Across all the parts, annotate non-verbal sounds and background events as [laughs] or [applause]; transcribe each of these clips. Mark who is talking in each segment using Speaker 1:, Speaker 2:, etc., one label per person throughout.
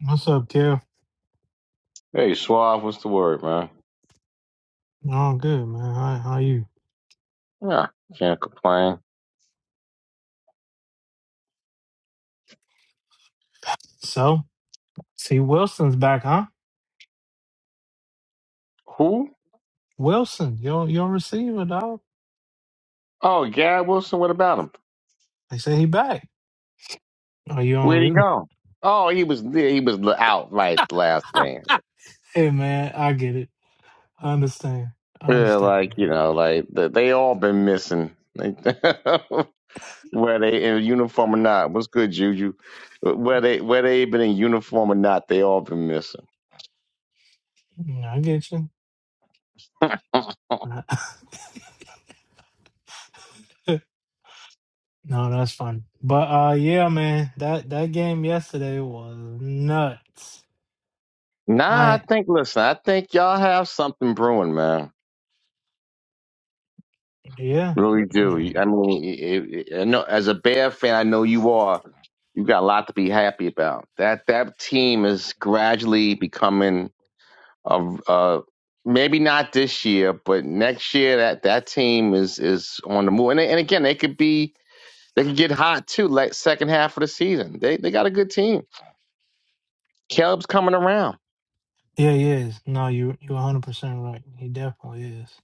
Speaker 1: What's up, Kev?
Speaker 2: Hey, Suave, what's the word, man?
Speaker 1: Oh, good, man. How, how you?
Speaker 2: Yeah, can't complain.
Speaker 1: So, see, Wilson's back, huh?
Speaker 2: Who?
Speaker 1: Wilson, your your receiver, dog.
Speaker 2: Oh, Gary Wilson. What about him?
Speaker 1: They say he back. Oh, you don't
Speaker 2: Where'd he
Speaker 1: really? [laughs]
Speaker 2: go? Oh, he was yeah, he was out like the last game.
Speaker 1: Hey, man, I get it. I understand. I
Speaker 2: Yeah,
Speaker 1: understand,
Speaker 2: like you
Speaker 1: dog.
Speaker 2: know, like they, they all been missing. Like, [laughs] where they in uniform or not? What's good, Juju? Where they where they been in uniform or not? They all been missing.
Speaker 1: Mm, I get you. [laughs] no, that's funny. But uh, yeah, man, that that game yesterday was nuts.
Speaker 2: Nah, I
Speaker 1: I
Speaker 2: think listen, I think y'all have something brewing, man.
Speaker 1: yeah,
Speaker 2: Really do.
Speaker 1: yeah,
Speaker 2: I mean, it, it, I know as a Bear fan, I know you are. You got a lot to be happy about. That that team is gradually becoming a, a maybe not this year, but next year that that team is is on the move. And they- and again, they could be they could get hot too. Like second half of the season, they they got a good team. Caleb's coming around.
Speaker 1: yeah, he is. No, you you 100 percent right. He definitely is.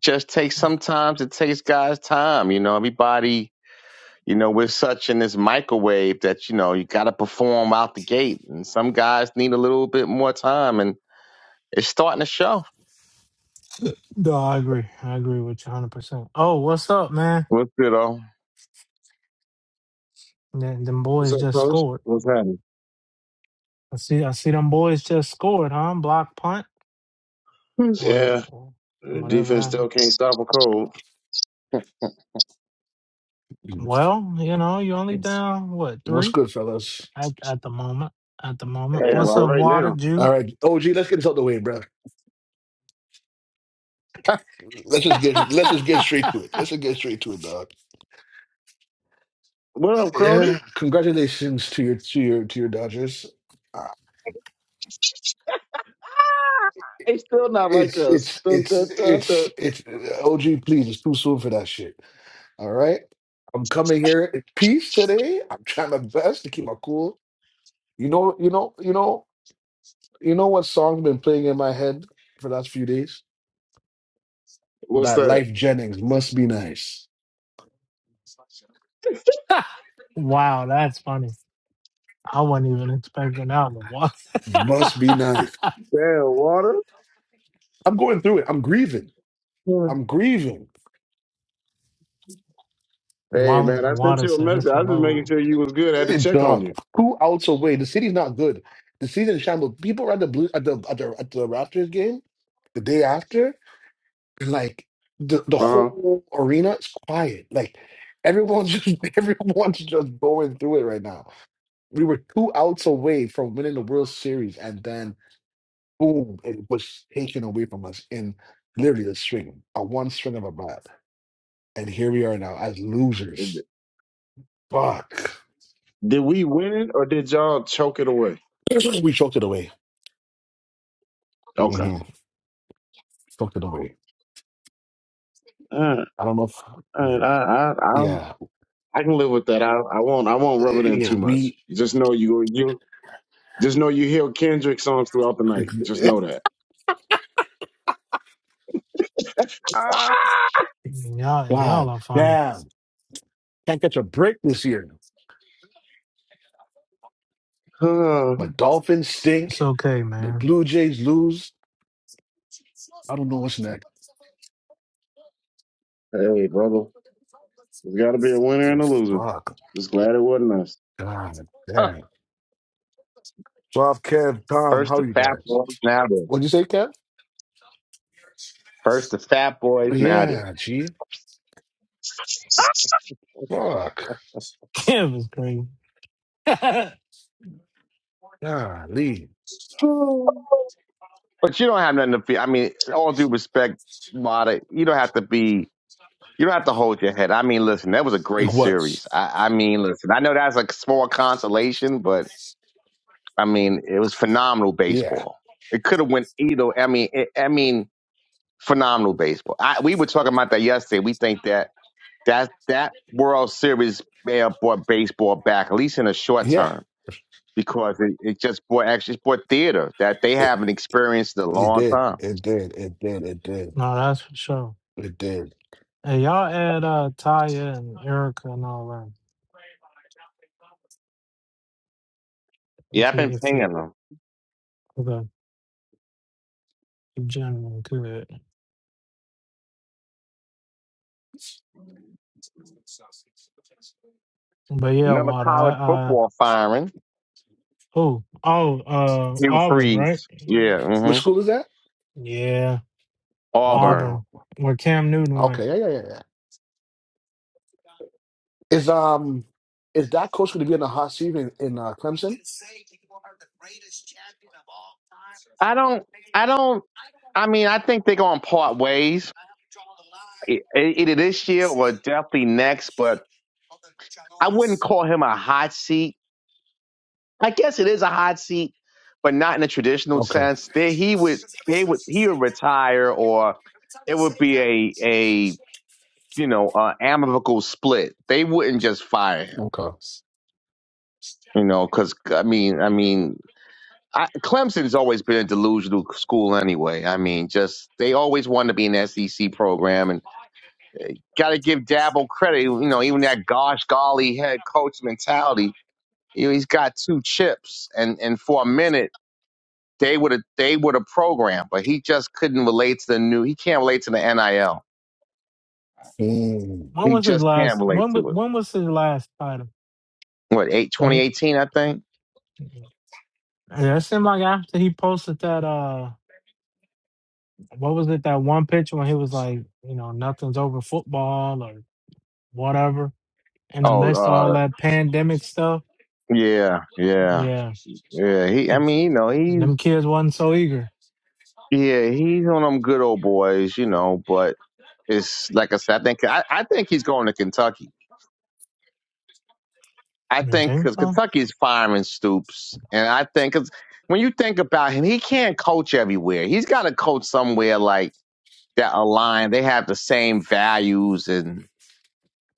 Speaker 2: Just takes sometimes it takes guys time. You know, everybody. You know, we're such in this microwave that, you know, you got to perform out the gate. And some guys need a little bit more time, and it's starting to show.
Speaker 1: No, I agree. I agree with you 100%. Oh, what's up, man?
Speaker 2: What's good, though?
Speaker 1: Them, them
Speaker 3: What's
Speaker 1: boys
Speaker 3: up,
Speaker 1: just
Speaker 3: fellas?
Speaker 1: scored.
Speaker 3: What's happening?
Speaker 1: I see I see them boys just scored, huh? Block punt
Speaker 2: Hey,
Speaker 1: or,
Speaker 3: Yeah,
Speaker 1: or
Speaker 3: the
Speaker 1: whatever
Speaker 3: defense
Speaker 1: happened.
Speaker 3: still can't stop a cold.
Speaker 1: Well, you know, you only
Speaker 4: Yes.
Speaker 1: down, what,
Speaker 4: What's
Speaker 1: three
Speaker 4: good, fellas?
Speaker 1: at, at the moment? At the moment.
Speaker 3: Yeah,
Speaker 1: What's
Speaker 3: for
Speaker 2: well.
Speaker 1: up,
Speaker 3: right
Speaker 1: Water
Speaker 3: now.
Speaker 1: Jew?
Speaker 4: All right, OG, let's get this out the way, bro. Let's just
Speaker 1: [laughs]
Speaker 4: get let's just get straight to it. Let's just get straight to it, dog.
Speaker 3: What up, Crody?
Speaker 4: Yeah, congratulations to your to your to your Dodgers. Uh,
Speaker 3: They still not like
Speaker 4: It's
Speaker 3: us.
Speaker 4: it's
Speaker 3: Dun,
Speaker 4: it's
Speaker 3: dun, dun, dun.
Speaker 4: it's it's OG. Please, it's too soon for that shit. All right, I'm coming here in peace today. I'm trying my best to keep my cool. You know, you know, you know, you know what song's been playing in my head for the last few days?
Speaker 3: What's
Speaker 4: That
Speaker 3: that?
Speaker 4: Life Jennings must be nice.
Speaker 1: wow, that's funny. I wasn't even expecting that one. Water,
Speaker 4: Must be
Speaker 1: [laughs]
Speaker 4: nice.
Speaker 3: Damn, water?
Speaker 4: I'm going through it. I'm grieving.
Speaker 3: Hmm.
Speaker 4: I'm grieving.
Speaker 3: Hey, man,
Speaker 1: Water,
Speaker 3: I sent
Speaker 1: Water
Speaker 3: you a
Speaker 1: said
Speaker 3: message.
Speaker 1: it's for
Speaker 3: I was just making
Speaker 1: low.
Speaker 3: sure you was good. I had to
Speaker 4: It,
Speaker 3: check on
Speaker 4: dog.
Speaker 3: you.
Speaker 4: Two outs away. The city's not good. The season shambles. People were at the blue at the at the at the Raptors game the day after. Like the the
Speaker 3: Uh
Speaker 4: whole arena is quiet. Like everyone's just [laughs] everyone's just going through it right now. We were two outs away from winning the World Series, and then boom, it was taken away from us in literally a string, a one string of a bat. And here we are now as
Speaker 3: huh.
Speaker 4: losers. Fuck.
Speaker 3: Did we win it or did y'all choke it away?
Speaker 4: [clears throat] we choked it away.
Speaker 3: Okay.
Speaker 4: hmm Choked it away.
Speaker 3: Uh, uh,
Speaker 4: I don't know if.
Speaker 3: I,
Speaker 4: Yeah.
Speaker 3: I, I,
Speaker 4: Yeah.
Speaker 3: I can live with that. I, I won't. I won't rub it in too
Speaker 4: Yeah.
Speaker 3: much.
Speaker 4: We.
Speaker 3: Just know you. You. Just know you hear Kendrick songs throughout the night. Just know that.
Speaker 4: [laughs]
Speaker 1: Y'all, y'all
Speaker 4: God
Speaker 1: are funny.
Speaker 4: damn. Can't catch a break this year. My
Speaker 3: Oh,
Speaker 4: Dolphins
Speaker 1: It's
Speaker 4: stink.
Speaker 1: okay,
Speaker 4: The
Speaker 1: man.
Speaker 4: Blue Jays lose. I don't know what's next.
Speaker 3: hey, brother. There's got to be a winner and
Speaker 4: Oh,
Speaker 3: a loser.
Speaker 4: fuck.
Speaker 3: Just glad it wasn't us.
Speaker 4: God damn. Suave Kev,
Speaker 2: [laughs]
Speaker 4: Tom,
Speaker 2: First
Speaker 4: how
Speaker 2: the
Speaker 4: are you
Speaker 2: fat
Speaker 4: guys?
Speaker 2: boys, now this.
Speaker 4: What'd you say, Kev?
Speaker 2: First the fat boys, now
Speaker 4: Yeah, gee.
Speaker 2: this.
Speaker 4: Fuck.
Speaker 1: [laughs] It was crazy. [laughs]
Speaker 4: Golly.
Speaker 3: Oh.
Speaker 2: But you don't have nothing to feel. I mean, all due respect, Mata, you don't have to be. You don't have to hold your head. I mean, listen, that was a
Speaker 4: It
Speaker 2: great
Speaker 4: was.
Speaker 2: series. I, I mean, listen, I know that's a small consolation, but I mean, it was phenomenal
Speaker 4: Yeah.
Speaker 2: baseball. It could have went either. I mean, it, I mean, phenomenal baseball. I, we were talking about that yesterday. We think that that that World Series may have brought baseball back, at least in the short
Speaker 4: Yeah.
Speaker 2: term, because it, it just brought actually it's brought theater that they haven't experienced in a
Speaker 4: It
Speaker 2: long
Speaker 4: did.
Speaker 2: time.
Speaker 4: It did. It did. It did.
Speaker 1: No, that's for sure.
Speaker 4: It did.
Speaker 1: Hey, y'all add uh Taya and Erica and all that.
Speaker 2: Yeah,
Speaker 1: If
Speaker 2: I've
Speaker 1: you
Speaker 2: been
Speaker 1: if you
Speaker 2: pinging them.
Speaker 1: the general could. But yeah,
Speaker 2: Another
Speaker 1: water. I,
Speaker 2: college
Speaker 1: I
Speaker 2: football firing.
Speaker 1: oh oh uh
Speaker 2: Hugh
Speaker 1: Auburn, right?
Speaker 2: Freeze. Yeah.
Speaker 4: Which
Speaker 2: hmm
Speaker 4: school is that?
Speaker 1: Yeah,
Speaker 4: Auburn.
Speaker 2: Auburn.
Speaker 4: Oh,
Speaker 1: Auburn. Where Cam Newton went.
Speaker 4: okay. Yeah, yeah, yeah. yeah. Is um, is that coach going to be in the hot seat in, in uh, Clemson?
Speaker 2: I don't. I don't. I mean, I think they're going part ways. e- e, either this year or definitely next, but I wouldn't call him a hot seat. I guess it is a hot seat, but not in a traditional
Speaker 4: Okay.
Speaker 2: sense. They, he would they would he would retire or it would be a a you know uh, amicable split. They wouldn't just fire him,
Speaker 4: Okay.
Speaker 2: you know, because I mean I mean. I, Clemson's always been a delusional school anyway. I mean, just they always wanted to be an SEC program, and got to give Dabble credit. You know, even that gosh golly head coach mentality You know, he's got two chips, and and for a minute they would have they would have programmed, but he just couldn't relate to the new. He can't relate to the NIL.
Speaker 4: Hmm.
Speaker 1: When
Speaker 2: He
Speaker 1: was his
Speaker 2: just can't
Speaker 1: last
Speaker 2: relate
Speaker 1: when wa-
Speaker 2: to it.
Speaker 1: when was his last title?
Speaker 2: What eight
Speaker 1: When
Speaker 2: twenty
Speaker 1: he
Speaker 2: eighteen? I think.
Speaker 1: yeah, it seemed like after he posted that uh what was it, that one picture when he was like, you know, nothing's over football or whatever And
Speaker 2: Oh,
Speaker 1: amidst all
Speaker 2: uh,
Speaker 1: that pandemic stuff,
Speaker 2: yeah, yeah,
Speaker 1: yeah,
Speaker 2: yeah. He, I
Speaker 1: th-
Speaker 2: mean, you know, he's
Speaker 1: them kids wasn't so eager.
Speaker 2: yeah, he's one of them good old boys, you know. But it's like I said, I think I, I think he's going to Kentucky. I
Speaker 1: You
Speaker 2: think
Speaker 1: think
Speaker 2: because
Speaker 1: so?
Speaker 2: Kentucky's firing Stoops, and I think 'cause when you think about him, he can't coach everywhere. He's got to coach somewhere like that align. They have the same values, and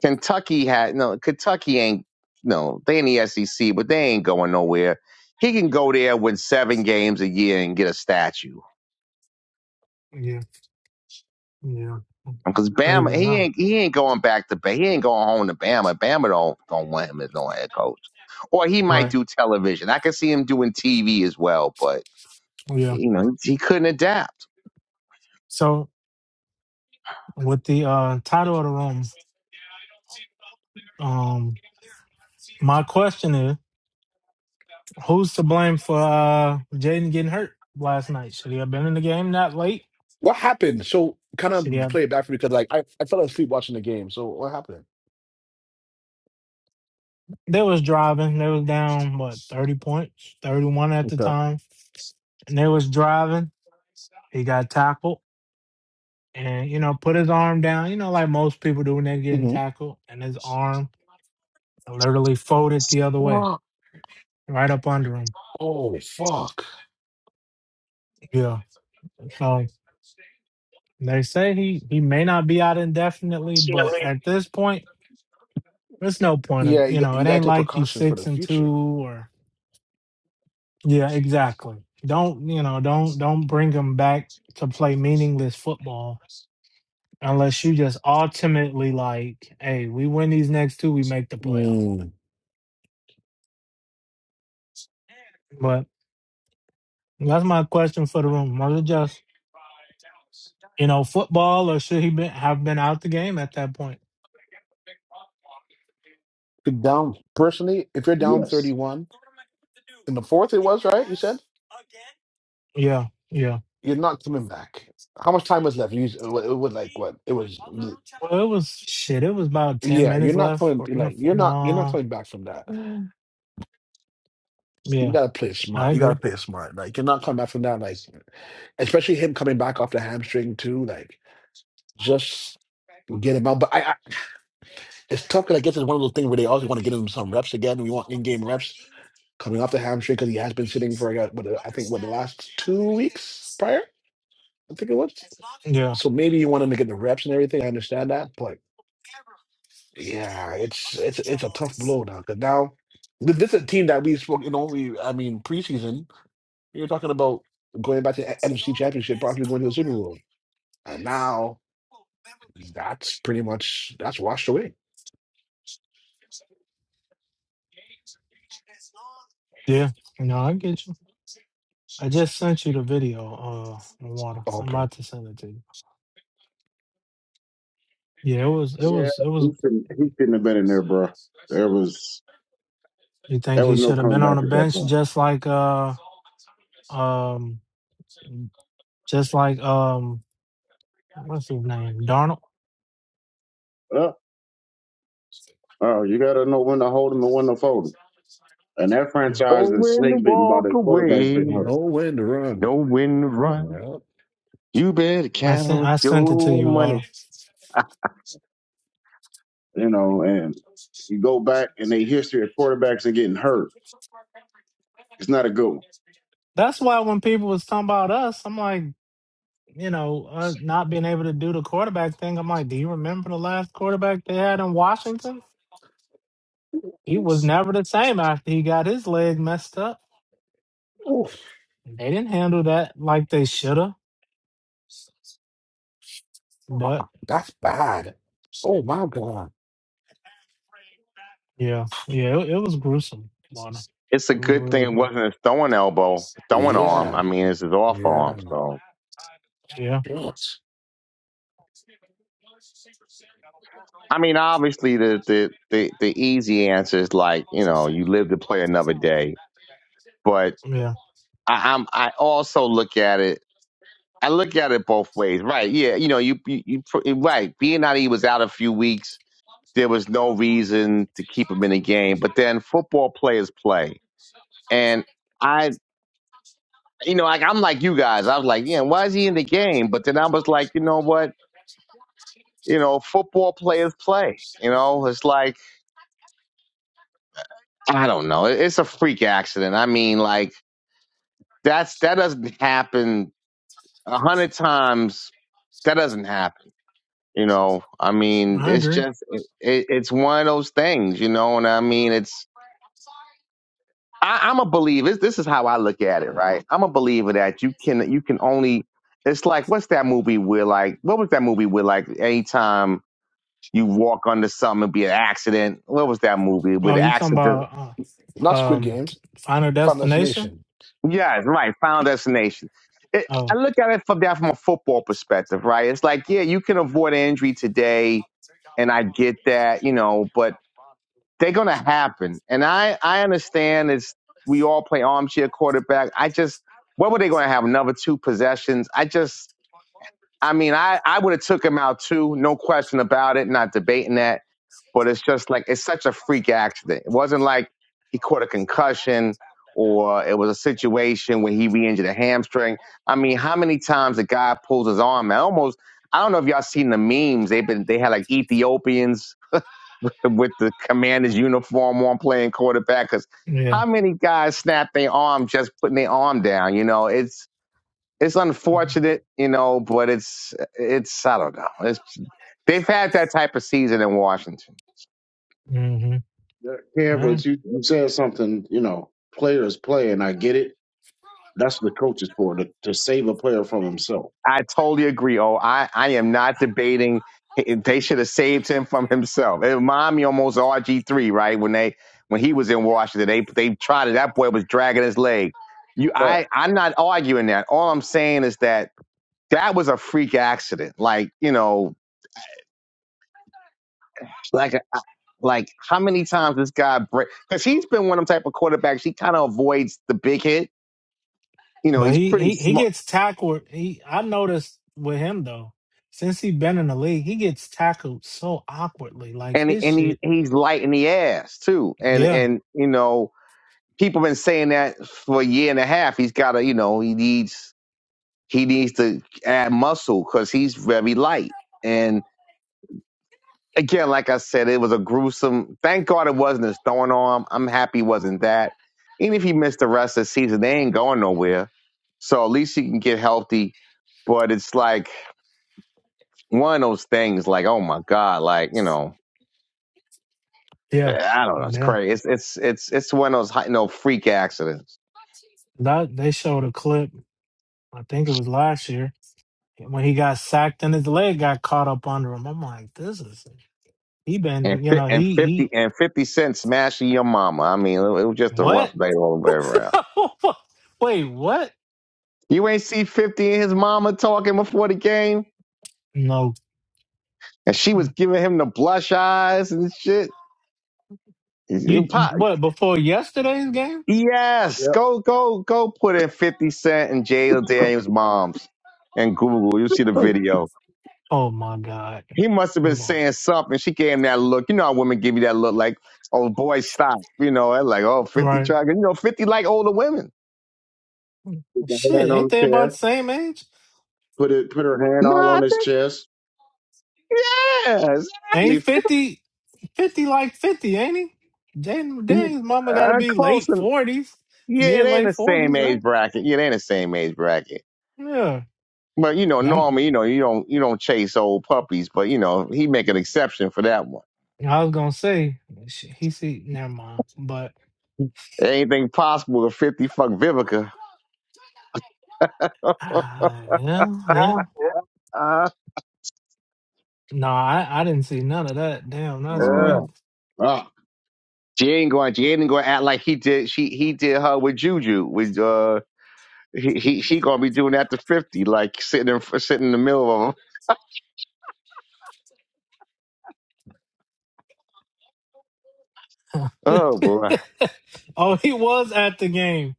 Speaker 2: Kentucky had no. Kentucky ain't no. They in the SEC, but they ain't going nowhere. He can go there, win seven games a year, and get a statue.
Speaker 1: Yeah, yeah,
Speaker 2: Because
Speaker 1: crazy
Speaker 2: Bama, he
Speaker 1: enough.
Speaker 2: ain't he ain't going back to Bama. He ain't going home to Bama. Bama don't don't want him as no head coach. Or he might
Speaker 1: Right.
Speaker 2: do television. I can see him doing TV as well, but
Speaker 1: Yeah.
Speaker 2: you know he couldn't adapt.
Speaker 1: So with the uh title of the room, um, my question is, who's to blame for uh Jaden getting hurt last night? Should he have been in the game that late?
Speaker 4: What happened? So, kind
Speaker 1: Should he
Speaker 4: of
Speaker 1: have?
Speaker 4: play it back for me because, like, I, I fell asleep watching the game. So, what happened?
Speaker 1: They was driving. They was down what thirty points, thirty one at the
Speaker 4: Okay.
Speaker 1: time, and they was driving. He got tackled and you know put his arm down you know like most people do when they're getting
Speaker 4: hmm
Speaker 1: tackled and his arm literally folded the other way right up under him
Speaker 4: Oh fuck!
Speaker 1: yeah so they say he he may not be out indefinitely but at this point there's no point of
Speaker 4: Yeah,
Speaker 1: you
Speaker 4: you, got-
Speaker 1: know it
Speaker 4: you gotta
Speaker 1: ain't
Speaker 4: take
Speaker 1: like you
Speaker 4: precautions for the
Speaker 1: six and
Speaker 4: future.
Speaker 1: two or yeah exactly don't you know don't don't bring him back to play meaningless football unless you just ultimately like hey we win these next two we make the playoff
Speaker 4: Mm.
Speaker 1: but. That's my question for the room. Was it just you know football, or should he been, have been out the game at that point?
Speaker 4: If Down personally, if you're down
Speaker 3: Yes.
Speaker 4: thirty-one. in the fourth it was right you said
Speaker 1: Yeah, yeah.
Speaker 4: you're not coming back how much time was left you it wa- it was like what it was
Speaker 1: Well, it was shit. It was about ten
Speaker 4: yeah
Speaker 1: minutes
Speaker 4: you're not
Speaker 1: left
Speaker 4: coming
Speaker 1: for in a
Speaker 4: like
Speaker 1: four,
Speaker 4: you're not you're not
Speaker 1: no.
Speaker 4: coming back from that you
Speaker 1: Yeah,
Speaker 4: gotta play it
Speaker 1: I
Speaker 4: smart you gotta
Speaker 1: agree.
Speaker 4: play it smart like you're not coming back from that like especially him coming back off the hamstring too like just get him out but i, I it's tough because i guess it's one of those things where they also want to get him some reps again we want in-game reps coming off the hamstring because he has been sitting for uh, what, uh, i think what the last two weeks prior i think it was
Speaker 1: Yeah,
Speaker 4: so maybe you want him to get the reps and everything i understand that but Yeah, it's it's it's a tough blow now because now th- this is a team that we spoke, you know, we I mean preseason you're talking about going back to the NFC Championship, possibly going to the Super Bowl, and now that's pretty much that's washed away.
Speaker 1: yeah. No, I get you. I just sent you the video. Uh, water. I'm
Speaker 4: Okay,
Speaker 1: about to send it to you. Yeah, it was. It
Speaker 3: Yeah,
Speaker 1: was. It was.
Speaker 3: he shouldn't, he shouldn't have been in there, bro. There was
Speaker 1: You think
Speaker 3: there was
Speaker 1: he
Speaker 3: no
Speaker 1: should have
Speaker 3: coming
Speaker 1: been on
Speaker 3: back
Speaker 1: the
Speaker 3: at that
Speaker 1: bench,
Speaker 3: point.
Speaker 1: just like uh um, just like um, what's his name, Darnold?
Speaker 3: Oh, oh you got to know when to hold him and when to fold him. And that
Speaker 2: Oh,
Speaker 3: franchise is
Speaker 2: when to
Speaker 3: snake bitten by
Speaker 2: walk
Speaker 3: their quarterbacks getting
Speaker 4: you
Speaker 2: away,
Speaker 3: hurt.
Speaker 4: know when to run.
Speaker 2: no when to run.
Speaker 4: Yeah,
Speaker 2: You better
Speaker 1: I sent
Speaker 2: count
Speaker 1: I sent it to
Speaker 2: your
Speaker 1: you,
Speaker 2: money.
Speaker 1: Water.
Speaker 3: You know, and you go back and they history of quarterbacks and getting hurt. It's not a good
Speaker 1: That's why when people was talking about us, I'm like, you know, uh, not being able to do the quarterback thing. I'm like, do you remember the last quarterback they had in Washington? He was never the same after he got his leg messed up.
Speaker 4: Oof,
Speaker 1: They didn't handle that like they should have. But
Speaker 4: that's bad. Oh my God.
Speaker 1: yeah, yeah, it, it was gruesome, Water.
Speaker 2: it's a
Speaker 1: It was
Speaker 2: good thing
Speaker 1: real
Speaker 2: it
Speaker 1: gruesome.
Speaker 2: wasn't a throwing elbow, throwing arm.
Speaker 4: Yeah,
Speaker 2: I mean, it's his off
Speaker 4: yeah.
Speaker 2: arm. So,
Speaker 1: Yeah,
Speaker 4: Yes.
Speaker 2: I mean, obviously, the the the, the easy answer is like you know you live to play another day. But
Speaker 1: yeah,
Speaker 2: I, I'm I also look at it. I look at it both ways, right? Yeah, you know, you you, you pr- right. Being was out a few weeks, there was no reason to keep him in the game. But then football players play, and I, you know, like I'm like you guys. I was like, yeah, why is he in the game? But then I was like, you know what? you know, football players play. You know, it's like I don't know. It's a freak accident. I mean, like that's that doesn't happen a hundred times. That doesn't happen. You know, I mean,
Speaker 1: I
Speaker 2: it's
Speaker 1: agree.
Speaker 2: just it, it's one of those things. You know, and I mean, it's I, I'm a believer. This is how I look at it, right? I'm a believer that you can you can only. It's like what's that movie where like what was that movie where like anytime you walk under something and be an accident. What was that movie with
Speaker 1: Oh, you talking
Speaker 2: accident?
Speaker 1: about uh,
Speaker 4: Not Squid
Speaker 1: um,
Speaker 4: Games.
Speaker 1: Final
Speaker 4: Final
Speaker 1: Destination?
Speaker 4: Destination.
Speaker 2: Yes, right. Final destination. It, I
Speaker 1: Oh,
Speaker 2: look at it from that from a football perspective, right? It's like, yeah, you can avoid an injury today, and I get that, you know, but they're gonna happen. And I I understand it's we all play armchair quarterback. I just what were they gonna have another two possessions? I just I mean, I, I would have took him out too, no question about it, not debating that. But it's just like it's such a freak accident. It wasn't like he caught a concussion or it was a situation where he re-injured a hamstring. I mean, how many times a guy pulls his arm? I almost I don't know if y'all seen the memes. They've been they had like Ethiopians [laughs] with the, with the commander's uniform on playing quarterback. Because
Speaker 1: yeah.
Speaker 2: how many guys snap their arm just putting their arm down? You know, it's it's
Speaker 1: Mm-hmm.
Speaker 2: unfortunate, you know, but it's it's I don't know. It's they've had that type of season in Washington.
Speaker 3: one. Yeah,
Speaker 1: Mm-hmm.
Speaker 3: but you, you said something, you know, players play, and I get it That's what the coach is for to, to save a player from himself.
Speaker 2: I totally agree. Oh, I I am not debating. They should have saved him from himself. It reminded me almost of RG three, right? When they when he was in Washington, they they tried it. That boy was dragging his leg. You,
Speaker 3: But
Speaker 2: I I'm not arguing that. All I'm saying is that that was a freak accident. Like you know, like. Like, how many times this guy break? Because he's been one of them type of quarterbacks. He kind of avoids the big hit. You know,
Speaker 1: But
Speaker 2: he's
Speaker 1: he
Speaker 2: pretty
Speaker 1: he he
Speaker 2: smart,
Speaker 1: gets tackled. He I noticed with him though, since he been in the league, he gets tackled so awkwardly. Like
Speaker 2: and
Speaker 1: his
Speaker 2: and he
Speaker 1: shit.
Speaker 2: he's light in the ass too. And
Speaker 1: Yeah,
Speaker 2: and you know, people been saying that for a year and a half. He's got to, you know, he needs he needs to add muscle because he's very light. And. again, like I said, it was a gruesome. Thank God it wasn't his throwing arm. I'm happy it wasn't that. Even if he missed the rest of the season, they ain't going nowhere. So at least he can get healthy. But it's like one of those things. Like, oh my God, like you know,
Speaker 1: yeah,
Speaker 2: I don't know. It's
Speaker 1: yeah.
Speaker 2: crazy. It's it's it's it's one of those high, no freak accidents.
Speaker 1: That they showed a clip. I think it was last year when he got sacked and his leg got caught up under him. I'm like, this is he been he-
Speaker 2: And
Speaker 1: you
Speaker 2: fi-
Speaker 1: know
Speaker 2: and
Speaker 1: he
Speaker 2: fifty
Speaker 1: he
Speaker 2: and fifty cent smashing your mama. I mean, it was just a rough
Speaker 1: what?
Speaker 2: day all the way around.
Speaker 1: [laughs] Wait, what?
Speaker 2: You ain't see fifty and his mama talking before the game.
Speaker 1: No,
Speaker 2: and she was giving him the blush eyes and shit.
Speaker 1: you what before yesterday's game?
Speaker 2: Yes,
Speaker 3: yep,
Speaker 2: go go go! Put in Fifty Cent and Jada Daniels' moms and Google. You will see the
Speaker 3: put
Speaker 2: video.
Speaker 1: Oh my god!
Speaker 2: He must have been
Speaker 1: Come on.
Speaker 2: saying something. She gave him that look. You know how women give you that look, like, "Oh boy, stop!" You know, and like, "Oh, 50
Speaker 1: Right.
Speaker 2: trying." You know, Fifty like older women.
Speaker 3: the
Speaker 1: Shit,
Speaker 3: hand on
Speaker 1: ain't they
Speaker 3: the
Speaker 1: about
Speaker 3: chair.
Speaker 1: the same age?
Speaker 3: Put it. Put her hand
Speaker 2: No,
Speaker 3: all
Speaker 2: I
Speaker 3: on his
Speaker 2: think
Speaker 3: chest.
Speaker 2: yeah,
Speaker 1: Ain't
Speaker 2: exactly. 50,
Speaker 1: 50, 50 like 50, ain't he? Dang, dang, his mama got to
Speaker 2: uh,
Speaker 1: be
Speaker 2: close
Speaker 1: late
Speaker 2: and
Speaker 1: 40s,
Speaker 2: yeah,
Speaker 1: mid
Speaker 2: they in
Speaker 1: late
Speaker 2: the same
Speaker 1: 40s, right?
Speaker 2: age bracket. Yeah, they in the same age bracket.
Speaker 1: Yeah.
Speaker 2: But you know,
Speaker 1: Them-
Speaker 2: normally, you know, you don't you don't chase old puppies, but you know, he make an exception for that one.
Speaker 1: I was going to say, sh- he see, never mind. But,
Speaker 2: Anything possible to fifty fuck Vivica. [laughs]
Speaker 1: uh, yeah, yeah.
Speaker 2: Uh,
Speaker 1: No, I, I didn't see none of that. Damn, that's
Speaker 2: uh,
Speaker 1: crazy.
Speaker 3: Oh, ah,
Speaker 2: She ain't going. She ain't going to act like he did. She he did her with Juju. With uh, he he she gonna be doing that to fifty, like sitting in sitting in the middle of him.
Speaker 1: [laughs]
Speaker 2: Oh boy,
Speaker 1: oh, he was at the game.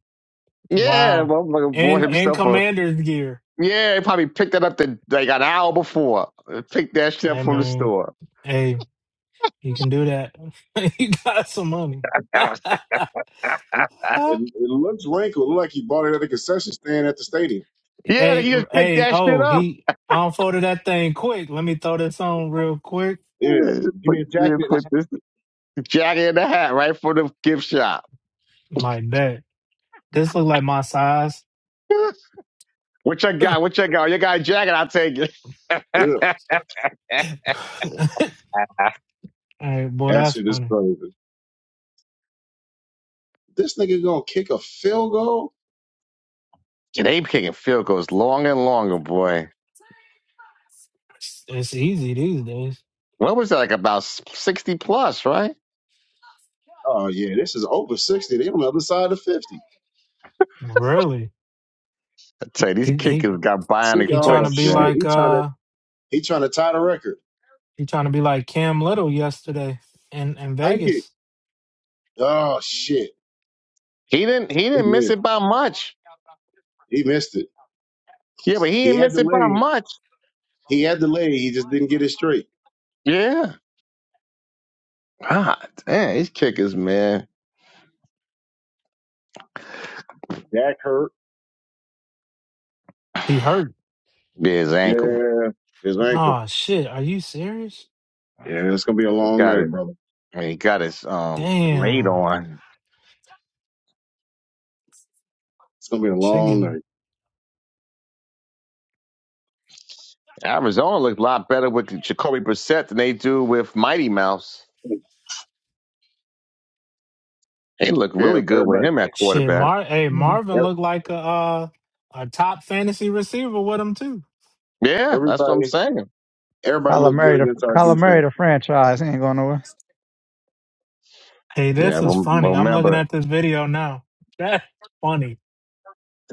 Speaker 2: yeah,
Speaker 1: Wow.
Speaker 2: motherfucker bought
Speaker 1: And,
Speaker 3: yeah.
Speaker 1: and
Speaker 2: himself a.
Speaker 1: commander's gear.
Speaker 2: Yeah, he probably picked that up the, like an hour before. Picked that shit up
Speaker 1: Hey,
Speaker 2: from the
Speaker 1: man.
Speaker 2: store.
Speaker 1: Hey. You can do that. [laughs] you got some money. [laughs]
Speaker 2: [laughs]
Speaker 3: It, it looks wrinkled. Look like he bought it at a concession stand at the stadium.
Speaker 2: Yeah, he
Speaker 1: hey,
Speaker 2: just picked
Speaker 1: hey,
Speaker 2: that shit
Speaker 1: oh,
Speaker 2: up.
Speaker 1: he unfolded that thing quick. Let me throw this on real quick.
Speaker 3: yeah. Give
Speaker 2: Put,
Speaker 3: me a jacket and a
Speaker 2: put
Speaker 3: hat.
Speaker 2: this jacket in the hat right from the gift shop.
Speaker 1: My bet. This look like my size.
Speaker 2: [laughs] What you
Speaker 1: [laughs] hey,
Speaker 2: got? What you got? You got a jacket? I'll take it. [laughs]
Speaker 3: Yeah.
Speaker 2: and
Speaker 1: boy,
Speaker 3: That
Speaker 1: that's
Speaker 3: shit is
Speaker 1: funny.
Speaker 3: crazy. This nigga gonna kick a field goal?
Speaker 2: they kicking field goals long and longer, boy.
Speaker 1: It's easy these days.
Speaker 2: What was that like about s- sixty plus, right?
Speaker 3: Oh yeah, this is over sixty. They on the other side of fifty.
Speaker 1: Really.
Speaker 2: I tell you, these
Speaker 1: He
Speaker 2: kickers
Speaker 1: he
Speaker 2: got
Speaker 3: Think,
Speaker 1: he
Speaker 2: bionic
Speaker 1: trying
Speaker 3: oh
Speaker 1: to
Speaker 2: foots,
Speaker 1: be
Speaker 2: man.
Speaker 3: shit,
Speaker 1: like
Speaker 3: he trying to.
Speaker 1: uh
Speaker 3: He trying to tie the record.
Speaker 1: he trying to be like Cam Little yesterday in, in
Speaker 3: I get.
Speaker 1: Vegas.
Speaker 3: Oh shit,
Speaker 2: He didn't he
Speaker 3: he
Speaker 2: didn't miss
Speaker 3: missed.
Speaker 2: it by much.
Speaker 3: He missed it.
Speaker 2: Yeah, but he
Speaker 3: He
Speaker 2: didn't
Speaker 3: had
Speaker 2: miss
Speaker 3: the
Speaker 2: it by
Speaker 3: leg.
Speaker 2: much.
Speaker 3: He had the leg. He just didn't get it straight.
Speaker 2: Yeah. God damn, these kickers, man.
Speaker 3: Back hurt.
Speaker 1: He hurt.
Speaker 2: Yeah, his ankle.
Speaker 3: Yeah, his ankle.
Speaker 1: Oh shit. Are you serious?
Speaker 3: Yeah, it's gonna be a long
Speaker 2: Got
Speaker 3: night,
Speaker 2: it.
Speaker 3: brother.
Speaker 2: He got his um laid
Speaker 1: Damn.
Speaker 2: on.
Speaker 3: It's gonna be a long
Speaker 1: Chicken.
Speaker 3: night.
Speaker 2: Arizona looked a lot better with Jacoby Brissett than they do with Mighty Mouse. They look
Speaker 3: Yeah,
Speaker 2: really good with
Speaker 3: everybody,
Speaker 2: him at
Speaker 1: Shit,
Speaker 2: quarterback.
Speaker 1: Mar hey,
Speaker 5: Mhm.
Speaker 1: Marvin
Speaker 3: ev-
Speaker 1: looked like a uh, a top fantasy receiver with him too.
Speaker 2: Yeah, that's what I'm
Speaker 3: everybody,
Speaker 2: saying.
Speaker 3: everybody
Speaker 5: Kyler
Speaker 3: looked good
Speaker 5: Murray, the
Speaker 3: against our
Speaker 5: Kyler Murray,
Speaker 3: defense.
Speaker 5: the franchise, he ain't going nowhere.
Speaker 1: Hey,
Speaker 2: Yeah,
Speaker 1: this is
Speaker 2: rem-
Speaker 1: funny. I'm looking
Speaker 2: remember
Speaker 1: at this video now. That's funny.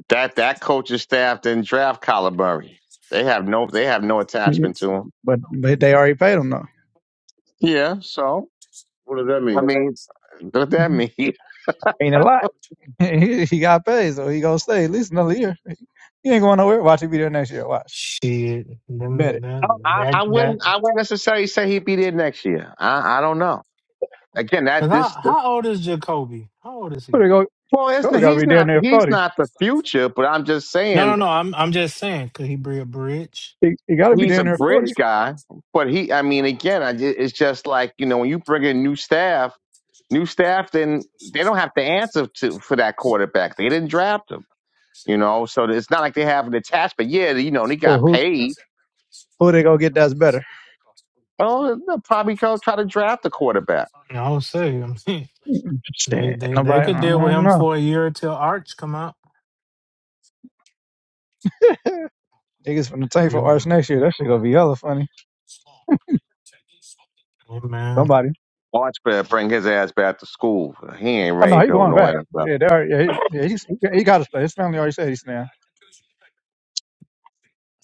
Speaker 2: that that coaching staff didn't draft Kyler Murray. They have no they have no
Speaker 5: Yeah.
Speaker 2: attachment to him.
Speaker 5: But but they already paid him though.
Speaker 2: Yeah, so
Speaker 3: What does that
Speaker 2: I
Speaker 3: mean?
Speaker 2: mean, what that
Speaker 5: Mhm.
Speaker 2: mean? [laughs] I,
Speaker 5: Ain't a lot. [laughs] he, he got paid, so he gonna stay at least another year. He ain't going nowhere. Watch he be there next year. Watch,
Speaker 1: Shit.
Speaker 5: bet
Speaker 1: Them-
Speaker 5: it.
Speaker 2: I I
Speaker 1: that That that,
Speaker 2: wouldn't I wouldn't necessarily say he'd be there next year. I I don't know. Again,
Speaker 1: 'cause
Speaker 2: that
Speaker 1: how,
Speaker 2: this, this
Speaker 1: how old is Jacoby? How old is
Speaker 5: Who
Speaker 1: he?
Speaker 5: they go?
Speaker 2: well, it's,
Speaker 5: Cole gotta
Speaker 2: he's
Speaker 5: be
Speaker 2: not
Speaker 5: down there
Speaker 2: he's
Speaker 5: forty.
Speaker 2: not the future, but I'm just
Speaker 1: No,
Speaker 2: saying
Speaker 1: no, no. I'm I'm just saying, could he be a bridge?
Speaker 5: He, he gotta be
Speaker 2: he's a
Speaker 5: down there forty.
Speaker 2: bridge guy, but he, I mean, again, I, ju- it's just like you know when you bring in new staff, new staff, then they don't have to answer to for that quarterback. They didn't draft him, you know, so it's not like they have an attachment. Yeah, you know, and he
Speaker 5: So
Speaker 2: got
Speaker 5: who
Speaker 2: paid.
Speaker 5: who they gonna get that's better?
Speaker 2: Well, they'll probably go try to draft the quarterback.
Speaker 1: No, I would say. I'm saying [laughs] they,
Speaker 5: Shit,
Speaker 1: they they
Speaker 5: nobody.
Speaker 1: could
Speaker 5: I
Speaker 1: deal with
Speaker 5: don't
Speaker 1: him
Speaker 5: know.
Speaker 1: for a year till Arch come out.
Speaker 5: Niggas from the tank for Arch
Speaker 1: People,
Speaker 5: next year. That shit gonna be hella funny.
Speaker 1: hey, man.
Speaker 5: Somebody.
Speaker 2: Watch better bring his ass back to school. He ain't
Speaker 5: Oh
Speaker 2: ready
Speaker 5: no,
Speaker 2: to
Speaker 5: he
Speaker 2: go
Speaker 5: going back.
Speaker 2: nowhere. So,
Speaker 5: Yeah, they already, yeah, he, yeah he's, he, he gotta stay. His family already said he's staying.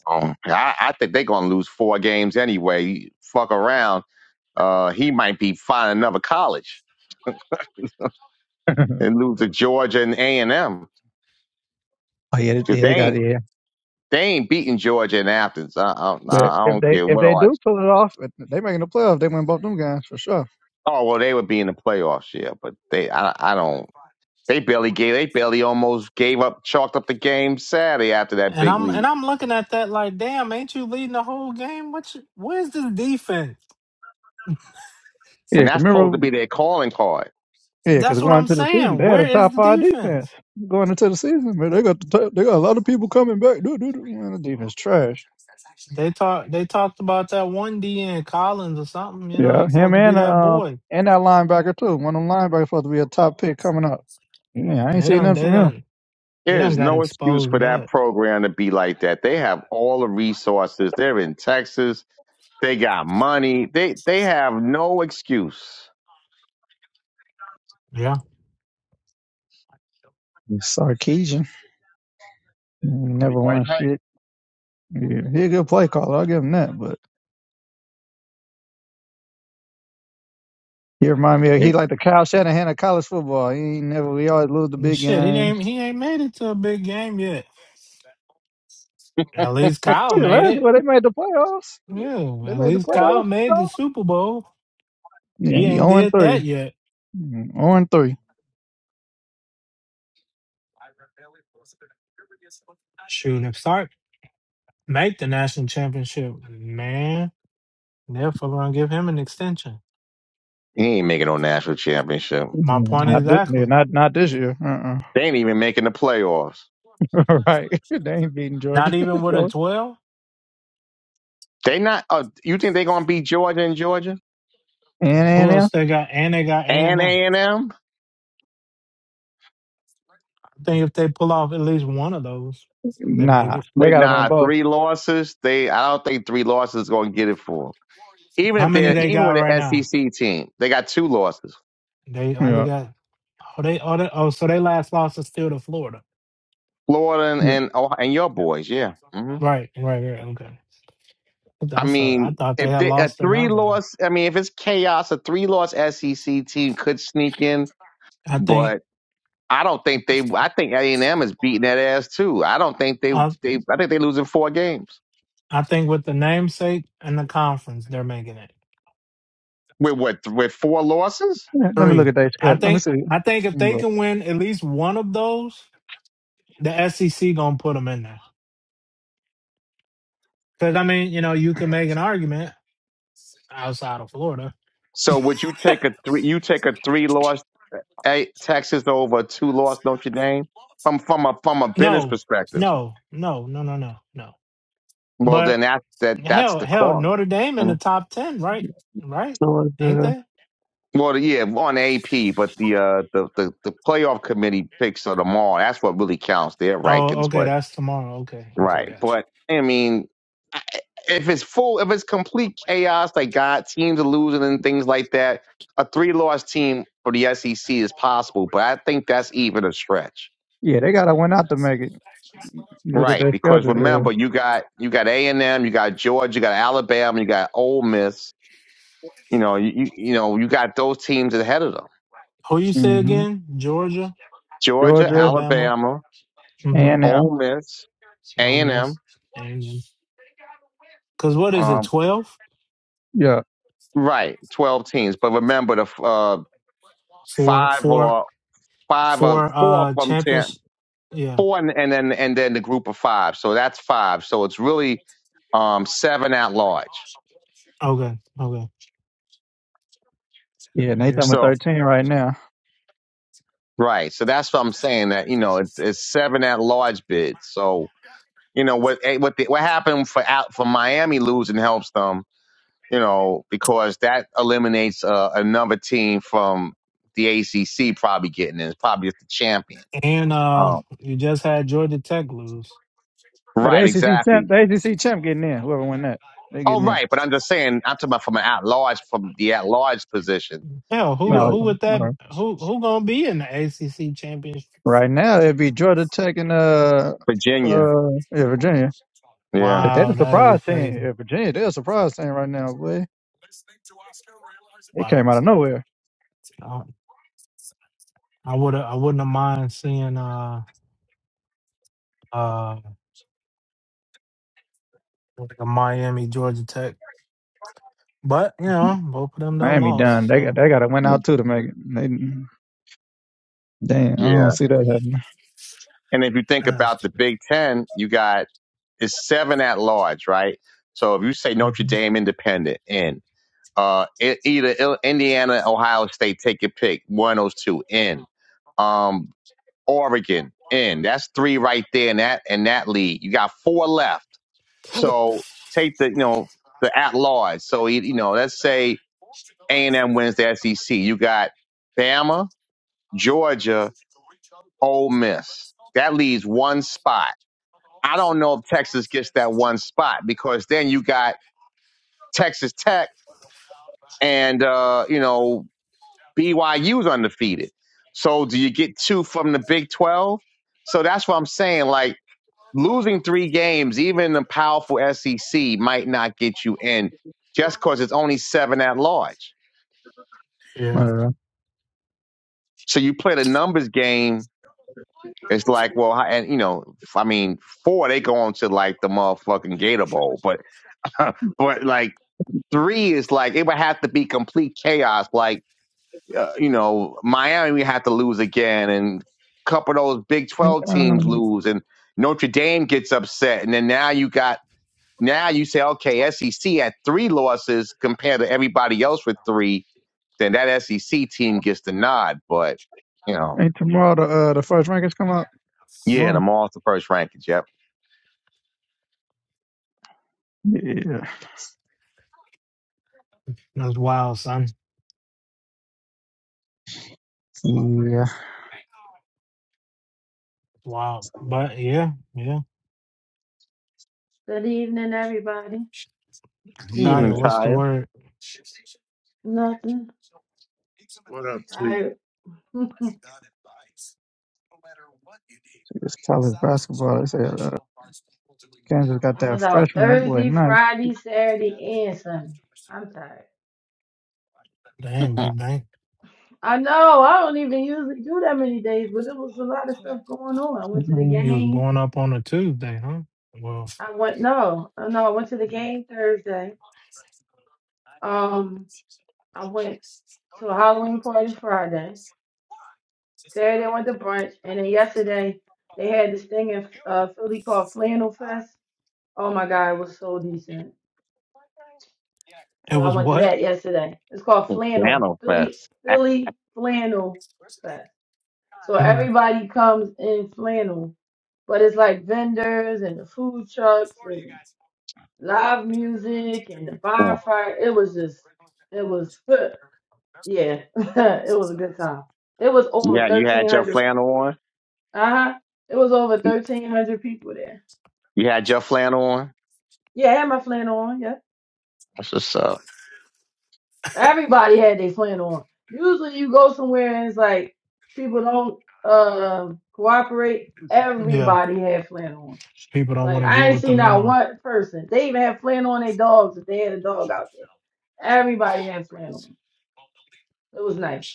Speaker 2: Um, I, I think they're gonna lose four games anyway. Fuck around. Uh, he might be finding another college
Speaker 5: [laughs]
Speaker 2: and lose to Georgia and A and M.
Speaker 5: Oh yeah, they,
Speaker 2: 'Cause
Speaker 5: yeah,
Speaker 2: they
Speaker 5: they got
Speaker 2: ain't
Speaker 5: yeah,
Speaker 2: they ain't beating Georgia and Athens. I I,
Speaker 5: But
Speaker 2: I I
Speaker 5: if
Speaker 2: don't
Speaker 5: they
Speaker 2: care
Speaker 5: if
Speaker 2: what
Speaker 5: they do
Speaker 2: odds.
Speaker 5: pull it off, they making the playoff. They win both them guys for sure.
Speaker 2: Oh well, they would be in the playoffs, yeah. But they I I don't. They barely gave. They barely almost gave up, chalked up the game Saturday after that
Speaker 1: And
Speaker 2: big
Speaker 1: I'm and
Speaker 2: lead,
Speaker 1: I'm looking at that like, damn, ain't you leading the whole game? What? You, where's the defense?
Speaker 5: yeah.
Speaker 2: and
Speaker 5: 'cause
Speaker 2: that's supposed to
Speaker 5: Remember,
Speaker 2: be their calling card.
Speaker 5: Yeah, because
Speaker 1: That's what
Speaker 5: going
Speaker 1: I'm
Speaker 5: into the season, they
Speaker 1: saying.
Speaker 5: had
Speaker 1: Where
Speaker 5: a
Speaker 1: is
Speaker 5: top
Speaker 1: the
Speaker 5: five defense.
Speaker 1: defense?
Speaker 5: Going into the season, man, they got the top, they got a lot of people coming back. Dude, dude, dude. Man, the defense trash.
Speaker 1: They talk. They talked about that one D. N. Collins or something. You know,
Speaker 5: Yeah,
Speaker 1: he's
Speaker 5: him
Speaker 1: supposed to be
Speaker 5: and
Speaker 1: that
Speaker 5: uh,
Speaker 1: boy.
Speaker 5: and that linebacker too. One of them linebackers supposed to be a top pick coming up. Yeah, I ain't
Speaker 1: They
Speaker 5: seen
Speaker 1: done.
Speaker 5: nothing
Speaker 1: They
Speaker 5: from
Speaker 1: done. They
Speaker 2: There
Speaker 1: done
Speaker 2: is
Speaker 1: got
Speaker 2: no excuse
Speaker 1: exposed
Speaker 2: for that
Speaker 1: bad.
Speaker 2: program to be like that. They have all the resources. They're in Texas. They got money. They they have no excuse.
Speaker 1: Yeah.
Speaker 5: him. Sarkeesian He
Speaker 3: The
Speaker 5: never
Speaker 3: great white
Speaker 5: won
Speaker 3: height.
Speaker 5: shit. Yeah, he a good play caller. I'll give him that. but. You remind me
Speaker 2: Yeah,
Speaker 5: of he
Speaker 2: They,
Speaker 5: like the Kyle Shanahan of college football. He ain't never we always lose the
Speaker 1: And
Speaker 5: big
Speaker 1: shit, he
Speaker 5: games.
Speaker 1: ain't. He ain't made it to a big game yet. At least Kyle
Speaker 5: Shit,
Speaker 1: made
Speaker 5: last year
Speaker 1: it.
Speaker 5: well, they made the playoffs.
Speaker 1: Yeah.
Speaker 5: They
Speaker 1: At
Speaker 5: made the
Speaker 1: least Kyle
Speaker 5: playoffs.
Speaker 1: made the Super Bowl.
Speaker 5: Yeah,
Speaker 1: He
Speaker 5: he
Speaker 1: ain't
Speaker 5: 0 and
Speaker 1: did that
Speaker 5: 3.
Speaker 1: yet.
Speaker 5: 0 and 3. Mm,
Speaker 1: Shoot, if Sark make the national championship, man, they're fucking gonna give him an extension.
Speaker 2: he ain't making no national championship.
Speaker 1: My point
Speaker 5: Not this year.
Speaker 1: exactly.
Speaker 5: Not not this year. Uh-uh.
Speaker 2: They ain't even making the playoffs.
Speaker 5: [laughs] right. [laughs] They ain't beating
Speaker 1: Not
Speaker 5: Georgia. [laughs]
Speaker 1: even with a
Speaker 5: and
Speaker 1: twelve.
Speaker 2: They not. Uh, you think they gonna beat Georgia and Georgia
Speaker 5: and
Speaker 1: Who
Speaker 5: them.
Speaker 1: else they got? And they got A and
Speaker 2: and
Speaker 1: M.
Speaker 2: A and M
Speaker 1: I think if they pull off at least one of those, they make
Speaker 5: Nah.
Speaker 1: it.
Speaker 5: They
Speaker 2: with
Speaker 5: gotta win
Speaker 2: nah
Speaker 5: both.
Speaker 2: three losses? They I don't think three losses is gonna get it for 'em. Even
Speaker 1: How
Speaker 2: if
Speaker 1: many
Speaker 2: they're
Speaker 1: they
Speaker 2: even
Speaker 1: got
Speaker 2: with an
Speaker 1: right now?
Speaker 2: SEC team, they got two losses.
Speaker 1: They only
Speaker 5: Yeah.
Speaker 1: got oh they oh, they, oh so they last loss is still to Florida.
Speaker 2: Florida and
Speaker 5: yeah.
Speaker 2: and, Ohio, and your boys, yeah. hmm
Speaker 1: Right, right, right. Okay.
Speaker 2: I
Speaker 1: I thought I
Speaker 2: mean,
Speaker 1: thought they
Speaker 2: if
Speaker 1: had
Speaker 2: they, a
Speaker 1: lost
Speaker 2: three
Speaker 1: another one.
Speaker 2: loss, I mean, if it's chaos, a three loss SEC team could sneak in,
Speaker 1: I think.
Speaker 2: but. I don't think they. I think A and M is beating that ass too. I don't think they.
Speaker 1: uh,
Speaker 2: They. I think they losing four games
Speaker 1: I think with the namesake and the conference, they're making it
Speaker 2: with what? With four losses?
Speaker 5: Yeah, Let me look
Speaker 1: three.
Speaker 5: at their
Speaker 1: I
Speaker 5: schedule. Let me
Speaker 1: think
Speaker 5: see. Let
Speaker 1: I think if
Speaker 5: me
Speaker 1: they
Speaker 5: Look.
Speaker 1: can win at least one of those, the SEC gonna put them in there. Because I mean, you know, you can make an argument outside of Florida.
Speaker 2: So would you take a three? You take a three loss a Texas over a two loss Notre Dame from from a from a business
Speaker 1: No,
Speaker 2: perspective.
Speaker 1: no, no, no, no, no, no.
Speaker 2: Well,
Speaker 1: But
Speaker 2: then that that that's
Speaker 1: hell,
Speaker 2: the
Speaker 1: hell,
Speaker 2: call.
Speaker 1: Notre Dame in the
Speaker 2: Mhm.
Speaker 1: top ten, right? Right? Ain't
Speaker 5: Georgia.
Speaker 1: they?
Speaker 2: Well, yeah, on AP, but the uh the, the the playoff committee picks of them all. That's what really counts their
Speaker 1: Oh,
Speaker 2: rankings.
Speaker 1: okay,
Speaker 2: But
Speaker 1: that's tomorrow. Okay, okay,
Speaker 2: right,
Speaker 1: gotcha.
Speaker 2: but I mean, I- if it's full, if it's complete chaos, like God teams are losing and things like that, a three loss team for the SEC is possible. But I think that's even a stretch.
Speaker 5: Yeah, they gotta win out to make it. Look at
Speaker 2: Right,
Speaker 5: their
Speaker 2: because
Speaker 5: schedule. Yeah.
Speaker 2: remember, you got you got A and M, you got Georgia, you got Alabama, you got Ole Miss. You know, you you you know, you got those teams ahead of them:
Speaker 1: Who you say
Speaker 5: hmm
Speaker 1: again? Georgia,
Speaker 2: Georgia,
Speaker 5: Georgia
Speaker 1: Alabama,
Speaker 2: Alabama,
Speaker 5: and
Speaker 1: mm-hmm,
Speaker 5: them.
Speaker 2: Ole Miss,
Speaker 1: Ole
Speaker 2: A and
Speaker 1: Miss,
Speaker 2: M.
Speaker 1: A&M. Because what is it,
Speaker 2: Um,
Speaker 1: 12?
Speaker 5: Yeah.
Speaker 2: right, twelve teams. But remember, the uh,
Speaker 1: For,
Speaker 2: five
Speaker 1: for,
Speaker 2: or five or
Speaker 1: for
Speaker 2: four
Speaker 1: uh,
Speaker 2: from ten,
Speaker 1: championship? Yeah.
Speaker 2: four, and, and then and then the group of five. So that's five. So it's really um, seven at large.
Speaker 1: Okay. Okay.
Speaker 5: Yeah, Nate
Speaker 1: Yeah.
Speaker 5: number
Speaker 2: So
Speaker 5: thirteen right now.
Speaker 2: right, so that's what I'm saying. That you know, it's, it's seven at large bids. So you know what eh, what the, what happened for out for Miami losing helps them, you know, because that eliminates uh, another team from the ACC probably getting in. It's probably just the champion.
Speaker 1: And uh,
Speaker 2: Um,
Speaker 1: you just had Georgia Tech lose.
Speaker 5: But the
Speaker 2: right,
Speaker 5: ACC champ,
Speaker 2: exactly.
Speaker 5: the ACC champ getting in. Whoever win that, they
Speaker 2: Oh,
Speaker 5: getting in.
Speaker 2: right. But I'm just saying, I'm talking about from an at large, from the at large position.
Speaker 1: Hell,
Speaker 2: You
Speaker 1: who
Speaker 5: No,
Speaker 2: know,
Speaker 1: who
Speaker 5: okay.
Speaker 1: would
Speaker 5: all
Speaker 1: that
Speaker 5: right.
Speaker 1: who who gonna be in the ACC championship?
Speaker 5: Right now it'd be Georgia Tech and uh
Speaker 2: Virginia.
Speaker 5: uh yeah Virginia.
Speaker 2: Yeah.
Speaker 5: If they're the
Speaker 1: Wow, that'll be
Speaker 5: surprise team,
Speaker 1: crazy.
Speaker 5: yeah, Virginia they're a surprise team right now. Boy, they
Speaker 1: Wow.
Speaker 5: came out of nowhere.
Speaker 1: I, I would I wouldn't have mind seeing uh uh like a Miami Georgia Tech But you know, both of them done
Speaker 5: Miami done.
Speaker 1: lost.
Speaker 5: They got
Speaker 1: So
Speaker 5: they got to win
Speaker 2: Mm.
Speaker 5: out too to make it. They, damn, I don't
Speaker 2: Yeah.
Speaker 5: see that happening.
Speaker 2: And if you think about
Speaker 1: that's
Speaker 2: the Big Ten, you got it's seven at large, right? So if you say Notre
Speaker 1: mhm.
Speaker 2: Dame independent in, uh, e- either Indiana, Ohio State, take your pick, one of those two in. Um, Oregon in. That's three right there in that in that league. You got four left. So take the you know the at large. So you you know let's say A and M wins the SEC. You got Bama, Georgia, Ole Miss. That leaves one spot. I don't know if Texas gets that one spot because then you got Texas Tech and uh, you know BYU's undefeated. So do you get two from the Big 12? So that's what I'm saying. Like losing three games, even the powerful SEC might not get you in just because it's only seven at large.
Speaker 5: I
Speaker 1: yeah,
Speaker 5: don't
Speaker 2: So you play the numbers game. It's like, well, and you know, I mean, four, they go on to like the motherfucking Gator Bowl, but, [laughs] but like three is like, it would have to be complete chaos. Like, uh, you know, Miami had to lose again, and a couple of those Big
Speaker 5: know.
Speaker 2: Twelve teams
Speaker 5: Um,
Speaker 2: lose, and Notre Dame gets upset, and then now you got now you say, okay, SEC had three losses compared to everybody else with three, then that SEC team gets the nod, but you know,
Speaker 5: ain't tomorrow the uh, the first rankings come out
Speaker 2: yeah, the
Speaker 5: tomorrow?
Speaker 2: all the first rankings, yep.
Speaker 5: Yeah.
Speaker 1: that's wild, son.
Speaker 5: So, yeah.
Speaker 1: Wild. But yeah, yeah.
Speaker 6: Good evening, everybody.
Speaker 2: We
Speaker 1: Tanya,
Speaker 2: even
Speaker 4: Demon.
Speaker 1: what's the
Speaker 2: tired.
Speaker 1: word?
Speaker 6: Nothing.
Speaker 3: What up,
Speaker 6: Tired. [laughs]
Speaker 5: It's college basketball. They said. Kansas got
Speaker 6: I
Speaker 5: that
Speaker 6: was out
Speaker 5: freshman. That boy
Speaker 6: Thursday,
Speaker 5: nice.
Speaker 6: Friday, Saturday, and Sunday. I'm tired.
Speaker 1: Damn,
Speaker 2: [laughs]
Speaker 1: Big Bang.
Speaker 6: I know. I don't even usually do that many days, but it was a lot of stuff going on. I went to the
Speaker 5: Mhm.
Speaker 1: You was
Speaker 6: game.
Speaker 1: going up on a Tuesday, huh? Well,
Speaker 6: I went no, uh, no. I went to the
Speaker 1: it
Speaker 6: game Thursday. Um, I went to a Halloween party Friday. Saturday I went to brunch, and then yesterday they had this thing in uh, Philly called Flannel Fest. Oh my God, it was so decent. So I
Speaker 1: was
Speaker 6: went to
Speaker 1: what?
Speaker 6: that yesterday. It's called flannel,
Speaker 2: flannel
Speaker 6: Philly
Speaker 2: fest.
Speaker 6: Philly flannel fest. So
Speaker 1: hmm
Speaker 6: everybody comes in flannel, but it's like vendors and the food trucks and live music and the
Speaker 2: Excellent.
Speaker 6: bonfire. It was just, it was, [laughs] yeah, [laughs] it was a good time. It was over
Speaker 2: Yeah, you
Speaker 6: thirteen
Speaker 2: had your
Speaker 6: hundred.
Speaker 2: flannel on.
Speaker 6: Uh huh. It was over thirteen hundred people there.
Speaker 2: You had your flannel on.
Speaker 6: Yeah, I had my flannel on. Yeah.
Speaker 2: That's what's up.
Speaker 6: Everybody had their plan on. Usually you go somewhere and it's like people don't uh, cooperate.
Speaker 1: Yeah,
Speaker 6: Everybody had plan on.
Speaker 1: people don't want
Speaker 6: Like
Speaker 1: to get
Speaker 6: I ain't
Speaker 1: with the
Speaker 6: seen not
Speaker 1: memo.
Speaker 6: one person. They even had plan on their dogs if they had a dog out there. Everybody had plan on. It was nice.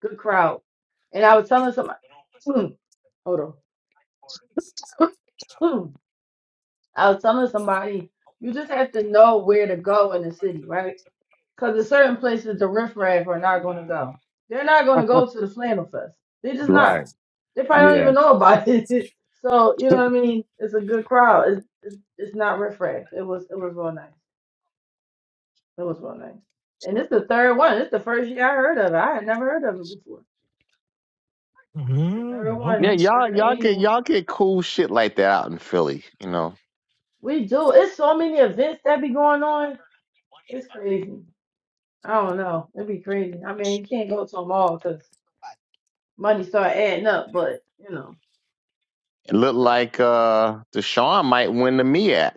Speaker 6: Good crowd. And I was telling somebody [clears throat] hold on. [clears throat] I was telling somebody you just have to know where to go in the city, right? Because there's certain places the riffraff are not going to go. They're not going to go to the flannel fest. They're just not.
Speaker 2: Right.
Speaker 6: They probably don't
Speaker 2: Yeah.
Speaker 6: even know about [laughs] it. so you
Speaker 2: [laughs]
Speaker 6: know what I mean. It's a good crowd. It's it's, it's not riffraff. It was it was real nice. It was real nice. And it's the third one. It's the first year I heard of it. I had never heard of it before. It's the
Speaker 1: hmm
Speaker 6: third
Speaker 2: Yeah,
Speaker 6: one,
Speaker 1: Okay.
Speaker 6: third
Speaker 2: y'all y'all get
Speaker 6: annual.
Speaker 2: y'all get cool shit like that out in Philly, you know.
Speaker 6: We do. It's so many events that be going on. It's crazy. I don't know. It'd be crazy. I mean, you can't go to them all because money start adding up. But you know,
Speaker 2: It looked
Speaker 6: that was
Speaker 2: like
Speaker 6: cool.
Speaker 2: uh Deshaun might win the MEAC,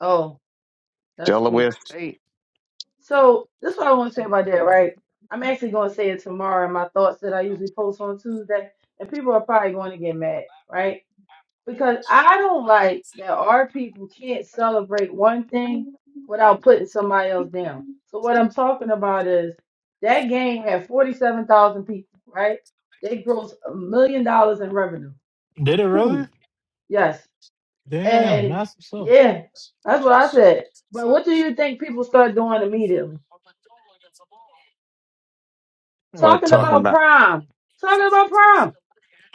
Speaker 6: Oh, that's
Speaker 2: Delaware
Speaker 6: cool.
Speaker 2: State.
Speaker 6: So that's what I want to say about that, right? I'm actually going to say it tomorrow in my thoughts that I usually post on Tuesday, and people are probably going to get mad, right? Because I don't like that our people can't celebrate one thing without putting somebody else down. So what I'm talking about is that game had 47,000 people, right? They grossed a million dollars in revenue.
Speaker 1: Did it really?
Speaker 6: Boom. Yes.
Speaker 1: Damn,
Speaker 6: And
Speaker 1: that's what's up.
Speaker 6: yeah, that's what I said. But what do you think people start doing immediately?
Speaker 2: We're
Speaker 6: Talking
Speaker 1: But
Speaker 2: talking
Speaker 6: about
Speaker 2: about
Speaker 6: prom. Talking about prom.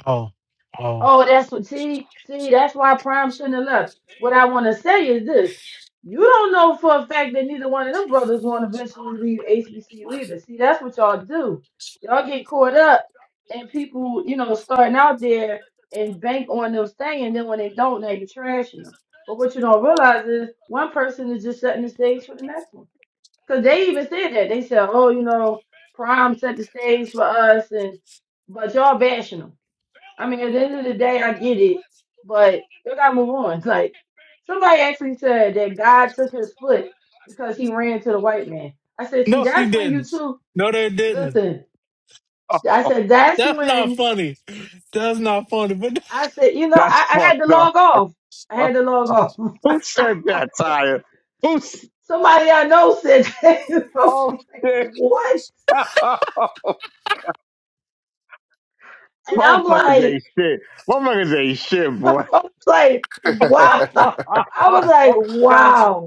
Speaker 1: oh, oh,
Speaker 6: Oh, that's what. See, see, that's why Prime shouldn't have left. What I want to say is this: you don't know for a fact that neither one of them brothers want to eventually leave HBCU either. See, that's what y'all do. Y'all get caught up, and people, you know, starting out there and bank on them staying, and then when they don't, now you're trashing them. But what you don't realize is one person is just setting the stage for the next one. Because they even said that they said, "Oh, you know, Prime set the stage for us," and but y'all bashing them. I mean, at the end of the day, I get it, but you gotta move on. [laughs] Like somebody actually said that God took his foot because he ran to the white man. I said, see,
Speaker 1: no, he
Speaker 6: that's when you
Speaker 1: didn't.
Speaker 6: two
Speaker 1: No, they didn't.
Speaker 6: listen.
Speaker 2: [laughs] oh,
Speaker 6: I
Speaker 2: oh,
Speaker 6: said that's
Speaker 1: That's not
Speaker 6: when
Speaker 1: funny. That's not funny. But. [laughs]
Speaker 6: I said, you know,
Speaker 2: that's
Speaker 6: I, I
Speaker 2: fucked
Speaker 6: had to
Speaker 2: up.
Speaker 6: log
Speaker 2: [laughs]
Speaker 6: off. I
Speaker 2: Oh,
Speaker 6: had to log
Speaker 2: who
Speaker 6: off.
Speaker 2: said that, Tyre? Who's
Speaker 6: [laughs] somebody I know said that. [laughs] I was
Speaker 2: oh
Speaker 6: like,
Speaker 2: shit?
Speaker 6: what?
Speaker 2: [laughs]
Speaker 6: And I'm
Speaker 2: Motherfuckers
Speaker 6: like,
Speaker 2: ain't shit. Motherfuckers ain't shit,
Speaker 6: [laughs] I
Speaker 2: boy.
Speaker 6: was like,
Speaker 2: [laughs]
Speaker 6: wow. [laughs] I was like,
Speaker 2: oh god.
Speaker 6: wow.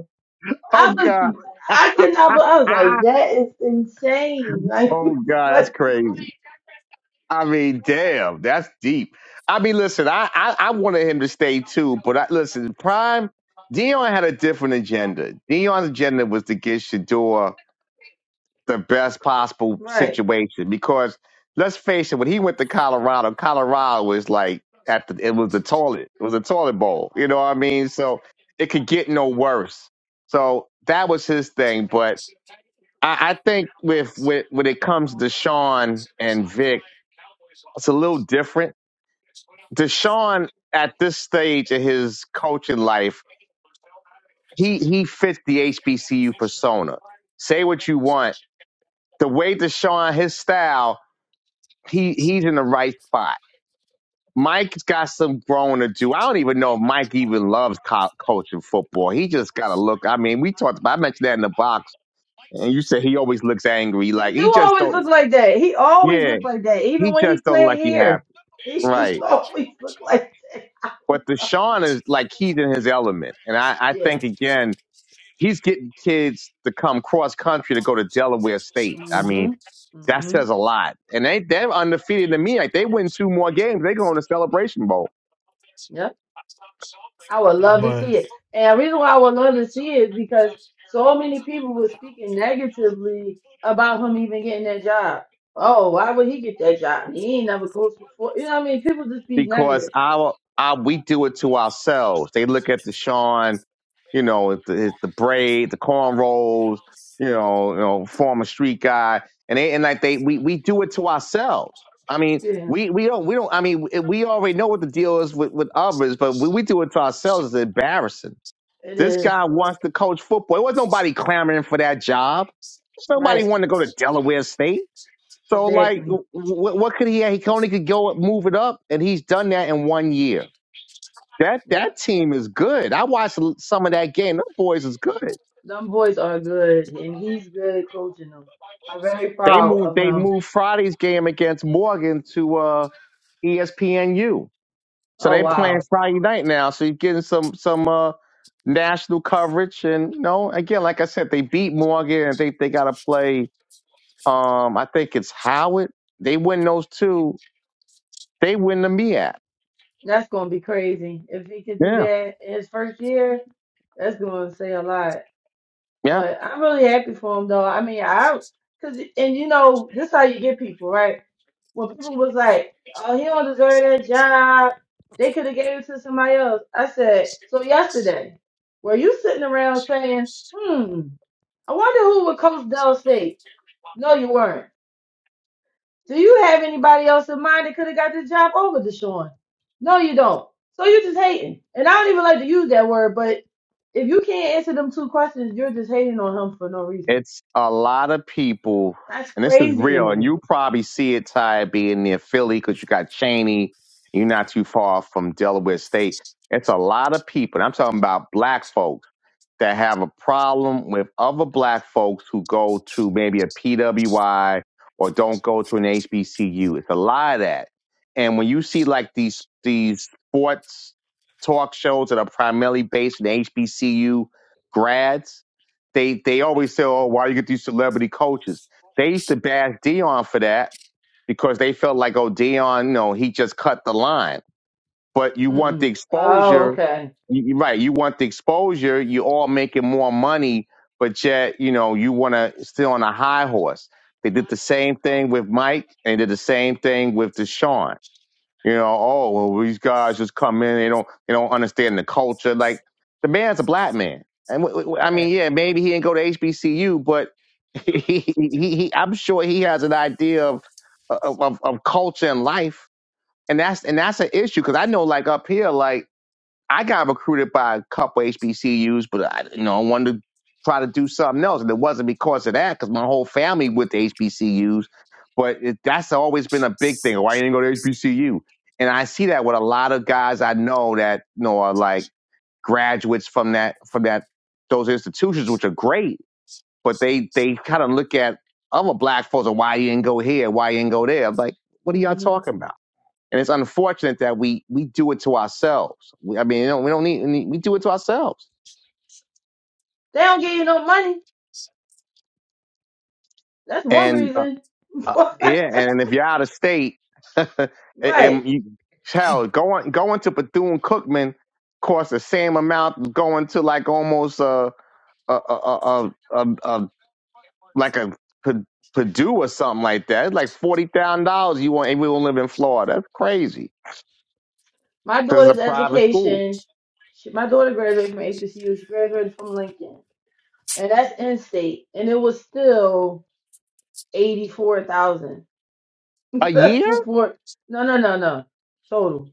Speaker 2: Oh
Speaker 6: I
Speaker 2: god.
Speaker 6: was, I could not, but I was like,
Speaker 2: [laughs]
Speaker 6: that is insane. Like,
Speaker 2: oh
Speaker 6: [laughs]
Speaker 2: god, that's
Speaker 6: what?
Speaker 2: crazy. I mean, damn, that's deep. I mean, listen, I I, I wanted him to stay too, but I, listen, Prime Dion had a different agenda. Dion's agenda was to get Shador the best possible
Speaker 6: Right.
Speaker 2: situation because let's face it, when he went to Colorado, Colorado was like at the it was the toilet, it was a toilet bowl. You know what I mean? So it could get no worse. So that was his thing, but. I I think with, with when it comes to Sean and Vic, it's a little different Deshaun at this stage of his coaching life, he he fits the HBCU persona. Say what you want. The way Deshaun, his style, he he's in the right spot. Mike's got some growing to do. I don't even know if Mike even loves co- coaching football. He just got to look. I mean, we talked about. I mentioned that in the box, and you said he always looks angry. Like
Speaker 6: He
Speaker 2: he
Speaker 6: do
Speaker 2: just
Speaker 6: always
Speaker 2: don't.
Speaker 6: look like that. He always
Speaker 2: Yeah,
Speaker 6: looked like that. Even
Speaker 2: he
Speaker 6: when he
Speaker 2: just don't
Speaker 6: played
Speaker 2: like he
Speaker 6: here,
Speaker 2: happy.
Speaker 6: he just [laughs]
Speaker 2: Right.
Speaker 6: always looked like that.
Speaker 2: But Deshaun is like he's in his element, and I I
Speaker 6: Yeah.
Speaker 2: think again he's getting kids to come cross country to go to Delaware State. I mean,
Speaker 6: hmm
Speaker 2: that
Speaker 6: hmm
Speaker 2: says a lot. And they they're undefeated to me. Like they win two more games, they go on the Celebration Bowl
Speaker 6: Yep. I would love to
Speaker 1: But
Speaker 6: see it. And the reason why I would love to see it is because so many people were speaking negatively about him even getting that job. Oh, why would he get that job? He ain't never coached before. You know what I mean? People just be
Speaker 2: because
Speaker 6: negative.
Speaker 2: our our we do it to ourselves. They look at Deshaun, you know, the, the braid, the cornrows, you know, you know, former street guy, and they and like they we we do it to ourselves. I mean,
Speaker 6: Yeah.
Speaker 2: we, we don't we don't. I mean, we already know what the deal is with, with others, but we, we do it to ourselves. It's embarrassing.
Speaker 6: It
Speaker 2: This
Speaker 6: is.
Speaker 2: guy wants to coach football. It was nobody clamoring for that job. nobody
Speaker 6: Right,
Speaker 2: wanted to go to Delaware State. So, like, wh-
Speaker 6: exactly.
Speaker 2: wh- what could he? He could only could go move it up, and he's done that in one year. That
Speaker 6: Yeah,
Speaker 2: that team is good. I watched some of that game. Them boys is good.
Speaker 6: them boys are good, and he's good coaching them. I'm very
Speaker 2: They
Speaker 6: proud
Speaker 2: moved.
Speaker 6: of
Speaker 2: They
Speaker 6: him.
Speaker 2: moved Friday's game against Morgan to uh, ESPNU. So
Speaker 6: Oh
Speaker 2: they
Speaker 6: wow,
Speaker 2: playing Friday night now. So you're getting some some uh, national coverage. And you know, again, like I said, they beat Morgan. and they they got to play. Um, I think it's Howard. They win those two. They win the MEAC.
Speaker 6: that's gonna be crazy if he could do
Speaker 2: Yeah.
Speaker 6: that in his first year. That's gonna say a lot.
Speaker 2: Yeah.
Speaker 6: But I'm really happy for him though. I mean, I cause and you know this how you get people right. When people was like, "Oh, he don't deserve that job," they could have gave it to somebody else. I said, "So yesterday, were you sitting around saying, hmm?" I wonder who would coach Dell State. No, you weren't. Do you have anybody else in mind that could have got the job over Deshaun? No, you don't. So you're just hating. And I don't even like to use that word, but if you can't answer them two questions, you're just hating on him for no reason.
Speaker 2: It's a lot of people,
Speaker 6: That's
Speaker 2: and this is
Speaker 6: crazy to
Speaker 2: real. And
Speaker 6: me.
Speaker 2: you probably see it, Ty, being near Philly because you got Cheney. You're not too far from Delaware State. It's a lot of people. And I'm talking about black folks that have a problem with other black folks who go to maybe a PWI or don't go to an HBCU. It's a lot of that. And when you see like these these sports talk shows that are primarily based in HBCU grads, they they always say, "Oh, why do you get these celebrity coaches?" They used to bash Dion for that because they felt like, "Oh, Dion, you know, he just cut the line." but you want the
Speaker 6: Mm-mm. Oh,
Speaker 2: exposure.
Speaker 6: okay.
Speaker 2: You, you- right, you want the exposure. You're all making more money, but yet you know you want to still on a high horse. They did the same thing with Mike, and did the same thing with Deshaun. You know, oh well, these guys just come in. They don't they don't understand the culture. Like the man's a black man, and w- w- I mean,
Speaker 6: Right.
Speaker 2: yeah, maybe he didn't go to HBCU, but [laughs] he, he, he I'm sure he has an idea of of, of of culture and life and that's and that's an issue because I know like up here, like I got recruited by a couple HBCUs, but I you know I wanted to try to do something else, and it wasn't because of that because my whole family went to HBCUs, but it, that's always been a big thing. Why you didn't go to HBCU? And I see that with a lot of guys I know that you know are like graduates from that from that those institutions, which are great, but they they kind of look at other black folks and why you didn't go here, why you didn't go there. I'm like, what are y'all
Speaker 6: hmm
Speaker 2: talking about? And it's unfortunate that we we do it to ourselves. We, I mean, you know, we don't need we do it to ourselves.
Speaker 6: They don't give you no money. That's one
Speaker 2: And uh,
Speaker 6: reason.
Speaker 2: uh,
Speaker 6: [laughs]
Speaker 2: yeah, and if you're out of state, [laughs] and
Speaker 6: right.
Speaker 2: and you hell, going going to Bethune Cookman costs the same amount as going to like almost uh, a a a a, a, a like a P- Purdue or something like that. It's like forty thousand dollars. You want and we will live in Florida. That's crazy
Speaker 6: My
Speaker 2: because it's
Speaker 6: daughter's
Speaker 2: a private school.
Speaker 6: education. She, my daughter graduated from HBCU. She graduated from Lincoln. and that's in state, and it was still eighty four thousand
Speaker 2: A
Speaker 6: [laughs]
Speaker 2: year?
Speaker 6: for four. No, no, no, no, total.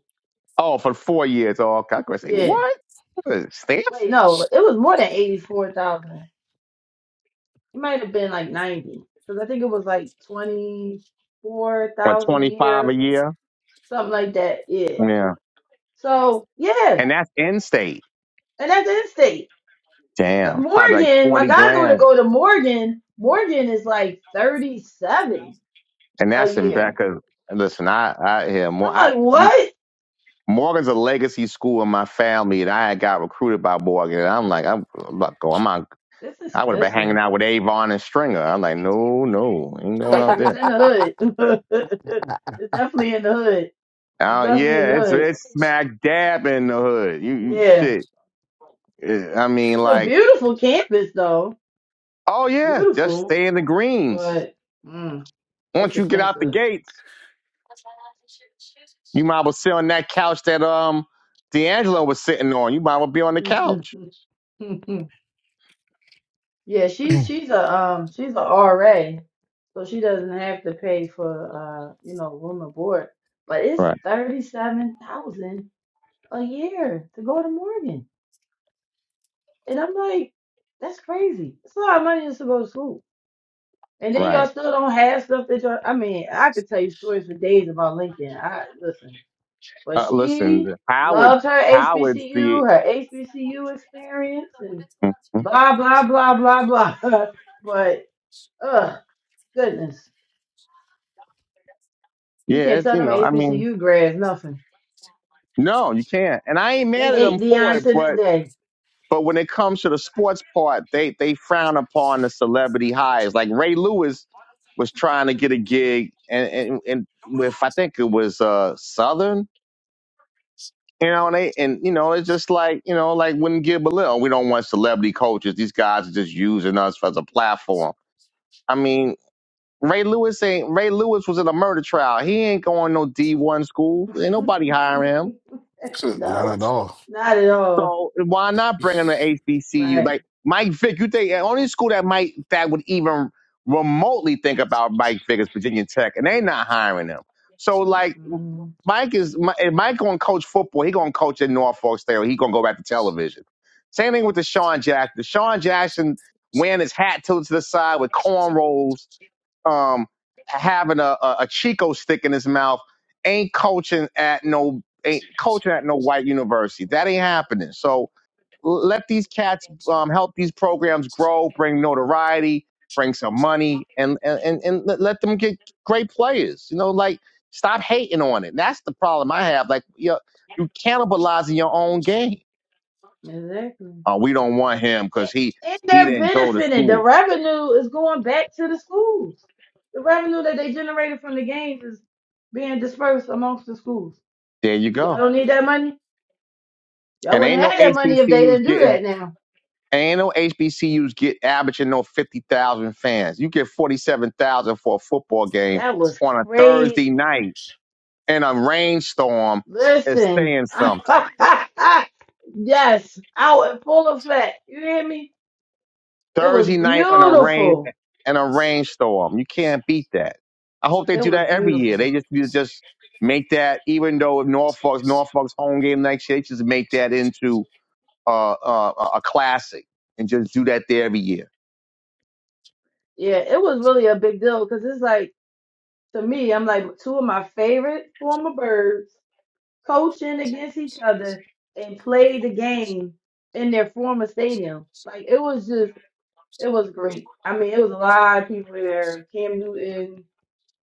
Speaker 2: Oh, for four years. Oh, okay. I was gonna say
Speaker 6: Yeah,
Speaker 2: what? What is it, Stanford?
Speaker 6: wait, no, it was more than eighty four thousand. It might have been like ninety, because I think it was like twenty four
Speaker 2: or
Speaker 6: thousand a year,
Speaker 2: 25 a
Speaker 6: or so-
Speaker 2: year.
Speaker 6: something like that. Yeah.
Speaker 2: Yeah.
Speaker 6: So yeah,
Speaker 2: And that's in state.
Speaker 6: and that's in state, because
Speaker 2: Damn. Probably like
Speaker 6: Morgan, my
Speaker 2: 40
Speaker 6: goddaughter
Speaker 2: grand.
Speaker 6: go to Morgan. Morgan is like thirty seven
Speaker 2: And
Speaker 6: a
Speaker 2: that's in
Speaker 6: year.
Speaker 2: Becca. Listen, I, I hear more.
Speaker 6: I'm
Speaker 2: I,
Speaker 6: like, what?
Speaker 2: Morgan's a legacy school in my family and I had got recruited by Morgan. And I'm like, I'm, I'm not going, I'm not,
Speaker 6: It's
Speaker 2: I would have been hanging
Speaker 6: expensive.
Speaker 2: out with Avon and Stringer. I'm like, no, no, ain't going
Speaker 6: Yeah,
Speaker 2: out
Speaker 6: 'cause it's
Speaker 2: there.
Speaker 6: in the hood. [laughs] it's definitely in the hood. It's
Speaker 2: Uh,
Speaker 6: definitely in
Speaker 2: yeah,
Speaker 6: the
Speaker 2: it's,
Speaker 6: hood.
Speaker 2: it's smack dab in the hood. You, you
Speaker 6: Yeah.
Speaker 2: shit. Uh, I mean,
Speaker 6: It's a
Speaker 2: like,
Speaker 6: beautiful campus, though.
Speaker 2: oh yeah, just
Speaker 6: Beautiful,
Speaker 2: stay in the greens.
Speaker 6: but mm, it's
Speaker 2: Once you get out the
Speaker 6: expensive.
Speaker 2: gates, You might well sit on that couch that um D'Angelo was sitting on. You might well be on the couch.
Speaker 6: [laughs] yeah, she she's a um she's a RA, so she doesn't have to pay for uh you know room and board. But it's
Speaker 2: Right,
Speaker 6: thirty seven thousand a year to go to Morgan, and I'm like, that's crazy. It's a lot of money just to go to school. And then y'all
Speaker 2: right.
Speaker 6: still don't have stuff that y'all. I mean, I could tell you stories for days about Lincoln. I listen, but
Speaker 2: Uh,
Speaker 6: she
Speaker 2: listen, Howard,
Speaker 6: loved her
Speaker 2: Howard's the
Speaker 6: HBCU, her HBCU experience, and
Speaker 2: Mhm.
Speaker 6: blah blah blah blah blah. [laughs] but uh, goodness, you
Speaker 2: yeah.
Speaker 6: can't
Speaker 2: It's,
Speaker 6: tell
Speaker 2: you
Speaker 6: them
Speaker 2: know, I mean,
Speaker 6: HBCU grads nothing.
Speaker 2: no, you can't. And I ain't
Speaker 6: They
Speaker 2: mad at them
Speaker 6: hate
Speaker 2: for
Speaker 6: Dion
Speaker 2: it,
Speaker 6: to this
Speaker 2: but
Speaker 6: day.
Speaker 2: but when it comes to the sports part, they they frown upon the celebrity highs. Like Ray Lewis was trying to get a gig, and and, and with I think it was uh Southern You know, and they and you know, it's just like, you know, like when Gil Belil, we don't want celebrity coaches. These guys are just using us as a platform. I mean, Ray Lewis ain't Ray Lewis was in a murder trial. He ain't going no D one school. Ain't
Speaker 6: [laughs]
Speaker 2: nobody hiring him.
Speaker 4: Shit, Not
Speaker 6: no,
Speaker 4: at all.
Speaker 6: not at all.
Speaker 2: So why not bring him to HBCU?
Speaker 6: Right?
Speaker 2: Like Mike Vick, you think the only school that might that would even remotely think about Mike Vick is Virginia Tech, and they not hiring him. So like
Speaker 6: Mm-mm.
Speaker 2: Mike is Mi- if Mike gonna coach football. He gonna coach at Norfolk State. Or he gonna go back to television. Same thing with the Deshaun Jackson. Deshaun Jackson wearing his hat tilted to the side with cornrows, um, having a, a, a Chico stick in his mouth, ain't coaching at no ain't coaching at no white university. That ain't happening. So let these cats um, help these programs grow, bring notoriety, bring some money, and and and and let let them get great players. You know, like stop hating on it. That's the problem I have. Like you you cannibalizing your own game.
Speaker 6: Exactly.
Speaker 2: Oh, we don't want him because
Speaker 6: And,
Speaker 2: he
Speaker 6: and
Speaker 2: he
Speaker 6: they're
Speaker 2: didn't go to
Speaker 6: benefiting. The
Speaker 2: school.
Speaker 6: revenue is going back to the schools. The revenue that they generated from the games is being dispersed amongst the schools.
Speaker 2: There you
Speaker 6: Y'all
Speaker 2: go.
Speaker 6: don't need that money. Y'all
Speaker 2: And ain't
Speaker 6: wouldn't have
Speaker 2: no
Speaker 6: had that money if they
Speaker 2: HBCUs
Speaker 6: didn't do
Speaker 2: getting.
Speaker 6: that now.
Speaker 2: Ain't no HBCUs get averaging no fifty thousand fans. You get forty seven thousand for a football game
Speaker 6: That was
Speaker 2: on a Thursday night.
Speaker 6: crazy.
Speaker 2: in a rainstorm is
Speaker 6: Listen.
Speaker 2: saying
Speaker 6: [laughs]
Speaker 2: something.
Speaker 6: yes, out in full effect. You hear me? It was
Speaker 2: Thursday night on a rain
Speaker 6: beautiful.
Speaker 2: in a rainstorm. You can't beat that. I hope they
Speaker 6: It
Speaker 2: do
Speaker 6: was
Speaker 2: that every year. They
Speaker 6: beautiful.
Speaker 2: just you just make that even though Norfolk's Norfolk's home game next year, they just make that into uh, uh, a classic and just do that there every year.
Speaker 6: Yeah, it was really a big deal because it's like, to me, I'm like two of my favorite former birds coaching against each other and played the game in their former stadium. Like it was just, it was great. I mean, it was a lot of people there: Cam Newton,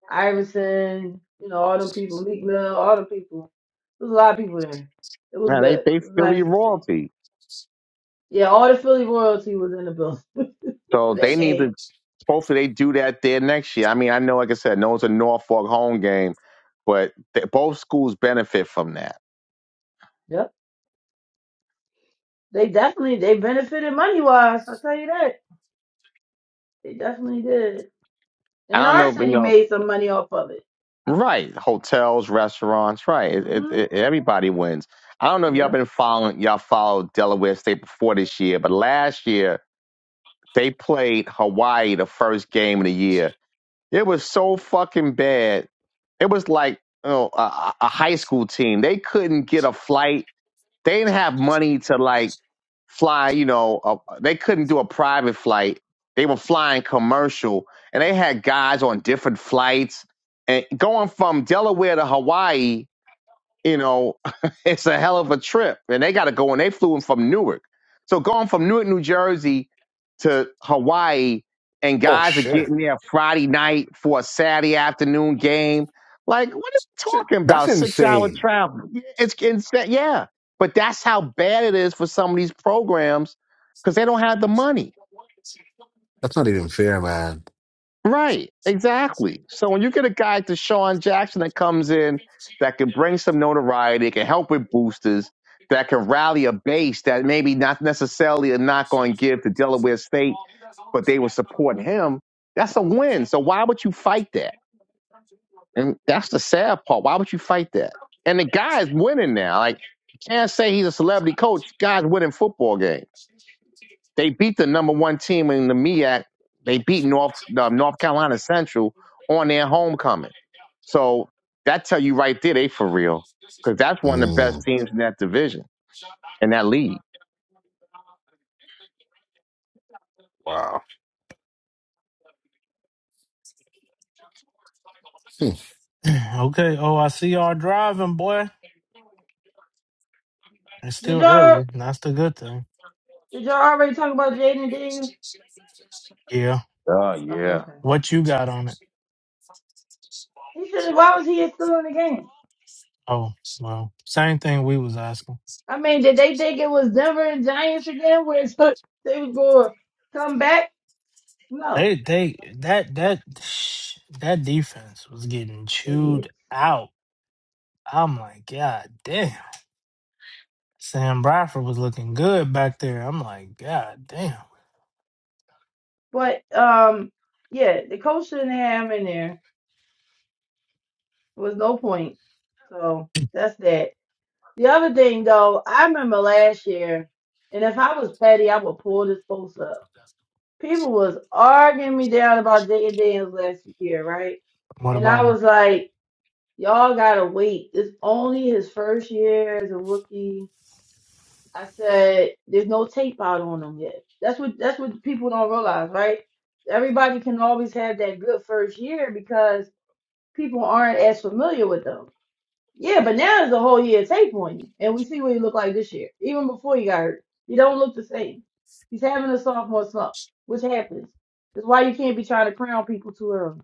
Speaker 6: Iverson, you know, all them people, Meek Mill, all them people. There was a lot of people there. It was
Speaker 2: Yeah, they
Speaker 6: good. It
Speaker 2: they
Speaker 6: was
Speaker 2: Philly
Speaker 6: nice to see.
Speaker 2: royalty,
Speaker 6: Yeah, all the Philly royalty was in the building [laughs] for
Speaker 2: so they
Speaker 6: that
Speaker 2: need
Speaker 6: game.
Speaker 2: to. Hopefully they do that there next year. I mean, I know, like I said, no, it's a Norfolk home game, but they, both schools benefit from that.
Speaker 6: Yep, they definitely they benefited money wise. I'll tell you that they definitely did.
Speaker 2: I
Speaker 6: And
Speaker 2: don't know,
Speaker 6: our
Speaker 2: if, you
Speaker 6: city
Speaker 2: know.
Speaker 6: made some money off of it.
Speaker 2: Right, hotels, restaurants, right. It, it,
Speaker 6: hmm
Speaker 2: it, everybody wins. I don't know if y'all
Speaker 6: Yeah.
Speaker 2: been following y'all followed Delaware State before this year, but last year they played Hawaii the first game of the year. It was so fucking bad. It was like you know, a, a a high school team. They couldn't get a flight. They didn't have money to like fly, you know, uh, they couldn't do a private flight. They were flying commercial and they had guys on different flights and going from Delaware to Hawaii you know, [laughs] it's a hell of a trip. And they got to go, and they flew in from Newark. So going from Newark, New Jersey to Hawaii, and
Speaker 4: Oh
Speaker 2: guys are
Speaker 4: shit.
Speaker 2: getting there Friday night for a Saturday afternoon game. Like, what are we
Speaker 4: Shit,
Speaker 2: talking
Speaker 4: That's
Speaker 2: about? Six hour
Speaker 4: insane.
Speaker 2: travel. Yeah, It's insane. Yeah. But that's how bad it is for some of these programs because they don't have the money.
Speaker 4: That's not even fair, man.
Speaker 2: Right, exactly. So when you get a guy to Sean Jackson that comes in that can bring some notoriety, can help with boosters, that can rally a base that maybe not necessarily are not going to give to Delaware State, but they will support him, that's a win. So why would you fight that? And that's the sad part. Why would you fight that? And the guy is winning now. Like you can't say he's a celebrity coach. Guy's winning football games. They beat the number one team in the MEAC. They beat North uh, North Carolina Central on their homecoming. So that tell you right there they for real because that's one of the best
Speaker 4: Mm,
Speaker 2: teams in that division in that league.
Speaker 4: wow. Hmm.
Speaker 1: [clears throat] okay. Oh, I see y'all driving, boy. It's
Speaker 6: Did
Speaker 1: still
Speaker 6: y'all?
Speaker 1: early. That's the good thing.
Speaker 6: Did y'all already talk about Jaden Daniels?
Speaker 1: Yeah.
Speaker 2: Oh
Speaker 6: Oh,
Speaker 2: yeah.
Speaker 6: okay.
Speaker 1: What you got on it?
Speaker 6: He should. Why was he still in the game?
Speaker 1: Oh, well, same thing we was asking.
Speaker 6: I mean, did they think it was Denver and Giants again, where it's, [laughs] they was going to [laughs] come back? No,
Speaker 1: They they that that that defense was getting chewed
Speaker 6: idiots.
Speaker 1: out. I'm like, God damn. Sam Bradford was looking good back there. I'm like, God damn.
Speaker 6: But um, yeah, the coach shouldn't have him in there. There was no point. So that's that. The other thing though, I remember last year, and if I was petty, I would pull this post up. People was arguing me down about Jaden Daniels last year, right?
Speaker 1: What
Speaker 6: And I
Speaker 1: about him?
Speaker 6: was like. Y'all gotta wait. It's only his first year as a rookie. I said there's no tape out on him yet. That's what that's what people don't realize, right? Everybody can always have that good first year because people aren't as familiar with them. Yeah, but now there's a whole year of tape on you, and we see what he looked like this year, even before he got hurt. He don't look the same. He's having a sophomore slump, which happens. That's why you can't be trying to crown people too early.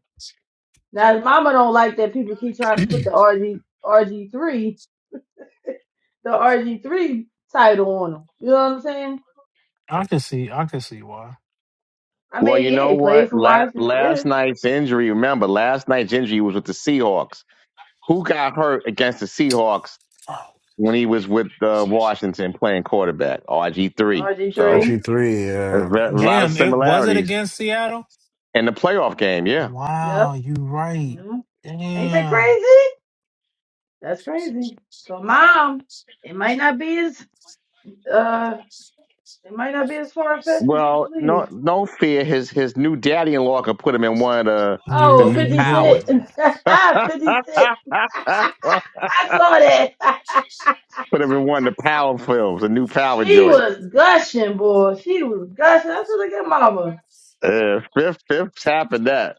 Speaker 6: Now, his mama don't like that people keep trying to put the RG RG three the RG3 title on him. You know what I'm saying?
Speaker 1: I can see I can see why.
Speaker 6: I
Speaker 2: Well,
Speaker 6: mean,
Speaker 2: you
Speaker 6: yeah,
Speaker 2: know
Speaker 6: he played
Speaker 2: what?
Speaker 6: for
Speaker 2: La-
Speaker 6: Washington. Yeah,
Speaker 2: last night's injury. Remember, last night's injury was with the Seahawks. Who got hurt against the Seahawks when he was with uh, Washington playing quarterback? RG three. So
Speaker 6: RG3.
Speaker 2: a
Speaker 4: RG3,
Speaker 2: ve- a lot of
Speaker 1: Damn, it was it
Speaker 2: similarities
Speaker 1: against Seattle?
Speaker 2: in the playoff game. Yeah.
Speaker 6: Yep.
Speaker 1: Wow, you right.
Speaker 6: hmm Ain't that
Speaker 1: Damn.
Speaker 6: crazy? That's crazy. So, mom, it might not be as uh, it might not be as far fetched as you
Speaker 2: Well, no,
Speaker 6: believe.
Speaker 2: no fear. His his new daddy-in-law could put him in one of the
Speaker 1: You
Speaker 2: the
Speaker 6: Oh,
Speaker 1: here
Speaker 2: new
Speaker 1: you go.
Speaker 2: powers.
Speaker 6: 56. 56. [laughs]
Speaker 2: [laughs] put
Speaker 6: [laughs] I saw that.
Speaker 2: him in one of the power films, a new
Speaker 6: [laughs]
Speaker 2: power
Speaker 6: she
Speaker 2: joint.
Speaker 6: was gushing, boy. She was gushing. I said, look at mama.
Speaker 2: Uh, fifth, fifth happened that.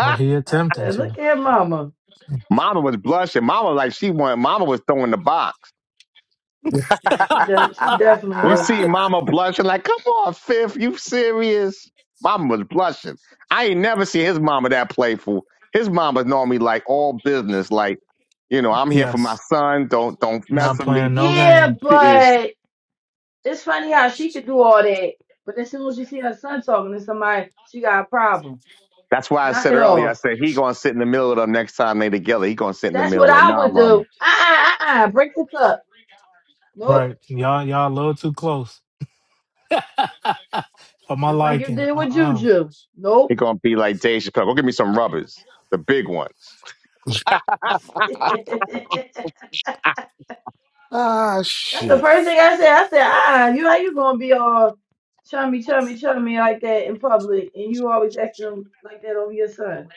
Speaker 1: Well he
Speaker 6: I
Speaker 1: attempting
Speaker 6: said,
Speaker 1: to.
Speaker 6: look at mama.
Speaker 2: Mama was blushing. Mama like she wanted. Mama was throwing the box.
Speaker 4: yeah.
Speaker 6: Yeah, she def- she
Speaker 1: [laughs]
Speaker 6: definitely
Speaker 2: You
Speaker 6: was.
Speaker 1: what?
Speaker 2: see, Mama blushing like, come on, fifth, you serious? Mama was blushing. I ain't never seen his mama that playful. His mama's normally like all business, like you know, I'm here for my
Speaker 1: Yes.
Speaker 2: son. Don't don't mess
Speaker 1: Not
Speaker 2: with me.
Speaker 1: playing no
Speaker 6: Yeah,
Speaker 1: game.
Speaker 2: Yes.
Speaker 6: but it's funny how she could do all that, but as soon as you see her son talking to somebody, she got a problem.
Speaker 2: That's why I
Speaker 6: Knock
Speaker 2: said
Speaker 6: it
Speaker 2: earlier, I
Speaker 6: off.
Speaker 2: said he gonna sit in the middle of them next time they together. He gonna sit in the
Speaker 6: That's
Speaker 2: middle
Speaker 6: what
Speaker 2: like,
Speaker 6: I
Speaker 2: nah,
Speaker 6: would
Speaker 2: mama.
Speaker 6: do. Uh uh uh uh. Break this up. Nope.
Speaker 1: Right. Y'all y'all a little too close. [laughs] For my
Speaker 6: Just like you
Speaker 1: liking.
Speaker 6: did
Speaker 1: Uh
Speaker 6: with
Speaker 1: uh
Speaker 6: Juju.
Speaker 2: He
Speaker 6: Nope.
Speaker 2: gonna be like Dave Chappelle. Go give me some rubbers, the big ones.
Speaker 4: [laughs]
Speaker 2: [laughs]
Speaker 6: [laughs] That's
Speaker 4: ah,
Speaker 6: the
Speaker 4: shit.
Speaker 6: first thing I said. I said, uh uh you how you gonna be all chummy, chummy, chummy like that in public, and you always acting like that over your son.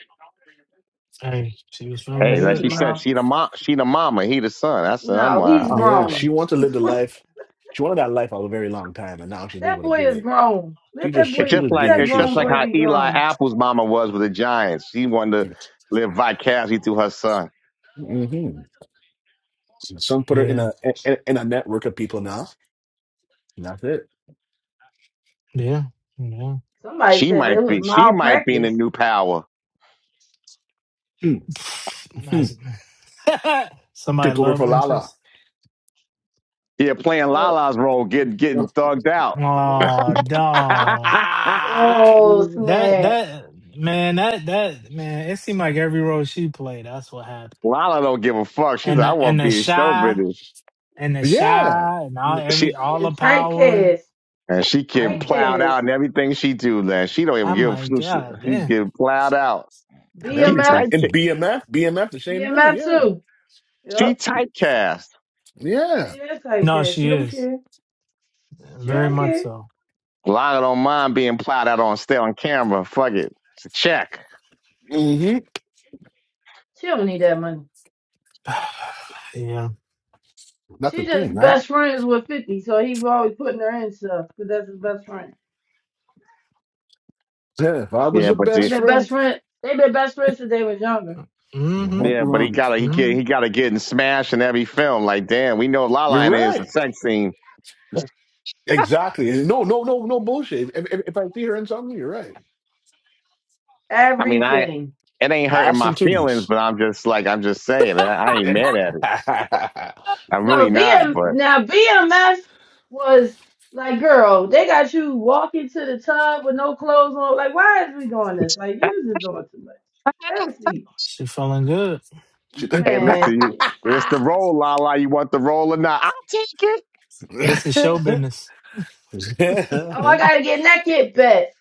Speaker 1: Hey, she was
Speaker 6: Have
Speaker 1: feeling
Speaker 6: a
Speaker 2: hey, like
Speaker 1: good.
Speaker 6: seat,
Speaker 2: she said,
Speaker 6: mom.
Speaker 2: she the mom, she the mama, he the son. That's what I'm
Speaker 6: No,
Speaker 2: like.
Speaker 6: he's
Speaker 2: Oh.
Speaker 4: Yeah, she
Speaker 6: grown.
Speaker 4: wants to live the
Speaker 6: [laughs]
Speaker 4: life. She wanted that life for a very long time, and now she's
Speaker 6: That
Speaker 4: able to
Speaker 6: boy
Speaker 4: get
Speaker 6: is
Speaker 4: it.
Speaker 6: grown.
Speaker 4: She
Speaker 6: Let
Speaker 4: just,
Speaker 6: that
Speaker 4: she
Speaker 2: It's
Speaker 6: boy,
Speaker 2: just
Speaker 4: just
Speaker 6: let
Speaker 2: like
Speaker 4: being her
Speaker 6: that
Speaker 2: it's
Speaker 4: true
Speaker 2: just
Speaker 6: grown
Speaker 2: like
Speaker 6: boy
Speaker 2: how
Speaker 4: self.
Speaker 6: be
Speaker 2: Eli
Speaker 6: grown.
Speaker 2: Apple's mama was with the Giants. She wanted to live vicariously through her son.
Speaker 4: hmm Some put her in
Speaker 1: Yeah.
Speaker 4: a in, in a network of people now. and that's it.
Speaker 1: Yeah. Yeah.
Speaker 6: Somebody
Speaker 2: She
Speaker 6: said it
Speaker 2: might
Speaker 6: was
Speaker 2: be, she might be in the
Speaker 6: malpractice.
Speaker 2: new power.
Speaker 4: Hmm. Hmm.
Speaker 1: Nice. [laughs] Somebody
Speaker 4: Take over for
Speaker 1: love
Speaker 4: Lala.
Speaker 1: interest.
Speaker 2: Yeah, playing
Speaker 6: No,
Speaker 2: Lala's role, getting getting
Speaker 4: [laughs]
Speaker 2: thugged out.
Speaker 1: Oh, dog.
Speaker 6: oh
Speaker 2: [laughs]
Speaker 1: That
Speaker 6: snap!
Speaker 1: that man, that that man, it seemed like every role she played, that's what happened.
Speaker 2: Lala don't give a fuck. She's
Speaker 1: And
Speaker 2: like, I
Speaker 1: the
Speaker 2: want
Speaker 1: and
Speaker 2: to
Speaker 1: the
Speaker 2: be in show
Speaker 1: shy
Speaker 2: business.
Speaker 1: and the
Speaker 4: yeah.
Speaker 1: shy and all
Speaker 4: N-
Speaker 2: She
Speaker 1: every
Speaker 6: She
Speaker 1: all the
Speaker 6: is
Speaker 1: powers.
Speaker 6: typecast.
Speaker 2: and she get
Speaker 1: I'm like
Speaker 2: plowed
Speaker 6: Typecast.
Speaker 2: out and everything she do, man. She don't even
Speaker 1: I'm
Speaker 2: give. a-
Speaker 1: like,
Speaker 2: She,
Speaker 1: God
Speaker 2: she
Speaker 1: damn.
Speaker 2: get plowed out.
Speaker 4: And
Speaker 2: She
Speaker 6: BMF.
Speaker 4: everything.
Speaker 2: type
Speaker 4: And BMF. BMF, the same thing.
Speaker 6: BMF
Speaker 4: Yeah.
Speaker 6: too.
Speaker 2: she
Speaker 6: Yep.
Speaker 2: typecast.
Speaker 6: She
Speaker 4: Yeah.
Speaker 6: is
Speaker 1: No,
Speaker 6: typecast. She
Speaker 1: she
Speaker 6: don't
Speaker 1: is.
Speaker 6: care. She
Speaker 1: Very
Speaker 6: don't
Speaker 1: much
Speaker 6: care.
Speaker 1: so.
Speaker 2: Lala don't mind being plowed out on still on camera. Fuck it, it's a check.
Speaker 4: hmm
Speaker 6: She don't need that money.
Speaker 1: [sighs] yeah.
Speaker 4: That's the
Speaker 6: She
Speaker 4: thing,
Speaker 6: just
Speaker 4: right?
Speaker 6: best friends with Fifty, so he was always putting her in stuff because that's his best friend.
Speaker 4: Yeah. If I was
Speaker 2: Yeah,
Speaker 4: your
Speaker 2: but
Speaker 6: They
Speaker 2: the,
Speaker 4: best
Speaker 6: been best
Speaker 4: friend,
Speaker 6: friend. They been best friends since they was younger.
Speaker 4: I
Speaker 1: Mm-hmm.
Speaker 4: want
Speaker 2: yeah,
Speaker 4: you
Speaker 2: but he
Speaker 4: around me.
Speaker 2: gotta he get
Speaker 1: Mm-hmm.
Speaker 2: he gotta get in smash in every film. Like damn, we know
Speaker 4: You're
Speaker 2: Lala in it is a
Speaker 4: right.
Speaker 2: sex scene.
Speaker 4: Exactly. And No, no, no, no bullshit. If, if, if I see her in something, you're right.
Speaker 2: I mean, I
Speaker 6: Everything.
Speaker 2: it ain't hurting
Speaker 4: Ass
Speaker 2: my
Speaker 4: and
Speaker 2: feelings,
Speaker 4: titties.
Speaker 2: but I'm just like I'm just saying, I, I ain't
Speaker 4: [laughs]
Speaker 2: mad at it. I'm
Speaker 6: No,
Speaker 2: really not,
Speaker 6: BM
Speaker 2: but.
Speaker 6: now BMS was like, girl, they got you walking to the tub with no clothes on. Like, why is we doing this?
Speaker 2: [laughs]
Speaker 6: Like, you just doing too much. Have a seat,
Speaker 1: She feeling good.
Speaker 4: She-
Speaker 2: Hey,
Speaker 6: man,
Speaker 2: listen, you,
Speaker 6: please.
Speaker 2: it's the
Speaker 4: [laughs]
Speaker 2: roll, la la. You want the roll or not? I'll take it.
Speaker 1: This is show business.
Speaker 6: Oh, I gotta get naked, bet.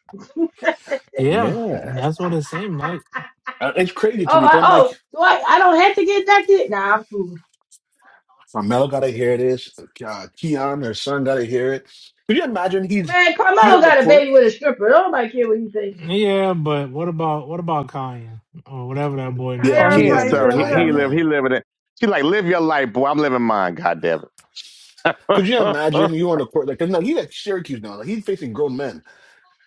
Speaker 6: [laughs] oh,
Speaker 1: Yeah,
Speaker 4: yeah.
Speaker 1: that's what it seemed like.
Speaker 4: Uh, It's crazy to me.
Speaker 6: I,
Speaker 4: 'cause I'm like,
Speaker 6: oh, do I? I don't have to get naked. Nah, I'm cool.
Speaker 4: Carmelo got to hear this. Uh, Keon, their son, got to hear it. Could you imagine he's
Speaker 6: Man,
Speaker 4: he's
Speaker 6: Carmelo
Speaker 4: on the
Speaker 6: got a
Speaker 4: court?
Speaker 6: baby with a stripper. Don't nobody care what you think.
Speaker 1: Yeah, but what about what about Kanye? Or whatever that boy
Speaker 4: Yeah,
Speaker 2: Oh,
Speaker 1: name
Speaker 2: he
Speaker 6: Kyron
Speaker 1: is.
Speaker 2: ain't
Speaker 4: Keon
Speaker 6: probably
Speaker 4: or
Speaker 6: said
Speaker 2: sorry. He,
Speaker 4: Kian,
Speaker 2: he
Speaker 6: whatever.
Speaker 2: live.
Speaker 6: [laughs]
Speaker 4: yeah.
Speaker 2: He living it. She like live your life, boy. I'm living mine. God damn it.
Speaker 4: Could you
Speaker 2: [laughs] it.
Speaker 4: imagine you on the court? Like, no, he's at Syracuse now. Like, he's facing grown men.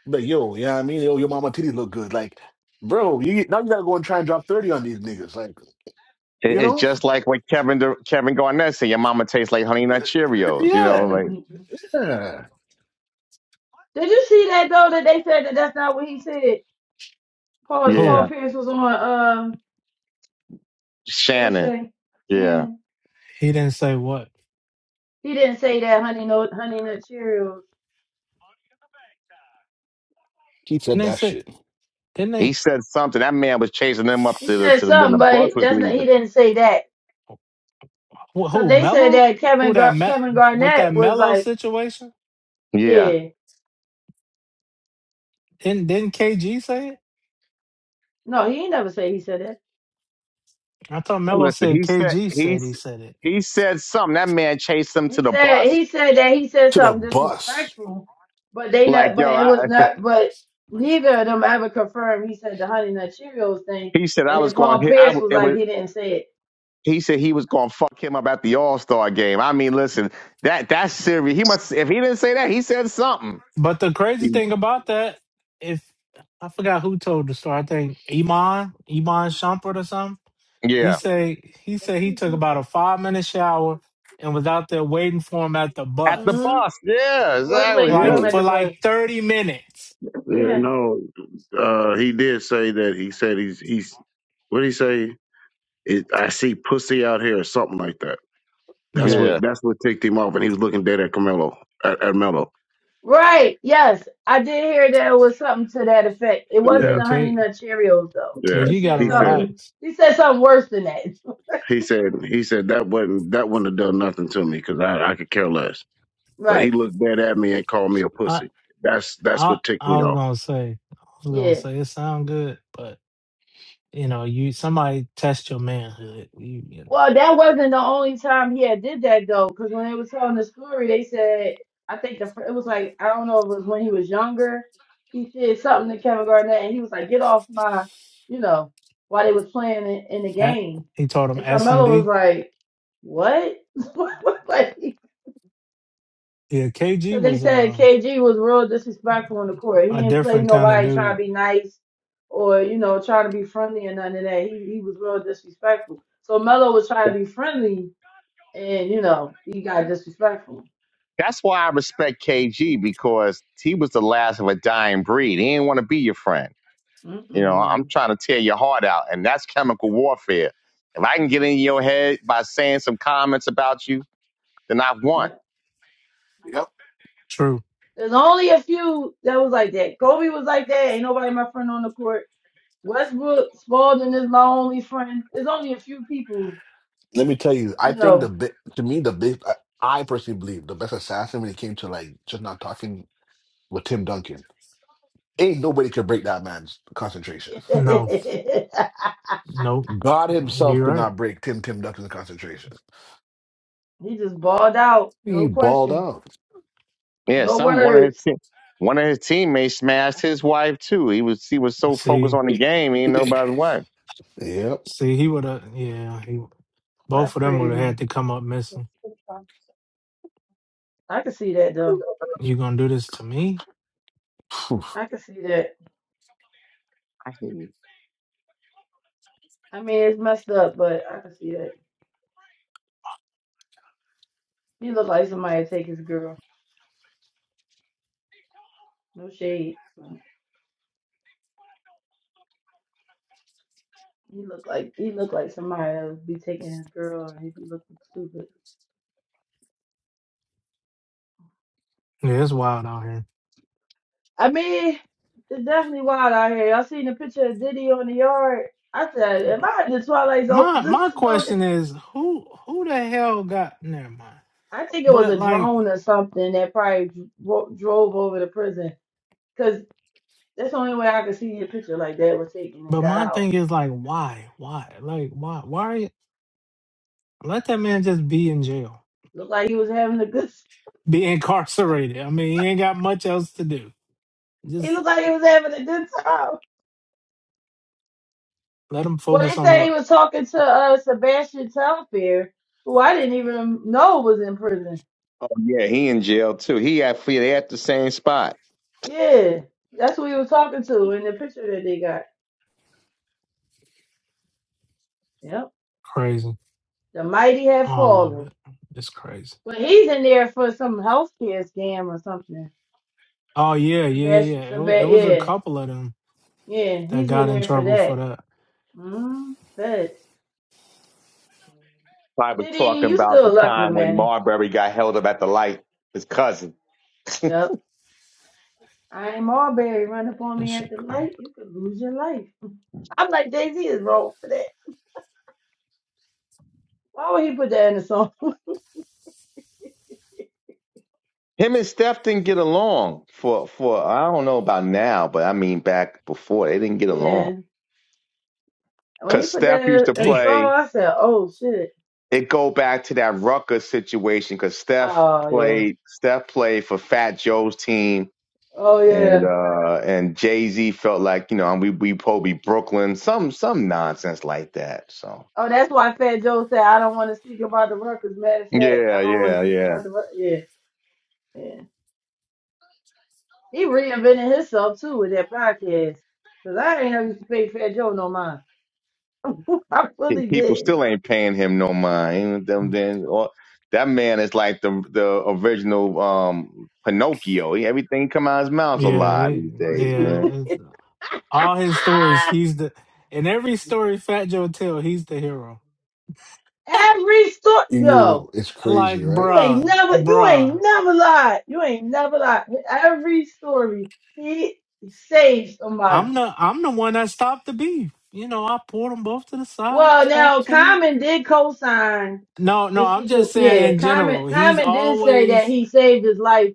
Speaker 4: Like, yo, yeah, I mean, yo, your mama titties look good. Like, bro, you now you got to go and try and drop 30 on these niggas. Like, you
Speaker 2: It's
Speaker 4: know?
Speaker 2: just like what Kevin Dur- Kevin Garnett said. Your mama tastes like Honey Nut
Speaker 4: Uh,
Speaker 2: Cheerios. You know,
Speaker 4: Yeah.
Speaker 2: like
Speaker 6: Mhm.
Speaker 4: Yeah.
Speaker 6: Did you see that though? That they said that that's not what he said. Paul
Speaker 1: Who?
Speaker 2: yeah,
Speaker 6: Paul Pierce was on. um, Shay
Speaker 2: Shannon.
Speaker 6: Shay
Speaker 2: Yeah,
Speaker 6: Shannon.
Speaker 1: He didn't say what.
Speaker 6: He didn't say that honey nut honey nut Cheerios.
Speaker 4: He
Speaker 1: And
Speaker 4: said
Speaker 1: they
Speaker 4: that
Speaker 1: said,
Speaker 4: shit.
Speaker 1: didn't
Speaker 2: he
Speaker 1: they?
Speaker 2: said something. That man was chasing them up
Speaker 6: He
Speaker 2: to the
Speaker 6: said
Speaker 2: to the, when
Speaker 6: something,
Speaker 2: the
Speaker 6: but
Speaker 2: bus
Speaker 6: he-
Speaker 2: was
Speaker 6: that's not, he
Speaker 2: leaving.
Speaker 6: didn't say that
Speaker 1: Who,
Speaker 6: because
Speaker 1: who
Speaker 6: they said
Speaker 1: Mello?
Speaker 6: that
Speaker 1: Who
Speaker 6: Kevin
Speaker 1: that
Speaker 6: Gar-
Speaker 1: met
Speaker 6: Kevin
Speaker 1: with that
Speaker 6: Garnett was
Speaker 1: Mello
Speaker 6: like,
Speaker 1: situation?
Speaker 2: Yeah,
Speaker 6: yeah,
Speaker 1: Didn't didn't KG say it?
Speaker 6: no, he ain't never say he said that.
Speaker 1: I thought
Speaker 2: And
Speaker 1: Mello
Speaker 2: listen,
Speaker 1: said
Speaker 2: he said
Speaker 1: KG
Speaker 2: he
Speaker 1: said he
Speaker 2: s-
Speaker 1: said it.
Speaker 2: he said something. That man chased them to
Speaker 6: He
Speaker 2: the
Speaker 6: said
Speaker 2: bus.
Speaker 6: he said that he said
Speaker 4: To the
Speaker 6: something
Speaker 4: bus.
Speaker 6: disrespectful, but they
Speaker 2: Like
Speaker 6: not, but
Speaker 2: yo,
Speaker 6: it was
Speaker 2: I,
Speaker 6: not, but neither of them ever confirmed he said the honey nut Cheerios thing.
Speaker 2: he said I
Speaker 6: And
Speaker 2: was
Speaker 6: then
Speaker 2: going.
Speaker 6: Paul
Speaker 2: Hit, I
Speaker 6: Pierce
Speaker 2: w-
Speaker 6: was
Speaker 2: it
Speaker 6: like,
Speaker 2: was.
Speaker 6: he didn't say it.
Speaker 2: he said he was gonna fuck him up at the All Star game. I mean, listen, that that's serious. He must if he didn't say that, he said something.
Speaker 1: But the crazy
Speaker 3: T?
Speaker 1: thing about that, if I forgot who told the story, I think Iman Iman Shumpert or something. He
Speaker 2: Yeah.
Speaker 1: say he said he took about a five minute shower and was out there waiting for him at the
Speaker 2: At the
Speaker 1: bus,
Speaker 6: hmm
Speaker 2: bus. Yeah,
Speaker 6: He was
Speaker 2: exactly.
Speaker 6: waiting for
Speaker 2: Yeah.
Speaker 6: him
Speaker 3: Hmm.
Speaker 1: like
Speaker 6: at
Speaker 1: for
Speaker 6: the bus.
Speaker 1: like thirty minutes.
Speaker 3: Yeah,
Speaker 6: Yeah.
Speaker 3: no, uh, he did say that. He said he's he's. What did he say? It, I see pussy out here or something like that. That's
Speaker 1: Yeah,
Speaker 2: Yeah.
Speaker 3: what that's what ticked him off, and he was looking dead at Carmelo at, at Melo.
Speaker 6: Right. Yes. I did hear there was something to that effect. It wasn't
Speaker 3: Yeah,
Speaker 1: yeah.
Speaker 6: the honey
Speaker 1: K
Speaker 6: nut Cheerios though.
Speaker 3: yeah.
Speaker 6: He
Speaker 1: KG got to
Speaker 6: said
Speaker 3: He said
Speaker 6: something
Speaker 1: relax.
Speaker 6: he said something worse than that.
Speaker 3: he said he
Speaker 6: [laughs]
Speaker 3: said that wasn't that wouldn't have done nothing to me because I I could care less. But he
Speaker 6: Right.
Speaker 3: looked dead at me and called me a
Speaker 1: I
Speaker 3: pussy. That's that's
Speaker 1: I
Speaker 3: what ticked
Speaker 1: I
Speaker 3: me
Speaker 1: was
Speaker 3: off.
Speaker 1: gonna say I was gonna
Speaker 6: Yeah.
Speaker 1: say it sound good, but you know, you somebody test your manhood. You you know,
Speaker 6: Well, that wasn't the only time he had did that though, because when they were telling the story, they said I think the fir- it was like I don't know if it was when he was younger. He said something to Kevin Garnett, and he was like, "Get off my," you know, while they was playing in, in the
Speaker 1: at,
Speaker 6: game,
Speaker 1: he taught him
Speaker 6: and Carmelo was
Speaker 1: SMD.
Speaker 6: like, "What?" [laughs] Like,
Speaker 1: Yeah, KG
Speaker 6: Because they
Speaker 1: was
Speaker 6: said
Speaker 1: uh,
Speaker 6: KG was real disrespectful on the court. He
Speaker 1: a
Speaker 6: ain't play
Speaker 1: different kind of
Speaker 6: nobody trying
Speaker 1: dude.
Speaker 6: to be nice or, you know, trying to be friendly or none of that. He he was real disrespectful. So Melo was
Speaker 2: Yeah.
Speaker 6: trying to be friendly and, you know, he got disrespectful.
Speaker 2: That's why I respect KG because he was the last of a dying breed. He didn't want to be your friend. You know, I'm
Speaker 6: Mm-mm.
Speaker 2: trying to tear your heart out, and that's chemical warfare. If I can get in your head by saying some comments about you, then I've won.
Speaker 6: Yep.
Speaker 4: Yep.
Speaker 1: True.
Speaker 6: There's only a few that was like that. Kobe was like that. Ain't nobody my friend on the court. Westbrook, Spalding is my only friend. There's only a few people,
Speaker 4: Let me tell you, I
Speaker 6: you
Speaker 4: think the
Speaker 6: know.
Speaker 4: big, to me, the big, I, I personally believe the best assassin when it came to like just not talking with Tim Duncan. Ain't nobody could break that man's
Speaker 6: [laughs]
Speaker 4: concentration.
Speaker 1: No,
Speaker 6: he
Speaker 1: nope.
Speaker 4: God himself
Speaker 1: You're
Speaker 4: could
Speaker 1: right.
Speaker 4: not break Tim Tim Duncan's concentration.
Speaker 6: just balled out.
Speaker 4: He
Speaker 6: No
Speaker 4: balled
Speaker 6: question.
Speaker 4: out.
Speaker 2: Yeah,
Speaker 6: No
Speaker 2: some one of his
Speaker 6: words.
Speaker 2: team, one of his teammates smashed his wife too. He was he was so focused
Speaker 1: See,
Speaker 2: on the game, he didn't know about his wife.
Speaker 4: [laughs] yep.
Speaker 1: see, he would have. Yeah, he, both
Speaker 6: That's
Speaker 1: of them would have
Speaker 6: crazy.
Speaker 1: had to come up missing.
Speaker 6: I can see that though.
Speaker 1: You gonna do this to me?
Speaker 4: Phew.
Speaker 6: I can see that. I mean, it's messed up, but I can see that. He looked like somebody to take his girl. No shade. He looked like he looked like somebody that would be taking his girl, and he'd be looking stupid.
Speaker 1: Yeah, it's wild out here.
Speaker 6: I mean, it's definitely wild out here. I seen the picture of Diddy on the yard. I said, "Am I in the Twilight Zone?" [laughs]
Speaker 1: My
Speaker 6: This
Speaker 1: my
Speaker 6: is so-
Speaker 1: question is, who who the hell got? Never mind.
Speaker 6: I think it was
Speaker 1: But
Speaker 6: a
Speaker 1: like.
Speaker 6: drone or something that probably dro- drove over the prison, cause that's the only way I could see a picture like that was taken and
Speaker 1: But
Speaker 6: got
Speaker 1: my
Speaker 6: out.
Speaker 1: thing is like, why? Why? Like, why? Why are you? Let that man just be in jail,
Speaker 6: Looked like he was having a good. [laughs]
Speaker 1: be incarcerated. I mean, he ain't got much else to do.
Speaker 6: He
Speaker 1: Just
Speaker 6: looked like he was having a good time.
Speaker 1: let him
Speaker 6: Well,
Speaker 1: focus
Speaker 6: they
Speaker 1: on
Speaker 6: say
Speaker 1: the
Speaker 6: he was talking to uh Sebastian Telfair, who I didn't even know was in prison.
Speaker 2: Oh yeah, he in jail too. He at they at the same spot.
Speaker 6: Yeah, that's who he was talking to in the picture that they got. Yep,
Speaker 1: crazy.
Speaker 6: the mighty have
Speaker 1: All of
Speaker 6: fallen.
Speaker 1: it. It's crazy.
Speaker 6: But he's in there for some healthcare scam or something.
Speaker 1: Oh yeah, yeah, yeah,
Speaker 6: Sebastian,
Speaker 1: yeah. It was, it
Speaker 6: Sebastian,
Speaker 1: was a
Speaker 6: yeah,
Speaker 1: couple of them
Speaker 6: yeah,
Speaker 1: that
Speaker 6: he's
Speaker 1: got
Speaker 6: in
Speaker 1: in
Speaker 6: there for
Speaker 1: trouble for
Speaker 6: that.
Speaker 1: that.
Speaker 6: Mm, bet.
Speaker 2: I was
Speaker 6: Diddy,
Speaker 2: talking
Speaker 6: you
Speaker 2: about the
Speaker 6: still lucky,
Speaker 2: time when
Speaker 6: man.
Speaker 2: Marbury got held up at the light. His cousin. [laughs]
Speaker 6: Yep. I ain't Marbury run up on
Speaker 1: That
Speaker 6: me at
Speaker 1: shit
Speaker 6: the
Speaker 1: crazy.
Speaker 6: light. You could lose your life. I'm like, Jay Z is wrong for that. Why would he put that in the song?
Speaker 2: Him and Steph didn't get along for for I don't know about now, but I mean back before they didn't get
Speaker 6: [laughs]
Speaker 2: along
Speaker 6: yeah. When he
Speaker 2: because
Speaker 6: put
Speaker 2: Steph
Speaker 6: that
Speaker 2: used to
Speaker 6: in, in the
Speaker 1: Damn.
Speaker 6: song,
Speaker 2: play.
Speaker 6: I said, oh shit.
Speaker 2: It go back to that Rucker situation because Steph
Speaker 6: Oh yeah.
Speaker 2: played Steph played for Fat Joe's team
Speaker 6: Oh
Speaker 2: and
Speaker 6: yeah.
Speaker 2: uh and Jay Z felt like you know and we we probably Brooklyn some some nonsense like that. So
Speaker 6: Oh, that's why Fat Joe said, I don't want to speak about the records. Matter of fact, I
Speaker 2: yeah,
Speaker 6: don't want to
Speaker 2: yeah,
Speaker 6: speak
Speaker 2: yeah.
Speaker 6: about the records. Yeah. Yeah. He reinvented himself too with that podcast. Cause I ain't never used to pay Fat Joe no mind. [laughs] I
Speaker 2: Pe-
Speaker 6: really
Speaker 2: People
Speaker 6: did.
Speaker 2: still ain't paying him no mind. Them then or that man is like the the original um Pinocchio. He, everything come out his mouth's a
Speaker 1: Yeah,
Speaker 2: lie
Speaker 1: they,
Speaker 2: these days,
Speaker 6: [laughs]
Speaker 1: yeah.
Speaker 2: man.
Speaker 1: it's- all his stories,
Speaker 6: Ah,
Speaker 1: he's the. In every story Fat Joe tell, he's the hero.
Speaker 6: every store, yo.
Speaker 4: You, it's
Speaker 1: Like,
Speaker 4: crazy, right?
Speaker 6: You ain't
Speaker 1: bruh,
Speaker 6: never, you
Speaker 1: bruh.
Speaker 6: ain't never lied. You ain't never lied. Every story, he saved somebody.
Speaker 1: I'm the I'm the one that stopped the beef. You know, I pulled them both to the side,
Speaker 6: Well, now
Speaker 1: talked to them.
Speaker 6: Common did co-sign
Speaker 1: No, no,
Speaker 6: the
Speaker 1: I'm
Speaker 6: situation.
Speaker 1: just saying
Speaker 6: Yeah,
Speaker 1: in
Speaker 6: Common,
Speaker 1: general. He's
Speaker 6: Common did say that
Speaker 1: always
Speaker 6: he saved his life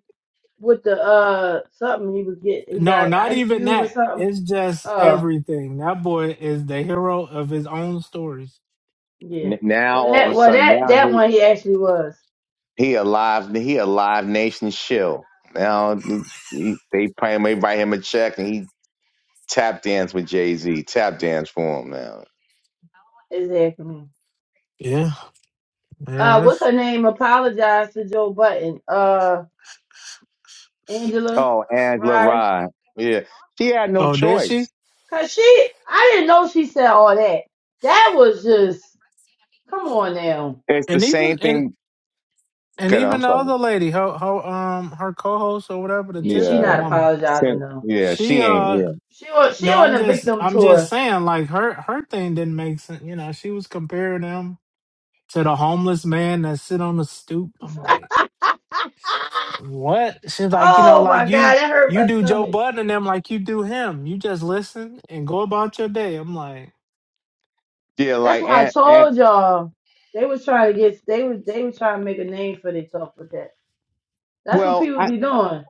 Speaker 6: with the uh something he was getting. He
Speaker 1: no,
Speaker 6: got
Speaker 1: not
Speaker 6: Ice
Speaker 1: even
Speaker 6: Cube or
Speaker 1: that.
Speaker 6: something.
Speaker 1: It's just
Speaker 6: Oh,
Speaker 1: everything. That boy is the hero of his own stories.
Speaker 6: yeah.
Speaker 2: N- now
Speaker 6: Well,
Speaker 2: all of
Speaker 6: that,
Speaker 2: a
Speaker 6: well,
Speaker 2: sudden
Speaker 6: that,
Speaker 2: now
Speaker 6: that
Speaker 2: he
Speaker 6: one he actually was
Speaker 2: he a live he a live nation shill. Now he, they pay him they write him a check and he tap dance with Jay Z. Tap dance for him now.
Speaker 6: exactly.
Speaker 1: Yeah, yeah.
Speaker 6: Uh, what's
Speaker 1: that's-
Speaker 6: her name? Apologized to Joe Button. Uh, Angela,
Speaker 2: Oh, Angela
Speaker 6: right?
Speaker 2: Rye. Yeah. She had no
Speaker 1: Oh, did she?
Speaker 2: choice.
Speaker 6: Cause she, I didn't know she said all that. That was just, come on now.
Speaker 2: It's the
Speaker 1: And even
Speaker 2: same
Speaker 1: and
Speaker 2: thing.
Speaker 1: and
Speaker 2: 'Cause
Speaker 1: even
Speaker 2: I'm
Speaker 1: the
Speaker 2: sorry.
Speaker 1: other lady, her her um her co-host or whatever, the
Speaker 6: Yeah, she
Speaker 1: Tiffany
Speaker 2: Yeah.
Speaker 6: not
Speaker 1: woman.
Speaker 6: apologizing
Speaker 2: Sin-
Speaker 6: though.
Speaker 2: Yeah.
Speaker 1: She
Speaker 2: She ain't.
Speaker 1: uh
Speaker 2: Yeah.
Speaker 6: She on, she
Speaker 1: no, I'm
Speaker 6: on a
Speaker 1: just
Speaker 6: victim
Speaker 1: I'm just
Speaker 6: tour. [laughs]
Speaker 1: saying like her her thing didn't make sense. You know, she was comparing them to the homeless man that sit on the stoop. I'm like, what? She's like, you know,
Speaker 6: Ah! Oh my
Speaker 1: like
Speaker 6: god,
Speaker 1: you
Speaker 6: that hurt
Speaker 1: you
Speaker 6: my
Speaker 1: do Joe
Speaker 6: stomach.
Speaker 1: Budden and them like you do him. You just listen and go about your day. I'm like,
Speaker 2: Yeah.
Speaker 6: That's
Speaker 2: Like,
Speaker 6: why I
Speaker 2: and, and,
Speaker 6: told y'all they was trying to get, they was, they was trying to make a name for themselves with that. That's what
Speaker 2: well,
Speaker 6: people
Speaker 2: I,
Speaker 6: be doing.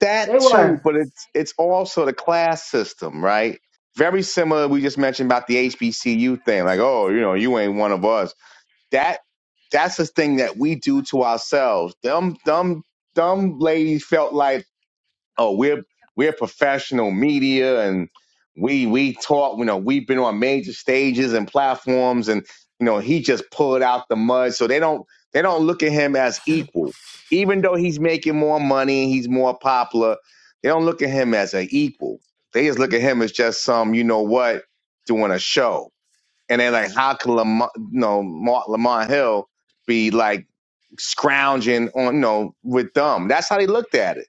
Speaker 2: that
Speaker 6: They
Speaker 2: too,
Speaker 6: were.
Speaker 2: but it's, it's also the class system, right? Very similar. We just mentioned about the HBCU thing. Like, oh, you know, you ain't one of us. That, that's the thing that we do to ourselves. Dumb, dumb, dumb ladies felt like oh we're we're professional media and we we talk you know we've been on major stages and platforms and you know he just pulled out the mud so they don't they don't look at him as equal even though he's making more money he's more popular they don't look at him as an equal they just look at him as just some you know what doing a show and they're like how can Lamar, you know Mark Lamont Hill be like scrounging on you know with them that's how they looked at it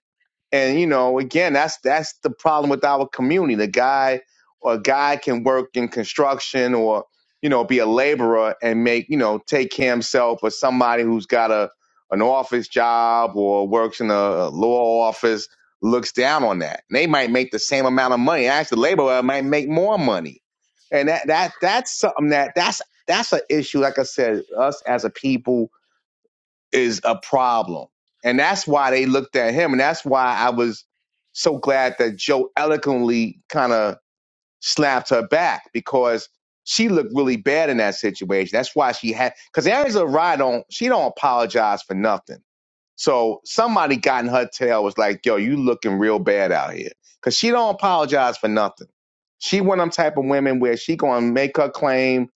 Speaker 2: and you know, again, that's that's the problem with our community. The guy or a guy can work in construction or you know be a laborer and make you know take care of himself, but somebody who's got a an office job or works in a law office looks down on that. And they might make the same amount of money. Actually, the laborer might make more money, and that that that's something that that's that's an issue. Like I said, us as a people is a problem. And that's why they looked at him. And that's why I was so glad that Joe eloquently kind of slapped her back because she looked really bad in that situation. That's why she had, because Angela Rye don't, she don't apologize for nothing. So somebody got in her tail was like, yo, you looking real bad out here. Cause she don't apologize for nothing. She one of them type of women where she gonna make her claim,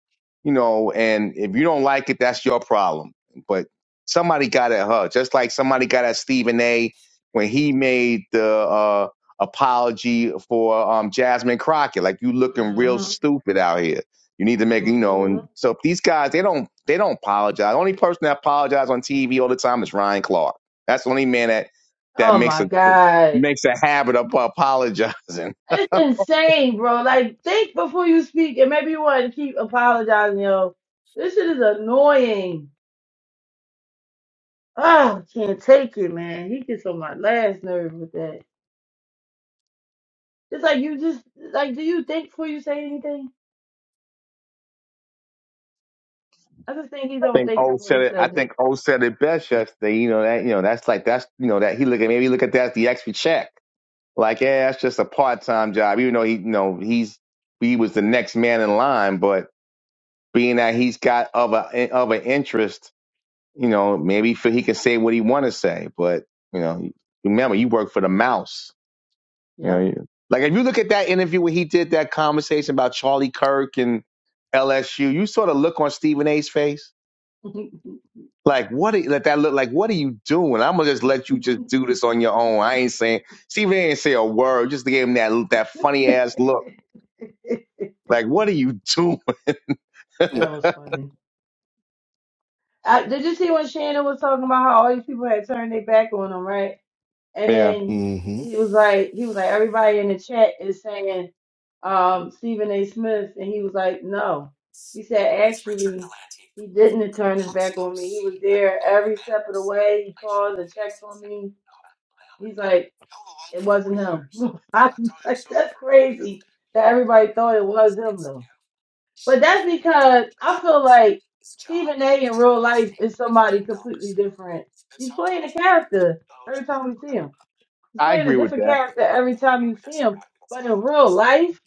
Speaker 2: you know, and if you don't like it, that's your problem. But somebody got at her, just like somebody got at Stephen A when he made the uh apology for um Jasmine Crockett. Like you looking real
Speaker 6: hmm
Speaker 2: stupid out here. You need to make, you know,
Speaker 6: hmm
Speaker 2: and so these guys, they don't, they don't apologize. The only person that apologizes on TV all the time is Ryan Clark. That's the only man that that
Speaker 6: Oh
Speaker 2: makes
Speaker 6: my
Speaker 2: a
Speaker 6: god.
Speaker 2: makes a habit of apologizing.
Speaker 6: It's insane, bro. Like, think before you speak, and maybe you want to keep apologizing, yo. This shit is annoying. Oh, can't take it, man. He gets on my last nerve with that. It's like you just like, do you think before you say anything? I just think he
Speaker 2: I
Speaker 6: don't
Speaker 2: think
Speaker 6: think
Speaker 2: O
Speaker 6: before
Speaker 2: said
Speaker 6: he
Speaker 2: it. I
Speaker 6: says
Speaker 2: think
Speaker 6: anything.
Speaker 2: O said it best yesterday. You know that, you know that's like that's you know that he look at maybe he look at that as the extra check. Like yeah, that's just a part time job. Even though he, you know, he's he was the next man in line, but being that he's got other other interests You know, maybe for, he can say what he want to say, but you know, remember you work for the mouse. You know,
Speaker 6: Yeah.
Speaker 2: you- like if you look at that interview where he did that conversation about Charlie Kirk and LSU, you sort of look on Stephen A's face.
Speaker 6: [laughs]
Speaker 2: Like what? Are, let that look like. What are you doing? I'm gonna just let you just do this on your own. I ain't saying Stephen A ain't say a word. Just gave him that that funny ass look. Like what are you doing? [laughs]
Speaker 6: that was funny. I, did you see when Shannon was talking about how all these people had turned their back on him, right? And
Speaker 2: Yeah,
Speaker 6: then
Speaker 4: Mm-hmm.
Speaker 6: he was like, he was like, everybody in the chat is saying um, Stephen A. Smith, and he was like, no. He said actually he didn't turn his back on me. He was there every step of the way. He calls and checks on me. He's like, it wasn't him. [laughs] I was like, that's crazy that everybody thought it was him though. But that's because I feel like Stephen A. in real life is somebody completely different. He's playing a character every time we see him. He's
Speaker 2: I
Speaker 6: playing a
Speaker 2: agree with
Speaker 6: different
Speaker 2: that.
Speaker 6: character every time you see him. But in real life,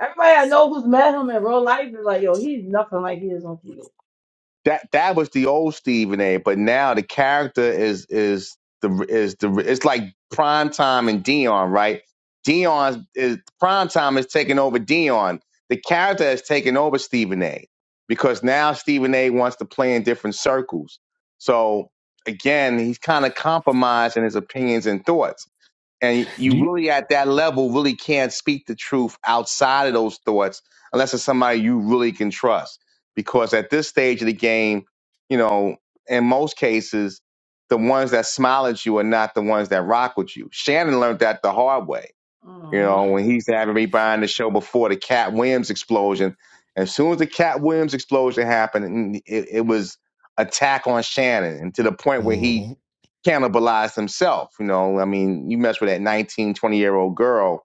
Speaker 6: everybody I know who's met him in real life is like, yo, he's nothing like he is on TV.
Speaker 2: that that was the old Stephen A. But now the character is is the is the it's like prime time and Dion, right? Dion is prime time is taking over Dion. The character has taken over Stephen A. Because now Stephen A. wants to play in different circles. So again, he's kind of compromised in his opinions and thoughts and
Speaker 4: Do
Speaker 2: you
Speaker 4: you
Speaker 2: really at that level really can't speak the truth outside of those thoughts unless it's somebody you really can trust because at this stage of the game you know in most cases the ones that smile at you are not the ones that rock with you shannon learned that the hard way you know
Speaker 6: hmm
Speaker 2: when he's having me behind the show before the cat williams explosion as soon as the cat williams explosion happened it, it was attack on shannon and to the point where he
Speaker 4: hmm
Speaker 2: cannibalize himself. You know, I mean, you mess with that 1920 year old girl,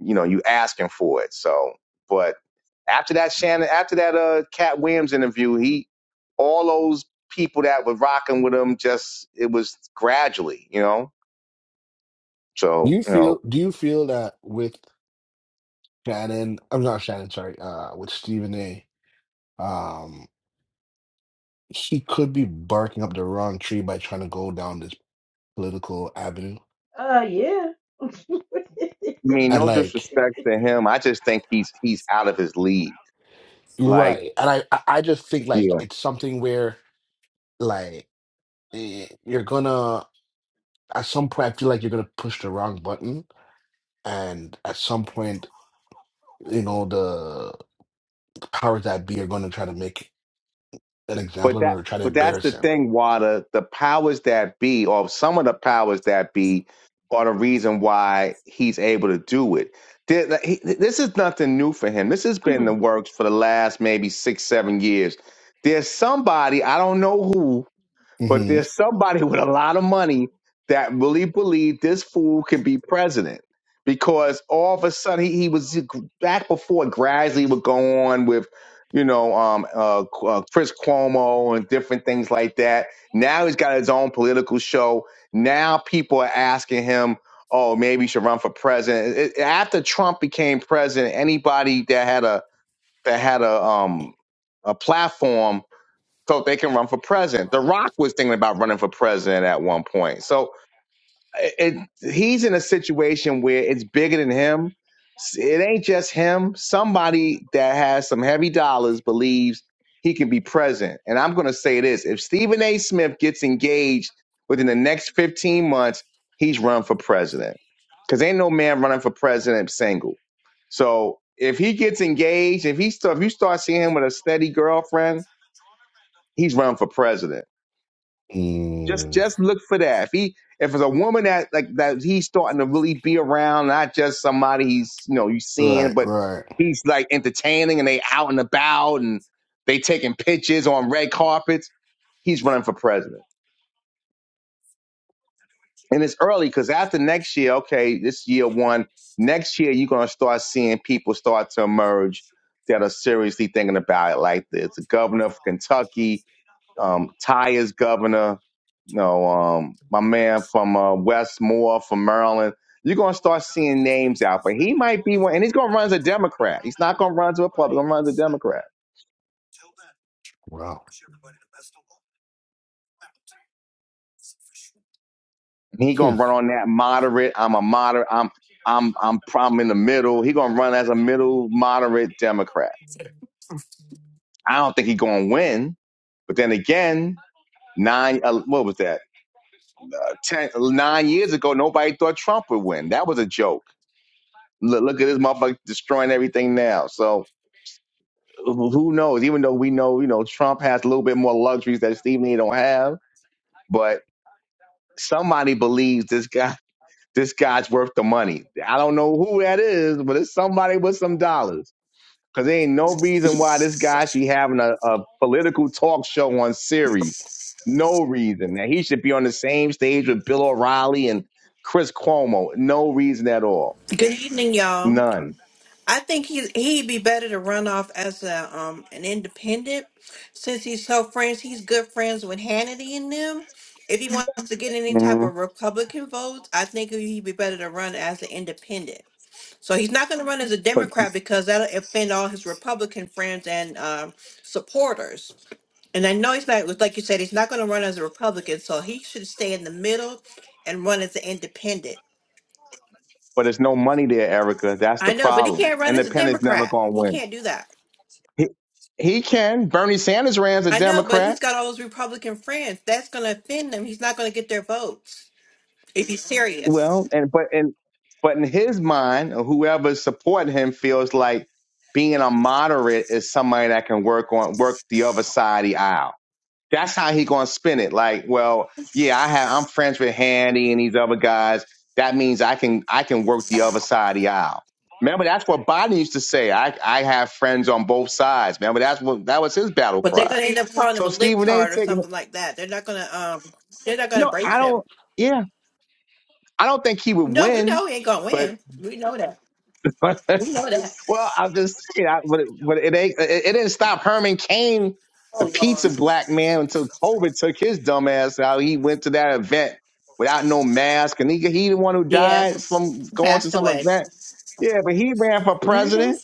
Speaker 2: you know, you asking for it. So, but after that Shannon, after that uh Cat Williams interview, he all those people that were rocking with him just it was gradually, you know.
Speaker 4: do
Speaker 2: So,
Speaker 4: you
Speaker 2: you know,
Speaker 4: feel do you feel that with Shannon I'm not Shannon, sorry, uh with Stephen A, um he could be barking up the wrong tree by trying to go down this political avenue.
Speaker 6: Uh, yeah.
Speaker 2: I mean,
Speaker 4: And
Speaker 2: no
Speaker 4: like
Speaker 6: [laughs]
Speaker 2: disrespect to him. I just think he's he's out of his league. Like,
Speaker 4: Right. And I, I I just think
Speaker 2: yeah,
Speaker 4: like it's something where like eh, you're gonna at some point I feel like you're gonna push the wrong button and at some point, you know, the powers that be are gonna try to make an example
Speaker 2: But
Speaker 4: of him
Speaker 2: that
Speaker 4: or try to
Speaker 2: but that's
Speaker 4: embarrass
Speaker 2: the
Speaker 4: him.
Speaker 2: thing, Wada. The powers that be, or some of the powers that be, are the reason why he's able to do it. There- like, he- This is nothing new for him. This has been in the works for the last maybe six, seven years. There's somebody I don't know who but
Speaker 4: Mm-hmm.
Speaker 2: there's somebody with a lot of money that really believed this fool could be president because all of a sudden he, he was back before gradually would go on with, you know, um, uh, Qu- uh, Chris Cuomo and different things like that. Now he's got his own political show. Now people are asking him, oh, maybe he should run for president. It- it- after Trump became president, anybody that had a that had a um a platform so they can run for president. The Rock was thinking about running for president at one point. So it, he's in a situation where it's bigger than him. It ain't just him. Somebody that has some heavy dollars believes he can be president. And I'm going to say this: if Stephen A. Smith gets engaged within the next 15 months, he's run for president. Because ain't no man running for president single. So if he gets engaged, if he start, if you start seeing him with a steady girlfriend, he's running for president just
Speaker 4: Mm.
Speaker 2: just look for that. If he if it's a woman that like that he's starting to really be around, not just somebody he's you know you seeing,
Speaker 4: Right,
Speaker 2: but
Speaker 4: right.
Speaker 2: he's like entertaining and they out and about and they taking pictures on red carpets. He's running for president, and it's early because after next year, okay, this year one, next year you're gonna start seeing people start to emerge that are seriously thinking about it, like the, the governor of Kentucky. um, Ty is governor. No, um, my man from uh, Westmore from Maryland. You're gonna start seeing names out, but he might be one, and he's gonna run as a Democrat. He's not gonna run as a Republican. He's Gonna run as a Democrat.
Speaker 4: Wow.
Speaker 2: And he gonna run on that moderate. I'm a moderate. I'm I'm I'm problem in the middle. He gonna run as a middle moderate Democrat. I don't think he gonna win, but then again, nine uh, what was that? Uh, Ten nine years ago, nobody thought Trump would win. That was a joke Look, look at this motherfucker destroying everything now. So who who knows? Even though we know, you know, Trump has a little bit more luxuries that Stephen A. don't have, but somebody believes this guy, [laughs] this guy's worth the money. I don't know who that is, but it's somebody with some dollars. Cause there ain't no reason why this guy should be having a, a political talk show on series. No reason. Now he should be on the same stage with Bill O'Reilly and Chris Cuomo. No reason at all.
Speaker 7: Good evening, y'all.
Speaker 2: None.
Speaker 7: I think he he'd be better to run off as a um an independent since he's so friends. He's good friends with Hannity and them. If he wants to get any type
Speaker 2: Mhm.
Speaker 7: of Republican votes, I think he'd be better to run as an independent. So he's not going to run as a
Speaker 2: But
Speaker 7: Democrat because that'll offend all his Republican friends and um, supporters. And I know he's not, like you said, he's not going to run as a Republican. So he should stay in the middle and run as an independent.
Speaker 2: but there's no money there, Erica. That's the
Speaker 7: I know, but he
Speaker 2: problem.
Speaker 7: can't run as a
Speaker 2: Independents never
Speaker 7: Democrat.
Speaker 2: gonna
Speaker 7: He
Speaker 2: win.
Speaker 7: can't do that.
Speaker 2: He he can. Bernie Sanders ran's a
Speaker 7: I know, but he's
Speaker 2: Democrat.
Speaker 7: got all those Republican friends. That's going to offend them. He's not going to get their votes if he's serious.
Speaker 2: Well, and but and but in his mind, whoever whoever's supporting him feels like being a moderate is somebody that can work on work the other side of the aisle. that's how he gonna spin it. Like, well, yeah, I have I'm friends with Handy and these other guys. That means I can I can work the other side of the aisle. Remember, that's what Biden used to say. I I have friends on both sides. Remember, that's what that was his battle
Speaker 7: But they're
Speaker 2: cry.
Speaker 7: going to end up calling him
Speaker 2: So
Speaker 7: a
Speaker 2: Stephen A.
Speaker 7: libtard or
Speaker 2: taking,
Speaker 7: something like that. They're not going to um. They're not
Speaker 2: you
Speaker 7: going to
Speaker 2: know, I
Speaker 7: embrace him.
Speaker 2: don't, yeah, I don't think he would
Speaker 7: No, we
Speaker 2: win,
Speaker 7: know he ain't going to win.
Speaker 2: but [laughs] Well, I'm just saying, I, but, it, but it ain't. It, it didn't stop Herman Cain, the pizza black man, until COVID took his dumb ass out. He went to that event without no mask, and he he the one who died
Speaker 7: Yes,
Speaker 2: from going to
Speaker 7: passed
Speaker 2: some
Speaker 7: away.
Speaker 2: event. Yeah, but he ran for
Speaker 7: Mm-hmm.
Speaker 2: president.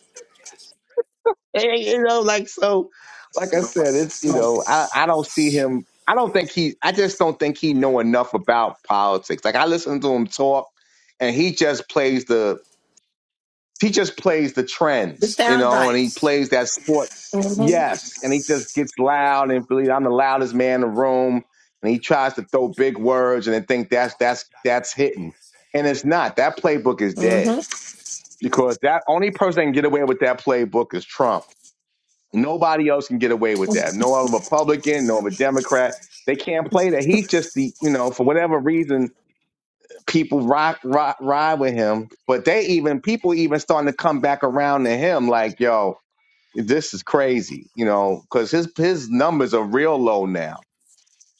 Speaker 2: Eh, You know, like so. Like I said, it's you know, I I don't see him. I don't think he. I just don't think he know enough about politics. Like I listen to him talk, and he just plays the he just plays the
Speaker 7: The
Speaker 2: trends, you
Speaker 7: sound
Speaker 2: know, and he
Speaker 7: bites.
Speaker 2: plays that sport.
Speaker 7: Mm-hmm.
Speaker 2: Yes, and he just gets loud and believe I'm the loudest man in the room, and he tries to throw big words and then think that's that's that's hitting, and it's not. That playbook is dead
Speaker 7: Mm-hmm.
Speaker 2: because that only person that can get away with that playbook is Trump. Nobody else can get away with that. No other Republican, no other Democrat. They can't play that. He's just the you know for whatever reason people ride ride ride with him, but they even people even starting to come back around to him like, yo, this is crazy, you know, because his his numbers are real low now,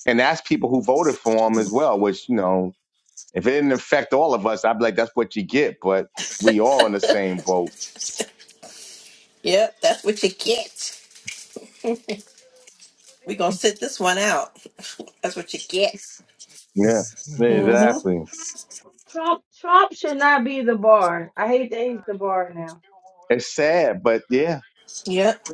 Speaker 2: and that's people who voted for him as well. Which you know, if it didn't affect all of us, I'd be like, that's what you get. But we all in the same boat.
Speaker 7: Yep, that's what you get. we going to sit this one out. That's what you get.
Speaker 2: Yeah, yeah,
Speaker 7: Mm-hmm.
Speaker 2: exactly.
Speaker 6: Trump Trump should not be the bar. I hate that he's the bar now.
Speaker 2: It's sad, but yeah,
Speaker 7: Yep.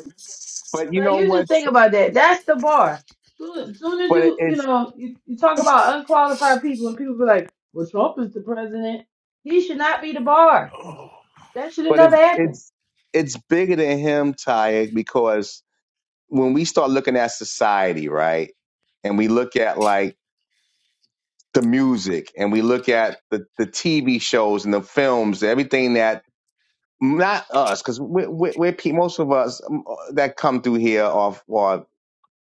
Speaker 2: but you
Speaker 6: Like
Speaker 2: know
Speaker 6: you
Speaker 2: what?
Speaker 6: just think
Speaker 2: Tr-
Speaker 6: about that. That's the bar. Soon, soon as
Speaker 2: But
Speaker 6: you you
Speaker 2: it's
Speaker 6: know you, you talk about unqualified people and people be like, well, Trump is the president. He should not be the bar.
Speaker 1: oh.
Speaker 6: That should have
Speaker 2: but it's
Speaker 6: never happened.
Speaker 2: it's it's bigger than him, Ty, because when we start looking at society, right? And we look at like the music and we look at the, the TV shows and the films, everything that not us, because we're, we're, we're pe- most of us um, that come through here are, are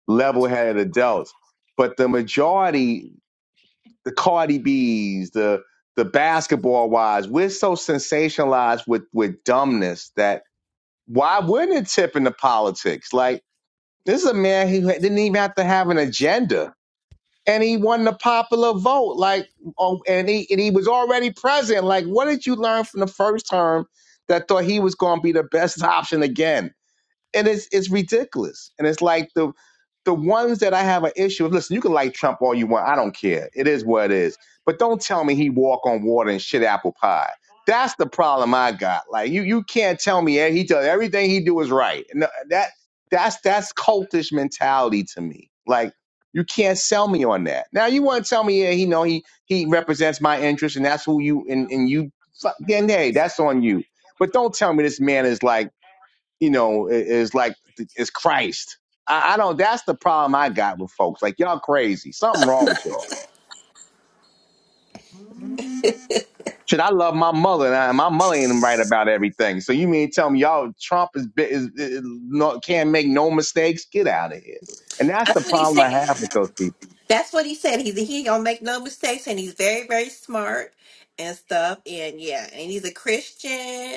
Speaker 2: level headed adults. But the majority, the Cardi B's, the the basketball wise, we're so sensationalized with, with dumbness that why wouldn't it tip into politics? Like, this is a man who didn't even have to have an agenda and he won the popular vote. Like, oh, and he and he was already president. Like, what did you learn from the first term that thought he was going to be the best [laughs] option again? and it's it's ridiculous. And it's like the the ones that I have an issue with. Listen, you can like Trump all you want. I don't care. It is what it is. But don't tell me he walk on water and shit apple pie. That's the problem I got. Like you, you can't tell me eh, he does everything he do is right. No, that that's that's cultish mentality to me. Like you can't sell me on that. Now you want to tell me, yeah, he know he he represents my interest, and that's who you and and you. Then hey, that's on you. But don't tell me this man is like you know, is like is Christ. I, I don't. That's the problem I got with folks. Like y'all crazy. Something wrong with y'all. Shit, I love my mother, and I, my mother ain't right about everything. So you mean tell me y'all Trump is, bi- is, is not, can't make no mistakes? Get out of here. And that's the
Speaker 7: That's what he
Speaker 2: problem I
Speaker 7: said.
Speaker 2: have with those people.
Speaker 7: That's what he said. He he don't make no mistakes, and he's very very smart and stuff. And yeah, and he's a Christian.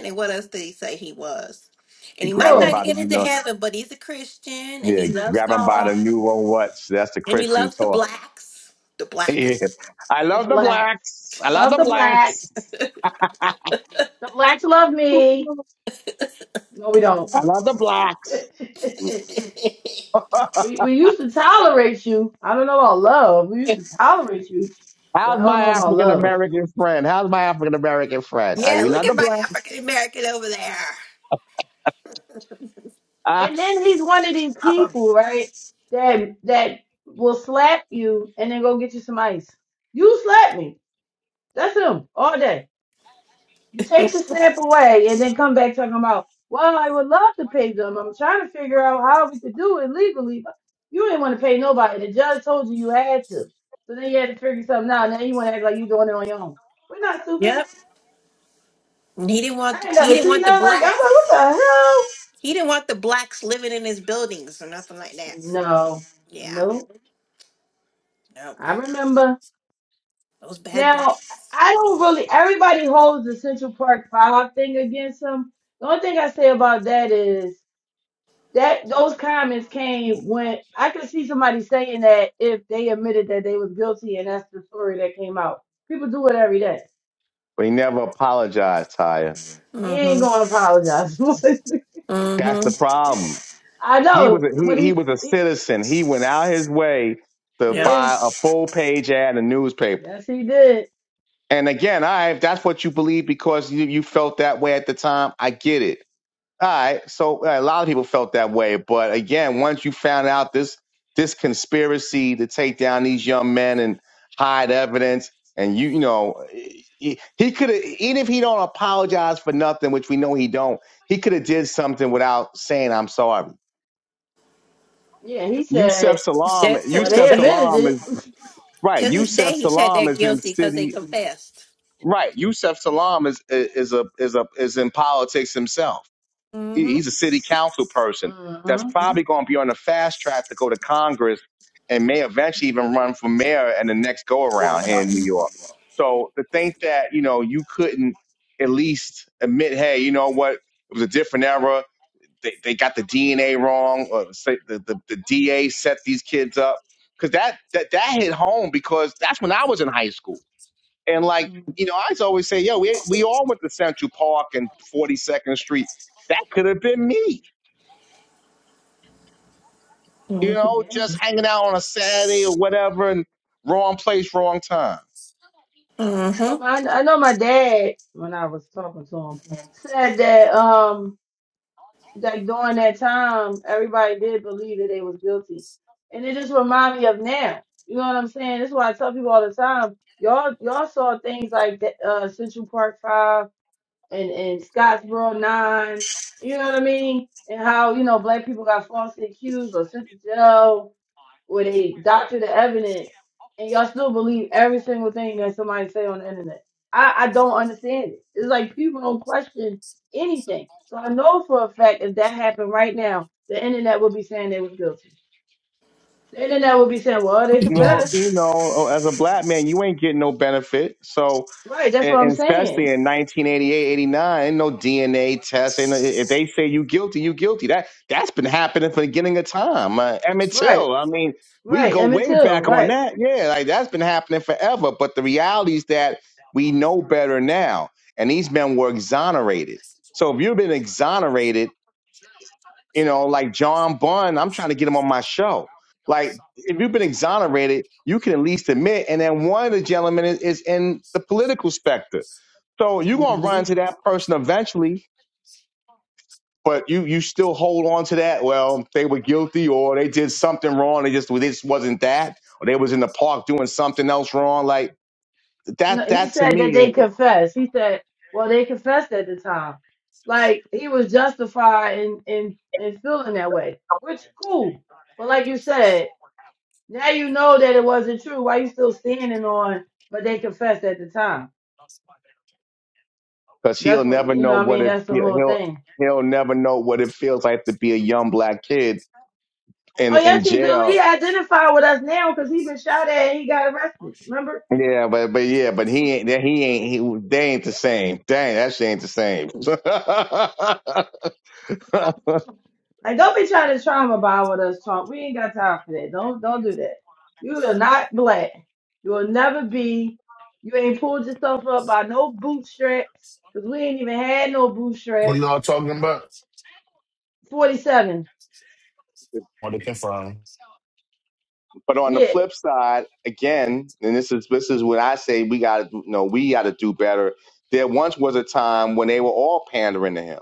Speaker 7: And what else did he say he was? And
Speaker 2: They
Speaker 7: he
Speaker 2: grab
Speaker 7: might
Speaker 2: them
Speaker 6: Mhm.
Speaker 7: not
Speaker 2: by the
Speaker 7: get
Speaker 2: you
Speaker 7: into
Speaker 2: know,
Speaker 7: heaven, but he's a Christian, and
Speaker 2: yeah,
Speaker 7: he loves
Speaker 2: Grab them by
Speaker 7: God,
Speaker 2: the new or what? That's the
Speaker 7: and he
Speaker 2: Christian
Speaker 7: loves the
Speaker 2: talk.
Speaker 7: blacks. The
Speaker 2: [laughs]
Speaker 7: blacks.
Speaker 2: yeah. I
Speaker 6: The
Speaker 2: love the
Speaker 6: blacks.
Speaker 2: blacks. I
Speaker 6: I
Speaker 2: love
Speaker 6: love
Speaker 2: the
Speaker 6: the
Speaker 2: blacks.
Speaker 6: blacks.
Speaker 2: [laughs] I
Speaker 6: The blacks love me. No, we don't.
Speaker 2: love the
Speaker 6: [laughs]
Speaker 2: blacks.
Speaker 7: [laughs] yeah,
Speaker 6: we we used to tolerate you. I don't know about love. We used to tolerate you,
Speaker 2: How's
Speaker 6: but I don't
Speaker 2: my
Speaker 6: know about
Speaker 2: African
Speaker 6: love.
Speaker 2: American friend? How's my African American friend? I, we
Speaker 7: look
Speaker 2: love the
Speaker 7: at my
Speaker 2: black.
Speaker 7: African American over there.
Speaker 2: Ah,
Speaker 6: And then he's one of these people, right? That that will slap you and then go get you some ice. You slap me. That's him all day. You take the snap away and then come back talking about, well, I would love to pay them. I'm trying to figure out how we could do it legally, but you didn't want to pay nobody. The judge told you you had to. So then you had to figure something out. Now you want to act like you're doing it on your own. We're not stupid.
Speaker 7: Yep. And he didn't want
Speaker 6: I ain't
Speaker 7: he
Speaker 6: never
Speaker 7: didn't
Speaker 6: seen
Speaker 7: want the
Speaker 6: nothing like that.
Speaker 7: blacks.
Speaker 6: I'm like, what the hell?
Speaker 7: He didn't want the blacks living in his buildings or nothing like that. So
Speaker 6: No,
Speaker 7: yeah,
Speaker 6: no,
Speaker 7: no,
Speaker 6: I remember.
Speaker 7: those bad
Speaker 6: Now,
Speaker 7: blacks.
Speaker 6: I don't really, everybody holds the Central Park 5 thing against them. The only thing I say about that is that those comments came when I could see somebody saying that if they admitted that they was guilty and that's the story that came out. People do it every day.
Speaker 2: we never apologized, Tyre.
Speaker 6: He ain't
Speaker 7: Mm-hmm.
Speaker 6: gonna apologize. [laughs]
Speaker 2: That's the
Speaker 7: Mm-hmm.
Speaker 2: problem.
Speaker 6: I
Speaker 2: He was a,
Speaker 6: know, but
Speaker 2: he, he
Speaker 6: he,
Speaker 2: was a
Speaker 6: he
Speaker 2: citizen. He went out his way to
Speaker 7: Yeah.
Speaker 6: yeah,
Speaker 2: buy a full page ad in a newspaper.
Speaker 6: yes he did.
Speaker 2: And again, I if that's what you believe because you, you felt that way at the time, I get it. All right. So uh, a lot of people felt that way, but again, once you found out this this conspiracy to take down these young men and hide evidence, and you you know he, he could have even if he don't apologize for nothing, which we know he don't, he could have did something without saying I'm sorry.
Speaker 6: Yeah, he
Speaker 2: Yusef
Speaker 6: said,
Speaker 2: Salam,
Speaker 7: That to
Speaker 6: well
Speaker 7: this
Speaker 6: they
Speaker 2: Yusef
Speaker 7: day,
Speaker 6: admitted
Speaker 2: Salam
Speaker 6: it.
Speaker 2: is
Speaker 7: to
Speaker 2: right.
Speaker 7: this
Speaker 2: Yusef
Speaker 7: day, he said
Speaker 2: Salam
Speaker 7: they're
Speaker 2: is in
Speaker 7: guilty because they
Speaker 2: city
Speaker 7: confessed.
Speaker 2: right. Yusef Salam is is a is a is in politics himself He-
Speaker 7: Mm-hmm.
Speaker 2: He's a city council person that's
Speaker 6: Mm-hmm.
Speaker 2: probably going to be on the fast track to go to Congress and may eventually even run for mayor in the next go around here in New York. So to think that, you know, you couldn't at least admit, hey, you know what, it was a different era. They, they got the DNA wrong, or say the, the, the DA set these kids up. Because that, that, that hit home because that's when I was in high school and like, you know, I used to always say, yo, we we all went to Central Park and 42nd Street. That could have been me, you know,
Speaker 6: Yeah,
Speaker 2: just hanging out on a Saturday or whatever and wrong place, wrong time.
Speaker 7: Mm-hmm.
Speaker 6: but my, I know my dad when I was talking to him said that. Um, like during that time, everybody did believe that they was guilty. And it just remind me of now. You know what I'm saying? This is why I tell people all the time. Y'all, y'all saw things like that, uh, Central Park Five and and Scottsboro Nine. You know what I mean? And how you know black people got falsely accused or sent to jail where they doctor the evidence and y'all still believe every single thing that somebody say on the internet. I, I don't understand it. It's like people don't question anything. So I know for a fact if that happened right now, the internet would be saying they was guilty. The internet would be saying, well, they
Speaker 2: Well,
Speaker 6: confessed.
Speaker 2: you know, as a black man, you ain't getting no benefit. So
Speaker 6: Right, that's
Speaker 2: and,
Speaker 6: what I'm
Speaker 2: and especially
Speaker 6: saying.
Speaker 2: in 1988, 89, ain't no DNA test. And if they say you guilty, you guilty. That that's been happening from the beginning of time. Uh, Emmett
Speaker 6: Right,
Speaker 2: Till. I mean, we
Speaker 6: right,
Speaker 2: go
Speaker 6: Emmett
Speaker 2: way
Speaker 6: Till,
Speaker 2: back on
Speaker 6: right.
Speaker 2: that. Yeah, like that's been happening forever. But the reality is that we know better now, and these men were exonerated. So if you've been exonerated, you know, like John Bunn, I'm trying to get him on my show. Like if you've been exonerated, you can at least admit. And then one of the gentlemen is, is in the political specter. So you're gonna run
Speaker 6: Mm-hmm.
Speaker 2: into that person eventually, but you you still hold on to that. Well, they were guilty or they did something wrong. They just this wasn't that, or they was in the park doing something else wrong. Like that
Speaker 6: No, he
Speaker 2: that to
Speaker 6: said that
Speaker 2: me is
Speaker 6: they confessed. He said, well, they confessed at the time. Like he was justified in in in feeling that way, which cool. But like you said, now you know that it wasn't true. Why you still standing on? But they confessed at the time.
Speaker 2: because he'll
Speaker 6: That's what
Speaker 2: never
Speaker 6: you know.
Speaker 2: know
Speaker 6: what I
Speaker 2: what
Speaker 6: mean,
Speaker 2: it
Speaker 6: that's the
Speaker 2: he'll
Speaker 6: whole
Speaker 2: he'll
Speaker 6: thing.
Speaker 2: he'll never know what it feels like to be a young black kid in
Speaker 6: Oh
Speaker 2: in
Speaker 6: yes, he do. He
Speaker 2: jail.
Speaker 6: identified with us now because he been shot at. and He got arrested. Remember?
Speaker 2: Yeah, but but yeah, but he ain't he ain't he, they ain't the same. Dang, that shit ain't the same. [laughs]
Speaker 6: Like, don't be trying to trauma bond with us, Trump. We ain't got time for that. Don't don't do that. You are not black. You will never be. You ain't pulled yourself up by no bootstraps because we ain't even had no
Speaker 8: We
Speaker 6: bootstraps.
Speaker 8: all talking about
Speaker 6: Forty-seven.
Speaker 8: Want to confirm?
Speaker 2: But on the
Speaker 6: Yeah,
Speaker 2: flip side, again, and this is this is what I say we got to you know we got to do better. There once was a time when they were all pandering to him.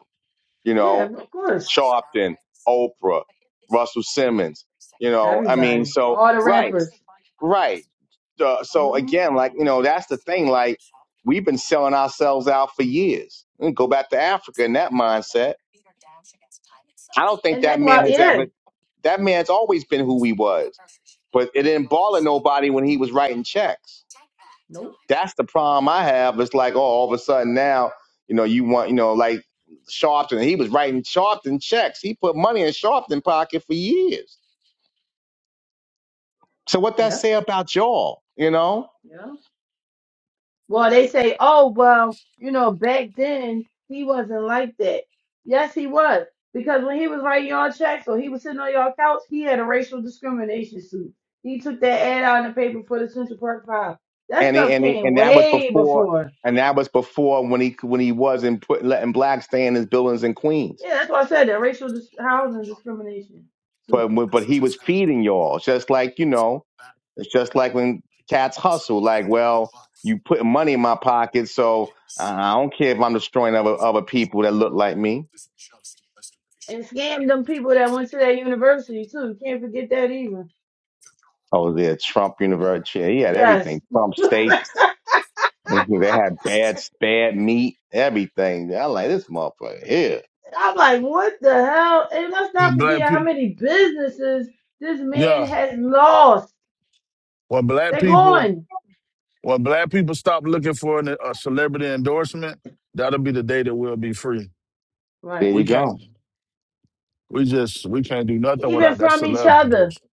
Speaker 2: You
Speaker 6: yeah,
Speaker 2: know,
Speaker 6: of course.
Speaker 2: Sharpton, Oprah, Russell Simmons. You know, I mean,
Speaker 6: Everybody,
Speaker 2: so
Speaker 6: all the
Speaker 2: right,
Speaker 6: rappers.
Speaker 2: right. Uh, so
Speaker 6: hmm
Speaker 2: again, like you know, that's the thing. Like we've been selling ourselves out for years. And Go back to Africa in that mindset. I don't think
Speaker 6: And
Speaker 2: that
Speaker 6: that's why,
Speaker 2: man has
Speaker 6: yeah.
Speaker 2: ever. That man's always been who he was but it didn't bother nobody when he was writing checks.
Speaker 6: Nope.
Speaker 2: That's the problem I have. It's like, oh, all of a sudden now, you know, you want, you know, like Sharpton, he was writing Sharpton checks. He put money in Sharpton pocket for years. So what that
Speaker 6: Yep.
Speaker 2: say about y'all, you know?
Speaker 6: Yeah. Well, they say, oh, well, you know, back then he wasn't like that. Yes, he was. Because when he was writing y'all checks or he was sitting on y'all couch, he had a racial discrimination suit. He took that ad out in the paper for the Central Park Five. That
Speaker 2: And he,
Speaker 6: stuff
Speaker 2: and he,
Speaker 6: came
Speaker 2: and that was
Speaker 6: way
Speaker 2: before,
Speaker 6: before.
Speaker 2: and that was before when he when he wasn't putting letting blacks stay in his buildings in Queens.
Speaker 6: Yeah, that's why I said that racial dis- housing discrimination
Speaker 2: But
Speaker 6: suit.
Speaker 2: but he was feeding y'all, just like you know. It's just like when cats hustle, like, well, you put money in my pocket, so I I don't care if I'm destroying other, other people that look like me.
Speaker 6: And scammed them people that went to that university too. Can't forget that either.
Speaker 2: Oh, the Trump University, yeah, he had
Speaker 6: Yes.
Speaker 2: everything. Trump
Speaker 6: [laughs]
Speaker 2: steaks, [laughs] they had bad, bad meat, everything. I like this motherfucker here.
Speaker 6: I'm like, what the hell? And let's not
Speaker 8: when black
Speaker 6: forget how
Speaker 8: people.
Speaker 6: many businesses this
Speaker 8: Yeah,
Speaker 6: man has lost.
Speaker 8: when black
Speaker 6: They're
Speaker 8: people,
Speaker 6: gone.
Speaker 8: when black people stop looking for an, a celebrity endorsement, that'll be the day that we'll be free.
Speaker 2: There
Speaker 6: Right.
Speaker 8: We
Speaker 2: you
Speaker 8: can't.
Speaker 2: go.
Speaker 8: We just we can't do nothing
Speaker 6: Even
Speaker 8: without that
Speaker 6: from each
Speaker 8: celebrity
Speaker 6: other.
Speaker 8: endorsement.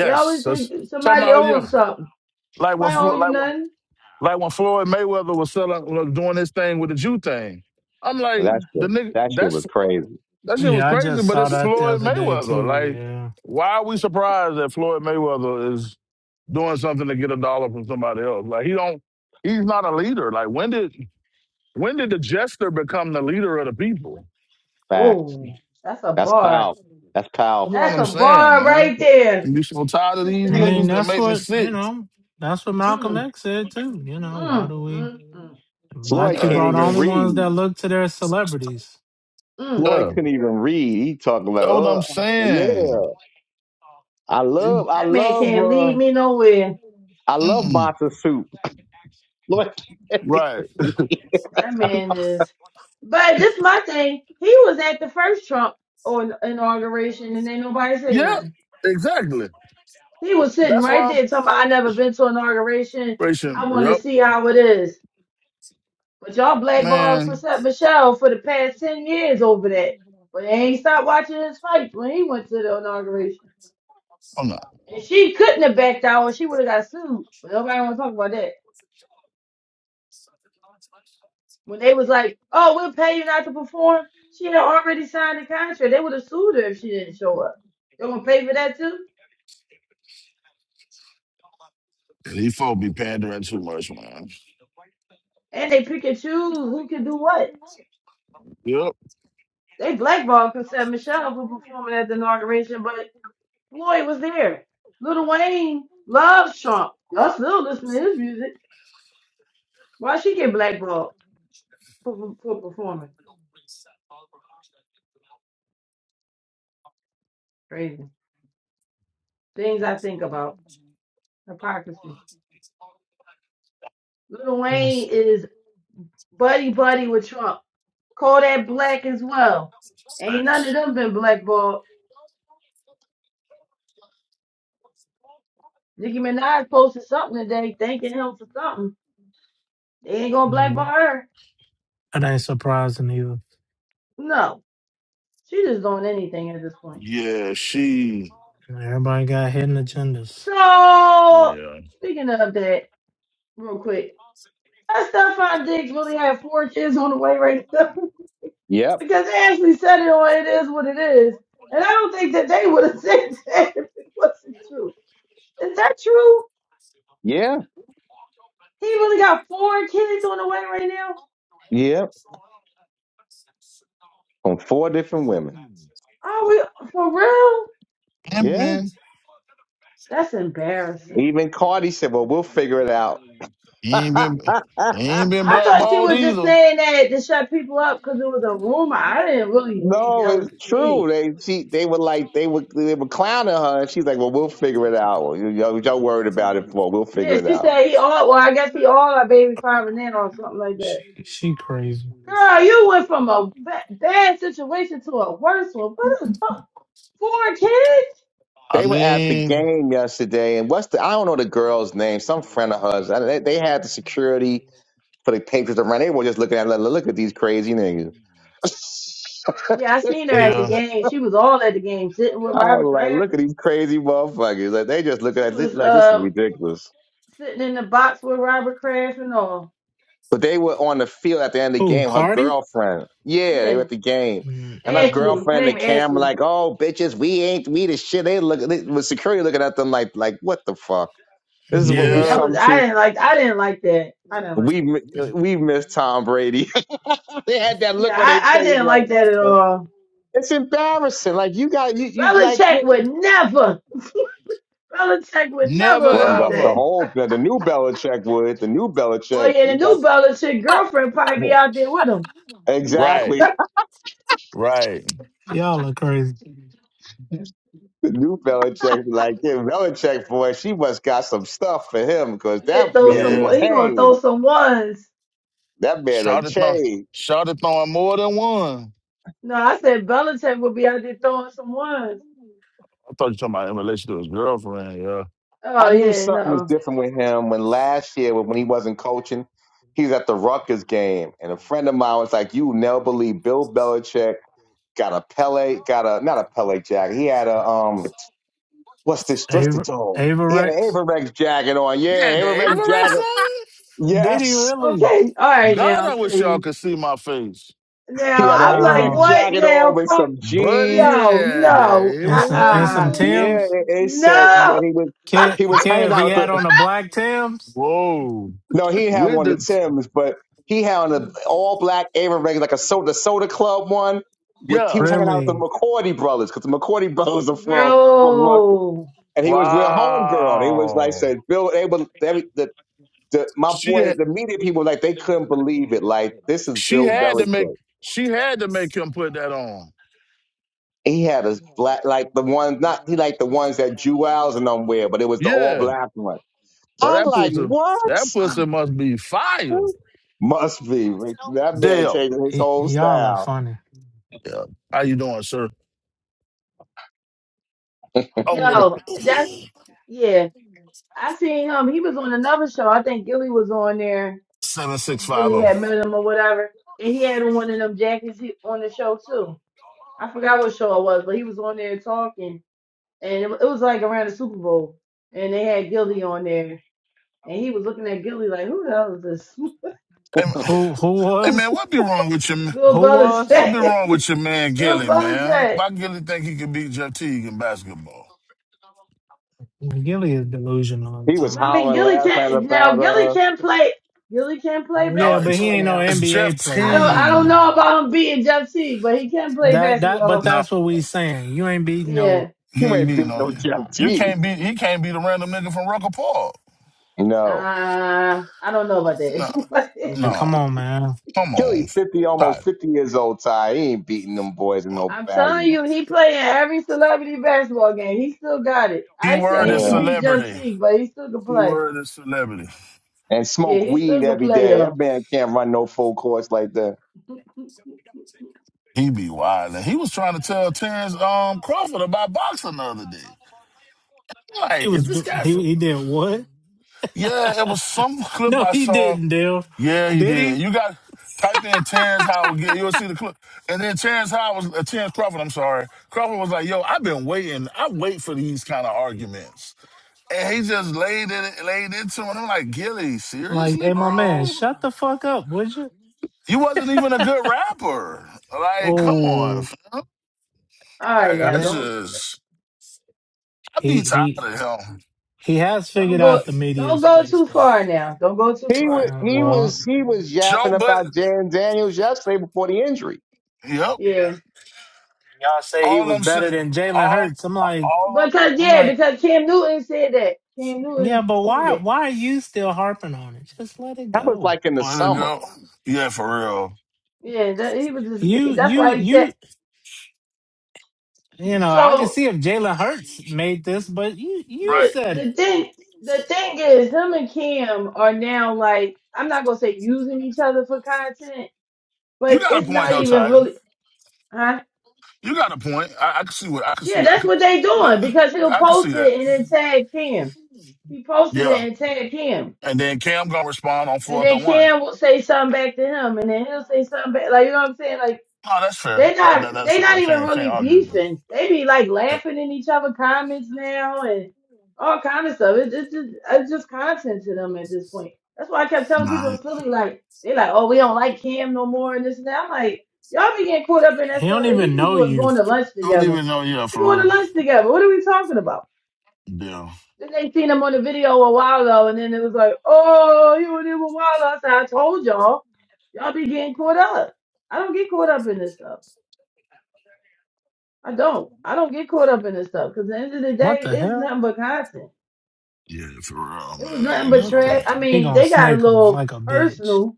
Speaker 6: They always
Speaker 8: that's
Speaker 6: think
Speaker 8: talking
Speaker 6: somebody
Speaker 8: about. Oh
Speaker 6: owe them
Speaker 8: yeah,
Speaker 6: something.
Speaker 8: like when
Speaker 6: I owe
Speaker 8: Flo-
Speaker 6: you
Speaker 8: like when
Speaker 6: nothing.
Speaker 8: like when Floyd Mayweather was selling was doing his thing with the Jew thing. I'm
Speaker 2: Well,
Speaker 8: like
Speaker 2: that
Speaker 8: the
Speaker 2: shit,
Speaker 8: nigga.
Speaker 2: that shit
Speaker 8: That's.
Speaker 2: was crazy.
Speaker 8: That shit was
Speaker 1: yeah, I
Speaker 8: crazy,
Speaker 1: just
Speaker 8: but
Speaker 1: saw
Speaker 8: it's
Speaker 1: that the
Speaker 8: Floyd
Speaker 1: other day
Speaker 8: Mayweather.
Speaker 1: too.
Speaker 8: Like,
Speaker 1: Yeah,
Speaker 8: why are we surprised that Floyd Mayweather is doing something to get a dollar from somebody else? Like, he don't. He's not a leader. Like, when did when did the jester become the leader of the people?
Speaker 2: Facts.
Speaker 6: Oh, that's a
Speaker 2: That's
Speaker 6: bar.
Speaker 2: powerful. That's
Speaker 8: That's
Speaker 2: powerful.
Speaker 8: what
Speaker 6: That's
Speaker 8: I'm
Speaker 6: a
Speaker 8: saying,
Speaker 6: bar
Speaker 8: man.
Speaker 6: right there.
Speaker 8: You so tired of these
Speaker 1: I mean
Speaker 6: Sustain.
Speaker 8: niggas that
Speaker 1: that's
Speaker 8: make me
Speaker 1: what you
Speaker 8: sick.
Speaker 1: know. That's what Malcolm
Speaker 6: Mm,
Speaker 1: X said too. You know, why
Speaker 6: mm,
Speaker 1: do we
Speaker 6: mm, mm,
Speaker 1: black
Speaker 2: Floyd
Speaker 8: Yeah,
Speaker 1: people
Speaker 2: can't
Speaker 1: are the
Speaker 2: even
Speaker 6: mm,
Speaker 1: only ones
Speaker 2: read.
Speaker 1: that look to their celebrities?
Speaker 6: mm.
Speaker 2: Floyd
Speaker 8: yeah.
Speaker 2: couldn't even read. He talking about,
Speaker 8: That's what I'm
Speaker 2: oh,
Speaker 8: saying.
Speaker 2: yeah. I
Speaker 8: He-
Speaker 2: love, I
Speaker 6: That man
Speaker 2: love,
Speaker 6: can't
Speaker 2: uh,
Speaker 6: lead me nowhere.
Speaker 2: I love
Speaker 8: mm-mm.
Speaker 2: matzo soup. Lord, [laughs]
Speaker 8: Right.
Speaker 6: That man is. But this my thing. He was at the first Trump on inauguration, and ain't nobody say
Speaker 8: Yeah.
Speaker 6: nothing.
Speaker 8: Exactly.
Speaker 6: He was sitting
Speaker 8: That's
Speaker 6: right
Speaker 8: why I'm.
Speaker 6: there talking. About, I never been to inauguration. I
Speaker 8: Ration,
Speaker 6: want to
Speaker 8: Yep.
Speaker 6: see how it is. But y'all blackballed
Speaker 8: Man.
Speaker 6: Chrisette Michelle for the past ten years over that. But they ain't stopped watching his fight when he went to the inauguration. And she couldn't have backed out, or she would have got sued. But nobody want to talk about that. When they was like, "Oh, we'll pay you not to perform," she had already signed the contract. They would have sued her if she didn't show up. They gonna pay for that too,
Speaker 8: And these folk be pandering too much, man.
Speaker 6: and they pick and choose who can do what.
Speaker 8: Yep.
Speaker 6: They blackballed Cassette Michelle for performing at the inauguration, but Floyd was there. Lil Wayne loves Trump. Y'all still listen to his music. Why she get blackballed for, for, for performing? Crazy things I think about hypocrisy. Lil Wayne
Speaker 1: That's-
Speaker 6: is buddy buddy with Trump. Kodak Black as well. Ain't none of
Speaker 8: Thanks.
Speaker 6: them been blackballed. Nicki Minaj posted something today thanking him for something. They ain't gonna blackball
Speaker 1: mm,
Speaker 6: her.
Speaker 1: That ain't surprising either.
Speaker 6: No, she just doing anything at this point.
Speaker 8: Yeah, she.
Speaker 1: Everybody got hidden agendas.
Speaker 6: So
Speaker 8: Yeah.
Speaker 6: speaking of that, real quick, does Stephon Diggs really have four kids on the way right now? [laughs]
Speaker 2: Yep.
Speaker 6: because they actually said it on It Is What It Is, and I don't think that they would have [laughs] said that if it wasn't true. Is that true?
Speaker 2: Yeah.
Speaker 6: He really got four kids on the way right now?
Speaker 2: Yep. From four different women.
Speaker 6: Oh, we for real?
Speaker 2: Yeah.
Speaker 8: Pimping.
Speaker 6: That's embarrassing.
Speaker 2: Even Cardi said, well, we'll figure it out.
Speaker 8: He ain't been. He
Speaker 2: [laughs]
Speaker 8: ain't been
Speaker 6: I thought you
Speaker 8: blackballed
Speaker 6: were just
Speaker 8: either.
Speaker 6: saying that to shut people up because it was a rumor. I didn't really think
Speaker 2: no,
Speaker 6: that was
Speaker 2: it's
Speaker 6: the
Speaker 2: true.
Speaker 6: case.
Speaker 2: They she they were like they were they were clowning her and she's like, Well, we'll figure it out. Well, You know, y'all worried about it for we'll figure
Speaker 6: Yeah,
Speaker 2: it
Speaker 6: she
Speaker 2: out.
Speaker 6: said he all. Well, I guess he all our baby five and then or something like that.
Speaker 1: She she crazy.
Speaker 6: Girl, you went from a ba- bad situation to a worse one. What is bu- four kids?
Speaker 8: I
Speaker 2: They were at the
Speaker 8: mean.
Speaker 2: game yesterday and what's the I don't know the girl's name, some friend of hers. I- They, they had the security for the Patriots around. They were just looking at her, like, look at these crazy niggas.
Speaker 6: Yeah, I seen her
Speaker 2: [laughs]
Speaker 6: at the
Speaker 8: Yeah.
Speaker 6: game. She was all at the game, sitting with
Speaker 2: I
Speaker 6: Robert
Speaker 2: was like,
Speaker 6: Kraft.
Speaker 2: look at these crazy motherfuckers. Like they just look
Speaker 6: She
Speaker 2: at this
Speaker 6: was
Speaker 2: like this is
Speaker 6: um
Speaker 2: ridiculous.
Speaker 6: sitting in the box with Robert Kraft and all.
Speaker 2: But they were on the field at the end of the
Speaker 1: Oh,
Speaker 2: game, her
Speaker 1: Cardi?
Speaker 2: girlfriend. Yeah, they were
Speaker 6: Yeah,
Speaker 2: at the game.
Speaker 1: Mm,
Speaker 2: And her
Speaker 1: oh wow,
Speaker 6: Ashley. Her
Speaker 2: girlfriend in the
Speaker 6: name
Speaker 2: camera,
Speaker 6: Ashley.
Speaker 2: like, oh bitches, we ain't we the shit. They look they, with security looking at them like like what the fuck? This is what
Speaker 6: Yeah,
Speaker 2: we
Speaker 8: Yeah.
Speaker 6: that
Speaker 1: niggers.
Speaker 6: was
Speaker 2: come
Speaker 6: I
Speaker 2: to.
Speaker 6: didn't like I didn't like that. I didn't like
Speaker 2: We
Speaker 6: that.
Speaker 2: mi- we miss Tom Brady. [laughs] they had that
Speaker 6: Yeah,
Speaker 2: look on their face
Speaker 6: I, I didn't
Speaker 2: like
Speaker 6: like
Speaker 2: what
Speaker 6: that at
Speaker 2: the
Speaker 6: all.
Speaker 2: it's embarrassing. Like you got you, you like
Speaker 6: Belichick
Speaker 2: what?
Speaker 6: would never. Belichick would never
Speaker 8: Never
Speaker 2: Well,
Speaker 6: allow
Speaker 2: the, the
Speaker 8: ever.
Speaker 6: that.
Speaker 2: old the new Belichick would the new
Speaker 6: Well,
Speaker 2: Belichick.
Speaker 6: yeah,
Speaker 2: You
Speaker 6: the
Speaker 2: got
Speaker 6: new Belichick girlfriend probably
Speaker 2: yeah.
Speaker 6: be out there with him.
Speaker 8: Right.
Speaker 2: Exactly.
Speaker 6: [laughs]
Speaker 8: Right.
Speaker 1: Y'all are crazy.
Speaker 2: The new Belichick, like yeah, Belichick, boy, she must got some stuff for him because
Speaker 6: Yeah,
Speaker 2: that
Speaker 6: throw
Speaker 2: man
Speaker 6: some.
Speaker 2: has
Speaker 8: Yeah.
Speaker 6: He gonna throw
Speaker 2: changed.
Speaker 6: some ones.
Speaker 2: That man has
Speaker 8: Shot it on.
Speaker 2: changed.
Speaker 8: Shot it throwing more than one.
Speaker 6: No, I said Belichick would be out there throwing some ones.
Speaker 8: I thought you talking about in relation to his girlfriend. Yeah.
Speaker 2: I
Speaker 6: Oh
Speaker 2: knew
Speaker 6: yeah,
Speaker 2: something was
Speaker 6: no.
Speaker 2: different with him when last year when he wasn't coaching, he was at the Rutgers game, and a friend of mine was like, "You never believe Bill Belichick got a Pele, got a not a Pele jacket. He had a um, what's this? What's the
Speaker 1: Ava
Speaker 2: dog?
Speaker 1: Ava
Speaker 2: He had an
Speaker 1: Rex.
Speaker 2: Averrex jacket on.
Speaker 8: Yeah,
Speaker 2: Yeah,
Speaker 8: the
Speaker 2: Averrex
Speaker 8: Avirex
Speaker 2: jacket.
Speaker 8: on?
Speaker 1: Did he
Speaker 2: Yes,
Speaker 1: really?
Speaker 6: Okay, all right
Speaker 8: God,
Speaker 6: now.
Speaker 8: I wish y'all
Speaker 6: See,
Speaker 8: could see my face.
Speaker 2: he
Speaker 6: now
Speaker 2: had an
Speaker 6: I'm like,
Speaker 2: Averrex
Speaker 1: Wow.
Speaker 6: what
Speaker 2: jacket on
Speaker 6: now?
Speaker 2: with
Speaker 6: Come,
Speaker 2: some jeans."
Speaker 8: Buddy
Speaker 6: yo,
Speaker 8: had
Speaker 6: no,
Speaker 8: the
Speaker 1: And
Speaker 6: uh,
Speaker 1: some and
Speaker 8: Avirex
Speaker 1: some
Speaker 6: uh
Speaker 2: Yeah,
Speaker 8: on?
Speaker 1: Tims.
Speaker 2: it, it said,
Speaker 6: no.
Speaker 2: and he was
Speaker 6: [laughs]
Speaker 2: he
Speaker 1: Kev,
Speaker 2: was hanging
Speaker 1: Kev he
Speaker 2: out with
Speaker 1: had
Speaker 2: the
Speaker 1: on a black Tims.
Speaker 8: Whoa.
Speaker 2: no, he didn't have
Speaker 8: With
Speaker 2: one of the
Speaker 8: the,
Speaker 2: Tims, but he had on an all black Avon regular, like a soda the soda club one. With he
Speaker 8: yeah.
Speaker 2: was hanging out with the
Speaker 1: Really?
Speaker 2: McCordy brothers because the McCordy [laughs] brothers are from from Russia,
Speaker 6: Yo,
Speaker 2: and he was with homegirl. He was like
Speaker 8: Wow.
Speaker 2: said Bill. They were they, the the my
Speaker 8: She,
Speaker 2: boy
Speaker 8: ha-
Speaker 2: the media people like they couldn't believe it. Like this is
Speaker 8: she
Speaker 2: Bill
Speaker 8: had to make,
Speaker 2: Belichick.
Speaker 8: she had to make him put that on.
Speaker 2: He had a black like the ones not he like the ones that Jewels and them wear, but it was the all black one.
Speaker 8: But
Speaker 2: I'm
Speaker 8: that
Speaker 2: like
Speaker 8: pussy, that
Speaker 2: what?
Speaker 8: pussy must be fire.
Speaker 2: Must be. That man
Speaker 8: Dale,
Speaker 2: changed his
Speaker 1: Y-
Speaker 2: whole
Speaker 1: y'all are
Speaker 2: style.
Speaker 1: funny.
Speaker 8: yeah. how you doing, sir? Oh,
Speaker 6: yo, that's
Speaker 8: the
Speaker 6: yeah. I seen him. He was on another show. I think Gilly was on there,
Speaker 8: seven six
Speaker 6: and
Speaker 8: five
Speaker 6: Gilly
Speaker 8: zero.
Speaker 6: had met him or whatever. And he had on one of them jackets he- on the show too. I forgot what show it was, but he was on there talking, and it, wa- it was like around the Super Bowl, and they had Gilly on there, and he was looking at Gilly like, "Who the hell is this?" [laughs]
Speaker 8: Hey man,
Speaker 1: Who who
Speaker 8: hey,
Speaker 1: was?
Speaker 8: man, what be wrong with your ma-
Speaker 6: Bill
Speaker 1: Who
Speaker 8: what
Speaker 1: was?
Speaker 8: be
Speaker 6: Belichick.
Speaker 8: wrong
Speaker 6: [laughs]
Speaker 8: with your man
Speaker 6: Bill
Speaker 8: Gilly, man?
Speaker 6: Belichick.
Speaker 8: Why Gilly think he can beat Jeff Teague in basketball?
Speaker 1: Gilly is delusional at
Speaker 2: He was
Speaker 6: I mean,
Speaker 1: times.
Speaker 2: hollering
Speaker 6: Gilly
Speaker 2: last night
Speaker 6: can't now.
Speaker 2: about,
Speaker 6: Gilly
Speaker 2: uh,
Speaker 6: can't play. Gilly can't play
Speaker 8: No,
Speaker 1: Yeah, but
Speaker 8: it's
Speaker 1: he
Speaker 6: basketball
Speaker 1: ain't
Speaker 6: now.
Speaker 1: no
Speaker 8: it's Jeff
Speaker 1: NBA
Speaker 6: I
Speaker 1: player.
Speaker 6: don't
Speaker 1: Like,
Speaker 6: I don't
Speaker 1: come
Speaker 8: Teague.
Speaker 1: on
Speaker 6: know
Speaker 1: now.
Speaker 6: about him beating Jeff Teague, but he can play
Speaker 1: That that but
Speaker 6: basketball.
Speaker 8: No,
Speaker 1: that's what we saying. You ain't beating no
Speaker 6: Yeah.
Speaker 8: he
Speaker 2: you
Speaker 8: ain't
Speaker 2: ain't
Speaker 1: You
Speaker 8: beat
Speaker 1: know,
Speaker 2: beating
Speaker 8: no.
Speaker 2: no
Speaker 1: like come
Speaker 2: Jeff
Speaker 1: on,
Speaker 8: You
Speaker 2: G.
Speaker 8: can't beat he can't beat a random nigga from Rucker Park.
Speaker 2: No.
Speaker 6: Uh I don't know about
Speaker 8: No,
Speaker 1: like
Speaker 6: that.
Speaker 8: no,
Speaker 1: come
Speaker 6: [laughs]
Speaker 1: on, man.
Speaker 8: come
Speaker 2: Kelly
Speaker 8: on,
Speaker 2: 50, almost
Speaker 8: stop.
Speaker 2: 50 years old, Ty. He ain't beating them boys in no
Speaker 6: I'm telling
Speaker 2: battle.
Speaker 6: you, he playing every celebrity basketball game. He still got it.
Speaker 8: Key
Speaker 6: I ain't
Speaker 8: word
Speaker 6: saying he
Speaker 8: is
Speaker 6: can
Speaker 2: Yeah.
Speaker 6: beat Jeff
Speaker 8: celebrity.
Speaker 6: Teague, but he still can
Speaker 8: Key
Speaker 6: play.
Speaker 8: word is celebrity.
Speaker 2: And
Speaker 6: Yeah,
Speaker 2: smoke
Speaker 6: he
Speaker 2: weed
Speaker 6: still can
Speaker 2: every
Speaker 6: play
Speaker 2: day. That
Speaker 6: though.
Speaker 2: man can't run no full course like that.
Speaker 6: [laughs] All
Speaker 8: He be wild. He was trying to tell Terrence um, Crawford about boxing the other day.
Speaker 1: He
Speaker 8: Like, is
Speaker 1: was
Speaker 8: this
Speaker 1: do-
Speaker 8: guy
Speaker 1: he
Speaker 8: from?
Speaker 1: he did what?
Speaker 8: Yeah, it was some
Speaker 1: [laughs]
Speaker 8: clip
Speaker 1: no,
Speaker 8: I
Speaker 1: he
Speaker 8: saw.
Speaker 1: didn't, Dale.
Speaker 8: Yeah, he
Speaker 1: Did
Speaker 8: did.
Speaker 1: he?
Speaker 8: You got type in Terrence Howard. get- You'll see the clip. And then Terrence Howard was uh, Terrence Crawford. I'm sorry, Crawford was like, "Yo, I've been waiting. I wait for these kind of arguments." And he just laid it, laid into him. I'm like, Gilly,
Speaker 1: Like,
Speaker 8: seriously,
Speaker 1: hey, my man,
Speaker 8: bro?
Speaker 1: shut the fuck up, would you?
Speaker 8: You wasn't even a good rapper. Like, come on.
Speaker 1: Oh,
Speaker 8: f-
Speaker 6: right
Speaker 8: Like,
Speaker 6: now,
Speaker 8: I
Speaker 1: yeah.
Speaker 6: don't
Speaker 8: just, I
Speaker 1: He
Speaker 8: be tired of
Speaker 1: he
Speaker 8: him.
Speaker 1: he has
Speaker 6: don't
Speaker 1: figured
Speaker 6: go
Speaker 1: out the media
Speaker 6: don't go
Speaker 1: space
Speaker 6: too
Speaker 1: though.
Speaker 6: far now. Don't go too
Speaker 2: He was,
Speaker 6: far.
Speaker 1: And,
Speaker 2: he
Speaker 1: well,
Speaker 2: was, he was
Speaker 8: Joe,
Speaker 2: yapping
Speaker 8: but
Speaker 2: about Jan Daniels yesterday before the injury.
Speaker 8: yep.
Speaker 6: Yeah.
Speaker 1: y'all say he
Speaker 8: All
Speaker 1: was
Speaker 8: I'm
Speaker 1: better
Speaker 8: saying,
Speaker 1: than Jalen
Speaker 8: all,
Speaker 1: Hurts. I'm like,
Speaker 8: all.
Speaker 6: Because
Speaker 1: I'm
Speaker 6: yeah,
Speaker 1: like,
Speaker 6: because Cam Newton said that. Cam
Speaker 1: yeah,
Speaker 6: Newton
Speaker 1: but
Speaker 6: said
Speaker 1: why
Speaker 6: that.
Speaker 1: why are you still harping on it? Just let it
Speaker 2: That was
Speaker 1: go.
Speaker 2: like in the
Speaker 8: Let it
Speaker 2: summer.
Speaker 8: go. yeah, for real. All
Speaker 6: Yeah, that he was
Speaker 1: You
Speaker 6: just that's
Speaker 1: you
Speaker 6: why he
Speaker 1: you
Speaker 6: said
Speaker 1: You know, I can
Speaker 6: so
Speaker 1: see if Jalen Hurts made this, but you you
Speaker 8: right,
Speaker 6: the
Speaker 1: said
Speaker 6: the
Speaker 1: it.
Speaker 6: thing the thing is him and Cam are now like I'm not gonna say using each other for content,
Speaker 8: you
Speaker 6: but
Speaker 8: got a
Speaker 6: it's
Speaker 8: point
Speaker 6: not
Speaker 8: though,
Speaker 6: even
Speaker 8: Tyler.
Speaker 6: really huh?
Speaker 8: You got a point. I, I can see what I can
Speaker 6: Yeah,
Speaker 8: see. I
Speaker 6: that's
Speaker 8: could,
Speaker 6: what they doing
Speaker 8: I
Speaker 6: because he'll
Speaker 8: can
Speaker 6: post
Speaker 8: see that.
Speaker 6: it and then tag Cam. He posted it
Speaker 8: Yeah,
Speaker 6: and tag Cam.
Speaker 8: and then Cam gonna respond on
Speaker 6: And
Speaker 8: fourth
Speaker 6: then
Speaker 8: and one.
Speaker 6: Cam will say something back to him and then he'll say something back like you know what I'm saying? like
Speaker 8: Oh, that's fair.
Speaker 6: They
Speaker 8: That,
Speaker 6: not
Speaker 8: that that's
Speaker 6: they
Speaker 8: fair.
Speaker 6: not
Speaker 8: I
Speaker 6: even
Speaker 8: can't can't
Speaker 6: really
Speaker 8: argue. with you.
Speaker 6: beefing. They be like
Speaker 8: Eh,
Speaker 6: laughing in each other comments now and all kind of stuff. It's it's just it's just content to them at this point. That's why I kept telling people
Speaker 8: Nah,
Speaker 6: in Philly like they like, oh, we don't like Cam no more and this and that. I'm like, y'all be getting caught up in that
Speaker 1: He don't
Speaker 6: stuff. And
Speaker 1: even
Speaker 6: these
Speaker 1: know
Speaker 6: people is
Speaker 1: you.
Speaker 6: going to lunch
Speaker 8: don't
Speaker 6: together.
Speaker 8: even know. Yeah,
Speaker 6: They
Speaker 8: for
Speaker 6: going to
Speaker 8: real.
Speaker 6: lunch together. What are we talking about?
Speaker 8: Yeah,
Speaker 6: Then they seen him on the video a while ago, and then it was like, oh, you and him a while. ago. I said, I told y'all, y'all be getting caught up. I don't get caught up in this stuff. I don't. I don't get caught up in this stuff because at the end of the
Speaker 1: What
Speaker 6: day,
Speaker 1: the
Speaker 6: it's
Speaker 1: hell?
Speaker 6: nothing but content.
Speaker 8: yeah, for real,
Speaker 6: It was
Speaker 8: man.
Speaker 6: nothing
Speaker 8: You
Speaker 6: but
Speaker 1: What
Speaker 8: know.
Speaker 6: trash.
Speaker 1: the?
Speaker 6: I
Speaker 1: He
Speaker 6: mean,
Speaker 1: gonna
Speaker 6: they got a
Speaker 1: snake him
Speaker 6: little
Speaker 1: like a bitch.
Speaker 6: personal.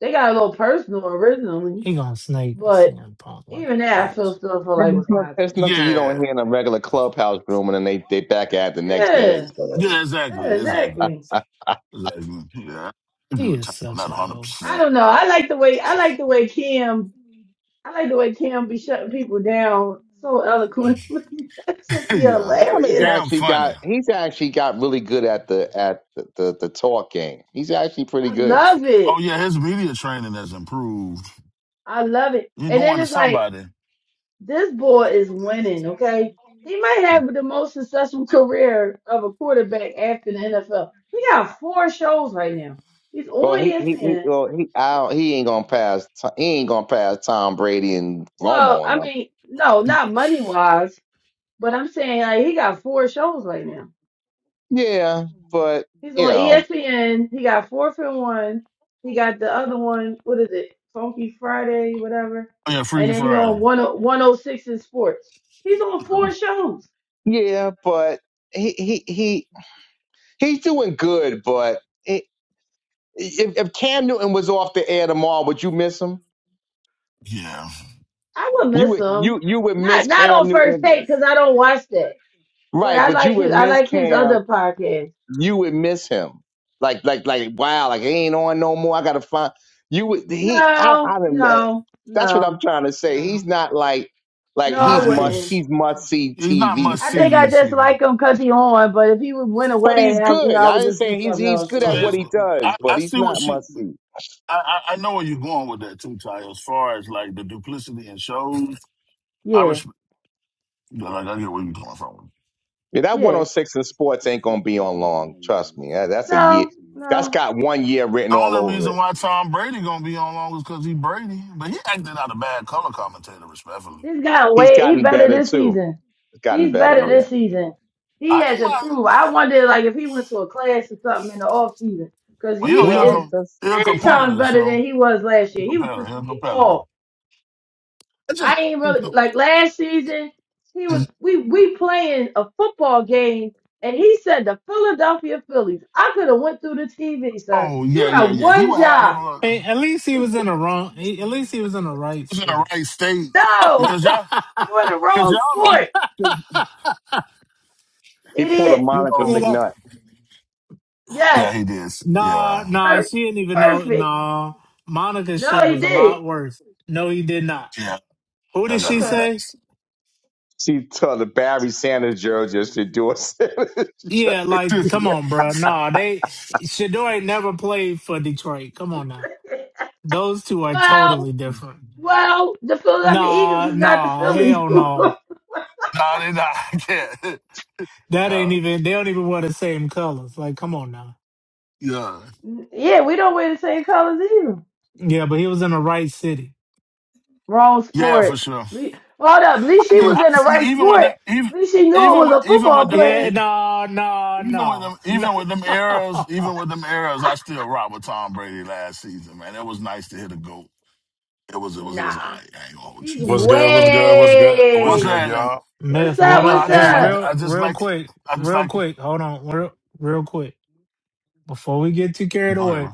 Speaker 6: They got a little personal originally,
Speaker 1: He gonna snake
Speaker 6: but
Speaker 1: CM Punk like a
Speaker 6: even that I feel
Speaker 1: bitch.
Speaker 6: still feel like
Speaker 2: It's
Speaker 6: was
Speaker 2: not- it's
Speaker 6: content.
Speaker 8: Yeah,
Speaker 2: nothing you don't hear in a regular clubhouse room, and then they, they back at it the next day.
Speaker 6: Yeah,
Speaker 8: yeah,
Speaker 6: yeah,
Speaker 8: exactly, exactly,
Speaker 6: exactly.
Speaker 8: exactly. Yeah, I agree
Speaker 1: He
Speaker 8: with
Speaker 1: is
Speaker 8: Tyler.
Speaker 1: such
Speaker 8: Not
Speaker 1: a
Speaker 8: hundred
Speaker 1: hoe.
Speaker 6: I
Speaker 8: percent.
Speaker 6: don't know. I like the way I like the way Kim. I like the way Kim be shutting people down so eloquently. [laughs] that should
Speaker 8: [laughs]
Speaker 6: be
Speaker 8: Yeah,
Speaker 2: Adam has
Speaker 6: hilarious.
Speaker 8: Cam
Speaker 2: actually
Speaker 8: funny.
Speaker 2: got he's actually got really good at the at the, the, the talk game. He's actually pretty
Speaker 6: I
Speaker 2: good.
Speaker 6: love
Speaker 8: Oh
Speaker 6: it.
Speaker 8: yeah, his media training has improved
Speaker 6: I love it.
Speaker 8: You
Speaker 6: And then
Speaker 8: going to
Speaker 6: it's like
Speaker 8: somebody?
Speaker 6: This boy is winning, okay? He might have the most successful career of a quarterback after the NFL. He got four shows right now. He's on
Speaker 2: Well, he he, he
Speaker 6: ESPN.
Speaker 2: well he I, don't- he ain't gonna pass T- he ain't gonna pass Tom Brady and
Speaker 6: Well,
Speaker 2: Romo and
Speaker 6: I
Speaker 2: them.
Speaker 6: mean, no, not money wise, but I'm saying like he got four shows right now.
Speaker 2: Yeah, but
Speaker 6: He's
Speaker 2: you
Speaker 6: on
Speaker 2: know,
Speaker 6: ESPN. He got fourth and one. He got the other one. What is it? Funky Friday, whatever.
Speaker 8: Yeah,
Speaker 6: And
Speaker 8: Freaky
Speaker 6: then he on
Speaker 8: Friday.
Speaker 6: one oh, one o six in sports. He's on
Speaker 8: So,
Speaker 6: four shows.
Speaker 2: yeah, but he he he he's doing good. But it, if if Cam Newton was off the air tomorrow, would you miss him?
Speaker 8: Yeah,
Speaker 6: I would
Speaker 2: You
Speaker 6: miss
Speaker 2: would
Speaker 6: him.
Speaker 2: you you would
Speaker 6: Not
Speaker 2: miss
Speaker 6: not
Speaker 2: Cam
Speaker 6: on first
Speaker 2: Newton,
Speaker 6: take because I don't watch that. But
Speaker 2: right?
Speaker 6: I
Speaker 2: But you
Speaker 6: like
Speaker 2: would
Speaker 6: his I
Speaker 2: miss
Speaker 6: like his
Speaker 2: Cam
Speaker 6: other podcast.
Speaker 2: you would miss him. Like, like, like, wow, like he ain't on no more. I gotta find you would he I
Speaker 6: No,
Speaker 2: I done met
Speaker 6: no,
Speaker 2: that's what
Speaker 6: no,
Speaker 2: I'm trying to say.
Speaker 6: no,
Speaker 2: He's not like like
Speaker 6: no. I
Speaker 2: he's
Speaker 8: yeah.
Speaker 2: must
Speaker 6: wouldn't.
Speaker 8: He's
Speaker 2: he's must see
Speaker 8: he's not
Speaker 2: TV.
Speaker 8: much
Speaker 6: I think
Speaker 8: CD
Speaker 6: I just
Speaker 8: CD.
Speaker 6: like him cause he on. But if he would went
Speaker 2: But he's
Speaker 6: away, I, you know,
Speaker 2: good.
Speaker 6: I
Speaker 2: I
Speaker 6: would
Speaker 2: didn't
Speaker 6: just do
Speaker 2: say he's
Speaker 6: something
Speaker 2: he's
Speaker 6: else.
Speaker 2: good at
Speaker 6: Yeah,
Speaker 1: Son
Speaker 2: what
Speaker 1: of
Speaker 8: It's-
Speaker 2: he
Speaker 1: a
Speaker 8: I,
Speaker 2: does, but
Speaker 8: I
Speaker 1: bitch.
Speaker 2: he's
Speaker 8: see what
Speaker 2: not
Speaker 8: she.
Speaker 2: must see.
Speaker 8: I, I I know where you're going with that too, Ty. As far as like the duplicity in shows, I
Speaker 6: yeah,
Speaker 8: respect. yeah, Like I get where you're coming from.
Speaker 2: Yeah, that
Speaker 6: yeah.
Speaker 2: 106 in sports ain't gonna be on long. Trust me. That- That's a year.
Speaker 6: No,
Speaker 2: That's
Speaker 6: no.
Speaker 2: got one year written all
Speaker 8: Only
Speaker 2: over
Speaker 8: reason
Speaker 2: it.
Speaker 8: why Tom Brady gonna be on long is because he Brady, but he acted out a bad color commentator, respectfully.
Speaker 6: This guy
Speaker 2: He's
Speaker 6: way he
Speaker 2: gotten
Speaker 6: better
Speaker 2: better
Speaker 6: this
Speaker 2: too.
Speaker 6: season.
Speaker 2: He's gotten
Speaker 6: He's
Speaker 2: better,
Speaker 6: better
Speaker 8: Uh,
Speaker 2: yeah.
Speaker 6: this season. He
Speaker 8: I
Speaker 6: has
Speaker 8: didn't mind.
Speaker 6: improved. I wonder like if he went to a class or something in the off season because he
Speaker 8: Well, you know, he's a
Speaker 2: Well,
Speaker 6: is
Speaker 8: com-
Speaker 2: that's
Speaker 8: he a
Speaker 6: ten times
Speaker 8: competitor, so
Speaker 6: better than he was last
Speaker 8: a
Speaker 6: year. He was
Speaker 8: competitor, he
Speaker 6: pissing
Speaker 8: a
Speaker 6: me
Speaker 8: competitor.
Speaker 6: off.
Speaker 8: I just.
Speaker 6: I ain't really like last season. He was we we playing a football game and he said the Philadelphia Phillies. I could have went through the TV, sir.
Speaker 8: Oh
Speaker 6: You
Speaker 8: yeah, yeah,
Speaker 6: got
Speaker 8: yeah. He
Speaker 6: one
Speaker 8: would have them
Speaker 6: job.
Speaker 8: uh,
Speaker 1: Hey, at least he was in the wrong. he- At least he was in the right
Speaker 8: in the
Speaker 1: city.
Speaker 8: right state
Speaker 1: [laughs]
Speaker 6: No,
Speaker 8: because y'all,
Speaker 6: [laughs] you in the
Speaker 8: because
Speaker 6: wrong
Speaker 8: y'all don't,
Speaker 6: sport,
Speaker 8: 'cause,
Speaker 2: he pulled a
Speaker 6: idiot.
Speaker 8: you
Speaker 2: Monica
Speaker 8: know.
Speaker 1: you know,
Speaker 2: McNutt.
Speaker 8: Yeah,
Speaker 6: Yes,
Speaker 8: he did.
Speaker 1: nah,
Speaker 8: Yeah,
Speaker 1: nah.
Speaker 6: per-
Speaker 1: She didn't even know.
Speaker 6: perfect.
Speaker 1: Nah, Monica's
Speaker 6: No,
Speaker 1: shit
Speaker 6: he
Speaker 1: was a
Speaker 6: did.
Speaker 1: lot worse. No, he did not.
Speaker 8: yeah.
Speaker 1: Who
Speaker 8: Y'all
Speaker 1: did
Speaker 8: gotta
Speaker 1: she
Speaker 6: Okay.
Speaker 1: say?
Speaker 8: relax.
Speaker 2: She told the Barry Sanders girl just to do a [laughs] Sanders
Speaker 1: Yeah,
Speaker 2: jersey.
Speaker 8: [laughs] nah,
Speaker 1: like come on, bro. Nah, they Shador ain't never played for Detroit. Come on now. Those two are
Speaker 6: Well,
Speaker 1: totally different.
Speaker 6: well, the Philadelphia Eagles
Speaker 1: Nah,
Speaker 6: is not the
Speaker 1: nah,
Speaker 6: Phillies.
Speaker 1: hell no.
Speaker 6: [laughs]
Speaker 8: they not. [laughs] I can't.
Speaker 1: That
Speaker 8: Yeah,
Speaker 1: ain't even they don't even wear the same colors. Like, come on now.
Speaker 8: yeah,
Speaker 6: yeah, we don't wear the same colors either.
Speaker 1: Yeah, but he was in the right city. [laughs]
Speaker 6: Wrong
Speaker 8: yeah, for
Speaker 6: sport.
Speaker 8: sure.
Speaker 6: Le- Hold up. At least
Speaker 8: I
Speaker 6: she
Speaker 1: He
Speaker 8: just,
Speaker 1: was,
Speaker 6: was
Speaker 8: I,
Speaker 6: in the
Speaker 8: I mean,
Speaker 6: right
Speaker 8: even with
Speaker 6: sport.
Speaker 8: them, even,
Speaker 6: At least she knew it
Speaker 8: even
Speaker 6: was a
Speaker 8: with, even
Speaker 6: football
Speaker 8: with them.
Speaker 1: yeah,
Speaker 8: e-
Speaker 6: player.
Speaker 1: no, no,
Speaker 8: even with
Speaker 1: no,
Speaker 8: them, even with them arrows,
Speaker 1: no.
Speaker 8: even with them arrows, I still rock with Tom Brady last season, man. It was nice to hit a goat. It was, it was, it was. all
Speaker 6: Nah.
Speaker 8: right. I ain't gonna hold you.
Speaker 6: She's
Speaker 9: What's good? What's good? What's good? What's
Speaker 8: What's
Speaker 6: way.
Speaker 9: good,
Speaker 8: that?
Speaker 9: y'all?
Speaker 1: [laughs]
Speaker 6: What's
Speaker 1: Myth,
Speaker 8: No,
Speaker 6: up?
Speaker 1: what up?
Speaker 6: What's
Speaker 8: I
Speaker 1: Hey,
Speaker 8: just like
Speaker 6: up?
Speaker 1: real
Speaker 8: I just
Speaker 1: real
Speaker 8: like
Speaker 1: quick,
Speaker 8: I just
Speaker 1: real
Speaker 8: like
Speaker 1: quick. Hold on, real real quick. Before we get too carried
Speaker 8: go ahead,
Speaker 1: away,
Speaker 8: bro.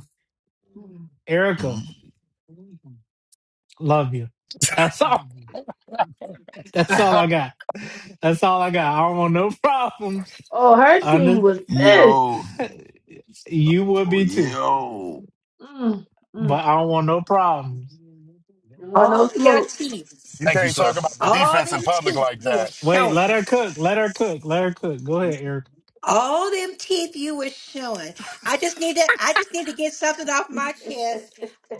Speaker 1: Erica, love you. That's [laughs] all That's all
Speaker 8: Mhm.
Speaker 1: I got. That's all I got. I don't want no problems.
Speaker 6: Oh, her team
Speaker 1: Under
Speaker 6: was
Speaker 8: [laughs]
Speaker 6: pissed.
Speaker 8: yo.
Speaker 1: [laughs] you would be too,
Speaker 8: Yo.
Speaker 6: Mm, mm,
Speaker 1: but I don't want
Speaker 6: mm.
Speaker 1: no problems.
Speaker 6: You want
Speaker 7: All
Speaker 6: no
Speaker 7: your
Speaker 6: smoke?
Speaker 7: teeth,
Speaker 9: You
Speaker 8: Thank you,
Speaker 9: can't
Speaker 8: sir.
Speaker 9: talk about the
Speaker 7: all
Speaker 9: defense in
Speaker 7: them
Speaker 9: public
Speaker 7: teeth
Speaker 9: like
Speaker 7: you were
Speaker 9: that.
Speaker 1: Wait,
Speaker 7: showing,
Speaker 1: let her cook. Let her cook. Let her cook. Go ahead, Eric.
Speaker 7: all them teeth you were showing. I just need to, I just need to get something off my
Speaker 6: [laughs]
Speaker 7: chest.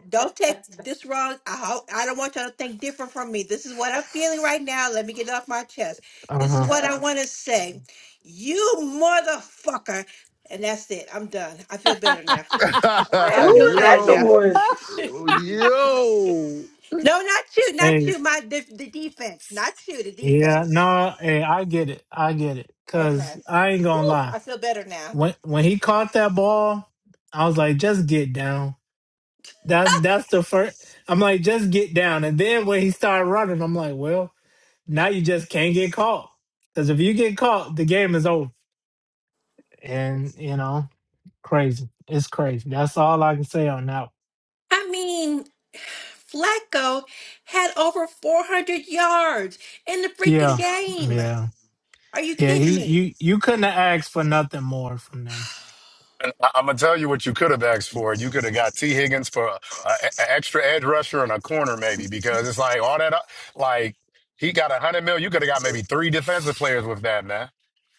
Speaker 7: Don't take this wrong. I hope, I don't want y'all to think different from me. This is what I'm feeling right now. Let me get it off my chest.
Speaker 1: Uh
Speaker 7: This is
Speaker 1: huh.
Speaker 7: what I
Speaker 6: Uh-oh.
Speaker 7: want to say. You motherfucker. And that's it. I'm done. I feel better now.
Speaker 8: [laughs]
Speaker 6: Wait, who
Speaker 7: I feel
Speaker 6: was that
Speaker 7: better now.
Speaker 8: yo.
Speaker 6: towards?
Speaker 8: Yo.
Speaker 7: No, not you, not
Speaker 1: Hey,
Speaker 7: you. My the, the defense, not you. The
Speaker 1: yeah,
Speaker 7: defense.
Speaker 1: no, hey, I get it. I get it. Cause
Speaker 7: Okay.
Speaker 1: I ain't gonna
Speaker 7: Oof,
Speaker 1: lie.
Speaker 7: I feel better now.
Speaker 1: When when he caught that ball, I was like, just get down. That's that's the first. I'm like, just get down. And then when he started running, I'm like, well, now you just can't get caught. Cause if you get caught, the game is over. and you know, crazy. It's crazy. That's all I can say on that.
Speaker 7: I mean, Flacco had over 400 yards in the freaking
Speaker 1: Yeah,
Speaker 7: game.
Speaker 1: yeah,
Speaker 7: Are you
Speaker 1: yeah.
Speaker 7: kidding
Speaker 1: He,
Speaker 7: me?
Speaker 1: you, you couldn't have asked for nothing more from them.
Speaker 9: And I- I'm gonna tell you what you could have asked for. You could have got T. Higgins for a, a, a extra edge rusher and a corner, maybe, because it's like all that. uh, Like he got a hundred mil. You could have got maybe three defensive players with that, man.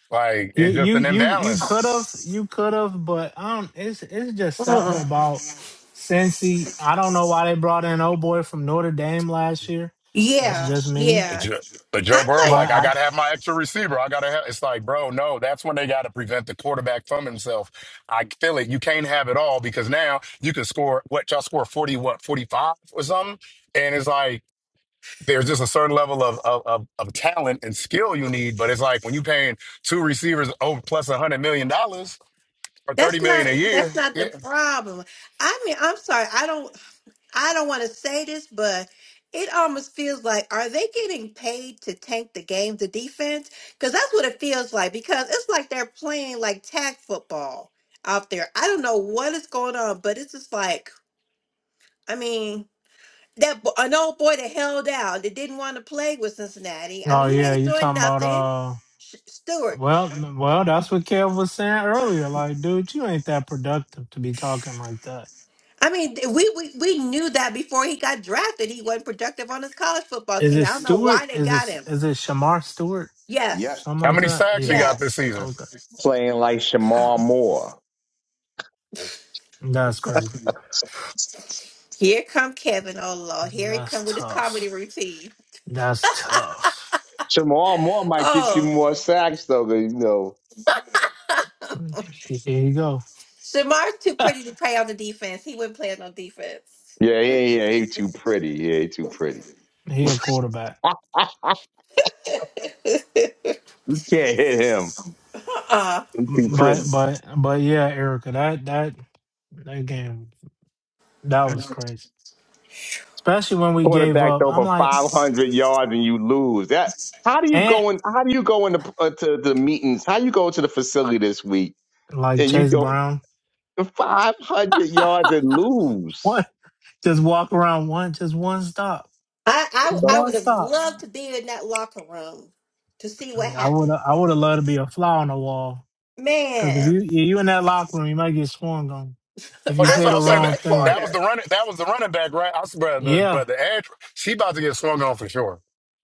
Speaker 9: Like
Speaker 1: You,
Speaker 9: it's just
Speaker 1: you,
Speaker 9: an
Speaker 1: you, you
Speaker 9: imbalance.
Speaker 1: could have, you could have, but I don't. It's, it's just something
Speaker 7: Uh-uh.
Speaker 1: about Cincy. I don't know why they brought in old boy from Notre Dame last year. That's
Speaker 7: Yeah,
Speaker 1: just me.
Speaker 9: But
Speaker 7: yeah.
Speaker 9: Joe, but Joe
Speaker 7: I'm
Speaker 9: Burrow,
Speaker 7: like,
Speaker 1: But
Speaker 9: like, I
Speaker 1: I,
Speaker 9: gotta have my extra receiver. I gotta have. It's like, bro, no. That's when they gotta prevent the quarterback from himself. I feel it. You can't have it all because now you can score what y'all score forty, what forty five or something, and it's like. There's just a certain level of, of of of talent and skill you need, but it's like when you paying two receivers over plus a hundred million dollars or thirty
Speaker 7: that's
Speaker 9: million
Speaker 7: not
Speaker 9: a year.
Speaker 7: that's not the
Speaker 9: Yeah.
Speaker 7: problem. I mean, I'm sorry. I don't. I don't want to say this, but it almost feels like are they getting paid to tank the game, the defense? Because that's what it feels like. Because it's like they're playing like tag football out there. I don't know what is going on, but it's just like I mean that bo- an old boy that held out that didn't want to play with Cincinnati. I
Speaker 1: oh
Speaker 7: mean he
Speaker 1: yeah,
Speaker 7: ain't
Speaker 1: you
Speaker 7: doing
Speaker 1: talking about
Speaker 7: nothing.
Speaker 1: uh.
Speaker 7: Sh- Stewart.
Speaker 1: Well, well, that's what Kev was saying earlier. Like, dude, you ain't that productive to be talking like that.
Speaker 7: I mean, th- we, we we knew that before he got drafted, he wasn't productive on his college football
Speaker 1: Is
Speaker 7: team.
Speaker 1: it
Speaker 7: I don't know
Speaker 1: Stewart?
Speaker 7: why they
Speaker 1: Is
Speaker 7: got him.
Speaker 1: it is it Shamar Stewart or
Speaker 2: Yep.
Speaker 7: Yes,
Speaker 1: something
Speaker 9: How
Speaker 1: like
Speaker 9: many
Speaker 1: that?
Speaker 9: sacks he
Speaker 1: Yeah.
Speaker 9: got
Speaker 7: yes.
Speaker 9: this season?
Speaker 1: Okay.
Speaker 2: Playing like
Speaker 7: Oh,
Speaker 2: Shamar Moore.
Speaker 1: That's crazy.
Speaker 7: here come Kevin. Oh Lord, here he
Speaker 1: That's
Speaker 7: come with his comedy
Speaker 1: tough.
Speaker 7: routine.
Speaker 1: That's tough.
Speaker 2: Shamar Moore might get you
Speaker 7: Oh,
Speaker 2: more sacks though, 'cause, you know.
Speaker 1: There you go.
Speaker 7: Shamar's too
Speaker 1: [laughs]
Speaker 7: pretty to play on the defense. He wouldn't play on defense.
Speaker 2: Yeah, yeah, yeah. He too pretty. Yeah, he too pretty.
Speaker 1: he a quarterback.
Speaker 2: [laughs] you
Speaker 7: [laughs]
Speaker 2: can't hit him.
Speaker 7: uh-uh.
Speaker 2: He too pretty.
Speaker 1: But but but yeah, Erica, that that that game that was crazy. Especially when we gave
Speaker 2: Quarterback
Speaker 1: up.
Speaker 2: throw
Speaker 1: I'm
Speaker 2: for
Speaker 1: like,
Speaker 2: five hundred yards and you lose. That how do you
Speaker 1: eh,
Speaker 2: go in? How do you go into uh, to the meetings? How you go to the facility this week
Speaker 1: like
Speaker 2: and you
Speaker 1: Chase
Speaker 2: throw
Speaker 1: Brown.
Speaker 2: five hundred yards and
Speaker 1: [laughs]
Speaker 2: lose?
Speaker 1: What? Just walk around one, just one stop.
Speaker 7: I, I
Speaker 1: Just
Speaker 7: I
Speaker 1: one
Speaker 7: would have
Speaker 1: stop.
Speaker 7: loved to be in that locker room to see what
Speaker 1: I would
Speaker 7: happened.
Speaker 1: I would have loved to be a fly on the wall Because if
Speaker 7: Man,
Speaker 1: you yeah, you in that locker room, you might get swung on if
Speaker 9: Oh,
Speaker 1: you
Speaker 9: that's
Speaker 7: I'd
Speaker 1: say
Speaker 9: what
Speaker 7: be
Speaker 9: I
Speaker 1: the
Speaker 9: was saying.
Speaker 7: sitting in
Speaker 1: wrong
Speaker 7: the
Speaker 9: That,
Speaker 1: thing.
Speaker 9: that
Speaker 7: corner.
Speaker 9: was the running. That was the running back, right? I said, but the
Speaker 1: Yeah,
Speaker 9: but the edge, she about to get swung on for sure.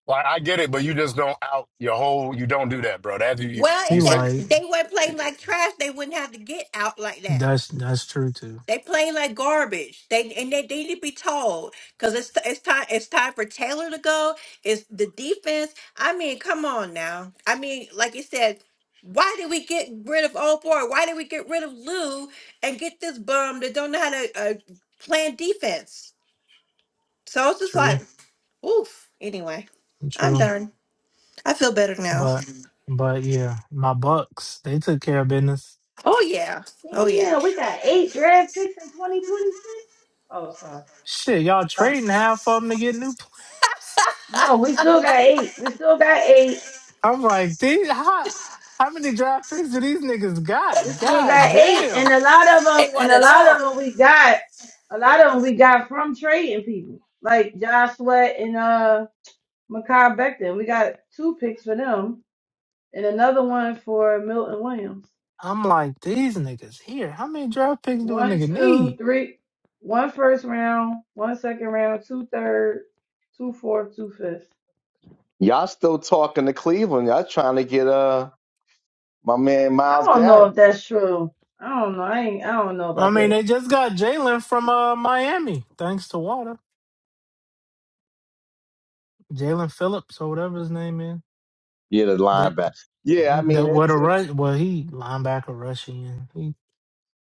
Speaker 9: Like I get it, but you just don't out your whole. You don't do that, bro. That you you
Speaker 7: Well,
Speaker 9: you
Speaker 1: he
Speaker 7: if
Speaker 9: say.
Speaker 7: they
Speaker 1: like
Speaker 7: they weren't playing like trash, they wouldn't have to get out like that.
Speaker 1: that's that's true too.
Speaker 7: They play like garbage. They and they, they need to be told because it's it's time it's time for Taylor to go. It's the defense. I mean, come on now. I mean, like you said, why did we get rid of old boy? Why did we get rid of Lou and get this bum that don't know how to uh, plan defense? So it's just like,
Speaker 1: True,
Speaker 7: oof. Anyway, I'm
Speaker 1: true.
Speaker 7: done. I feel better now.
Speaker 1: But but yeah, my Bucks they took care of business.
Speaker 7: Oh yeah. Oh yeah.
Speaker 6: Damn, we got eight draft picks in 2026. Oh, sorry.
Speaker 1: Shit, y'all trading half of them to get new. Play-
Speaker 6: No, we still got eight. We still got eight.
Speaker 1: I'm like, these how how many draft picks do these niggas
Speaker 6: We
Speaker 1: got?
Speaker 6: still
Speaker 1: God
Speaker 6: got eight, and
Speaker 1: damn.
Speaker 6: a lot of them, and a lot of them we got, a lot of them we got from trading people like Josh Sweat and uh Makai Becton. We got two picks for them, and another one for Milton Williams.
Speaker 1: I'm like, these niggas here. How many draft picks do a
Speaker 6: One,
Speaker 1: nigga
Speaker 6: two,
Speaker 1: need?
Speaker 6: three. One first round, one second round, two third, two fourth, two fifth.
Speaker 2: Y'all still talking to Cleveland. Y'all trying to get uh my man
Speaker 6: I
Speaker 2: Miles
Speaker 6: don't know
Speaker 2: Garrett.
Speaker 6: if that's true. I don't know. I ain't, I don't know
Speaker 1: I
Speaker 6: about
Speaker 1: mean,
Speaker 6: that.
Speaker 1: they just got Jalen from uh, Miami, thanks to Water. Jalen Phillips or whatever his name is.
Speaker 2: Yeah, the
Speaker 1: That
Speaker 2: linebacker. Yeah, I
Speaker 1: the
Speaker 2: mean
Speaker 1: what
Speaker 2: it's
Speaker 1: a
Speaker 2: it's
Speaker 1: rush well he linebacker rushing he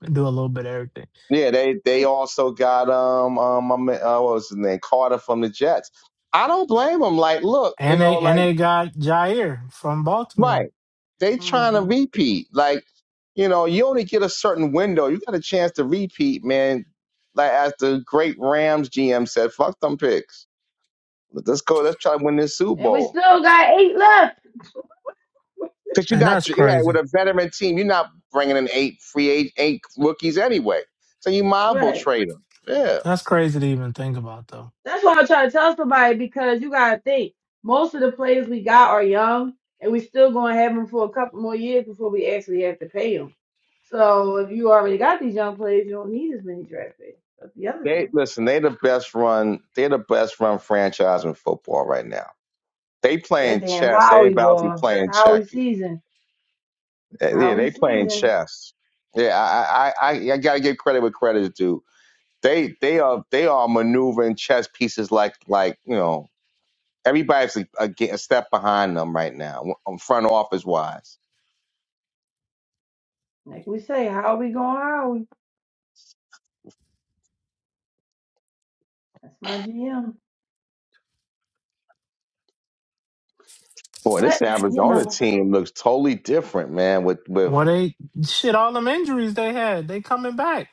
Speaker 1: do a little bit of everything.
Speaker 2: yeah, they they
Speaker 6: Wait.
Speaker 2: also got um um my man, uh, what was his name? Carter from the Jets. I don't blame them. Like, look, you
Speaker 1: And
Speaker 2: know,
Speaker 1: they and
Speaker 2: like
Speaker 1: they got Jair from Baltimore.
Speaker 2: right. They trying to
Speaker 6: hmm
Speaker 2: repeat. Like, you know, you only get a certain window. You got a chance to repeat, man. Like as the great Rams GM said, fuck them picks. Let's go, let's try to win this Super
Speaker 6: And we
Speaker 2: Bowl.
Speaker 6: still got eight left. [laughs]
Speaker 2: Because you're
Speaker 1: And
Speaker 2: not
Speaker 1: that's
Speaker 2: you're right, with
Speaker 1: crazy.
Speaker 2: a veteran team, you're not bringing in eight free eight, eight rookies anyway. So you might as well
Speaker 6: Right.
Speaker 2: trade them. Yeah,
Speaker 1: That's crazy to even think about though.
Speaker 6: That's what I'm trying to tell somebody because you gotta think most of the players we got are young, and we still gonna have them for a couple more years before we actually have to pay them. So if you already got these young players, you don't need as many draft picks. That's the other
Speaker 2: they
Speaker 6: thing.
Speaker 2: listen. They the best run. They're the best run franchise in football right now. They
Speaker 6: That
Speaker 2: playing
Speaker 6: damn
Speaker 2: chess. They
Speaker 6: Howie
Speaker 2: about to be
Speaker 6: boy. It's
Speaker 2: playing
Speaker 6: Howie
Speaker 2: checky.
Speaker 6: season.
Speaker 2: Uh, Yeah,
Speaker 6: Howie
Speaker 2: they playing
Speaker 6: season.
Speaker 2: chess. Yeah, I I I, I got to give credit where credit is due. They they are they are maneuvering chess pieces like like you know everybody's a, a, a step behind them right now, w- um, front office wise.
Speaker 6: Like we say, Howie going Howie. That's my GM.
Speaker 2: Boy, this
Speaker 6: But you
Speaker 2: Arizona
Speaker 6: know,
Speaker 2: team looks totally different, man. With with
Speaker 1: Well they shit all them injuries they had, they coming back.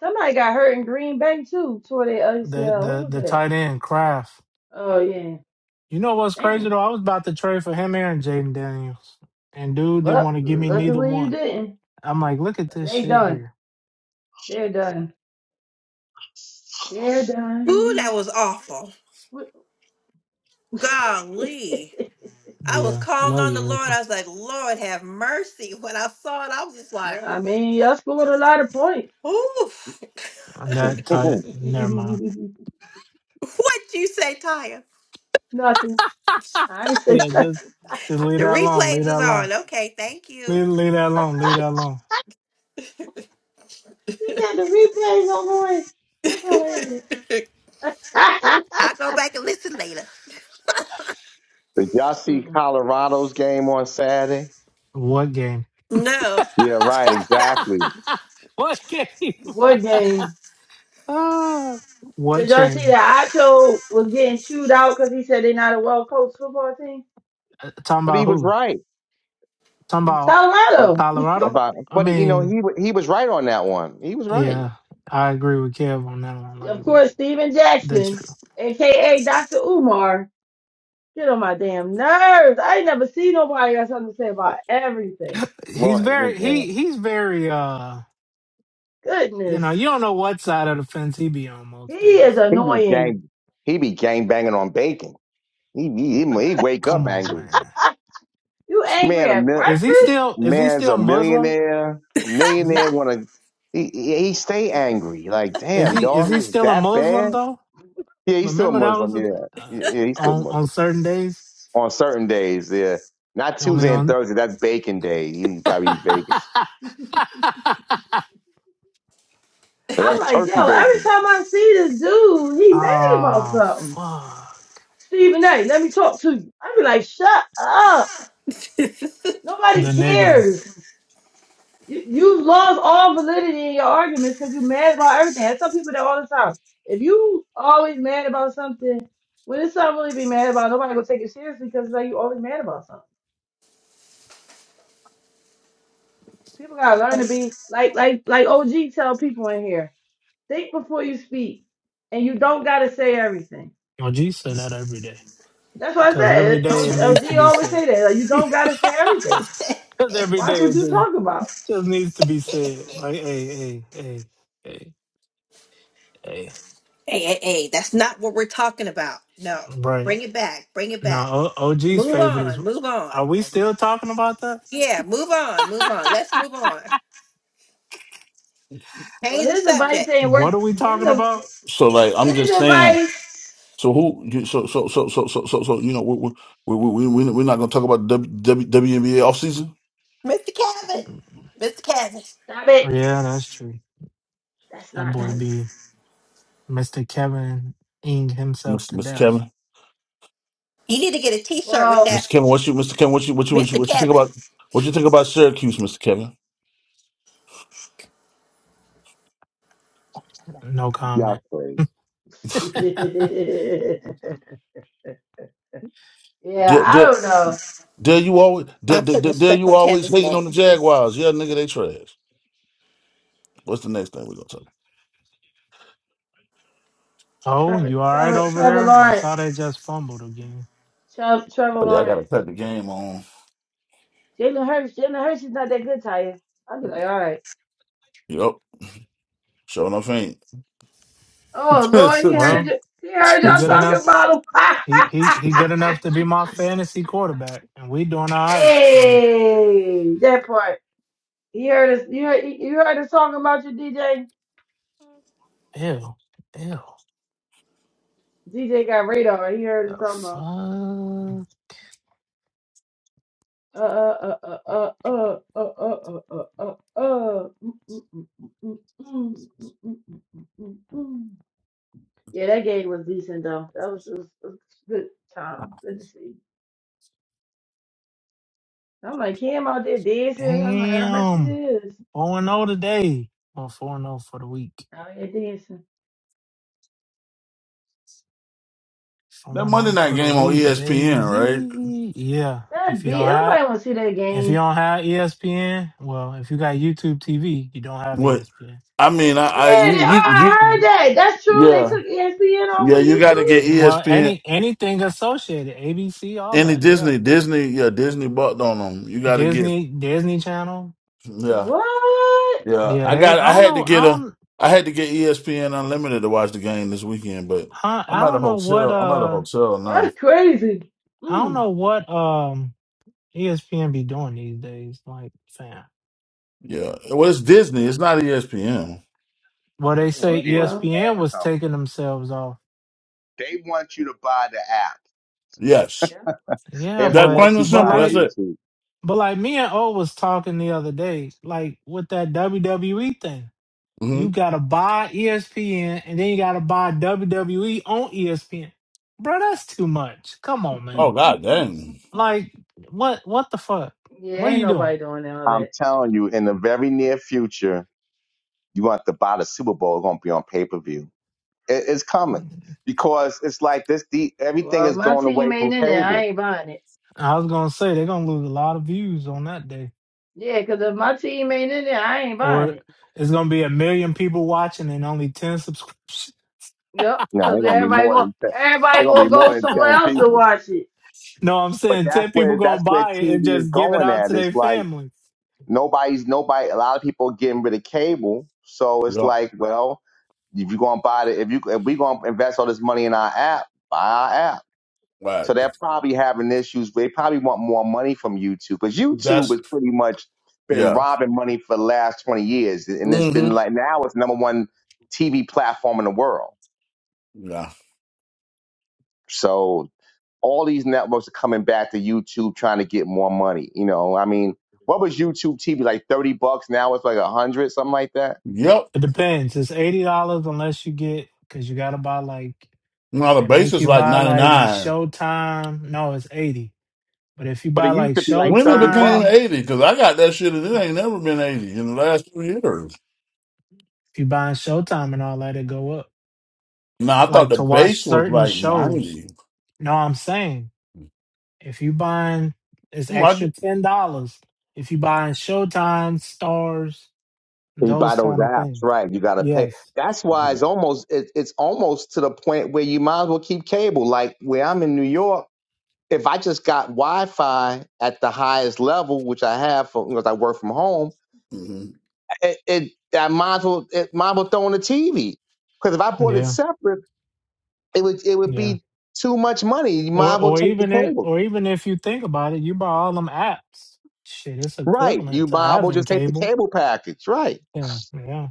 Speaker 6: somebody got hurt in Green Bay too. Tore their
Speaker 1: The
Speaker 6: ACL. Who
Speaker 1: the
Speaker 6: was
Speaker 1: the
Speaker 6: that?
Speaker 1: tight end Kraft.
Speaker 6: Oh yeah,
Speaker 1: You know what's crazy
Speaker 6: damn.
Speaker 1: though? I was about to trade for him and Jaden Daniels. And dude didn't
Speaker 6: Well,
Speaker 1: want to give me neither
Speaker 6: luckily you
Speaker 1: one.
Speaker 6: didn't.
Speaker 1: I'm like, look at
Speaker 6: But
Speaker 1: this
Speaker 6: they
Speaker 1: shit
Speaker 6: done.
Speaker 1: here.
Speaker 6: They're done. They're
Speaker 7: Ooh, that
Speaker 6: done.
Speaker 7: was awful.
Speaker 6: What- [laughs]
Speaker 7: Golly. I was
Speaker 1: Yeah.
Speaker 7: calling
Speaker 1: Love
Speaker 7: on
Speaker 1: you,
Speaker 7: the Lord.
Speaker 1: Erica.
Speaker 7: I was like, Lord, have mercy. When I saw it, I was just like,
Speaker 6: Yeah, I mean, y'all scored a lot of points.
Speaker 7: "Ooh,
Speaker 2: [laughs]
Speaker 1: That type.
Speaker 2: did
Speaker 1: Never mind.
Speaker 6: [laughs]
Speaker 7: [laughs] what you say, Taya?
Speaker 6: nothing. I ain't say
Speaker 1: Yeah,
Speaker 6: nothing.
Speaker 1: just just leave
Speaker 7: The
Speaker 1: that alone. Leave
Speaker 7: replays
Speaker 1: that
Speaker 7: is
Speaker 1: alone.
Speaker 7: on. Okay, thank you.
Speaker 1: Leave leave that alone.
Speaker 6: [laughs]
Speaker 1: Leave that alone.
Speaker 6: she said the replays on boy. That's hilarious.
Speaker 7: [laughs] I'll
Speaker 6: [laughs]
Speaker 7: go back and listen later.
Speaker 2: y'all see
Speaker 6: Mm.
Speaker 2: Colorado's game on Saturday?
Speaker 1: What game?
Speaker 7: No.
Speaker 2: Yeah, right, exactly.
Speaker 6: What game?
Speaker 1: Uh, what
Speaker 6: Did y'all see
Speaker 1: chain?
Speaker 6: that Acho was getting chewed out because he said they're not a well coached football team?
Speaker 1: Uh, talking
Speaker 2: But
Speaker 1: about
Speaker 2: he was
Speaker 1: who?
Speaker 2: right
Speaker 1: Talking about
Speaker 2: ab-
Speaker 6: Colorado.
Speaker 1: Colorado?
Speaker 2: about,
Speaker 1: I
Speaker 2: but you know
Speaker 1: mean,
Speaker 2: he wa- he was right on that one. He was right.
Speaker 1: yeah, I agree with Kev on that one. Like,
Speaker 6: Of
Speaker 1: what?
Speaker 6: course, Steven
Speaker 1: That's
Speaker 6: Jackson,
Speaker 1: true.
Speaker 6: aka Dr. Umar. Get on my damn nerves. I ain't never seen nobody got something to say about everything.
Speaker 1: He's
Speaker 2: Well,
Speaker 1: very
Speaker 2: yeah,
Speaker 1: he he's very uh you
Speaker 6: Goodness.
Speaker 1: know you don't know what side of the fence he be on
Speaker 6: He
Speaker 1: most
Speaker 6: is
Speaker 1: days.
Speaker 2: he was
Speaker 6: annoying.
Speaker 2: gang he be gang banging on bacon. He he he he wake up
Speaker 1: Come on,
Speaker 2: angry.
Speaker 1: man.
Speaker 6: You angry
Speaker 2: Man, a
Speaker 6: at
Speaker 2: mil-
Speaker 1: Is
Speaker 6: breakfast? [laughs]
Speaker 1: he still is he
Speaker 2: man's
Speaker 1: still
Speaker 2: a
Speaker 1: Muslim?
Speaker 2: millionaire. A
Speaker 1: Is he
Speaker 2: millionaire want to he he he stay angry. Like
Speaker 1: is
Speaker 2: damn,
Speaker 1: he is
Speaker 2: dog
Speaker 1: he
Speaker 2: was
Speaker 1: still a
Speaker 2: that bad.
Speaker 1: Muslim
Speaker 2: Yeah, he's still a
Speaker 1: Remember that was
Speaker 2: Muslim.
Speaker 1: a
Speaker 2: Yeah,
Speaker 1: thing uh,
Speaker 2: yeah, yeah, he's still
Speaker 1: on
Speaker 2: Muslim
Speaker 1: on certain days,
Speaker 2: on certain days. Yeah, not
Speaker 1: only
Speaker 2: Tuesday and
Speaker 1: on
Speaker 2: Thursday. That's bacon day. You probably eat bacon, but
Speaker 6: I'm
Speaker 2: that's
Speaker 6: like,
Speaker 2: turkey
Speaker 6: yo, every
Speaker 2: bacon.
Speaker 6: time I see this dude, he mad about
Speaker 1: ah
Speaker 6: something.
Speaker 1: fuck
Speaker 6: Stephen A, let me talk to you. I be like, shut up.
Speaker 7: [laughs] hey,
Speaker 6: Nobody
Speaker 1: the negative.
Speaker 6: cares. You, you lost all validity in your arguments because you're mad about everything. I tell people that all the time. If you always mad about something, when it's something really to be mad about, nobody gonna take it seriously because like you always mad about something. People gotta learn to be like like like OG tell people in here. Think before you speak, and you don't gotta say everything.
Speaker 1: Oh, G say that every day
Speaker 6: That's what I
Speaker 1: because every
Speaker 6: said.
Speaker 1: day it
Speaker 6: O-
Speaker 1: needs to
Speaker 6: OG
Speaker 1: be
Speaker 6: always
Speaker 1: said.
Speaker 6: say that. Like, you don't gotta say everything.
Speaker 1: Because every
Speaker 6: Watch
Speaker 1: day
Speaker 6: what
Speaker 1: it
Speaker 6: you
Speaker 1: just
Speaker 6: talk about.
Speaker 1: just needs to be said. Like hey hey hey hey hey.
Speaker 7: hey, hey, that's not what we're talking about. No.
Speaker 1: Right
Speaker 7: Bring it back. Bring it back.
Speaker 1: now, O- OG's
Speaker 7: Move
Speaker 1: favorite is.
Speaker 7: on. Move on.
Speaker 1: Are we still talking about that?
Speaker 7: Yeah, move on. Move on. Let's move on.
Speaker 6: Well,
Speaker 7: Change the
Speaker 6: his advice
Speaker 7: subject.
Speaker 6: ain't
Speaker 1: What
Speaker 6: work.
Speaker 1: are we
Speaker 6: His
Speaker 1: talking
Speaker 6: ad-
Speaker 1: about?
Speaker 8: So like I'm
Speaker 6: his
Speaker 8: just saying.
Speaker 6: advice.
Speaker 8: So who? you- So so so so so so, so you know we we we we we're not gonna talk about the w, WNBA offseason,
Speaker 7: Mr. Kevin. Mr. Kevin.
Speaker 6: Stop it.
Speaker 1: Yeah, that's true.
Speaker 6: That's
Speaker 1: That
Speaker 6: not
Speaker 1: boy
Speaker 6: nice.
Speaker 1: be Mr. Kevin ing himself
Speaker 8: Mr.
Speaker 1: to
Speaker 8: Mr.
Speaker 1: death.
Speaker 8: Kevin.
Speaker 7: You need to get a t shirt with
Speaker 6: Well,
Speaker 7: that.
Speaker 8: Mr. Kevin, what you Mr. Kevin, what you what you what you
Speaker 7: Mr.
Speaker 8: what you think
Speaker 7: Kevin.
Speaker 8: about what you think about Syracuse, Mr.
Speaker 1: No comment.
Speaker 2: Y'all crazy.
Speaker 6: [laughs]
Speaker 1: [laughs]
Speaker 6: yeah, I
Speaker 8: Kevin?
Speaker 6: don't know.
Speaker 8: Dare you always
Speaker 7: I
Speaker 8: dare,
Speaker 7: put
Speaker 8: dare, dare
Speaker 7: respect
Speaker 8: you
Speaker 7: on
Speaker 8: always
Speaker 7: Kevin's
Speaker 8: hating
Speaker 7: name.
Speaker 8: on the Jaguars? Yeah, nigga, they trash. What's the next thing we gonna talk? about?
Speaker 1: Oh,
Speaker 6: Trevor,
Speaker 1: you all right
Speaker 6: Trevor,
Speaker 1: over
Speaker 6: Trevor
Speaker 1: there? I
Speaker 6: Lawrence,
Speaker 1: saw they just fumbled again.
Speaker 6: Tre- Trevor
Speaker 8: Oh yeah, I gotta
Speaker 6: Lawrence,
Speaker 8: cut the game on.
Speaker 6: Jalen Hurts. Jalen Hurts is not that good, Taya. I'll be like, all right.
Speaker 8: Yep, sure enough ain't.
Speaker 6: Oh
Speaker 8: [laughs]
Speaker 6: Lord, he
Speaker 8: that
Speaker 6: heard
Speaker 1: Well,
Speaker 6: it. He heard
Speaker 1: he
Speaker 6: y'all
Speaker 1: good enough.
Speaker 6: talking about him.
Speaker 1: He he he good
Speaker 6: [laughs]
Speaker 1: enough to be my fantasy quarterback, and we doing all right. So
Speaker 6: hey, that part. He heard us. You heard. You heard us talking about your DJ.
Speaker 1: ew, ew,
Speaker 6: DJ got radar. He heard
Speaker 1: the
Speaker 6: us talking about.
Speaker 1: fuck,
Speaker 6: Uh, uh, uh, uh, uh, uh, uh, uh, uh, uh, uh. uh. Mm, mm, mm, mm, mm, mm, mm, mm, mm, mm, mm. mm. Yeah, that game was decent though. That was, it was, it was a good time. Good to see. I'm like him out there dancing. I'm like, I bet
Speaker 1: damn,
Speaker 6: you is
Speaker 1: four and zero today. Well, four and zero for the week.
Speaker 6: out here dancing.
Speaker 1: Four and
Speaker 8: Monday
Speaker 1: zero
Speaker 8: night
Speaker 1: for the
Speaker 8: game on
Speaker 1: week,
Speaker 8: ESPN, right?
Speaker 1: baby. Yeah. If
Speaker 6: That
Speaker 1: you don't
Speaker 6: beat.
Speaker 1: have
Speaker 6: Nobody want to see that
Speaker 1: if you
Speaker 6: game.
Speaker 1: don't have ESPN, well, if you got YouTube TV, you don't have
Speaker 8: What
Speaker 1: ESPN.
Speaker 8: I mean, I,
Speaker 6: Yeah,
Speaker 8: I
Speaker 6: they,
Speaker 8: you,
Speaker 6: oh,
Speaker 8: you
Speaker 6: I heard
Speaker 8: you
Speaker 6: that. That's true. They
Speaker 8: yeah
Speaker 6: took ESPN off
Speaker 8: yeah
Speaker 6: of
Speaker 8: you got to
Speaker 6: YouTube.
Speaker 8: get
Speaker 1: And, well,
Speaker 8: ESPN
Speaker 1: any anything associated, ABC, all
Speaker 8: any
Speaker 1: that, yeah.
Speaker 8: Disney Disney yeah Disney bucked on them. You got to get
Speaker 1: Disney, Disney Channel,
Speaker 8: yeah
Speaker 6: What?
Speaker 8: Yeah,
Speaker 1: yeah.
Speaker 8: I
Speaker 1: They,
Speaker 8: got.
Speaker 1: I
Speaker 8: I
Speaker 1: don't
Speaker 8: had to
Speaker 1: know,
Speaker 8: get
Speaker 1: I
Speaker 8: a.
Speaker 1: don't,
Speaker 8: I had to get ESPN Unlimited to watch the game this weekend, but
Speaker 1: I, I
Speaker 8: I'm at a
Speaker 1: don't know what,
Speaker 8: hotel. I'm at a
Speaker 1: uh,
Speaker 8: hotel now.
Speaker 6: That's crazy.
Speaker 1: I don't
Speaker 6: Mm.
Speaker 1: know what, um, ESPN be doing these days. Like, fam,
Speaker 8: Yeah, well, it's Disney. It's not ESPN.
Speaker 1: well, they
Speaker 2: Well,
Speaker 6: Yeah,
Speaker 1: say
Speaker 2: yeah, the
Speaker 6: well,
Speaker 2: ham
Speaker 1: ESPN
Speaker 2: and
Speaker 1: was
Speaker 2: something.
Speaker 1: taking themselves off,
Speaker 2: They want you to buy the app.
Speaker 8: Yes,
Speaker 6: yeah.
Speaker 1: yeah,
Speaker 2: They don't
Speaker 8: that's
Speaker 1: but,
Speaker 2: want
Speaker 8: plain and
Speaker 2: you
Speaker 1: but
Speaker 8: simple.
Speaker 2: buying
Speaker 8: That's
Speaker 1: like,
Speaker 8: it.
Speaker 2: YouTube.
Speaker 1: but like me and O was talking the other day, like with that WWE thing.
Speaker 8: hmm
Speaker 1: You gotta buy ESPN and then you gotta buy WWE on ESPN. Bro, that's too much. Come on, man.
Speaker 8: Oh God,
Speaker 6: [laughs]
Speaker 8: dang.
Speaker 1: Like, what what the fuck?
Speaker 6: Yeah,
Speaker 1: What are
Speaker 6: ain't
Speaker 1: you doing?
Speaker 6: nobody doing all
Speaker 2: I'm
Speaker 6: that.
Speaker 2: telling you, in the very near future, you want to buy the Super Bowl. It's going to be on pay per view. It, it's coming because it's like this. The, everything
Speaker 6: Well, if
Speaker 2: is
Speaker 6: my
Speaker 2: going
Speaker 6: team
Speaker 2: away from
Speaker 6: ain't in there,
Speaker 2: cable.
Speaker 6: I ain't buying it.
Speaker 1: I was gonna say they're gonna lose a lot of views on that day.
Speaker 6: Yeah, cause if my team ain't in there, I ain't buying
Speaker 1: Or
Speaker 6: it.
Speaker 1: it's gonna be a million people watching and only ten subscriptions. [laughs]
Speaker 6: Yep,
Speaker 2: No,
Speaker 6: because
Speaker 2: they're going to be
Speaker 6: everybody
Speaker 2: more
Speaker 6: going
Speaker 2: than ten, they're
Speaker 6: everybody
Speaker 2: going to
Speaker 6: gonna
Speaker 2: be
Speaker 6: go
Speaker 2: more than
Speaker 6: somewhere
Speaker 2: ten
Speaker 6: else to
Speaker 2: people.
Speaker 6: watch it.
Speaker 1: No, I'm
Speaker 2: But
Speaker 1: saying
Speaker 6: Eh,
Speaker 2: that's
Speaker 1: ten people
Speaker 2: where
Speaker 1: gonna
Speaker 2: that's where
Speaker 1: buy it and
Speaker 2: TV is
Speaker 1: just give it
Speaker 2: going
Speaker 1: out to
Speaker 2: at. It's
Speaker 1: their
Speaker 2: like
Speaker 1: families.
Speaker 2: nobody's nobody. A lot of people are getting rid of cable, so it's
Speaker 8: Yeah,
Speaker 2: like, well, if you're gonna buy the if you if we're gonna invest all this money in our app, buy our app.
Speaker 8: right.
Speaker 2: So they're probably having issues. They probably want more money from YouTube because YouTube
Speaker 8: That's
Speaker 2: has pretty much been
Speaker 8: yeah.
Speaker 2: robbing money for the last 20 years, and it's
Speaker 8: hmm
Speaker 2: been like now it's the number one TV platform in the world.
Speaker 8: Yeah.
Speaker 2: So all these networks are coming back to YouTube trying to get more money. You know, I mean, what was YouTube TV like? Thirty bucks. Now it's like a hundred, something like that.
Speaker 8: Yep.
Speaker 1: It depends. It's eighty dollars unless you get because you gotta buy like
Speaker 8: Now the
Speaker 1: they
Speaker 8: base
Speaker 1: make
Speaker 8: is
Speaker 1: you
Speaker 8: like
Speaker 1: buy like
Speaker 8: 99.
Speaker 1: Showtime. No, it's eighty. But if you
Speaker 2: But
Speaker 1: buy
Speaker 2: it
Speaker 1: like
Speaker 2: used to be like
Speaker 8: When it
Speaker 2: thirty
Speaker 8: became
Speaker 2: bucks.
Speaker 1: Showtime,
Speaker 8: 80 because I got that shit and it ain't never been 80 in the last two years.
Speaker 1: if you buying Showtime and all that, it go up.
Speaker 8: Now I thought
Speaker 1: Like
Speaker 8: the
Speaker 1: to watch
Speaker 8: base was
Speaker 1: certain
Speaker 8: like
Speaker 1: shows.
Speaker 8: 90.
Speaker 1: No, I'm saying if you buying it's
Speaker 8: Mm,
Speaker 1: extra ten dollars. If you buying Showtime, Stars,
Speaker 2: You
Speaker 1: those
Speaker 2: buy those
Speaker 1: kind of
Speaker 2: apps,
Speaker 1: things.
Speaker 2: right? You got to pay.
Speaker 1: Yes.
Speaker 2: That's
Speaker 8: I,
Speaker 2: why it's almost it, it's almost to the point where you might as well keep cable. Like where I'm in New York, if I just got Wi-Fi at the highest level, which I have for, because I work from home.
Speaker 8: hmm
Speaker 2: it, it I might as well it might as well throw on the TV because if I bought it
Speaker 1: Yeah.
Speaker 2: separate, it would it would
Speaker 1: Yeah.
Speaker 2: be too much money. You might
Speaker 1: Or
Speaker 2: as well
Speaker 1: or
Speaker 2: take the
Speaker 1: even if
Speaker 2: cable,
Speaker 1: or even if you think about it, you buy all them apps. Shit, it's
Speaker 2: right?
Speaker 1: equivalent
Speaker 2: You
Speaker 1: to
Speaker 2: might as well
Speaker 1: having
Speaker 2: just take the
Speaker 1: cable.
Speaker 2: cable package, right?
Speaker 1: Yeah. Yeah.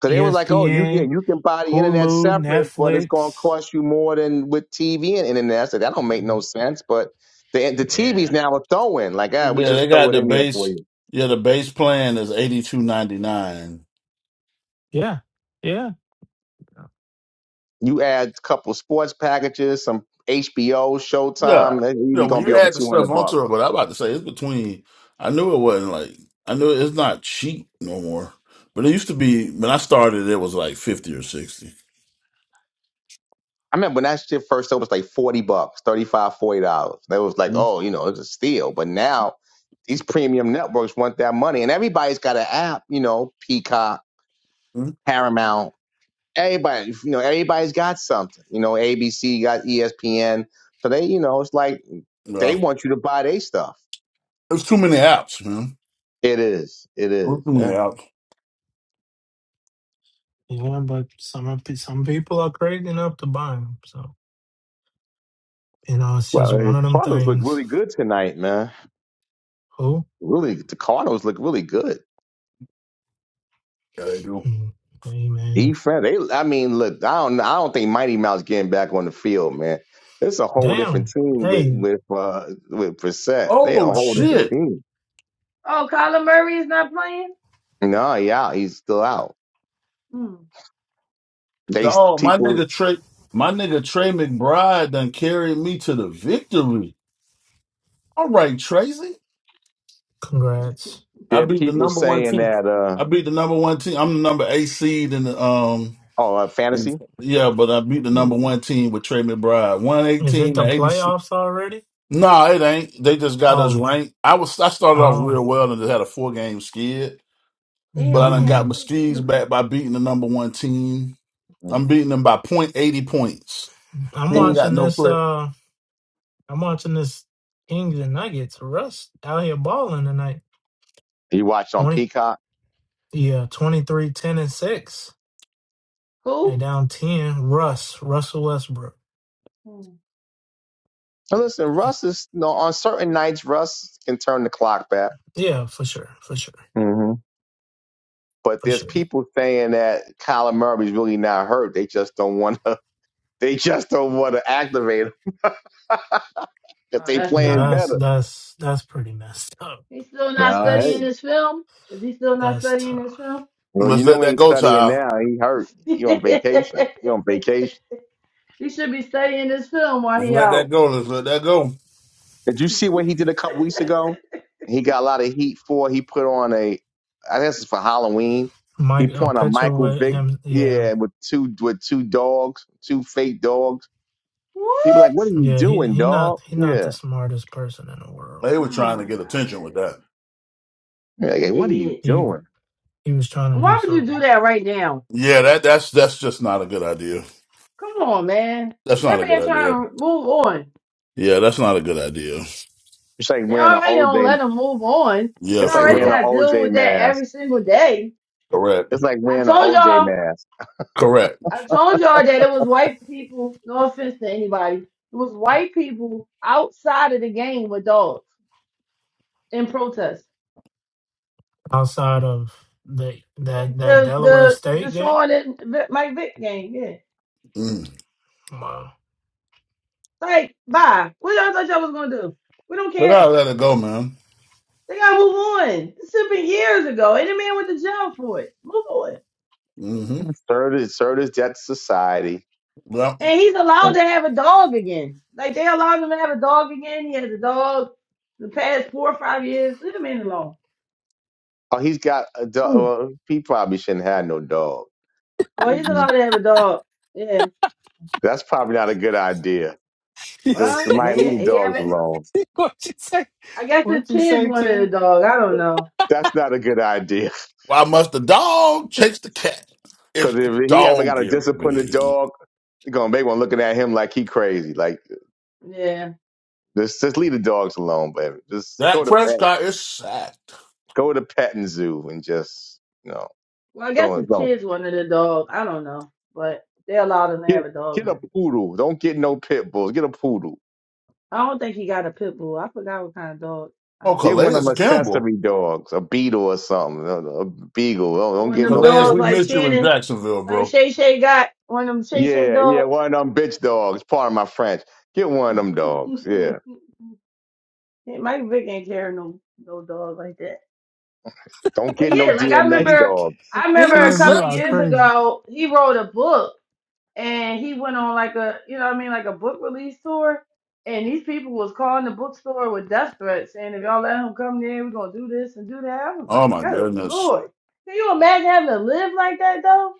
Speaker 2: Because they was like, oh, you
Speaker 1: ESPN,
Speaker 2: can you can buy the internet
Speaker 1: Hulu,
Speaker 2: separate, but it's going to
Speaker 1: Netflix.
Speaker 2: cost you more than with TV and internet. I said that don't make no sense, but the the
Speaker 1: Yeah,
Speaker 2: TV's now a throw in. Like, ah, we
Speaker 8: Yeah,
Speaker 2: just
Speaker 8: they
Speaker 2: throw
Speaker 8: got
Speaker 2: it
Speaker 8: the
Speaker 2: in there for
Speaker 8: base.
Speaker 2: you.
Speaker 8: Yeah, the base plan is eighty two ninety nine.
Speaker 1: Yeah, yeah,
Speaker 2: You add a couple sports packages, some HBO,
Speaker 8: Yeah,
Speaker 2: Showtime.
Speaker 8: yeah.
Speaker 2: You're
Speaker 8: When
Speaker 2: gonna
Speaker 8: you
Speaker 2: be over
Speaker 8: add the
Speaker 2: two
Speaker 8: stuff
Speaker 2: hundred bucks.
Speaker 8: onto it, but I'm about to say it's between. I knew it wasn't like I knew it's not cheap no more. But it used to be when I started, it was like fifty or 60
Speaker 2: I remember when that shit first sold it was like 40 bucks, 35, 40 dollars. That was like,
Speaker 8: Mm-hmm.
Speaker 2: oh, you know, it's a steal. But now these premium networks want that money and everybody's got an app, you know, Peacock, Paramount, everybody, you know, everybody's got something. You know, ABC got ESPN. So they, you know, it's like they
Speaker 8: Yeah,
Speaker 2: want you to buy their stuff.
Speaker 8: there's too many apps, man.
Speaker 2: It is. It is.
Speaker 8: There's too many
Speaker 2: Yeah.
Speaker 8: apps.
Speaker 1: yeah. But some of pe- some people are crazy enough to buy them. So you know, it's
Speaker 2: Well,
Speaker 1: just one
Speaker 2: the
Speaker 1: of them
Speaker 2: Cardinals look
Speaker 1: things.
Speaker 2: really good tonight, man.
Speaker 1: Who?
Speaker 2: Really, the Cardinals look really good.
Speaker 8: Yeah, they do.
Speaker 1: Mm, Hey man,
Speaker 2: Defense. They, I mean, look, I don't, I don't think Mighty Mouse getting back on the field, man. It's a whole different
Speaker 1: damn.
Speaker 2: team with
Speaker 1: Hey,
Speaker 2: with uh, with Brissett. They a
Speaker 8: Oh
Speaker 2: whole different
Speaker 1: mm,
Speaker 8: shit,
Speaker 2: team.
Speaker 6: Oh, Colin Murray is not playing.
Speaker 2: No, yeah, he's still out.
Speaker 6: Hmm.
Speaker 2: They s-
Speaker 8: dog! My
Speaker 2: people,
Speaker 8: nigga Trey, my nigga Trey McBride done carried me to the victory. All right, Tracy.
Speaker 1: congrats.
Speaker 8: I
Speaker 2: there are
Speaker 8: beat the
Speaker 2: people
Speaker 8: number one
Speaker 2: saying
Speaker 8: team.
Speaker 2: that. Uh,
Speaker 8: I beat the number one team. I'm the number eight seed in the um
Speaker 2: oh, uh, fantasy.
Speaker 8: yeah, but I beat the
Speaker 2: Mm,
Speaker 8: number one team with Trey McBride. One
Speaker 1: Is it
Speaker 8: eighteen
Speaker 1: the
Speaker 8: to eighty six.
Speaker 1: playoffs already?
Speaker 8: No, it ain't. They just got us
Speaker 1: Oh,
Speaker 8: ranked. I was I started off
Speaker 1: oh.
Speaker 8: real well and just had a four game skid, but
Speaker 6: Damn,
Speaker 8: I
Speaker 6: we
Speaker 8: done got
Speaker 1: Mm.
Speaker 8: my
Speaker 6: halfway through
Speaker 8: skis
Speaker 6: the
Speaker 8: back by beating the number one team.
Speaker 2: mm,
Speaker 8: I'm beating them by point eighty points.
Speaker 1: I'm
Speaker 8: He ain't
Speaker 2: mm.
Speaker 1: watching
Speaker 8: got no
Speaker 1: this.
Speaker 8: credit.
Speaker 1: Uh, I'm watching this Kings and Nuggets. Russ out here balling tonight.
Speaker 2: You watch on
Speaker 1: Point.
Speaker 2: Peacock.
Speaker 1: Yeah, 23, 10 and six. They
Speaker 6: who?
Speaker 1: down ten. Russ, Russell Westbrook.
Speaker 6: Hmm.
Speaker 2: Now listen,
Speaker 1: Yeah.
Speaker 2: Russ is no, on certain nights. Russ can turn the clock back.
Speaker 1: Yeah, for sure, for sure,
Speaker 2: hmm But
Speaker 1: for
Speaker 2: there's
Speaker 1: sure.
Speaker 2: people saying that Kyler Murray's really not hurt. They just don't want to. [laughs] They just don't want to activate 'cause
Speaker 6: Oh,
Speaker 2: they
Speaker 6: that's
Speaker 1: Now
Speaker 2: playing
Speaker 6: terrible.
Speaker 1: that's
Speaker 2: better.
Speaker 1: that's that's pretty messed up.
Speaker 6: He's still not
Speaker 2: Nah,
Speaker 6: studying
Speaker 1: That's
Speaker 2: hey.
Speaker 6: this film. Is he still not
Speaker 1: that's
Speaker 6: studying this
Speaker 1: tough.
Speaker 6: film?
Speaker 2: Well, you
Speaker 8: Let's
Speaker 2: know
Speaker 8: let
Speaker 2: he
Speaker 8: that
Speaker 2: ain't
Speaker 8: go,
Speaker 2: studying
Speaker 8: child.
Speaker 2: now. He hurt.
Speaker 6: [laughs] he
Speaker 2: He on vacation. He on vacation.
Speaker 6: should be studying this film while
Speaker 8: Let's
Speaker 6: he
Speaker 8: let that
Speaker 6: out.
Speaker 8: go. Let's let that go.
Speaker 2: Did you see what he did a couple
Speaker 6: [laughs]
Speaker 2: weeks ago? He got a lot of heat for. He put on a, I guess it's for Halloween. He
Speaker 1: Mike, a
Speaker 2: put on a
Speaker 1: picture
Speaker 2: Michael
Speaker 1: with
Speaker 2: Vick,
Speaker 1: him. Yeah,
Speaker 2: yeah, with two with two dogs, two fake dogs. He was like, what are
Speaker 6: What?
Speaker 2: you
Speaker 1: yeah. He
Speaker 2: doing,
Speaker 1: he not
Speaker 2: dog?
Speaker 1: he not the
Speaker 2: Yeah,
Speaker 1: smartest person in the world.
Speaker 8: They were
Speaker 6: Oh
Speaker 8: trying to
Speaker 6: my
Speaker 8: get attention
Speaker 6: god.
Speaker 8: with that.
Speaker 2: they
Speaker 6: He's
Speaker 2: like,
Speaker 6: an
Speaker 2: "Hey, what are you
Speaker 6: idiot.
Speaker 1: He
Speaker 2: doing?
Speaker 1: he was trying to
Speaker 6: And
Speaker 1: do
Speaker 6: Why would you
Speaker 1: something
Speaker 6: do that right now?
Speaker 8: Yeah, that that's that's just not a good idea.
Speaker 6: Come on, man.
Speaker 8: That's
Speaker 6: That
Speaker 8: not a good
Speaker 6: man
Speaker 8: idea.
Speaker 6: trying to move on.
Speaker 8: Yeah, that's not a good idea.
Speaker 2: It's like
Speaker 6: They
Speaker 2: wearing an
Speaker 6: already don't
Speaker 2: OJ.
Speaker 6: let him move on.
Speaker 8: Yeah,
Speaker 6: You
Speaker 2: It's like
Speaker 8: for
Speaker 6: already
Speaker 2: wearing
Speaker 8: real.
Speaker 2: an
Speaker 6: got to deal
Speaker 2: OJ
Speaker 6: with that
Speaker 2: mask.
Speaker 6: every single day.
Speaker 8: Correct.
Speaker 2: It's like
Speaker 6: I
Speaker 2: wearing an
Speaker 6: told
Speaker 2: OJ
Speaker 6: y'all,
Speaker 2: mask.
Speaker 8: Correct.
Speaker 6: I told y'all that it was white people. No offense to anybody. It was white people outside of the game with dogs in protest.
Speaker 1: outside of the
Speaker 6: The
Speaker 1: that that
Speaker 6: the
Speaker 1: Delaware
Speaker 6: the, the
Speaker 1: State game.
Speaker 6: Sean and Vi- Mike Vick game, yeah.
Speaker 8: Mm.
Speaker 1: Wow. [laughs]
Speaker 6: Like, bye. What y'all thought y'all was gonna do? We don't
Speaker 8: They gotta
Speaker 6: care.
Speaker 8: let it go, man.
Speaker 6: They gotta move on. This should have been years ago. Any man went to jail for it. Move on.
Speaker 8: hmm
Speaker 2: Serve is serve is debt to society
Speaker 8: Well,
Speaker 6: And he's allowed to have a dog again. Like they allowed him to have a dog again. He has a dog the past four or five years. Leave the man alone.
Speaker 2: Oh, he's got a dog.
Speaker 6: Hmm.
Speaker 2: Well, he probably shouldn't have no dog.
Speaker 6: Well, he's
Speaker 2: Mm,
Speaker 6: allowed to have a dog. Yeah.
Speaker 2: That's probably not a good idea. Just
Speaker 6: Well,
Speaker 2: might
Speaker 6: he,
Speaker 2: leave the
Speaker 6: he
Speaker 2: dogs
Speaker 6: haven't.
Speaker 2: alone.
Speaker 1: what you say?
Speaker 6: I guess his
Speaker 1: What you
Speaker 6: kids
Speaker 1: say,
Speaker 6: wanted a
Speaker 1: Kim?
Speaker 6: dog. I don't know.
Speaker 2: That's not a good idea. [laughs]
Speaker 8: why must the dog chase the cat?
Speaker 2: Because
Speaker 8: If
Speaker 2: if
Speaker 8: the
Speaker 2: he ever
Speaker 8: dog
Speaker 2: got a
Speaker 8: gives
Speaker 2: disciplined
Speaker 8: me
Speaker 2: dog, they're gonna make one looking at him like he crazy. Like
Speaker 6: Yeah.
Speaker 2: just just leave the dogs alone, baby. Just go
Speaker 8: that
Speaker 2: to pet
Speaker 8: Prescott is sacked.
Speaker 2: go to petting zoo and just you know
Speaker 6: Well, I guess
Speaker 2: don't
Speaker 6: his
Speaker 2: don't
Speaker 6: kids wanted a dog. I don't know. But they allowed him to
Speaker 2: get
Speaker 6: have a dog
Speaker 2: get a
Speaker 6: now.
Speaker 2: poodle. Don't get no pit bulls. Get a poodle.
Speaker 6: I don't think he got a pit bull. I forgot what kind of dog I
Speaker 8: Oh,
Speaker 2: Get one
Speaker 8: Calais
Speaker 2: of
Speaker 6: heard
Speaker 2: them
Speaker 6: he had.
Speaker 8: Campbell.
Speaker 2: accessory dogs, a beetle or something, a a beagle. Don't, don't
Speaker 6: One
Speaker 2: get
Speaker 6: of them
Speaker 2: no
Speaker 8: Calais,
Speaker 2: pit.
Speaker 6: dogs
Speaker 8: we
Speaker 6: like
Speaker 8: missed you in
Speaker 6: Shannon,
Speaker 8: Jacksonville,
Speaker 6: like
Speaker 8: bro.
Speaker 6: Shay Shay got. One of them Shay Shay
Speaker 2: Yeah, yeah,
Speaker 6: dogs.
Speaker 2: one of them bitch dogs. Pardon my French. Get one of them dogs. Yeah.
Speaker 6: [laughs] Yeah, Mike Vick ain't carrying no no dog like that.
Speaker 2: Don't
Speaker 6: But
Speaker 2: get no
Speaker 6: yeah, like I
Speaker 2: DMX
Speaker 1: Hey,
Speaker 6: remember,
Speaker 2: dogs.
Speaker 6: I remember a
Speaker 1: Kim, you
Speaker 6: couple
Speaker 1: are
Speaker 6: years
Speaker 8: Interception.
Speaker 1: crazy.
Speaker 6: ago he wrote a book and he went on like a you know what I mean like a book release tour. And these people was calling the bookstore with death threats saying if y'all let him come there, we're gonna do this and do that. I was
Speaker 8: Oh
Speaker 6: like,
Speaker 8: my
Speaker 6: good
Speaker 8: goodness.
Speaker 6: lord, can you imagine having to live like that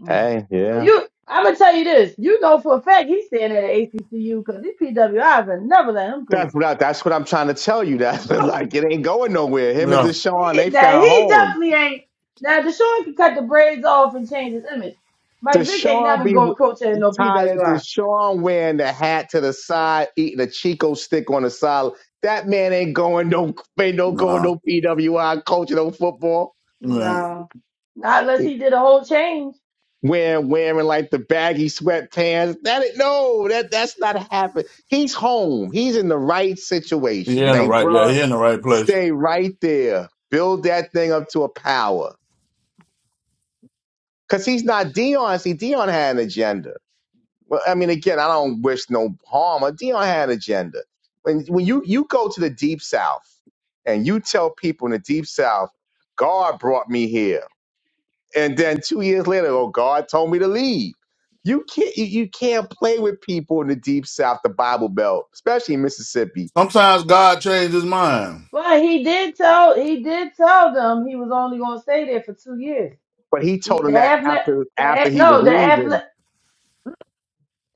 Speaker 6: Mm.
Speaker 2: Hey,
Speaker 6: So
Speaker 2: yeah.
Speaker 6: you, I'm gonna tell you this. You know for a fact he's staying at HBCU because these PWIs will never let him go.
Speaker 2: That's what I, that's what I'm trying to tell you. That's [laughs] like it ain't going nowhere. Him and
Speaker 8: Yeah.
Speaker 2: Deshaun, they
Speaker 6: He, that
Speaker 2: found
Speaker 6: he
Speaker 2: home.
Speaker 6: definitely ain't. Now Deshaun can cut the braids off and change his image. Mike Vick ain't
Speaker 2: Deshaun
Speaker 6: never
Speaker 2: be w-
Speaker 6: going coach at no
Speaker 2: tired.
Speaker 6: PWI.
Speaker 2: Deshaun wearing the hat to the side, eating a Chico stick on the side. That man ain't going no ain't no going
Speaker 8: Nah.
Speaker 2: no PWI coaching no football.
Speaker 8: Yeah.
Speaker 6: No, not unless he did a whole change.
Speaker 2: wearing wearing like the baggy sweatpants. That is- no, that that's not happening. He's home. He's in the right
Speaker 8: He
Speaker 2: situation.
Speaker 8: in the
Speaker 2: They
Speaker 8: right. Yeah,
Speaker 2: bruh,
Speaker 8: he in the right place.
Speaker 2: stay right there. Build that thing up to a power. Cause he's not Dion. See, Dion had an agenda. Well, I mean, again, I don't wish no harm. But Dion had an agenda. When when you you go to the deep south and you tell people in the deep south, God brought me here. and then two years later, oh, God told me to leave. You can't you, you can't play with people in the deep south, the Bible Belt, especially in Mississippi.
Speaker 8: Sometimes God changed his mind.
Speaker 6: But he did tell he did tell them he was only gonna stay there for two years.
Speaker 2: But he
Speaker 6: He,
Speaker 2: told him
Speaker 6: the
Speaker 2: that
Speaker 6: athletic,
Speaker 2: after
Speaker 6: the
Speaker 2: after
Speaker 6: ath-
Speaker 2: he was
Speaker 6: no, the
Speaker 2: leaving.
Speaker 6: athletic.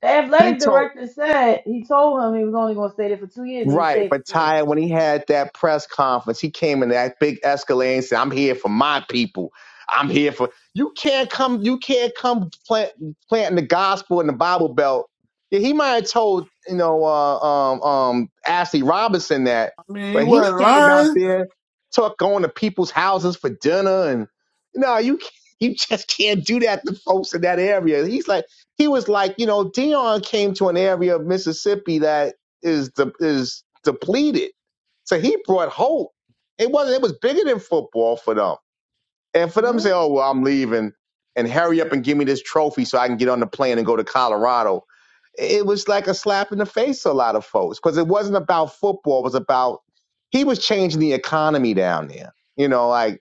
Speaker 6: The
Speaker 2: He
Speaker 6: athletic
Speaker 2: told
Speaker 6: director said he told him he was only going to stay there for two years, and he
Speaker 2: Right,
Speaker 6: stayed for
Speaker 2: but
Speaker 6: three.
Speaker 2: Ty, when he had that press conference, he came in that big Escalade and said, "I'm here for my people. I'm here for you. Can't come. You can't come plant, planting the gospel in the Bible Belt." Yeah, he might have told you know uh, um, um, Ashley Robinson that,
Speaker 8: I mean, he
Speaker 2: but he
Speaker 8: wasn't
Speaker 2: came out
Speaker 8: lying.
Speaker 2: there, took going to people's houses for dinner, and no, you can't- you just can't do that to folks in that area. He's like he was like you know Dion came to an area of Mississippi that is de- is depleted. So he brought hope. It wasn't. It was bigger than football for them. And for them to
Speaker 6: Well,
Speaker 2: say, "Oh well, I'm leaving," and hurry up and give me this trophy so I can get on the plane and go to Colorado. It was like a slap in the face to a lot of folks because it wasn't about football. It was about he was changing the economy down there. You know, like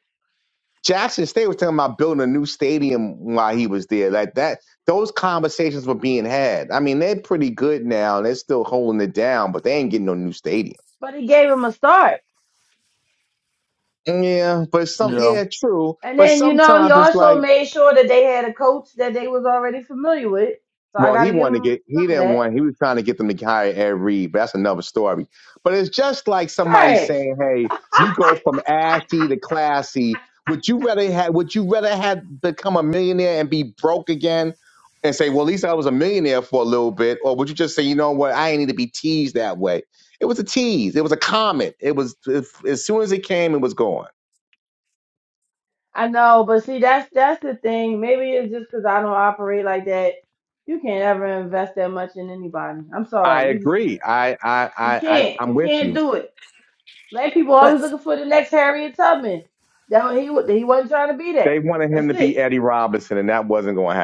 Speaker 2: Jackson State was talking about building a new stadium while he was there. Like that, those conversations were being had. I mean, they're pretty good now, and they're still holding it down, but they ain't getting no new stadium.
Speaker 6: But he gave him a start.
Speaker 2: Yeah, but some,
Speaker 8: Yeah.
Speaker 2: yeah, true.
Speaker 6: And
Speaker 2: But
Speaker 6: then, you know, he
Speaker 2: sometimes it's
Speaker 6: also
Speaker 2: like.
Speaker 6: made sure that they had a coach that they was already familiar with. So I
Speaker 2: Well, he
Speaker 6: gotta give
Speaker 2: wanted to
Speaker 6: him
Speaker 2: get, he
Speaker 6: some of
Speaker 2: didn't
Speaker 6: that.
Speaker 2: want, he was trying to get them to hire Ed Reed, but that's another story. But it's just like somebody
Speaker 6: Trash.
Speaker 2: saying, hey, you go from ashy to classy. Would you rather had, would you rather had become a millionaire and be broke again and say, well, at least I was a millionaire for a little bit? Or would you just say, you know what, I ain't need to be teased that way? It was a tease. It was a comment. It was, if, as soon as it came, it was gone.
Speaker 6: I know, but see that's that's the thing. Maybe it's just because I don't operate like that. You can't ever invest that much in anybody. I'm
Speaker 2: I
Speaker 6: sorry, you just
Speaker 2: agree.
Speaker 6: can't.
Speaker 2: I, I,
Speaker 6: You
Speaker 2: I, I
Speaker 6: can't.
Speaker 2: I'm
Speaker 6: You
Speaker 2: with
Speaker 6: can't
Speaker 2: you.
Speaker 6: do it. Black people
Speaker 7: But
Speaker 6: always looking for the next Harriet Tubman. That wa- he wa- he wasn't trying to be that.
Speaker 2: They wanted him
Speaker 6: That's
Speaker 2: to be
Speaker 6: it.
Speaker 2: Eddie Robinson and that wasn't going to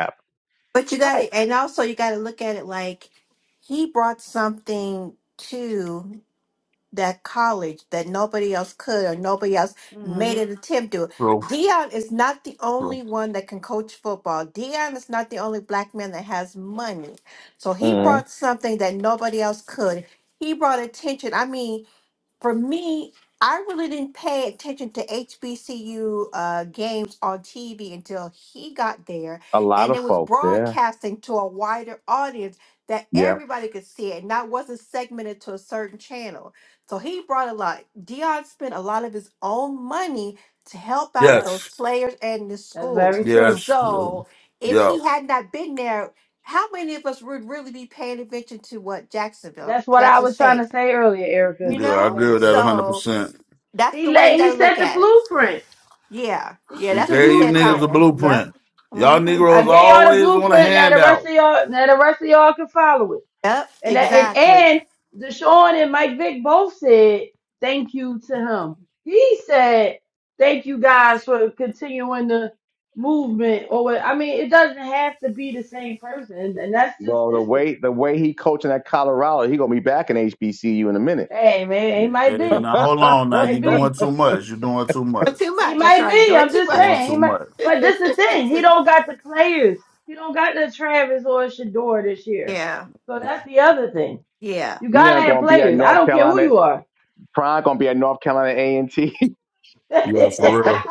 Speaker 7: but you got
Speaker 6: Right.
Speaker 7: to, and also you got to look at it like he brought something to that college that nobody else could or nobody else made
Speaker 6: hmm
Speaker 7: an attempt to.
Speaker 8: True.
Speaker 7: Dion is not the only
Speaker 8: True.
Speaker 7: one that can coach football. Dion is not the only black man that has money. So he
Speaker 2: happen.
Speaker 6: Right.
Speaker 7: brought something that nobody else could. He brought attention. I mean, for me, I really didn't pay attention to HBCU uh, games on TV until he got there,
Speaker 2: A lot
Speaker 7: and
Speaker 2: of
Speaker 7: it was
Speaker 2: folks, yeah.
Speaker 7: broadcasting to a wider audience that
Speaker 2: Yeah.
Speaker 7: everybody could see it, and that wasn't segmented to a certain channel. So he brought a lot. Dion spent a lot of his own money to help out
Speaker 6: Yep.
Speaker 7: those
Speaker 8: Yes.
Speaker 7: players and the
Speaker 6: That's
Speaker 7: schools.
Speaker 6: very true.
Speaker 8: Yes. uh,
Speaker 7: So if
Speaker 8: Yeah.
Speaker 7: he had not been there, how many of us would really be paying attention to what Jacksonville,
Speaker 6: That's what I
Speaker 7: Jackson
Speaker 6: was trying
Speaker 7: State?
Speaker 6: to say earlier,
Speaker 7: You
Speaker 6: Erica.
Speaker 8: Yeah. I
Speaker 7: know?
Speaker 8: agree
Speaker 6: Thank
Speaker 8: with
Speaker 6: you.
Speaker 8: that a hundred
Speaker 7: So
Speaker 8: percent.
Speaker 7: that's
Speaker 6: He
Speaker 7: the way you
Speaker 6: laid,
Speaker 7: gotta
Speaker 6: he
Speaker 7: look
Speaker 6: set the
Speaker 7: at it.
Speaker 6: blueprint.
Speaker 7: Yeah.
Speaker 6: He
Speaker 7: Yeah,
Speaker 8: We
Speaker 6: set
Speaker 7: that's
Speaker 6: the
Speaker 7: what you
Speaker 8: gave you
Speaker 7: said,
Speaker 8: niggas
Speaker 6: blueprint.
Speaker 8: a
Speaker 7: Taya. Yep.
Speaker 8: blueprint. Y'all
Speaker 7: hmm
Speaker 6: I
Speaker 8: Negroes
Speaker 6: gave y'all the
Speaker 8: always want a
Speaker 6: blueprint now the rest
Speaker 8: handout.
Speaker 6: of y'all now the rest of y'all can follow it.
Speaker 7: Yep,
Speaker 6: And that, and,
Speaker 7: exactly.
Speaker 6: and Deshaun and Mike Vick both said thank you to him. He said thank you guys for continuing the movement or what I mean it doesn't have to be the same person and that's just
Speaker 2: Well, the way
Speaker 6: history.
Speaker 2: the way he coaching at Colorado, he gonna be back in HBCU in a minute.
Speaker 6: Hey man, it might
Speaker 8: Hey,
Speaker 6: be.
Speaker 8: now
Speaker 2: [laughs]
Speaker 8: hold on. Now you
Speaker 6: Might be.
Speaker 8: doing too much. You doing too much.
Speaker 7: But too
Speaker 6: He
Speaker 7: much. That's
Speaker 6: might
Speaker 7: right.
Speaker 6: be.
Speaker 7: Doing
Speaker 6: I'm
Speaker 7: too
Speaker 6: just
Speaker 8: Doing
Speaker 6: saying.
Speaker 7: much.
Speaker 6: He
Speaker 8: too
Speaker 6: might.
Speaker 8: much.
Speaker 6: But this the thing. He don't got the players. He don't got the Travis or Shador this
Speaker 7: [laughs]
Speaker 6: year.
Speaker 7: yeah.
Speaker 6: So that's the other thing.
Speaker 7: Yeah.
Speaker 6: You
Speaker 2: He
Speaker 6: gotta
Speaker 2: ain't
Speaker 6: have
Speaker 2: gonna be at
Speaker 6: players. I
Speaker 2: North
Speaker 6: don't care who
Speaker 2: Carolina.
Speaker 6: you are.
Speaker 2: Prime gonna be at North Carolina A and T. [laughs]
Speaker 6: [laughs] he
Speaker 8: Yeah, for real.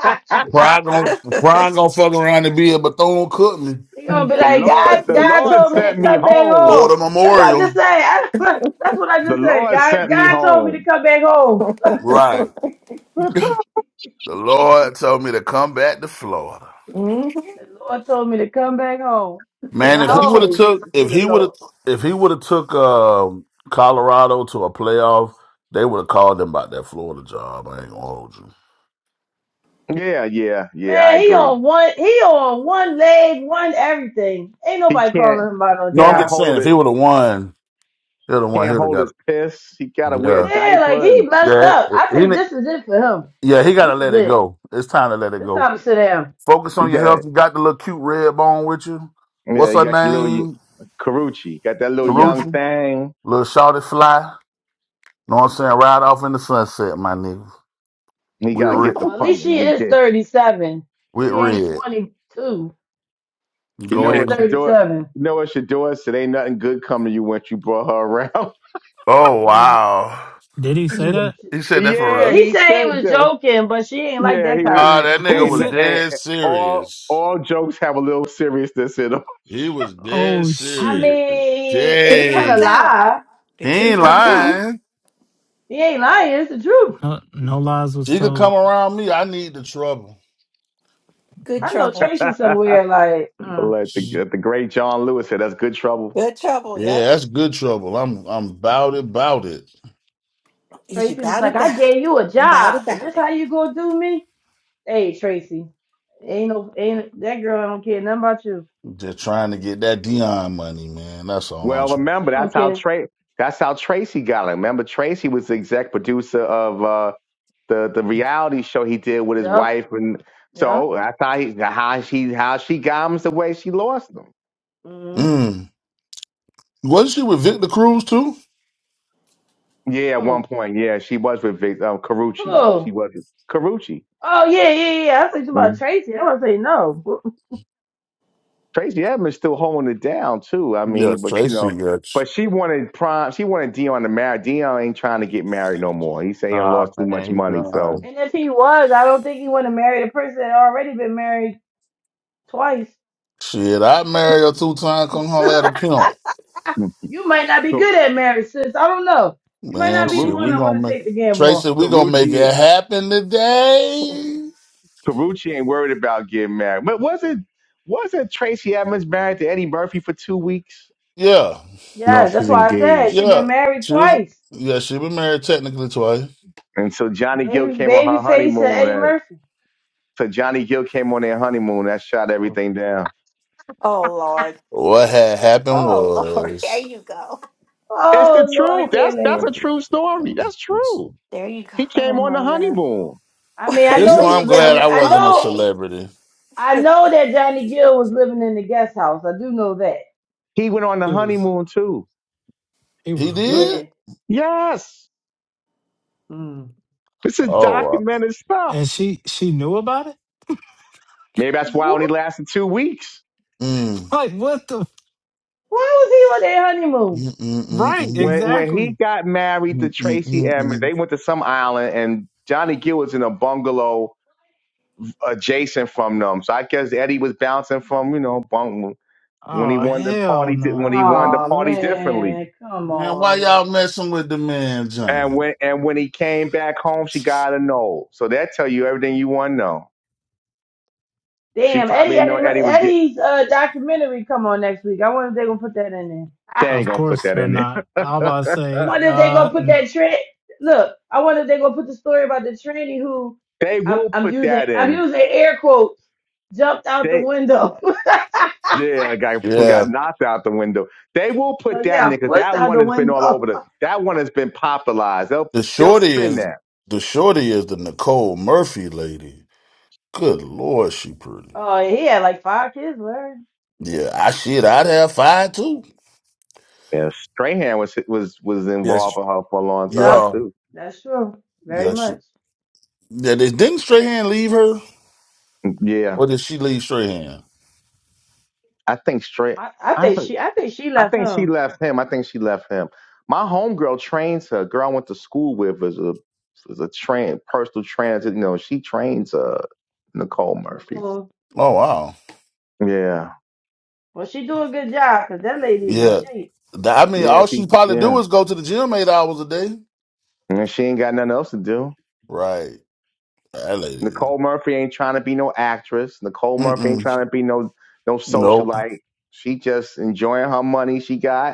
Speaker 8: Pride gonna Pride gonna fuck around and be a Bethune Cookman,
Speaker 6: gonna be
Speaker 2: The
Speaker 6: like,
Speaker 2: Lord,
Speaker 6: God.
Speaker 2: the
Speaker 6: God
Speaker 2: Lord
Speaker 6: told me to
Speaker 2: sent me
Speaker 6: come back
Speaker 2: home.
Speaker 6: home.
Speaker 8: Florida
Speaker 6: That's what I just
Speaker 8: Memorial.
Speaker 6: said. [laughs] that's what I
Speaker 2: The
Speaker 6: just said.
Speaker 2: Lord
Speaker 6: God.
Speaker 2: sent me
Speaker 6: God told me to
Speaker 2: home.
Speaker 6: come back home.
Speaker 8: Right. The Lord told me to come back to Florida.
Speaker 7: hmm
Speaker 6: The Lord told me to come back home, and
Speaker 8: Man,
Speaker 6: I
Speaker 8: if he would have
Speaker 6: always
Speaker 8: took
Speaker 6: listen to
Speaker 8: if
Speaker 6: the
Speaker 8: he would
Speaker 6: Lord.
Speaker 8: have if he would have took um, Colorado to a playoff, they would have called him about that Florida job. I ain't gonna hold you.
Speaker 2: Yeah, yeah, yeah. I
Speaker 6: Man, he
Speaker 2: agree.
Speaker 6: on one, he on one leg, one everything. Ain't
Speaker 2: He
Speaker 6: nobody
Speaker 2: can't
Speaker 6: calling him about no
Speaker 8: No, I'm
Speaker 2: can't
Speaker 6: job.
Speaker 8: just saying
Speaker 2: hold
Speaker 8: if
Speaker 2: it.
Speaker 8: he would have won, he'd have won. He'd
Speaker 2: Can't
Speaker 8: have
Speaker 2: hold
Speaker 8: got
Speaker 2: his
Speaker 8: it.
Speaker 2: piss. He gotta wear a
Speaker 8: Yeah,
Speaker 6: Yeah, like
Speaker 2: diaper, and
Speaker 6: he blessed
Speaker 8: yeah,
Speaker 6: up. I
Speaker 8: he,
Speaker 6: think this is it for him.
Speaker 8: yeah. He got to
Speaker 6: This is
Speaker 8: let it
Speaker 6: it.
Speaker 8: go. It's time to let it
Speaker 6: This
Speaker 8: go.
Speaker 6: time to sit down.
Speaker 8: Focus
Speaker 2: he
Speaker 8: on your
Speaker 2: gotta
Speaker 8: health. You got the little cute red bone with you.
Speaker 2: yeah.
Speaker 8: What's
Speaker 2: He
Speaker 8: her
Speaker 2: got your little
Speaker 8: name?
Speaker 2: Carucci. Got that little young
Speaker 8: Karuji,
Speaker 2: thing.
Speaker 8: little shawty fly. Know what I'm saying? Ride off in the sunset, my nigga.
Speaker 2: He
Speaker 8: With
Speaker 2: gotta
Speaker 8: red,
Speaker 2: get the
Speaker 6: Well, at
Speaker 2: punk.
Speaker 6: least she
Speaker 2: Get,
Speaker 6: is
Speaker 2: get,
Speaker 6: thirty seven.
Speaker 8: with
Speaker 6: She ain't
Speaker 8: red.
Speaker 6: twenty two.
Speaker 2: You
Speaker 6: She
Speaker 8: Go
Speaker 2: know
Speaker 6: is
Speaker 8: ahead.
Speaker 2: what you
Speaker 6: thirty
Speaker 2: do it.
Speaker 6: seven.
Speaker 2: You know what Shador said? Ain't nothing good coming to you once you brought her around.
Speaker 8: Oh
Speaker 6: Mm.
Speaker 8: wow.
Speaker 1: Did he say that?
Speaker 6: She-
Speaker 8: He
Speaker 2: [laughs]
Speaker 8: said that for
Speaker 6: Yeah,
Speaker 2: yeah,
Speaker 8: real.
Speaker 6: he
Speaker 2: he
Speaker 6: said he
Speaker 2: said
Speaker 6: was
Speaker 2: that.
Speaker 6: joking, but she ain't like
Speaker 2: Yeah,
Speaker 6: that
Speaker 2: he he-
Speaker 8: Nah,
Speaker 6: comment.
Speaker 8: that
Speaker 1: Who
Speaker 8: nigga was
Speaker 2: and,
Speaker 1: said?
Speaker 2: and
Speaker 8: dead
Speaker 2: all
Speaker 8: serious.
Speaker 2: all jokes have a little seriousness in them. [laughs]
Speaker 8: He was dead
Speaker 1: Oh
Speaker 6: I
Speaker 1: shit!
Speaker 8: serious.
Speaker 6: mean, it's
Speaker 7: It [laughs]
Speaker 6: not a
Speaker 7: comes
Speaker 8: Dang.
Speaker 7: out.
Speaker 6: lie.
Speaker 7: The
Speaker 8: He
Speaker 6: It's
Speaker 7: truth
Speaker 8: ain't
Speaker 6: the
Speaker 7: comes out.
Speaker 6: truth.
Speaker 8: lying.
Speaker 6: He ain't lying. It's the truth.
Speaker 1: No, no lies was
Speaker 8: She could come
Speaker 1: told.
Speaker 8: around me. I need the trouble.
Speaker 7: Good
Speaker 6: I know
Speaker 7: trouble.
Speaker 6: Tracy somewhere. Like. mm.
Speaker 2: Like the,
Speaker 1: Yeah.
Speaker 2: the great John Lewis said, "That's good trouble."
Speaker 7: Good trouble, yep.
Speaker 8: Yeah, that's good trouble. I'm I'm about it, about it.
Speaker 7: Is
Speaker 6: Tracy was
Speaker 7: about it
Speaker 6: like, I
Speaker 7: back.
Speaker 6: gave you a
Speaker 7: About
Speaker 6: job, and
Speaker 7: about
Speaker 6: this
Speaker 7: it.
Speaker 6: how you gonna do me? Hey, Tracy, ain't no, ain't that girl don't care nothing about you.
Speaker 8: Just trying to get that Dion money, man. That's all I'm
Speaker 2: Well,
Speaker 8: trying.
Speaker 6: She
Speaker 2: remember
Speaker 6: don't
Speaker 2: that's how
Speaker 6: care.
Speaker 2: Tra- that's how Tracy got it. Remember, Tracy was the exec producer of uh, the the reality show he did with his
Speaker 6: Yup,
Speaker 2: wife, and
Speaker 6: yup.
Speaker 2: so that's how he how she how she got him the way she lost him.
Speaker 6: Mm.
Speaker 8: Mm. Wasn't she with Victor Cruz too?
Speaker 2: Yeah, at one
Speaker 6: Who?
Speaker 2: point, yeah, she was with Vic, um, Carucci. She
Speaker 6: Who?
Speaker 2: was with Carucci.
Speaker 6: Oh yeah, yeah, yeah. I was thinking about
Speaker 2: Mhm.
Speaker 6: Tracy. I was say no.
Speaker 2: Tracy Edmonds still holding it down too. I mean,
Speaker 8: Yes,
Speaker 2: but you
Speaker 8: Tracy,
Speaker 2: know,
Speaker 8: yes.
Speaker 2: but she wanted prom. She wanted Dion to marry. Dion ain't trying to get married no more. He say he done
Speaker 8: Nah,
Speaker 2: lost too
Speaker 8: man,
Speaker 2: much
Speaker 8: he
Speaker 2: money. So,
Speaker 8: done.
Speaker 6: And if he was, I don't think he want to marry the person that already been married twice.
Speaker 8: Shit, I marry a two time,
Speaker 6: [laughs]
Speaker 8: come home at a pimp.
Speaker 2: Mm.
Speaker 6: you might not be
Speaker 2: so
Speaker 6: good at marriage, sis. I don't know. You might
Speaker 8: Man,
Speaker 6: not be the
Speaker 8: shit,
Speaker 6: one
Speaker 8: we're
Speaker 6: I
Speaker 2: Carucci,
Speaker 8: gonna
Speaker 6: want to
Speaker 8: make
Speaker 6: take the gamble on.
Speaker 8: Tracy, we're gonna make
Speaker 2: Carucci,
Speaker 8: it happen
Speaker 7: [laughs]
Speaker 8: today.
Speaker 2: Carucci ain't worried about getting married. But wasn't wasn't Tracy Edmonds married to Eddie Murphy for two weeks?
Speaker 8: Yeah,
Speaker 10: No,
Speaker 6: Yeah,
Speaker 10: she's
Speaker 6: that's why I said
Speaker 10: engaged.
Speaker 6: she
Speaker 8: yeah.
Speaker 6: been married
Speaker 8: She was
Speaker 6: twice.
Speaker 8: yeah, she been married technically twice.
Speaker 2: And so Johnny Gill
Speaker 6: Baby,
Speaker 2: came on her
Speaker 6: babyface face and
Speaker 2: honeymoon.
Speaker 6: Eddie
Speaker 2: uh
Speaker 6: Murphy.
Speaker 2: so Johnny Gill came on their honeymoon. That shot everything down.
Speaker 7: Oh Lord.
Speaker 8: What had happened
Speaker 7: Oh Lord. [laughs] There
Speaker 8: was
Speaker 7: you go.
Speaker 2: It's the
Speaker 6: Oh Lord,
Speaker 2: truth.
Speaker 6: I
Speaker 2: That's
Speaker 6: can't
Speaker 2: that's
Speaker 6: live.
Speaker 2: a true story. That's
Speaker 8: this
Speaker 2: true.
Speaker 7: There you go.
Speaker 2: He
Speaker 6: Oh
Speaker 2: came on the
Speaker 6: my God.
Speaker 2: honeymoon.
Speaker 6: I
Speaker 7: [laughs]
Speaker 6: mean, I
Speaker 8: is
Speaker 6: know
Speaker 2: You
Speaker 6: he
Speaker 8: why
Speaker 7: we
Speaker 6: was
Speaker 8: I'm
Speaker 7: know
Speaker 6: living
Speaker 8: glad
Speaker 6: in.
Speaker 8: I
Speaker 7: it's
Speaker 6: I
Speaker 8: wasn't a
Speaker 6: know,
Speaker 7: okay.
Speaker 8: celebrity.
Speaker 6: I know that Johnny Gill was living in the guest house. I do know that.
Speaker 2: he went on the
Speaker 1: It was
Speaker 2: honeymoon too.
Speaker 1: it
Speaker 8: He
Speaker 1: was what?
Speaker 6: Yeah.
Speaker 8: did?
Speaker 2: Yes.
Speaker 6: Mm.
Speaker 2: This is
Speaker 1: And
Speaker 8: Oh
Speaker 2: documented stuff.
Speaker 1: she she knew about it? [laughs]
Speaker 2: Maybe that's why it only
Speaker 6: What?
Speaker 2: lasted two weeks.
Speaker 8: uh, mm.
Speaker 1: Like what the
Speaker 6: Why was he on their honeymoon?
Speaker 8: Mm, mm, mm,
Speaker 1: right,
Speaker 8: mm.
Speaker 2: When when he
Speaker 1: exactly.
Speaker 2: got married to
Speaker 8: Mm, mm,
Speaker 2: Tracy
Speaker 8: mm,
Speaker 2: Edmonds,
Speaker 8: mm.
Speaker 2: they went to some island and Johnny Gill was in a bungalow adjacent from them. So I guess Eddie was bouncing from, you know, bung- when he
Speaker 1: Oh
Speaker 2: wanted to
Speaker 1: hell
Speaker 2: party di- when he
Speaker 1: no.
Speaker 2: wanted to
Speaker 6: Oh
Speaker 1: What?
Speaker 2: party differently.
Speaker 6: man, come
Speaker 8: Man,
Speaker 6: on,
Speaker 8: why y'all
Speaker 6: man.
Speaker 8: messing with the man,
Speaker 2: And
Speaker 8: Johnny?
Speaker 2: when and when he came back home, she got a no. So that tell you everything you want to know. She
Speaker 6: Damn,
Speaker 2: probably
Speaker 6: Eddie,
Speaker 2: didn't know
Speaker 6: Eddie, Mur-
Speaker 2: Eddie was getting.
Speaker 6: Eddie's uh, documentary come on next week. I wonder if they're gonna put that in there.
Speaker 2: They ain't
Speaker 1: Of
Speaker 2: gonna put
Speaker 1: course
Speaker 2: that
Speaker 1: they're
Speaker 2: in there. [laughs]
Speaker 1: not. I'm about to say,
Speaker 6: wonder if they gonna
Speaker 1: uh
Speaker 6: put
Speaker 1: no.
Speaker 6: that trend. Look, I wonder if they gonna put the story about the tranny who
Speaker 2: They
Speaker 6: I'm,
Speaker 2: will
Speaker 6: I'm
Speaker 2: put
Speaker 6: using.
Speaker 2: that
Speaker 6: I'm
Speaker 2: in.
Speaker 6: using air quotes. Jumped out the
Speaker 2: They
Speaker 6: window. [laughs]
Speaker 2: yeah, a guy who
Speaker 8: Yeah.
Speaker 2: got knocked out the window. They will put
Speaker 6: no,
Speaker 2: that in
Speaker 6: yeah,
Speaker 2: there because
Speaker 6: pushed
Speaker 2: that
Speaker 6: out
Speaker 2: one
Speaker 6: the
Speaker 2: has been all
Speaker 6: window.
Speaker 2: over the. That one has been popularized. They'll
Speaker 8: The
Speaker 2: they'll
Speaker 8: shorty
Speaker 2: spin
Speaker 8: is
Speaker 2: that.
Speaker 8: the shorty is the Nicole Murphy lady. Good lord, she pretty.
Speaker 6: Oh, he had like five kids. Where?
Speaker 8: Yeah, I shit, I'd have five too.
Speaker 2: Yeah, Strahan was was was
Speaker 8: Yes.
Speaker 2: involved with her for a long time
Speaker 6: Yep,
Speaker 8: Yeah.
Speaker 2: too.
Speaker 6: that's true. Very
Speaker 8: Yeah, she.
Speaker 6: much.
Speaker 8: Yeah, did- didn't Strahan leave her,
Speaker 2: Yeah,
Speaker 8: or did she leave Strahan?
Speaker 2: I think Stray.
Speaker 6: I, I
Speaker 2: I
Speaker 6: think she. I think she
Speaker 2: I
Speaker 6: left
Speaker 2: think she
Speaker 6: him.
Speaker 2: left him. I think she left him. My homegirl trains her. Girl I went to school with was a was a train personal transit. You know, she trains uh Nicole Murphy.
Speaker 6: Nicole.
Speaker 8: Oh wow.
Speaker 2: Yeah.
Speaker 6: Well, she do a good job because that lady is in
Speaker 8: Yeah,
Speaker 6: shape.
Speaker 8: Th- I mean,
Speaker 2: Yeah,
Speaker 8: all
Speaker 2: she
Speaker 8: she probably do
Speaker 2: yeah.
Speaker 8: is go to the gym eight hours a day.
Speaker 2: And she ain't got nothing else to do.
Speaker 8: Right. That lady. is-
Speaker 2: Nicole Murphy ain't trying to be no actress. Nicole Murphy ain't
Speaker 8: Mm-mm.
Speaker 2: trying to be no no
Speaker 8: Nope.
Speaker 2: socialite. She just enjoying her money she got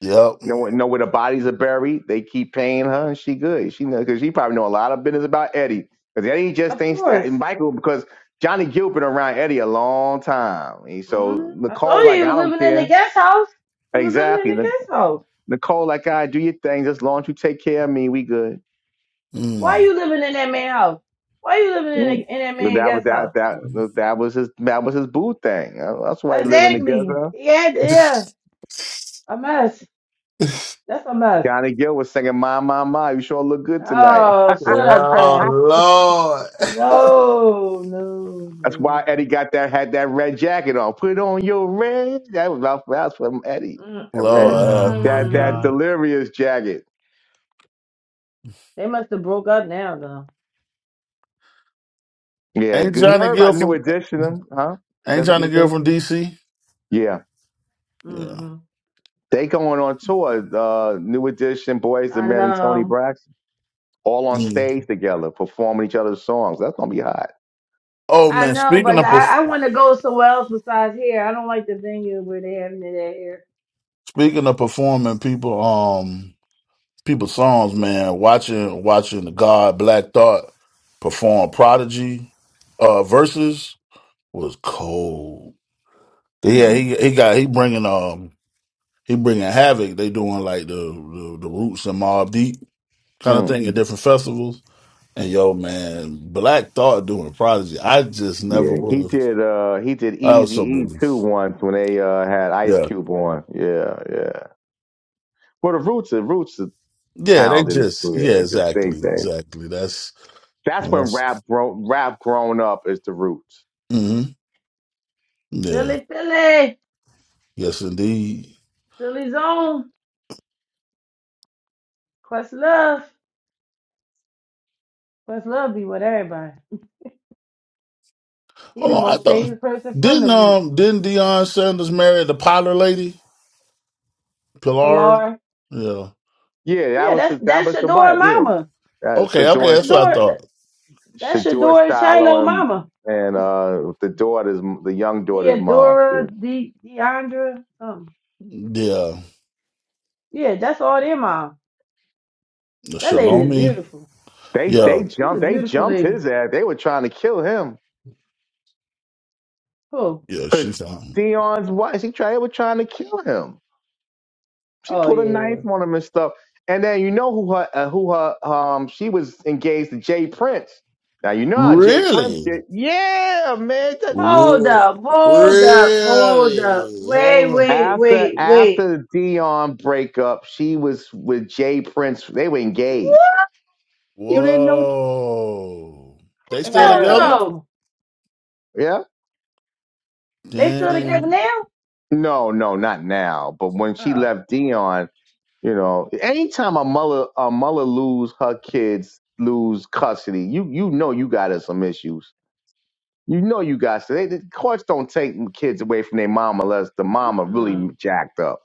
Speaker 8: Yep.
Speaker 2: know where- know where the bodies are buried. They keep paying her, and she good. She knows because she probably know a lot of business about Eddie because Eddie just
Speaker 6: Of
Speaker 2: thinks
Speaker 6: course.
Speaker 2: and Michael because Johnny Gill been around Eddie a long time. And so
Speaker 6: mm I
Speaker 2: Nicole
Speaker 6: told you
Speaker 2: like
Speaker 6: he was
Speaker 2: I don't
Speaker 6: living in the
Speaker 2: care
Speaker 6: guest house. He was living
Speaker 2: exactly.
Speaker 6: in the
Speaker 2: Nic-
Speaker 6: guest house.
Speaker 2: Nicole like I do your thing just as long as you take care of me, we good.
Speaker 6: Why
Speaker 8: Mm.
Speaker 6: you
Speaker 8: [laughs]
Speaker 6: living in that man house? Why you living in, a,
Speaker 2: Mm.
Speaker 6: in that
Speaker 2: But
Speaker 6: man
Speaker 2: that was
Speaker 6: guest
Speaker 2: that
Speaker 6: house?
Speaker 2: that that was his that was his boo thing. Uh, That's why they living
Speaker 6: Exactly.
Speaker 2: together.
Speaker 6: Yeah, yeah. A mess. That's a mess.
Speaker 2: Johnny Gill was singing "My My My." You sure look good tonight.
Speaker 6: Oh, shut
Speaker 8: Yeah,
Speaker 6: up,
Speaker 2: [laughs]
Speaker 6: Kev.
Speaker 8: Lord.
Speaker 6: No, no,
Speaker 2: That's why
Speaker 6: no.
Speaker 2: Eddie got that had that red jacket on. Put on your red. That was that was from Eddie.
Speaker 8: [laughs]
Speaker 2: That red
Speaker 8: Lord,
Speaker 1: Oh
Speaker 8: have-
Speaker 1: my
Speaker 2: that that
Speaker 6: Mm-mm.
Speaker 1: god.
Speaker 2: delirious jacket.
Speaker 6: They must have broke up now, though.
Speaker 2: Yeah,
Speaker 8: ain't
Speaker 2: good. you
Speaker 8: Johnny
Speaker 2: heard
Speaker 8: Gill
Speaker 2: about New
Speaker 8: from
Speaker 2: Edition, huh?
Speaker 8: ain't
Speaker 2: That's what
Speaker 8: Johnny
Speaker 2: they
Speaker 8: Gill
Speaker 2: say.
Speaker 8: from DC?
Speaker 2: Yeah,
Speaker 8: Yeah.
Speaker 6: hmm
Speaker 2: they going on tour. Uh, New Edition, Boys the
Speaker 6: I
Speaker 2: Men, and Tony
Speaker 6: know.
Speaker 2: Braxton all on
Speaker 8: Mm.
Speaker 2: stage together, performing each other's songs. That's gonna be hot.
Speaker 8: Oh
Speaker 6: I
Speaker 8: man,
Speaker 6: know,
Speaker 8: speaking
Speaker 6: but
Speaker 8: of perf-
Speaker 6: I, I want to go somewhere else besides here. I don't like the venue where they having it at here.
Speaker 8: speaking of performing people um people's songs, man, watching watching the God Black Thought perform Prodigy uh verses was cold. Yeah,
Speaker 6: Hmm.
Speaker 8: he he got he bringing um he bringing Havoc. They doing like the the, the Roots and Mob Deep kind of
Speaker 2: Mm.
Speaker 8: thing at different festivals. And yo, man, Black Thought doing Prodigy, I just never
Speaker 2: Yeah,
Speaker 8: would
Speaker 2: he
Speaker 8: have.
Speaker 2: did. Uh, he did
Speaker 8: I was
Speaker 2: Easy
Speaker 8: so
Speaker 2: E
Speaker 8: beautiful.
Speaker 2: too once when they uh, had Ice
Speaker 8: Yeah,
Speaker 2: Cube on. Yeah, yeah. Well, the Roots, the Roots
Speaker 8: yeah, they
Speaker 2: childish
Speaker 8: just yeah,
Speaker 2: yeah, to think
Speaker 8: exactly,
Speaker 2: that.
Speaker 8: exactly. That's
Speaker 2: That's
Speaker 8: Oh,
Speaker 2: when
Speaker 8: that's
Speaker 2: rap grown rap grown up is the roots.
Speaker 8: hmm yeah,
Speaker 6: Philly, Philly.
Speaker 8: yes indeed.
Speaker 6: Philly zone. Quest love. First love be with everybody. He
Speaker 8: Hold
Speaker 6: the
Speaker 8: on, I
Speaker 6: most
Speaker 8: thought
Speaker 6: favorite person from
Speaker 8: didn't
Speaker 6: the root.
Speaker 8: um didn't Deion Sanders marry the Pollard lady, Pilar?
Speaker 6: Pilar.
Speaker 8: Yeah.
Speaker 2: Yeah, that
Speaker 6: Yeah,
Speaker 2: was
Speaker 6: that's
Speaker 2: his, that
Speaker 6: that's
Speaker 2: was the
Speaker 6: Shadora
Speaker 2: wife. Yeah,
Speaker 6: mama.
Speaker 2: uh,
Speaker 8: Okay,
Speaker 6: That's
Speaker 8: okay,
Speaker 2: Shadour
Speaker 8: that's what I
Speaker 6: Shadora that-
Speaker 8: thought.
Speaker 6: that's
Speaker 2: Shadour
Speaker 6: Shadora Shiloh
Speaker 2: Shiloh and
Speaker 6: mama.
Speaker 2: and uh the daughter's the young daughter's mom. Yeah.
Speaker 6: Deodora, De Deandra, um.
Speaker 8: Yeah,
Speaker 6: Yeah, that's all their mom.
Speaker 8: the
Speaker 6: That lady
Speaker 2: yeah.
Speaker 6: is
Speaker 2: yeah.
Speaker 8: Shalomi.
Speaker 6: beautiful.
Speaker 2: They
Speaker 6: That's
Speaker 8: Yeah,
Speaker 2: they
Speaker 6: she's a
Speaker 2: jumped they
Speaker 6: beautiful
Speaker 2: jumped
Speaker 6: lady.
Speaker 2: his ass. They were trying to kill him
Speaker 6: Who?
Speaker 8: yeah,
Speaker 2: because
Speaker 8: she found
Speaker 2: Dion's wife. She tried. They were trying to kill him. She
Speaker 6: Oh
Speaker 2: pulled a
Speaker 6: yeah. yeah,
Speaker 2: knife
Speaker 6: yeah.
Speaker 2: on him and stuff. And then you know who her uh, who her um she was engaged to Jay Prince. Now you know how Jay Prince did.
Speaker 8: really,
Speaker 2: Yeah, man. that-
Speaker 6: Hold
Speaker 8: Re-
Speaker 6: up, hold up, hold up.
Speaker 8: really.
Speaker 6: Wait,
Speaker 8: Hold on.
Speaker 6: wait,
Speaker 2: After
Speaker 6: wait, wait.
Speaker 2: after the Dion breakup, she was with Jay Prince. They were engaged. You didn't know?
Speaker 8: Whoa, they still
Speaker 6: Whoa
Speaker 2: Yeah,
Speaker 8: together?
Speaker 6: no.
Speaker 2: yeah.
Speaker 6: They still together
Speaker 8: Damn.
Speaker 6: now?
Speaker 2: No, no, not now. But when she
Speaker 6: Oh.
Speaker 2: left Dion, you know, anytime a mother a mother lose her kids lose custody, you you know you got her some issues You know you got to. They, the courts don't take kids away from their mom unless the mama
Speaker 6: Mm-mm.
Speaker 2: really jacked up.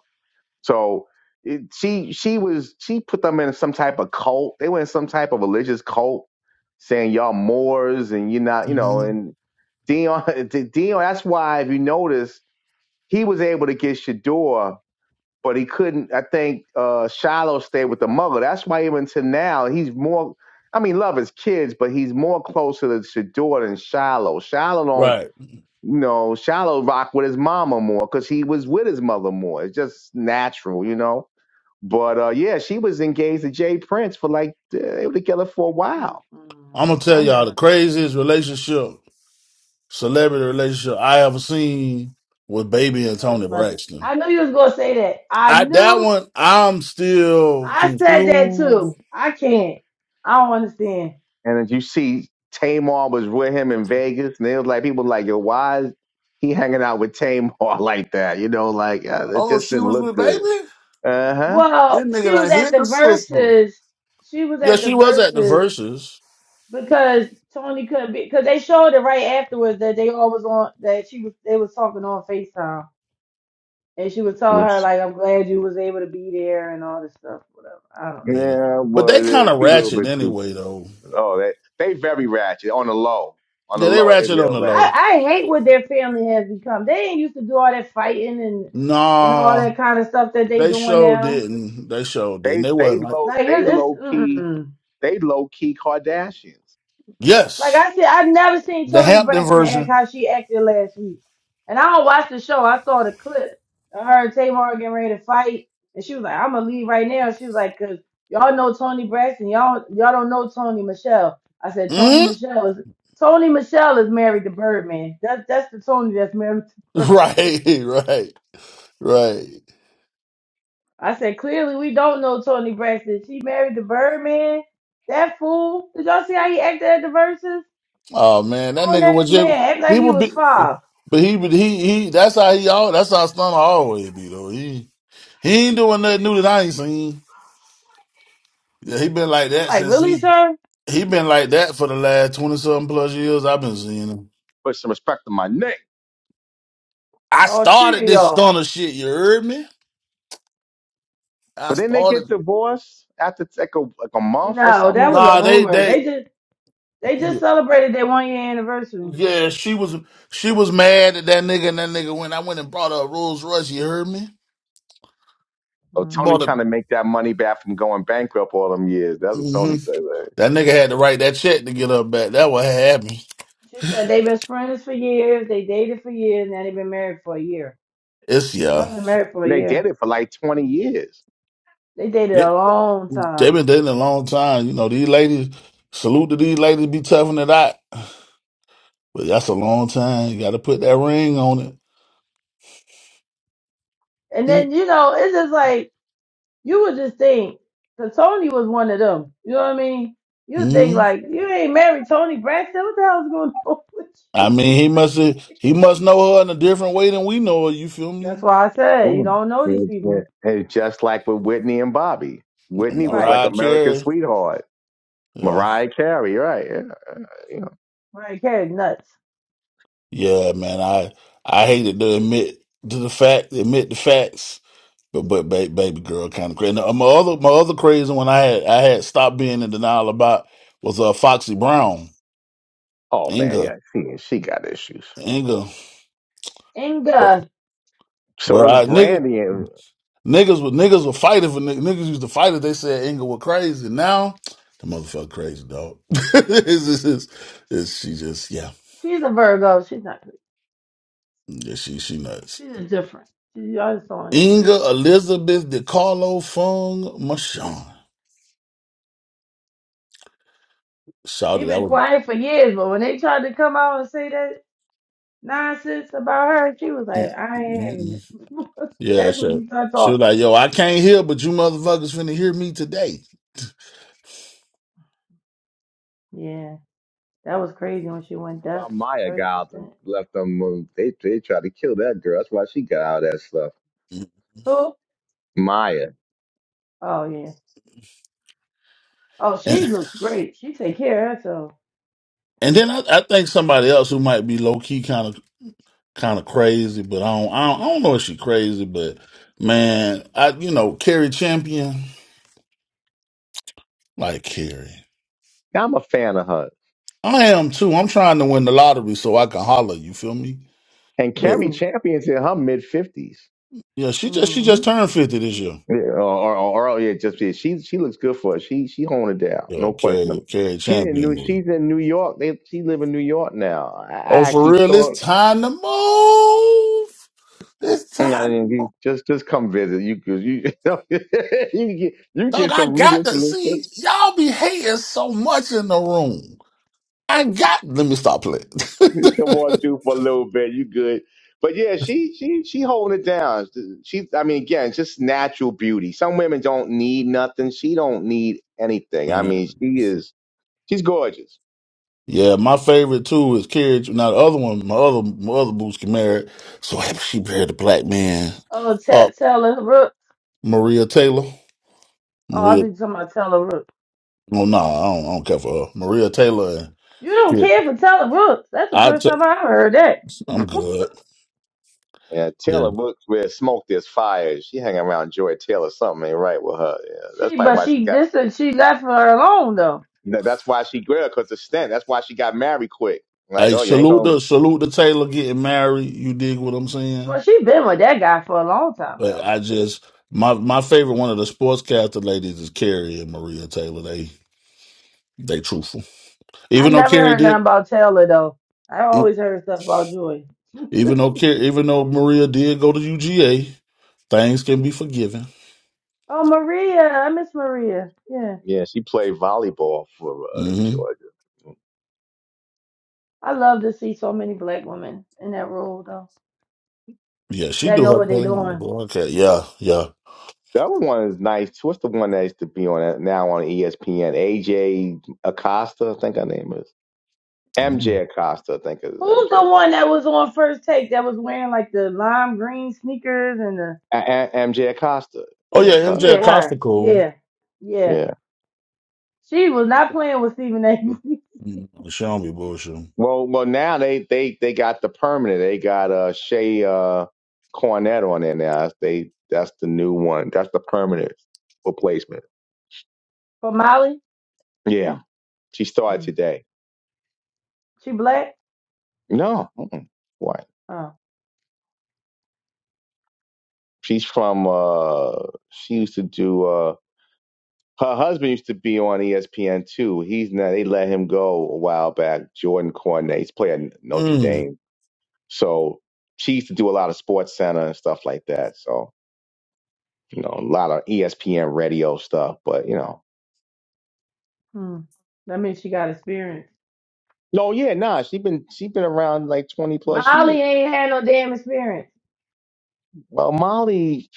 Speaker 2: So it, she she was she put them in some type of cult. They were in some type of religious cult, saying y'all Moors and you're not, you know.
Speaker 8: Mhm.
Speaker 2: And Dion [laughs] Dion. That's why if you notice, he was able to get Shador, but he couldn't. I think uh, Shiloh stayed with the mother. That's why even to now he's more. I mean, love his kids, but he's more closer to Shador than Shiloh. Shiloh don't
Speaker 8: Right.
Speaker 2: you know, Shallow rock with his mama more because he was with his mother more. It's just natural, you know. But uh, yeah, she was engaged to Jay Prince for like uh, they were together for a
Speaker 6: Mm-mm.
Speaker 2: while.
Speaker 8: I'm gonna tell
Speaker 6: I
Speaker 8: y'all the
Speaker 6: never knew that.
Speaker 8: craziest relationship celebrity relationship I ever seen was Baby
Speaker 6: I
Speaker 8: and
Speaker 6: know what you're
Speaker 8: Tony
Speaker 6: about to.
Speaker 8: Braxton.
Speaker 6: I knew you was gonna say that. I
Speaker 8: I that
Speaker 6: knew.
Speaker 8: one I'm still
Speaker 6: I
Speaker 8: can
Speaker 6: said that
Speaker 8: prove.
Speaker 6: too. I can't. I don't understand.
Speaker 2: And as you see, Tamar was with him in Vegas, and it was like people were like, yo, why is he hanging out with Tamar [laughs] like that? You know, like uh, it
Speaker 8: Oh,
Speaker 2: just
Speaker 8: she
Speaker 2: didn't
Speaker 8: was
Speaker 2: look
Speaker 8: with
Speaker 2: good.
Speaker 8: Baby.
Speaker 2: Uh huh.
Speaker 8: This
Speaker 6: Well,
Speaker 8: nigga
Speaker 6: she was
Speaker 8: done
Speaker 6: at
Speaker 8: hit
Speaker 6: the
Speaker 8: the sister.
Speaker 6: verses. She was
Speaker 8: Yeah,
Speaker 6: at the
Speaker 8: she was at the
Speaker 6: verses
Speaker 8: verses.
Speaker 6: because Tony couldn't be because they showed it right afterwards that they all was on that she was they was talking on Facetime and she was telling her like I'm glad you was able to be there and all this stuff whatever.
Speaker 8: Yeah,
Speaker 2: Yeah,
Speaker 8: but
Speaker 2: but
Speaker 8: they
Speaker 2: uh,
Speaker 8: kind of
Speaker 2: she a little
Speaker 8: ratchet
Speaker 2: bit too.
Speaker 8: anyway though.
Speaker 2: Oh, they they very ratchet on the low, on the
Speaker 8: Yeah, they
Speaker 2: low. They
Speaker 8: ratchet on
Speaker 2: real
Speaker 8: the
Speaker 2: ratchet.
Speaker 8: low.
Speaker 6: I, I hate what their family has become. They ain't used to do all that fighting and and all
Speaker 8: Nah,
Speaker 6: that kind of stuff that they
Speaker 8: they
Speaker 6: doing
Speaker 8: sure
Speaker 6: now.
Speaker 8: didn't. They sure didn't.
Speaker 2: They
Speaker 8: They
Speaker 2: they
Speaker 8: wasn't like
Speaker 2: low
Speaker 6: Like
Speaker 2: they
Speaker 6: it's, it's
Speaker 2: low key
Speaker 6: mm-mm.
Speaker 2: They low key Kardashians.
Speaker 6: like
Speaker 8: yes,
Speaker 6: I said, I never seen
Speaker 8: the
Speaker 6: Tony
Speaker 8: Hampton
Speaker 6: Braxton act
Speaker 8: version.
Speaker 6: how she acted last week. And I don't watch the show. I saw the clip of her and Tamar getting ready to fight, and she was like, "I'm gonna leave right now." She was like, "Cause y'all know Tony Braxton. Y'all y'all don't know Tony Michelle." I said, "Tony
Speaker 8: Mm? [laughs]
Speaker 6: Michelle is Tony Michelle is married to Birdman. That's that's the Tony that's married to Birdman."
Speaker 8: Right, right, right.
Speaker 6: I said, clearly we don't know Tony Braxton. She married the Birdman. That fool. Did y'all see how he acted at the verses?
Speaker 8: Oh man, that
Speaker 6: Grown
Speaker 8: nigga
Speaker 6: ass
Speaker 8: was just
Speaker 6: man, act like
Speaker 8: he
Speaker 6: he
Speaker 8: would
Speaker 6: was
Speaker 8: be,
Speaker 6: five.
Speaker 8: but he would he he. That's how he all. That's how Stunner always be though. He he ain't doing nothing new that I ain't seen. Yeah, he been like
Speaker 6: I'm
Speaker 8: that
Speaker 6: like,
Speaker 8: since
Speaker 6: really,
Speaker 8: he
Speaker 6: sir?
Speaker 8: he been like that for the last twenty something plus years. I've been seeing him.
Speaker 2: Put some respect on my name.
Speaker 8: I
Speaker 6: All three
Speaker 8: started
Speaker 6: of
Speaker 8: this
Speaker 6: y'all.
Speaker 8: Stunner shit. You heard me? I
Speaker 2: But then they get
Speaker 8: started.
Speaker 2: divorced after like a, like a month or
Speaker 6: No,
Speaker 2: something
Speaker 6: that
Speaker 2: like
Speaker 6: was a
Speaker 8: Nah,
Speaker 2: that.
Speaker 8: they
Speaker 6: rumor.
Speaker 8: they
Speaker 6: They just they just celebrated their one year anniversary.
Speaker 8: yeah. She was she was mad at that nigga and that nigga when I went and brought her a Rolls Royce. You heard me?
Speaker 2: Oh,
Speaker 6: Hmm.
Speaker 2: Tony
Speaker 8: Bought a.
Speaker 2: trying to make that money back from going bankrupt all them years. That's what
Speaker 8: mm-hmm.
Speaker 2: Tony said. man.
Speaker 8: That nigga had to write that check to get her back. That what had me.
Speaker 6: She said they've been friends for years. They dated for years. Now they've been married for a year.
Speaker 8: It's
Speaker 6: Y'all
Speaker 8: yeah.
Speaker 6: been married for a
Speaker 2: And they did
Speaker 6: year.
Speaker 2: it for like 20 years.
Speaker 6: They dated
Speaker 8: It,
Speaker 6: a long
Speaker 8: they
Speaker 6: time.
Speaker 8: been dating a long time. You know, these ladies, salute to these ladies be toughing it out. But that's a long time. You gotta put that ring on it.
Speaker 6: And
Speaker 8: Mm,
Speaker 6: then you know, it's just like you would just think because Tony was one of them. You know what I mean? You think
Speaker 8: Mm-hmm.
Speaker 6: like you ain't married Tony Braxton. What the hell's going on [laughs] with
Speaker 8: I
Speaker 6: you?
Speaker 8: mean, he must have he must know her in a different way than we know her, you feel
Speaker 6: That's
Speaker 8: me?
Speaker 6: why I said you
Speaker 2: Mm.
Speaker 6: don't know these
Speaker 2: It's,
Speaker 6: people,
Speaker 2: it's just like with Whitney and Bobby. Whitney was
Speaker 6: right?
Speaker 2: like
Speaker 8: Mariah
Speaker 2: America's
Speaker 8: Carey.
Speaker 2: sweetheart.
Speaker 8: Yeah.
Speaker 2: Mariah Carey, right? Yeah, you know.
Speaker 6: Right, Carrie nuts.
Speaker 8: Yeah, man. I I hated to admit to the fact, admit the facts. But but ba- baby girl kind of crazy. And uh, my other my other crazy one I had I had stopped being in denial about was uh Foxy Brown
Speaker 2: Oh man,
Speaker 8: Inga
Speaker 2: yeah, she she got issues.
Speaker 8: Inga, bro,
Speaker 6: Inga,
Speaker 2: So
Speaker 8: bro
Speaker 2: does
Speaker 8: I, nigga,
Speaker 2: Brandy. and.
Speaker 8: niggas with niggas were fighting for niggas, niggas used to fight if they said Inga was crazy. Now the motherfucker crazy dog. [laughs] it's, it's, it's, it's, she just yeah
Speaker 6: she's a Virgo. She's not. pretty.
Speaker 8: yeah she she nuts.
Speaker 6: She's just different. She, I just don't
Speaker 8: Inga
Speaker 6: understand it.
Speaker 8: Elizabeth DiCarlo Fung Machon
Speaker 6: She
Speaker 8: shouted that
Speaker 6: been
Speaker 8: was
Speaker 6: quiet for years, but when they tried to come out and say that nonsense about her, she was like,
Speaker 8: mm,
Speaker 6: "I ain't
Speaker 8: mm, mm,
Speaker 6: having it." [laughs]
Speaker 8: Yeah,
Speaker 6: That's when
Speaker 8: sure.
Speaker 6: she started
Speaker 8: She was like,
Speaker 6: talking.
Speaker 8: "Yo, I can't hear, but you motherfuckers finna hear me today."
Speaker 6: Yeah. That was crazy when she went
Speaker 2: Why
Speaker 6: deaf.
Speaker 2: Maya
Speaker 6: Thirty
Speaker 2: got out
Speaker 6: percent.
Speaker 2: left them. um, They they tried to kill that girl. That's why she got all that stuff.
Speaker 6: Who?
Speaker 2: Maya,
Speaker 6: Oh yeah. Oh,
Speaker 8: And
Speaker 6: she looks great. She take care of herself.
Speaker 8: and then I, I think somebody else who might be low key kind of kind of crazy, but I don't, I don't I don't know if she crazy, but man, I you know Carrie Champion like Carrie,
Speaker 2: I'm a fan of her.
Speaker 8: I am too. I'm trying to win the lottery so I can holler. You feel me?
Speaker 2: And
Speaker 8: But
Speaker 2: Carrie
Speaker 6: Mhm.
Speaker 2: Champion's in her mid fifties.
Speaker 8: yeah, she just she just
Speaker 6: Mhm.
Speaker 8: turned fifty this year.
Speaker 2: Yeah, or, or, or or, yeah, just yeah, she she looks good for it. She she honed it down,
Speaker 8: Yo,
Speaker 2: no question.
Speaker 8: Carrie Carrie
Speaker 2: She's in New
Speaker 8: Champion is.
Speaker 2: she's in New York. They she live in New York now. I,
Speaker 8: Oh,
Speaker 2: I
Speaker 8: for
Speaker 2: actually
Speaker 8: real, it's
Speaker 2: saw.
Speaker 8: time to move. It's
Speaker 2: I didn't,
Speaker 8: time.
Speaker 2: you just just come visit. You could- you [laughs] you can get you can
Speaker 8: Dog,
Speaker 2: get
Speaker 8: I
Speaker 2: some
Speaker 8: got to
Speaker 2: readers.
Speaker 8: see y'all be hating so much in the room. I got. Let me stop playing.
Speaker 2: [laughs] Come on through for a little bit. You good. But yeah, she she she holding it down. She I mean again, just natural beauty. Some women don't need nothing. She don't need
Speaker 8: [laughs]
Speaker 2: anything. I
Speaker 8: Man,
Speaker 2: mean, she is she's gorgeous.
Speaker 8: yeah, my favorite too is Carrie. Now the other one, my other my other boots married, so [laughs] she married a black man.
Speaker 6: Oh,
Speaker 8: Uh,
Speaker 6: T- Taylor Rooks.
Speaker 8: Maria Taylor.
Speaker 6: Oh, I
Speaker 8: Maria.
Speaker 6: think somebody Taylor Rooks.
Speaker 8: Oh no, nah, I, don't, I don't care for her. Maria Taylor. And
Speaker 6: You don't care for Taylor Rooks. That's the
Speaker 8: I.
Speaker 6: first
Speaker 8: T-
Speaker 6: time I ever heard that.
Speaker 8: I'm
Speaker 6: [laughs]
Speaker 8: good.
Speaker 2: Yeah,
Speaker 8: Yeah.
Speaker 2: Taylor Brooks where smoke there's fire. She hanging around Joy Taylor, something ain't right with her. Yeah, that's
Speaker 6: she,
Speaker 2: probably
Speaker 6: but
Speaker 2: why she
Speaker 6: she
Speaker 2: got
Speaker 6: this is- she left her alone though.
Speaker 2: you know, that's why she girl, cause the stint. That's why she got married quick. Like,
Speaker 8: Hey,
Speaker 2: oh, you ain't
Speaker 8: salute
Speaker 2: gonna
Speaker 8: the salute the Taylor getting married. You dig what I'm saying?
Speaker 6: Well, she been with that guy for a long time
Speaker 8: But
Speaker 6: though.
Speaker 8: I just my my favorite one of the sportscaster ladies is Carrie and Maria Taylor. They they truthful.
Speaker 6: I
Speaker 8: Even though
Speaker 6: never
Speaker 8: Carrie
Speaker 6: heard
Speaker 8: did
Speaker 6: nothing about Taylor though. I
Speaker 8: e-
Speaker 6: always heard stuff about Joy.
Speaker 8: even though Carrie, even though Maria did go to UGA, things can be forgiven.
Speaker 6: [laughs] oh, Maria. I miss Maria. Yeah.
Speaker 2: yeah, she played volleyball for uh,
Speaker 8: hmm
Speaker 2: Georgia.
Speaker 6: I love to see so many black women in that role though.
Speaker 8: Yeah, she
Speaker 6: That
Speaker 8: do
Speaker 6: know
Speaker 8: her
Speaker 6: what they are
Speaker 8: thing. I'm like,
Speaker 6: doing.
Speaker 8: okay, yeah, yeah.
Speaker 2: The other one is nice. What's the one that used to be on it now on ESPN? AJ Acosta, I think her name is
Speaker 8: Mhm.
Speaker 2: MJ Acosta. I think it is
Speaker 6: Who's the
Speaker 2: MJ. Acosta.
Speaker 6: one that was on first take that was wearing like the lime green sneakers and the
Speaker 2: A- A- MJ Acosta.
Speaker 8: Oh
Speaker 2: Yeah,
Speaker 8: yeah,
Speaker 2: her.
Speaker 8: MJ
Speaker 6: Yeah,
Speaker 8: Acosta
Speaker 6: her.
Speaker 8: cool.
Speaker 6: Yeah. Yeah.
Speaker 2: yeah.
Speaker 6: She was not playing with Stephen A. [laughs]
Speaker 8: Mm, she don't be bullshit.
Speaker 2: Well, well, now they they they got the permanent. They got uh Shea uh, Cornett on there now. They that's the new one. That's the permanent replacement.
Speaker 6: For Molly?
Speaker 2: Yeah, she started
Speaker 6: Hmm.
Speaker 2: today.
Speaker 6: She black?
Speaker 2: No, mm-mm. what?
Speaker 6: Oh.
Speaker 2: She's from uh she used to do uh Her husband used to be on ESPN too. He's now they let him go a while back. Jordan Cornet, he's playing Notre
Speaker 8: Mm.
Speaker 2: Dame, so she used to do a lot of Sports Center and stuff like that. So you know, a lot of ESPN radio stuff. But you know,
Speaker 6: Hmm. That means she got experience.
Speaker 2: no, yeah, nah, she been she been around like twenty plus
Speaker 6: Molly
Speaker 2: years.
Speaker 6: ain't had no damn experience.
Speaker 2: Well, Molly,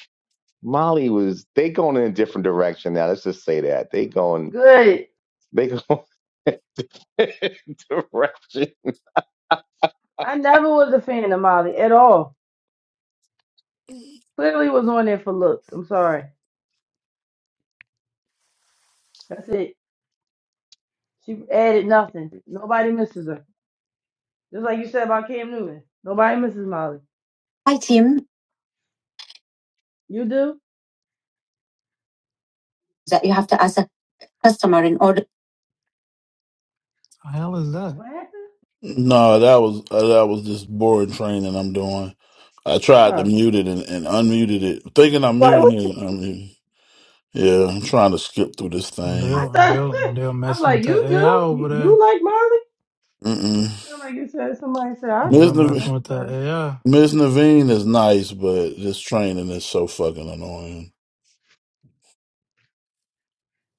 Speaker 2: Molly was they going in a different direction now. Let's just say that they going
Speaker 6: Good.
Speaker 2: they going [laughs] direction.
Speaker 6: I never was a fan of Molly at all. Clearly was on there for looks. I'm sorry. That's it. She added nothing. Nobody misses her. Just like you said about Cam Newton. Nobody misses Molly.
Speaker 8: Hi, team
Speaker 6: You do?
Speaker 8: that you have to ask a customer in order
Speaker 1: The hell is that?
Speaker 6: What happened?
Speaker 8: No, that was uh, that was just board training I'm doing. I tried to
Speaker 6: Oh.
Speaker 8: mute it and, and unmuted it, thinking I'm
Speaker 6: Like,
Speaker 8: muting
Speaker 6: what
Speaker 8: it. I
Speaker 6: you-
Speaker 8: mean, yeah, I'm trying to skip through this
Speaker 1: And
Speaker 6: I
Speaker 8: thing.
Speaker 1: they'll and
Speaker 6: thought,
Speaker 1: they'll and they'll
Speaker 6: [laughs] I'm
Speaker 1: messing with
Speaker 6: like,
Speaker 1: that
Speaker 6: you
Speaker 1: AI
Speaker 6: do?
Speaker 1: over
Speaker 6: You,
Speaker 1: there.
Speaker 6: you like Molly?
Speaker 8: Mm-mm.
Speaker 6: I'm like, you said, somebody said, I
Speaker 1: And
Speaker 8: Ms.
Speaker 1: they'll
Speaker 6: do. And I
Speaker 1: messing
Speaker 8: Nav-
Speaker 1: with
Speaker 6: was
Speaker 1: that
Speaker 6: like,
Speaker 1: AI.
Speaker 8: Ms. Naveen is nice, but this training is so fucking annoying.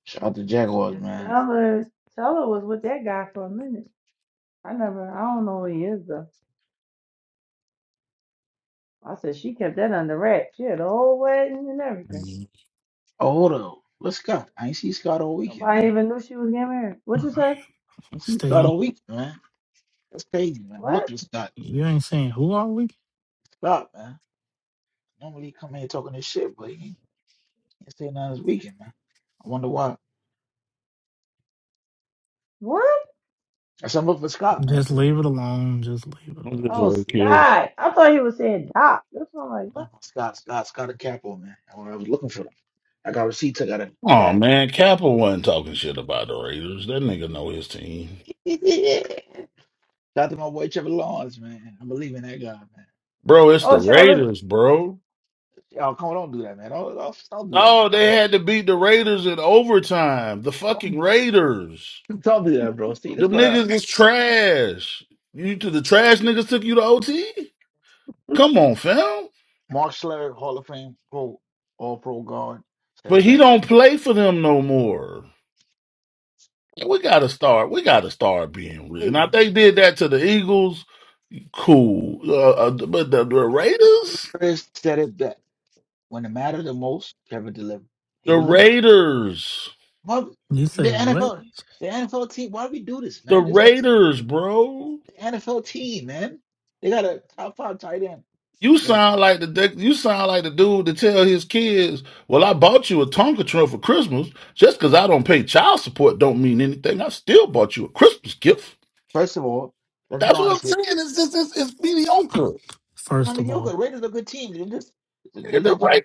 Speaker 11: Shout out to Jaguars,
Speaker 6: yeah,
Speaker 11: man.
Speaker 6: Teller, Teller was with that guy for a minute. I never, I don't know who he is, though. I said, she kept that under wraps. She had a whole wedding and everything.
Speaker 8: Mhm.
Speaker 11: Oh, hold up. What's Scott? I ain't seen Scott all weekend,
Speaker 6: Nobody
Speaker 11: man.
Speaker 6: even knew she was getting married. What you say?
Speaker 11: I ain't seen
Speaker 1: Stay
Speaker 11: Scott
Speaker 1: on
Speaker 11: all weekend, man. That's crazy, man. I'm
Speaker 6: What?
Speaker 11: looking at Scott.
Speaker 1: you ain't saying who are we?
Speaker 11: Scott, man. Normally he come here talking this shit, but he ain't ain't saying nothing this weekend, man. I wonder why.
Speaker 6: What?
Speaker 11: I said I'm looking for Scott, man.
Speaker 1: Just
Speaker 11: 'cause
Speaker 1: leave it alone. Just leave it. alone.
Speaker 8: I'm just
Speaker 11: he,
Speaker 6: Oh,
Speaker 8: work
Speaker 11: he,
Speaker 8: here.
Speaker 6: Sky. I thought he was saying Doc. That's why I'm like, what?
Speaker 11: no, Scott, Scott, Scott a capo, man. I was I was looking for him. I got receipts I got to
Speaker 8: Oh
Speaker 11: cash.
Speaker 8: man, Kappa wasn't talking shit about the Raiders. That nigga know his team,
Speaker 11: [laughs] Shout out to my boy Trevor Lawrence, man. I believe in that guy, man.
Speaker 8: bro. It's the
Speaker 6: Oh, Travis.
Speaker 8: Raiders, bro.
Speaker 11: Y'all, come on, don't do that, man. Don't, don't, don't do that, man.
Speaker 8: Oh,
Speaker 11: Don't,
Speaker 8: they had to beat the Raiders in overtime. The
Speaker 11: don't,
Speaker 8: fucking Raiders.
Speaker 11: don't do that, bro. See, that's
Speaker 8: Them
Speaker 6: [laughs]
Speaker 11: what I.
Speaker 8: niggas is trash. You to the trash niggas took you to OT? Come on, fam.
Speaker 11: Mark Schlereth, Hall of Fame Pro All Pro guard, said
Speaker 8: But
Speaker 11: it
Speaker 8: he
Speaker 11: best.
Speaker 8: don't play for them no more. We gotta start. We gotta start being real. Now if
Speaker 11: Wait,
Speaker 8: they did that to the Eagles. Cool, uh, uh, but the, the
Speaker 11: Mark
Speaker 8: Raiders,
Speaker 11: Schlereth said it best. When it mattered the most, Kevin delivered. He
Speaker 8: the
Speaker 11: delivered.
Speaker 8: Raiders,
Speaker 11: Why
Speaker 1: You
Speaker 11: the
Speaker 1: say what?
Speaker 11: NFL, the NFL team. Why do we do this,
Speaker 8: the
Speaker 11: man? It's like
Speaker 8: Raiders, bro.
Speaker 11: the NFL team, man. They got a top five tight end.
Speaker 8: You
Speaker 11: And if-
Speaker 8: sound like the dick- you sound like the dude to tell his kids, "Well, I bought you a Tonka truck for Christmas. Just because I don't pay child support, don't mean anything. I still bought you a Christmas gift."
Speaker 11: first of all, let's be
Speaker 8: That's what I'm
Speaker 11: honest here.
Speaker 8: saying. It's just it's, it's mediocre.
Speaker 11: I
Speaker 1: First
Speaker 11: mean,
Speaker 1: of
Speaker 11: you're
Speaker 1: all,
Speaker 11: Raiders are a good team. They just,
Speaker 8: You're
Speaker 11: they
Speaker 8: the
Speaker 11: just,
Speaker 8: right,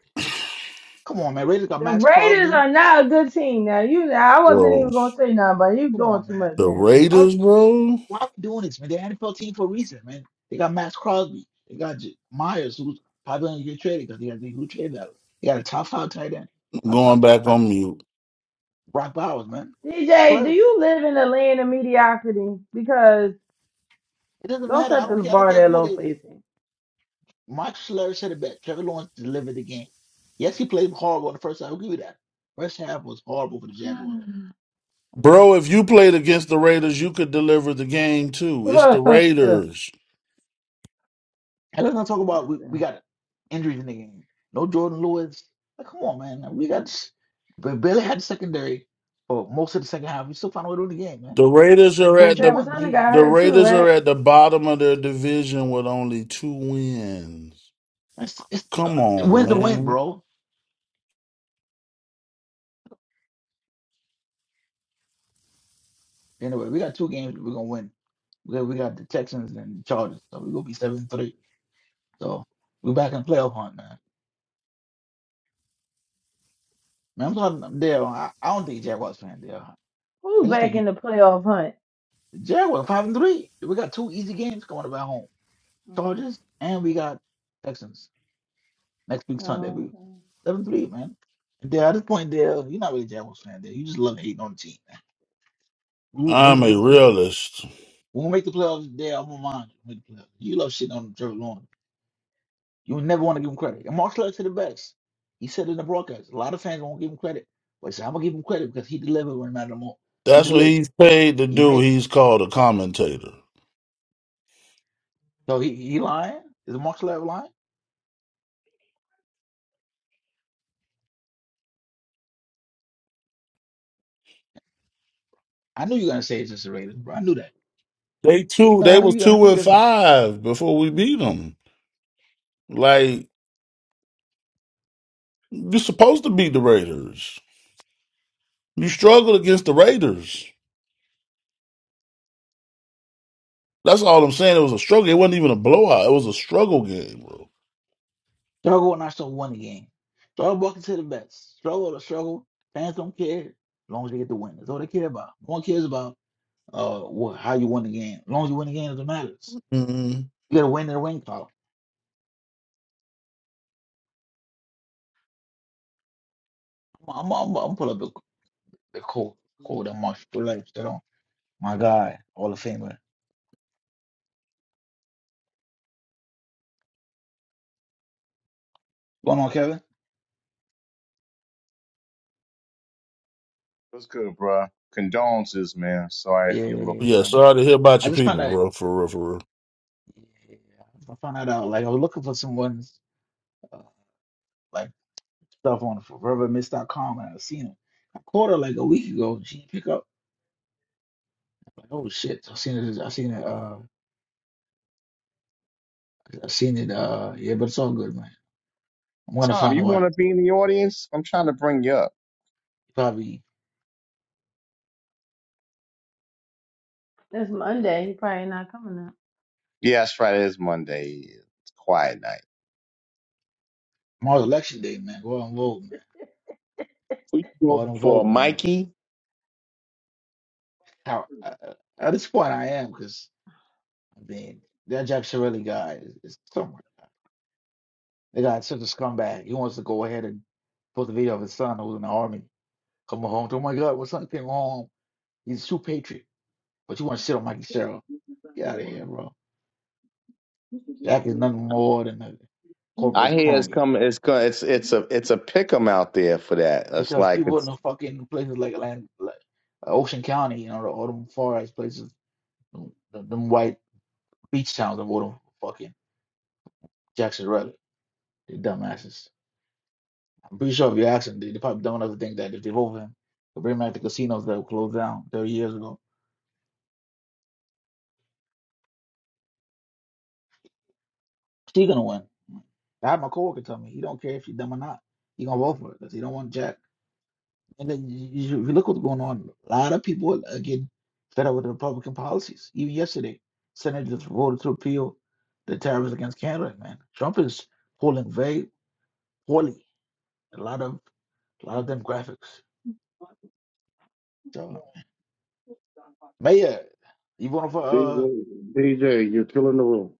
Speaker 11: come on, man. Raiders got
Speaker 6: The
Speaker 11: Max
Speaker 6: Raiders
Speaker 11: Crosby.
Speaker 6: are not a good team now. You, I wasn't
Speaker 8: bro.
Speaker 6: even gonna say nothing, but you
Speaker 11: Come
Speaker 6: doing
Speaker 11: on,
Speaker 6: too much
Speaker 11: man.
Speaker 8: The
Speaker 6: now.
Speaker 8: Raiders, bro.
Speaker 11: Why are we doing this, man? They're an NFL team for a reason, man. They got Max Crosby. They got J- Myers, who's probably going to get traded because they got the who trade value. They got a top five tight end, a
Speaker 8: Going
Speaker 11: top two
Speaker 8: back
Speaker 11: tight end.
Speaker 8: on mute,
Speaker 11: Brock Bowers, man.
Speaker 6: DJ, do
Speaker 11: Trevor,
Speaker 6: you live in the land of mediocrity? Because
Speaker 11: it doesn't
Speaker 6: don't
Speaker 11: matter. I
Speaker 6: set
Speaker 11: don't
Speaker 6: this
Speaker 11: care. I don't
Speaker 6: bar
Speaker 11: care
Speaker 6: that
Speaker 11: who
Speaker 6: low
Speaker 11: it
Speaker 6: for
Speaker 11: is.
Speaker 6: your team.
Speaker 11: Mike Schler said it best. Trevor Lawrence delivered the game. Yes, he played horrible in the first half. I'll give you that. First half was horrible for the Jaguars.
Speaker 8: bro. If you played against the Raiders, you could deliver the game too. It's the Raiders.
Speaker 11: And let's not
Speaker 6: [sighs]
Speaker 11: talk
Speaker 6: [laughs]
Speaker 11: about we, we
Speaker 6: Listen,
Speaker 11: got injuries in the game. No Jordan Lewis. Like, come on, man. We got we barely had the secondary for most of the second half. We still found a way to win the game, man.
Speaker 8: The Raiders are
Speaker 11: Do what
Speaker 8: at
Speaker 11: you
Speaker 8: the
Speaker 6: Travis
Speaker 11: want,
Speaker 6: Hunter
Speaker 11: man.
Speaker 6: got
Speaker 8: the
Speaker 6: hurt too,
Speaker 8: Raiders are
Speaker 6: right?
Speaker 8: at the bottom of their division with only two wins.
Speaker 11: It's it's uh,
Speaker 8: Come on,
Speaker 11: win's a win,
Speaker 8: man.
Speaker 11: bro. Anyway, we got two games that we're gonna win. We got, we got the Texans and the Chargers, so we're gonna be seven three. So we're back in playoff hunt, man. Man, I'm talking I'm there. I, I don't think Jaguars fan there. I
Speaker 6: Who's
Speaker 11: just
Speaker 6: back in
Speaker 11: think
Speaker 6: the playoff hunt?
Speaker 11: the Jaguars five and three. We got two easy games coming up at home.
Speaker 6: Mm,
Speaker 11: Chargers and we got Texans. Next week Sunday,
Speaker 6: Oh,
Speaker 11: baby.
Speaker 6: okay.
Speaker 11: Seven three, man. And Dale, at this point, Dale, you're not really a Jaguars fan, Dale. You just love hating on the team, man. We- When
Speaker 8: I'm
Speaker 11: we,
Speaker 8: a realist.
Speaker 11: when we make the playoffs, Dale, I'm gonna mind you. Make the playoffs. You love shitting on Trevor Lawrence. You would never want to give him credit. And Mark Lutz to the best. He said it in the broadcast, a lot of fans won't give him credit, but he said, I'm gonna give him credit because he delivered when it mattered more. He
Speaker 8: That's what
Speaker 11: delivered.
Speaker 8: he's paid to
Speaker 11: He
Speaker 8: do.
Speaker 11: made.
Speaker 8: He's called a commentator.
Speaker 11: So he he lying? Is Mark Lutz lying? I knew you were gonna say it's just the Raiders, bro. I knew that.
Speaker 8: They two,
Speaker 11: No, I
Speaker 8: they
Speaker 11: knew
Speaker 8: was
Speaker 11: you. I
Speaker 8: two
Speaker 11: knew you
Speaker 8: and
Speaker 11: guys.
Speaker 8: five before we beat them. Like you're supposed to beat the Raiders. You struggled against the Raiders. That's all I'm saying. It was a struggle. It wasn't even a blowout. It was a struggle game, bro.
Speaker 11: Struggle and I still won the game. Struggle walking to the best. Struggle to struggle. Fans don't care as long as they get the win. That's all they care about. No one cares about uh what, how you won the game. As long as you win the game, it matters.
Speaker 8: mm
Speaker 11: You got to win in the win column. I'm I'm, I'm, I'm pull up the the quote quote that Marshall Phillips that on my guy, Hall of Famer. Going on, Kevin?
Speaker 2: What's good, bruh? Condolences, man. Sorry
Speaker 11: Yeah,
Speaker 2: for
Speaker 11: yeah,
Speaker 2: your
Speaker 11: yeah,
Speaker 8: Yeah,
Speaker 11: man.
Speaker 8: sorry to hear about
Speaker 11: I
Speaker 8: your
Speaker 11: just found
Speaker 8: people,
Speaker 11: out.
Speaker 8: bro. For real, for real.
Speaker 11: Yeah, I found that out. Like I was looking for someone's uh, like stuff on ForeverMiss.com and I seen him. I called her like a week ago. and She didn't pick up. Oh shit! I seen it. I seen it. Uh, I seen it. Uh, yeah, but it's all good, man. I'm gonna
Speaker 2: Tom,
Speaker 11: find a
Speaker 2: you want
Speaker 11: way.
Speaker 2: to be in the audience? I'm trying to bring you up.
Speaker 11: Probably
Speaker 6: It's Monday. He probably not coming up.
Speaker 2: Yeah, that's right. It is Monday. It's quiet night.
Speaker 11: tomorrow's election day, man. Go out and vote, man.
Speaker 2: We going
Speaker 11: Go out and
Speaker 2: for
Speaker 11: vote, man.
Speaker 2: Mikey.
Speaker 11: How uh, uh, at this point I am, because I mean that Jack Shirley guy is, is somewhere. The guy's such a scumbag. He wants to go ahead and post a video of his son who's in the army coming home. Oh my God, my son came home. He's a true patriot, but you want to sit on Mikey Sherrill? Get out of here, bro. Jack is nothing more than a
Speaker 2: I
Speaker 11: corporate
Speaker 2: hear it's
Speaker 11: crony.
Speaker 2: coming. It's going. It's it's a it's a pick 'em out there for that. It's
Speaker 11: because
Speaker 2: like
Speaker 11: people in
Speaker 2: it's
Speaker 11: the fucking places like Atlantic, like uh, Ocean County, you know, the all them forest places, them, them white beach towns, of all them fucking Jackson Rutherford, they dumbasses. I'm pretty sure if you ask them, they, they probably don't ever think that if they vote for him, they'll bring back the casinos that were closed down 30 years ago. He gonna win. I had my coworker tell me he don't care if you dumb or not. He gonna vote for it because he don't want Jack. And then you, you, you look what's going on, a lot of people are getting fed up with the Republican policies. Even yesterday, senators voted to repeal the tariffs against Canada. Man, Trump is polling very poorly. A lot of a lot of demographics. So, Mayor, you voting for uh
Speaker 3: DJ, DJ, you're killing the room.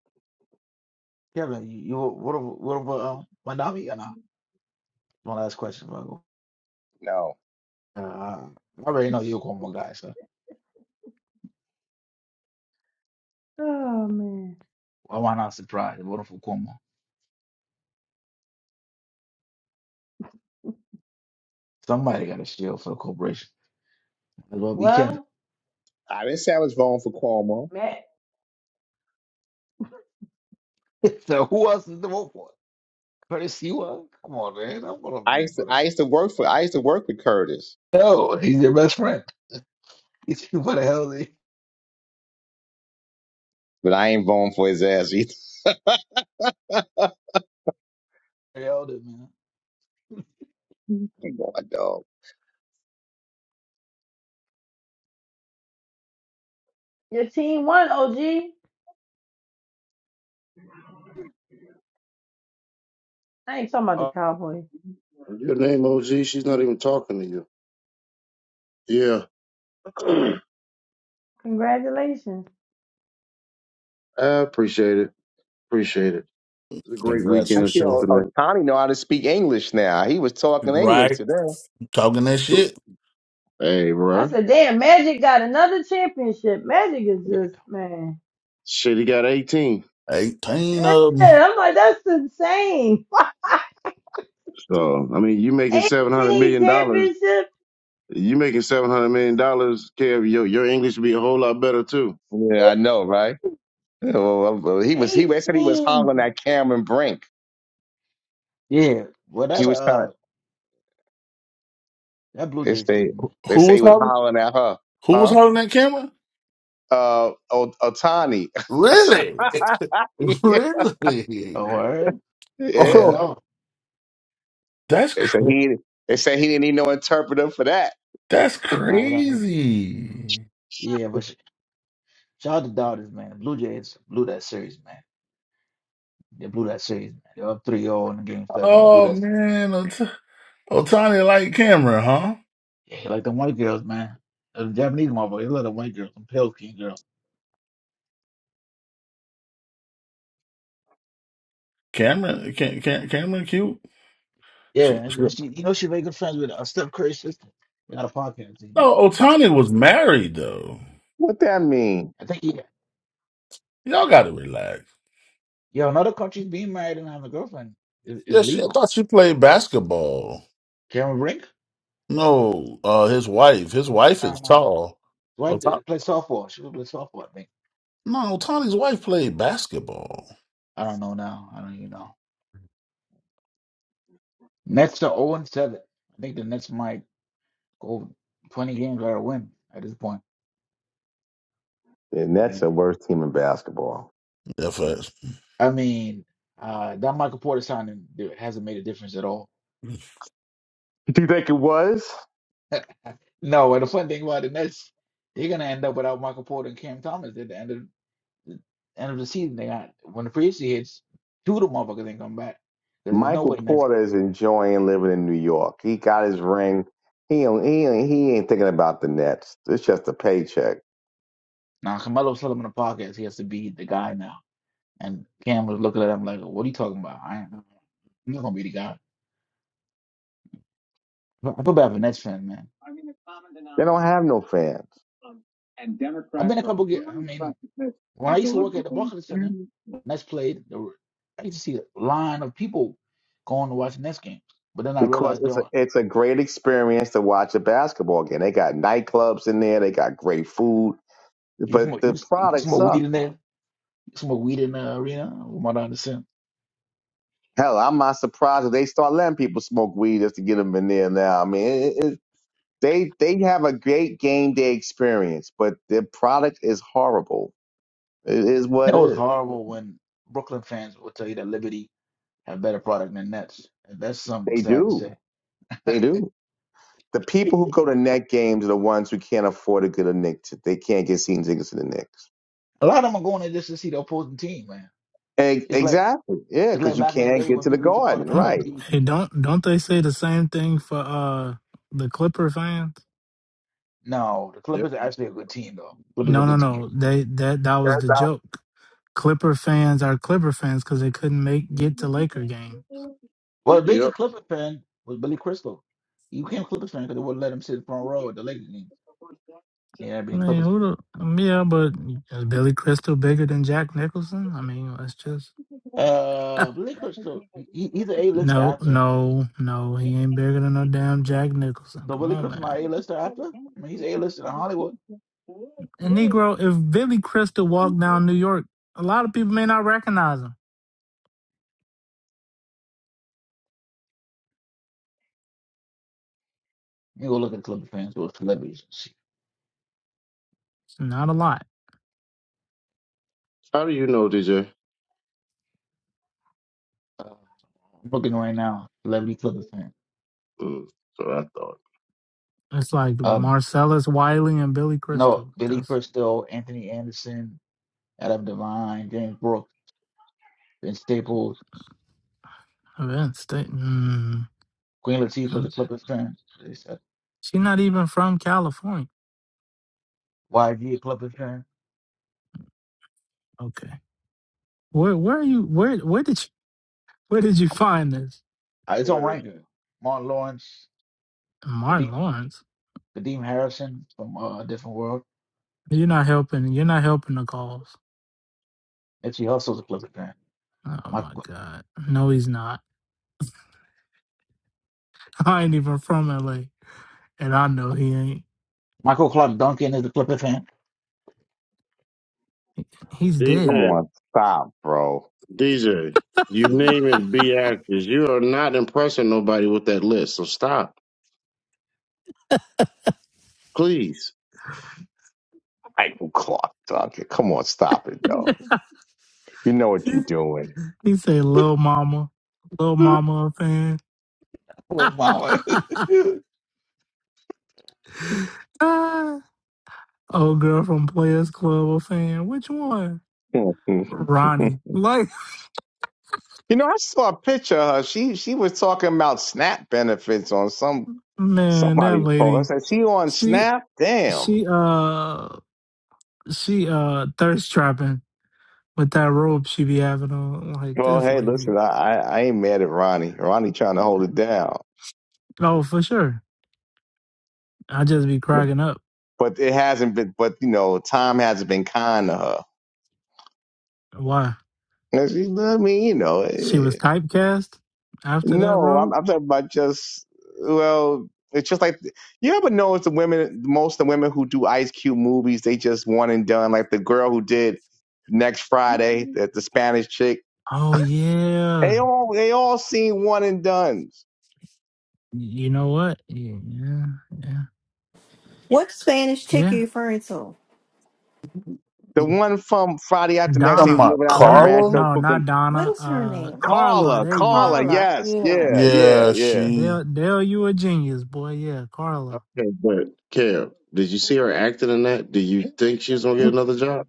Speaker 11: Kevin? You, you voting for, voting for um Mandami or not? One last question, Virgo.
Speaker 2: no.
Speaker 11: Uh, I already know you're a Cuomo guy, so
Speaker 6: Oh man.
Speaker 11: why am I not surprised? You're Voting for Cuomo. Somebody got a shield for the corporation. Might as well be Kevin.
Speaker 6: Well,
Speaker 2: I didn't say I was voting for Cuomo.
Speaker 6: Matt,
Speaker 11: [laughs] so who else is to vote for? Curtis Sewa? Come on, man. I'm gonna
Speaker 2: I
Speaker 11: be
Speaker 2: used to,
Speaker 11: bro.
Speaker 2: I used to work for I used to work with Curtis,
Speaker 11: No, he's your best friend. [laughs] what the hell they
Speaker 2: but I ain't voting for his ass either. [laughs] Come
Speaker 11: they held it, man.
Speaker 2: on, dog.
Speaker 6: your team won. OG. I ain't talking about the
Speaker 11: Oh
Speaker 6: Cowboys.
Speaker 3: Your name OG, she's not even talking to you. Yeah. [clears throat]
Speaker 6: Congratulations.
Speaker 3: I appreciate it. Appreciate it. It's a great
Speaker 8: Congrats
Speaker 2: I
Speaker 3: weekend
Speaker 8: for
Speaker 3: until
Speaker 8: sure.
Speaker 2: feel
Speaker 3: tonight.
Speaker 2: Otani know how to speak English now. He was talking English today.
Speaker 8: Talking that shit.
Speaker 3: Hey,
Speaker 6: I
Speaker 3: bro.
Speaker 6: said, damn, Magic got another championship. Magic is
Speaker 11: yeah.
Speaker 6: just, man.
Speaker 3: Shit, he got 18.
Speaker 8: Eighteen
Speaker 6: Yeah,
Speaker 8: of 'em.
Speaker 6: I'm like, that's insane.
Speaker 3: So, I mean, you making
Speaker 6: [laughs]
Speaker 3: $700
Speaker 6: 18
Speaker 3: million. dollars
Speaker 6: championships,
Speaker 3: You making seven hundred million dollars, Kev? Your your English would be a whole lot better too.
Speaker 2: Yeah, I know, right? Yeah, Well, well, well, he was. He they said he was hollering
Speaker 6: 18.
Speaker 2: at Cameron Brink.
Speaker 11: Yeah. Well
Speaker 2: He
Speaker 11: that
Speaker 2: was trying.
Speaker 11: uh that Blue
Speaker 2: They
Speaker 11: Jays team,
Speaker 2: say
Speaker 11: man.
Speaker 2: they
Speaker 8: Who
Speaker 2: say he
Speaker 8: was
Speaker 2: was
Speaker 8: hollering?
Speaker 2: hollering at her.
Speaker 8: Who was
Speaker 2: Huh?
Speaker 8: hollering that camera?
Speaker 2: Uh, Otani.
Speaker 8: Really? [laughs]
Speaker 2: [laughs]
Speaker 11: Oh,
Speaker 8: Really?
Speaker 11: all right. You never
Speaker 2: yeah.
Speaker 8: Oh,
Speaker 11: know.
Speaker 8: That's
Speaker 2: They said
Speaker 8: cr-
Speaker 2: he they said he didn't need no interpreter for that.
Speaker 8: that's
Speaker 11: Nah, you don't-
Speaker 8: crazy.
Speaker 11: Yeah, but sh- shout out to Dodgers, man. Blue Jays blew that series, man. They blew that series, man. They're up three zero in the game seven. You blew
Speaker 8: Oh
Speaker 11: that se-
Speaker 8: man, Ot- Otani like Cameron, huh?
Speaker 11: yeah, like the white girls, man. Uh, The Japanese mother, they love the white girls, the pale skin girl.
Speaker 8: Cameron, can, can, Cameron, cute.
Speaker 11: Yeah,
Speaker 8: Sh
Speaker 11: and
Speaker 8: sh-
Speaker 11: she, and she- you know she made good friends with uh, Steph Curry's sister. They got a podcast.
Speaker 8: no, Otani was married though.
Speaker 2: What that mean?
Speaker 11: I think he
Speaker 8: Y'all got to relax.
Speaker 11: Yo, another country's being married and having a girlfriend is, is
Speaker 8: yeah. She, I
Speaker 11: legal.
Speaker 8: thought she played basketball.
Speaker 11: Cameron Brink?
Speaker 8: No, uh, his wife, his wife
Speaker 11: No,
Speaker 8: is
Speaker 11: no. His
Speaker 8: tall.
Speaker 11: wife
Speaker 8: Ota-
Speaker 11: did- played softball. She would play softball, I think.
Speaker 8: No, Otani's wife played basketball.
Speaker 11: I don't know now. I don't even know. Nets are 0 and 7. I think the Nets might go 20 games without a win at this point.
Speaker 2: The
Speaker 11: I
Speaker 2: Nets
Speaker 11: mean,
Speaker 2: are worst team in basketball.
Speaker 8: Yeah, facts.
Speaker 11: I mean, uh, that Michael Porter signing there hasn't made a difference at all.
Speaker 2: You think it was?
Speaker 11: No, and the fun thing about the Nets, they're gonna end up without Michael Porter and Cam Thomas at the end of end of the season. They got when the free agency hits, two of the motherfuckers ain't come back. 'Cause There's no
Speaker 2: Michael
Speaker 11: way Nets.
Speaker 2: Porter is enjoying living in New York. He got his ring. He don't- he ain't- he ain't thinking about the Nets. It's just a paycheck.
Speaker 11: Now Carmelo was him in the podcast. He has to be the guy now. And Cam was looking at him like, "What are you talking about? I ain't, I'm not gonna be the guy." I feel bad for Nets fan, man.
Speaker 2: They don't have no fans
Speaker 11: I've been a couple. ge- I mean, when I used to work at the Barclays Center, Nets played. There were, I used to see a line of people going to watch Nets games. But then I
Speaker 2: because
Speaker 11: realized,
Speaker 2: it's a
Speaker 11: don't
Speaker 2: it's a great experience to watch a basketball game. They got nightclubs in there. They got great food,
Speaker 11: you
Speaker 2: but
Speaker 11: smoke you,
Speaker 2: the
Speaker 11: s- you can
Speaker 2: product
Speaker 11: smoke weed in
Speaker 2: sucks.
Speaker 11: there? You can smoke weed in the arena? From what I understand,
Speaker 2: Hell, I'm not surprised if they start letting people smoke weed just to get them in there now. I mean, it, They they have a great game day experience, but their product is horrible. It is
Speaker 11: you
Speaker 2: what it
Speaker 11: know it's
Speaker 2: is.
Speaker 11: horrible when Brooklyn fans will tell you that Liberty have better product than Nets. That's something
Speaker 2: They
Speaker 11: sad to
Speaker 2: do.
Speaker 11: say.
Speaker 2: They do. The people who go to net games are the ones who can't afford to get a Knicks. They can't get seen tickets to the Knicks.
Speaker 11: A lot of them are going there just to see the opposing team, man.
Speaker 2: E-
Speaker 11: It's like
Speaker 2: Exactly. Yeah,
Speaker 11: it's
Speaker 2: because
Speaker 11: like
Speaker 2: you
Speaker 11: back in the
Speaker 2: can't
Speaker 11: day
Speaker 2: get
Speaker 11: when
Speaker 2: to the
Speaker 11: people used to go to
Speaker 2: Garden.
Speaker 1: Um,
Speaker 2: Right.
Speaker 11: MSG.
Speaker 1: hey, don't don't they say the same thing for uh the Clipper fans?
Speaker 11: No, the
Speaker 3: Yep.
Speaker 11: Clippers are actually a good team, though. Clippers are a
Speaker 1: No, no,
Speaker 11: good team.
Speaker 1: no. They that that
Speaker 2: That's
Speaker 1: was the
Speaker 2: how-
Speaker 1: joke. Clipper fans are Clipper fans because they couldn't make get to Laker game.
Speaker 11: Well, the
Speaker 3: Yep.
Speaker 11: biggest Clipper fan was Billy Crystal. He became a Clippers fan because they wouldn't let him sit in the front row at the Lakers game. Yeah,
Speaker 1: I
Speaker 11: being
Speaker 1: mean,
Speaker 11: Clippers.
Speaker 1: who the um, yeah, but is Billy Crystal bigger than Jack Nicholson? I mean, let's just [laughs]
Speaker 11: Uh, Billy Crystal, he, he's an A-lister
Speaker 1: no,
Speaker 11: actor.
Speaker 1: no, no. He ain't bigger than no damn Jack Nicholson.
Speaker 11: So
Speaker 1: Come
Speaker 11: Billy
Speaker 1: on,
Speaker 11: Crystal not
Speaker 1: man.
Speaker 11: an A-lister actor? I mean, he's A-lister in Hollywood.
Speaker 1: And Negro, if Billy Crystal walked down New York, a lot of people may not recognize him.
Speaker 11: Let me go look at Clipper fans or celebrities. and see.
Speaker 1: Not a lot.
Speaker 3: How do you know, DJ?
Speaker 11: Uh, I'm looking right now. Celebrity Clipper fan.
Speaker 3: Mm, that's what I thought.
Speaker 1: It's like
Speaker 11: Uh,
Speaker 1: Marcellus Wiley and Billy
Speaker 11: no,
Speaker 1: Crystal.
Speaker 11: Billy
Speaker 1: That's
Speaker 11: Crystal, Anthony Anderson, Adam Devine, James Brooks, Ben Staples,
Speaker 1: events. They, mm,
Speaker 11: Queen Latifah of the Clippers fan. They said
Speaker 1: she's not even from California.
Speaker 11: YG a Clippers fan.
Speaker 1: Okay. Where where are you where where did you where did you
Speaker 11: I'm,
Speaker 1: find this?
Speaker 11: uh, it's on
Speaker 3: Twitter.
Speaker 11: ranking. Martin Lawrence, Kadeem,
Speaker 1: Martin Lawrence.
Speaker 11: Kadeem Harrison from uh, Different World.
Speaker 1: You're not helping you're not helping the cause.
Speaker 11: Nipsey Hussle's a Clippers fan.
Speaker 1: Oh my
Speaker 11: Michael,
Speaker 1: god. No he's not. [laughs] I ain't even from LA. And I know he ain't.
Speaker 11: Michael Clark Duncan is a Clippers fan.
Speaker 1: He's
Speaker 2: Come
Speaker 1: dead.
Speaker 3: DJ.
Speaker 2: on, stop, bro.
Speaker 3: DJ. You name it, be actors. You are not impressing nobody with that list. So stop, please.
Speaker 2: Michael Clark Duncan. Come on, stop it,
Speaker 6: [laughs]
Speaker 2: dog. You know what you're
Speaker 1: [laughs]
Speaker 2: doing.
Speaker 1: he said
Speaker 11: [laughs]
Speaker 1: Lil Mama. Lil Mama a
Speaker 11: Little mama. [laughs]
Speaker 1: fan. [laughs] Old girl from Players Club a fan. Which one?
Speaker 2: [laughs] you
Speaker 1: Ronnie.
Speaker 2: know,
Speaker 1: Like,
Speaker 2: I saw a picture of her. She she was talking about SNAP benefits on some
Speaker 1: [laughs] man, that
Speaker 2: Somebody called. I
Speaker 1: lady.
Speaker 2: said, she on
Speaker 1: She
Speaker 2: Snap? Damn.
Speaker 1: she uh she uh thirst trapping with that robe she be having on. Like
Speaker 2: Well,
Speaker 1: this
Speaker 2: hey,
Speaker 1: lady.
Speaker 2: listen, I, I, I ain't mad at Ronnie. Ronnie trying to hold it down.
Speaker 1: Oh, for sure. I just be cracking up.
Speaker 2: But it hasn't been, but you know, time hasn't been kind to her.
Speaker 1: Why?
Speaker 2: And she, I mean, you know,
Speaker 1: She was
Speaker 2: eh,
Speaker 1: typecast after that
Speaker 2: no, I'm,
Speaker 1: role?
Speaker 2: I'm talking about just, well, it's just like, you ever notice the women, most of the women who do Ice Cube movies, they just one and done. Like the girl who did Next Friday, that the Spanish chick,
Speaker 1: Oh
Speaker 2: they
Speaker 1: yeah.
Speaker 2: all, they all seem one and done.
Speaker 1: You know what? Yeah, yeah,
Speaker 7: What Spanish chick are
Speaker 1: yeah.
Speaker 7: you referring to?
Speaker 2: The
Speaker 8: You
Speaker 2: one from Friday after next day
Speaker 8: Talking
Speaker 1: Donna.
Speaker 8: about
Speaker 2: living out
Speaker 1: One
Speaker 2: in
Speaker 1: or
Speaker 8: Carla?
Speaker 2: Rancho
Speaker 1: no, not
Speaker 2: Cookham.
Speaker 7: What
Speaker 1: Donna.
Speaker 7: is her
Speaker 1: Uh
Speaker 7: name?
Speaker 1: Carla,
Speaker 2: Carla,
Speaker 1: there you
Speaker 2: Carla,
Speaker 1: go.
Speaker 7: Carla.
Speaker 2: yes,
Speaker 7: Yeah.
Speaker 2: yeah, yeah,
Speaker 8: Yeah,
Speaker 2: yeah.
Speaker 8: she.
Speaker 1: Dale, Dale, you a genius, boy. Yeah, Carla.
Speaker 3: Okay, but Kev, did you see her acting in that? Do you think she's gonna get another job?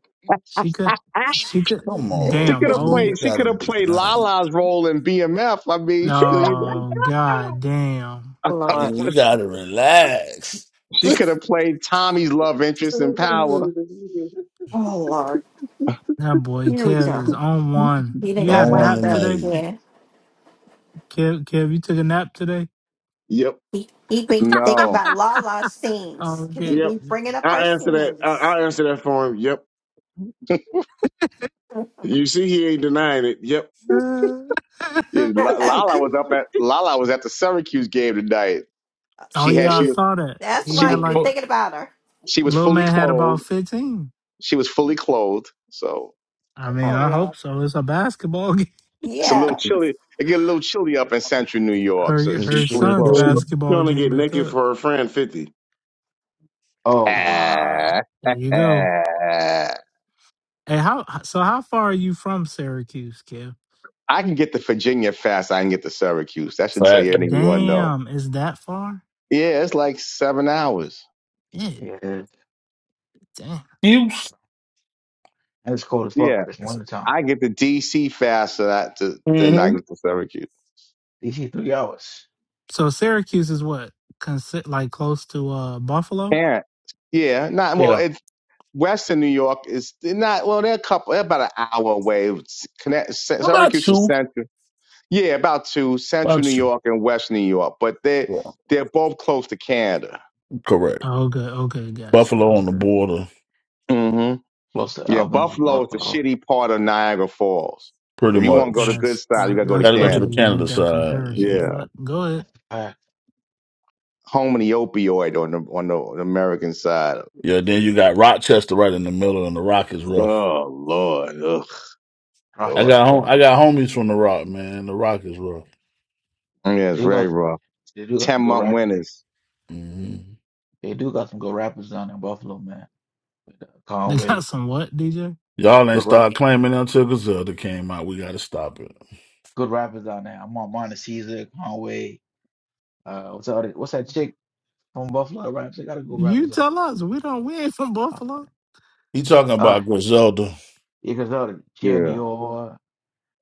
Speaker 2: [laughs]
Speaker 1: She could, she could.
Speaker 8: Come
Speaker 7: [laughs]
Speaker 8: on,
Speaker 2: She
Speaker 1: Damn.
Speaker 8: OG.
Speaker 2: could have
Speaker 1: Oh,
Speaker 8: You
Speaker 2: played. She could
Speaker 8: gotta
Speaker 2: have
Speaker 8: be
Speaker 2: played
Speaker 8: nice.
Speaker 2: Lala's role in BMF. I mean, she could. You
Speaker 1: oh, god, damn.
Speaker 7: Oh,
Speaker 2: know, [laughs]
Speaker 7: Lord.
Speaker 8: You gotta relax.
Speaker 2: she could have played Tommy's love interest in Power.
Speaker 7: Oh Lord.
Speaker 1: That boy
Speaker 7: Here we
Speaker 1: Kev is
Speaker 7: go.
Speaker 1: on one.
Speaker 7: He done
Speaker 1: You
Speaker 7: got
Speaker 1: had
Speaker 8: Don't
Speaker 1: a
Speaker 8: want
Speaker 1: nap
Speaker 8: to
Speaker 7: wound up
Speaker 1: today,
Speaker 8: night.
Speaker 7: again.
Speaker 1: Kev. Kev, you took a nap today.
Speaker 3: Yep.
Speaker 7: He he been thinking
Speaker 2: No,
Speaker 7: about Lala's scenes
Speaker 1: Oh,
Speaker 7: because he
Speaker 1: okay.
Speaker 3: Yep.
Speaker 7: been bringing up her
Speaker 3: I'll answer that. I-
Speaker 7: scenes.
Speaker 3: I'll answer that for him. Yep. You see, he ain't denying it. Yep.
Speaker 1: [laughs]
Speaker 2: Yeah,
Speaker 3: [laughs]
Speaker 2: La- Lala
Speaker 7: [laughs]
Speaker 2: was up at Lala was at the Syracuse game tonight.
Speaker 1: oh
Speaker 2: She had.
Speaker 1: yeah, I
Speaker 2: She
Speaker 7: See,
Speaker 2: was.
Speaker 1: saw that.
Speaker 7: that's
Speaker 1: He
Speaker 2: She
Speaker 7: why
Speaker 1: had
Speaker 2: was.
Speaker 7: you been
Speaker 1: like
Speaker 2: Fu-
Speaker 7: thinking about her.
Speaker 2: she was
Speaker 1: little
Speaker 2: fully
Speaker 1: man had about
Speaker 2: clothed.
Speaker 1: fifteen.
Speaker 2: She was fully clothed. So.
Speaker 1: I mean,
Speaker 7: Oh
Speaker 1: I hope
Speaker 7: Lord.
Speaker 1: so. It's a basketball [laughs] game.
Speaker 2: It's a little
Speaker 7: Yeah.
Speaker 2: chilly. It get a little chilly up in central New York, so
Speaker 1: Her her
Speaker 2: she's fully
Speaker 1: son's
Speaker 2: clothed.
Speaker 3: She's
Speaker 1: basketball
Speaker 3: gonna get
Speaker 1: game at
Speaker 3: naked
Speaker 1: that.
Speaker 3: for her friend fifty.
Speaker 2: [laughs]
Speaker 11: oh
Speaker 1: Oh god.
Speaker 11: wow.
Speaker 2: I
Speaker 1: There you go. Hey, how so? How far are you from Syracuse, Kev?
Speaker 2: can get to Virginia fast. I can get to Syracuse. That should tell you anyone know.
Speaker 1: Damn, is that far?
Speaker 2: Yeah, it's like seven hours.
Speaker 1: Yeah,
Speaker 11: Yeah.
Speaker 1: damn.
Speaker 8: You.
Speaker 11: And it's cold as fuck.
Speaker 2: Yeah,
Speaker 11: It's
Speaker 1: S-
Speaker 11: wintertime.
Speaker 2: I get to D.C. faster than I, to, than I
Speaker 8: hmm
Speaker 2: get to Syracuse.
Speaker 11: DC three hours.
Speaker 1: So Syracuse is what? Consi- like close to uh Buffalo?
Speaker 2: Parent. Yeah, not well. It's Western New York is they're not well. They're a couple. They're about an hour away. It's Connect, Sy-
Speaker 8: What about
Speaker 2: Syracuse is
Speaker 8: you?
Speaker 2: central. Yeah, about two, Central New York and West New York, but they
Speaker 8: Yeah.
Speaker 2: they're both close to Canada.
Speaker 8: Correct.
Speaker 1: Oh, okay, okay, gotcha.
Speaker 8: Buffalo on the
Speaker 1: Okay,
Speaker 8: border,
Speaker 2: hmm
Speaker 11: close to
Speaker 2: Yeah,
Speaker 11: Albany,
Speaker 2: Buffalo is the
Speaker 11: Buffalo,
Speaker 2: shitty part of Niagara Falls.
Speaker 8: pretty
Speaker 2: If you want to go to
Speaker 8: much.
Speaker 2: good
Speaker 1: that's
Speaker 2: side, you
Speaker 1: that,
Speaker 2: gotta go to
Speaker 8: Got
Speaker 1: that's
Speaker 8: to go to
Speaker 2: Canada.
Speaker 8: the
Speaker 1: crazy. You made
Speaker 8: Canada
Speaker 1: that
Speaker 8: side.
Speaker 1: comparison,
Speaker 2: Yeah,
Speaker 1: but go ahead. [laughs]
Speaker 11: uh,
Speaker 2: home of the opioid on the on the, on the American side.
Speaker 8: Yeah, then you got Rochester right in the middle, and the Rock is rough.
Speaker 2: Oh Lord, ugh,
Speaker 8: I
Speaker 2: Lord.
Speaker 8: got
Speaker 11: Rochester.
Speaker 8: home. I got homies from the Rock, man. The Rock is rough.
Speaker 11: They
Speaker 2: Yeah, it's
Speaker 11: do
Speaker 2: very
Speaker 11: got
Speaker 2: rough.
Speaker 11: they do got some
Speaker 2: Ten
Speaker 11: good
Speaker 2: month
Speaker 11: rap.
Speaker 2: winters.
Speaker 8: hmm
Speaker 11: They do got some good rappers down in Buffalo, man.
Speaker 1: They got
Speaker 11: Conway,
Speaker 1: some what, DJ?
Speaker 8: Y'all ain't
Speaker 11: good rap,
Speaker 8: start claiming until Griselda came out. We got to stop it.
Speaker 11: good rappers down there. I'm on Monte Caesar, Conway. Uh, what's that? What's that chick from Buffalo that raps? They got a good
Speaker 1: You
Speaker 11: rappers up.
Speaker 1: tell us. We don't. We ain't from
Speaker 11: I forgot
Speaker 1: Buffalo.
Speaker 8: He talking
Speaker 11: Uh,
Speaker 8: about Griselda.
Speaker 11: you can tell that Jenny
Speaker 2: Yeah,
Speaker 11: Orr,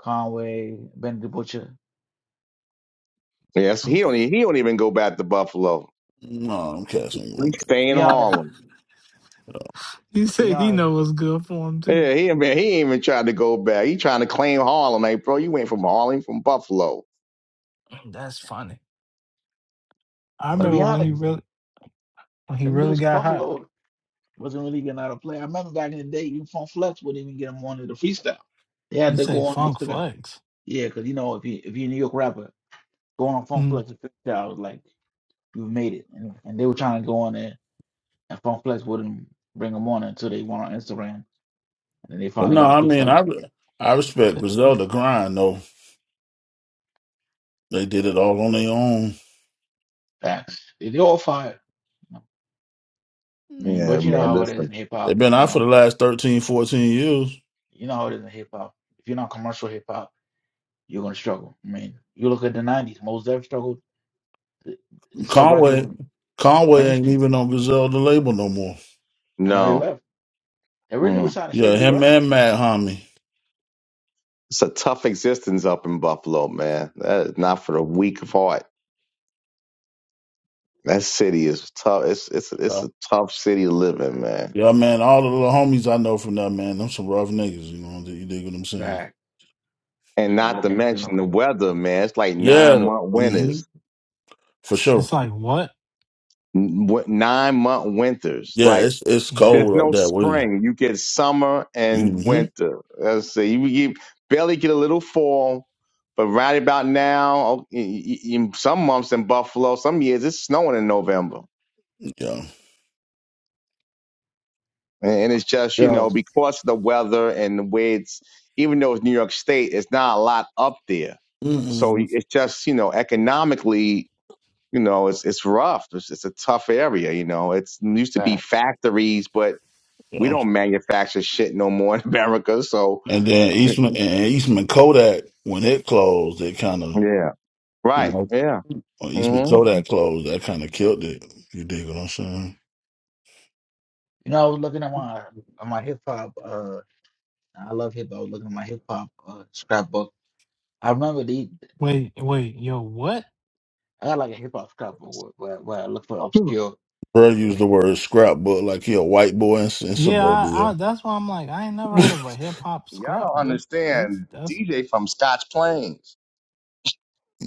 Speaker 11: Conway, Benny the Butcher.
Speaker 2: yes. He
Speaker 1: Okay.
Speaker 2: don't e- he don't even go back to Buffalo.
Speaker 8: No, I'm casting you on
Speaker 2: He
Speaker 8: that.
Speaker 2: stay in
Speaker 11: Be honest,
Speaker 2: Harlem.
Speaker 1: He
Speaker 11: be
Speaker 1: said he
Speaker 11: honest.
Speaker 1: know what's good for him too.
Speaker 2: Yeah, he ain't been, he ain't even tried to go back. He trying to claim Harlem, like, bro, you ain't from Harlem, from Buffalo.
Speaker 1: That's funny. I
Speaker 11: But to be
Speaker 1: remember when he
Speaker 11: honest,
Speaker 8: Mhm.
Speaker 1: really when he
Speaker 11: them
Speaker 1: really
Speaker 11: dudes from
Speaker 1: got hot.
Speaker 11: Buffalo. Wasn't really getting out of play. I remember back in the day, even Funk Flex wouldn't even get him on to the freestyle. They had
Speaker 1: You
Speaker 11: to
Speaker 1: say
Speaker 11: go on
Speaker 1: funk
Speaker 11: Instagram.
Speaker 1: flex.
Speaker 11: Yeah, because you know, if you if you're a New York rapper, going on Funk Flex and freestyle was like you've made it. And, and they were trying to go on there, and Funk Flex wouldn't bring them on until they went on Instagram, and then they
Speaker 8: But
Speaker 11: finally
Speaker 8: no,
Speaker 11: got a
Speaker 8: I mean,
Speaker 11: freestyle.
Speaker 8: I I respect Griselda grind though. They did it all on their own.
Speaker 11: Facts. They, they all fired. I mean,
Speaker 2: Yeah,
Speaker 11: but you know
Speaker 2: man,
Speaker 11: how it is
Speaker 2: listen.
Speaker 11: in hip
Speaker 8: They've
Speaker 11: hop.
Speaker 8: been
Speaker 11: You
Speaker 8: out for
Speaker 11: know,
Speaker 8: the last thirteen, fourteen years.
Speaker 11: you know how it is in hip hop. If you're not commercial hip hop, you're gonna struggle. I mean, you look at the '90s. Most Def struggled to, to sell records
Speaker 8: Conway, Conway ain't
Speaker 11: mainstream.
Speaker 8: even on Griselda label no more.
Speaker 11: I know they
Speaker 2: No.
Speaker 11: left. They really was
Speaker 2: Mm.
Speaker 11: trying to say
Speaker 8: Yeah,
Speaker 11: you
Speaker 8: him
Speaker 11: right.
Speaker 8: and Mad Homie.
Speaker 2: It's a tough existence up in Buffalo, man. That is not for the weak of heart. That city is tough. It's it's it's a tough city to live in, man.
Speaker 8: Yeah, man, all the little homies I know from that, man, them some rough niggas, you know, you dig what I'm saying?
Speaker 11: Fact.
Speaker 2: And
Speaker 11: Uh,
Speaker 2: not
Speaker 11: Rook
Speaker 2: to
Speaker 11: ain't doing
Speaker 2: mention
Speaker 11: no
Speaker 2: the weather, man. It's like nine
Speaker 8: Yeah,
Speaker 2: month
Speaker 8: hmm
Speaker 2: winters,
Speaker 8: for
Speaker 1: It's,
Speaker 8: sure.
Speaker 1: it's like what?
Speaker 2: nine month winters.
Speaker 8: Yeah,
Speaker 2: Like
Speaker 8: it's it's
Speaker 2: There's
Speaker 1: Damn.
Speaker 8: cold up
Speaker 2: no
Speaker 8: that way.
Speaker 2: spring. You get summer and
Speaker 8: hmm
Speaker 2: winter. Let's see. You, you barely get a little fall, but right about now, oh, y- y- y- some months in Buffalo, some years it's snowing in November,
Speaker 8: Yeah.
Speaker 2: and and it's just you know
Speaker 11: girls.
Speaker 2: because of the weather and the way it's. Even though it's New York State, it's not a lot up there, so
Speaker 8: Mm-mm.
Speaker 2: it's just you know economically, you know it's it's rough. It's, it's a tough area. You know, it's it used to be
Speaker 11: Fact.
Speaker 2: factories, but we
Speaker 8: yeah.
Speaker 2: don't manufacture shit no more in [laughs] America, so
Speaker 8: And
Speaker 11: Not at
Speaker 8: then
Speaker 11: all.
Speaker 8: Eastman and Eastman Kodak, when it closed, it kind of,
Speaker 2: Yeah.
Speaker 8: you
Speaker 2: Right.
Speaker 8: know,
Speaker 2: Yeah.
Speaker 8: when Eastman
Speaker 2: hmm
Speaker 8: Kodak closed, that kind of killed it. You dig what I'm saying?
Speaker 11: You know, I was looking at my at my hip hop. Uh, I love hip hop. I was looking at my hip hop uh, scrapbook. I remember the
Speaker 1: Wait, wait, yo, what?
Speaker 11: I got like a hip hop scrapbook where, where where I look for
Speaker 2: Hmm.
Speaker 11: obscure.
Speaker 8: Bro used the word scrapbook like he a white boy in, in
Speaker 1: Yeah, I,
Speaker 8: suburbia.
Speaker 1: I, that's why I'm like, I ain't never
Speaker 8: [laughs]
Speaker 1: heard of a hip hop
Speaker 2: Y'all don't
Speaker 1: scrapbook. That's
Speaker 2: understand
Speaker 1: that's
Speaker 2: DJ from Scotch Plains.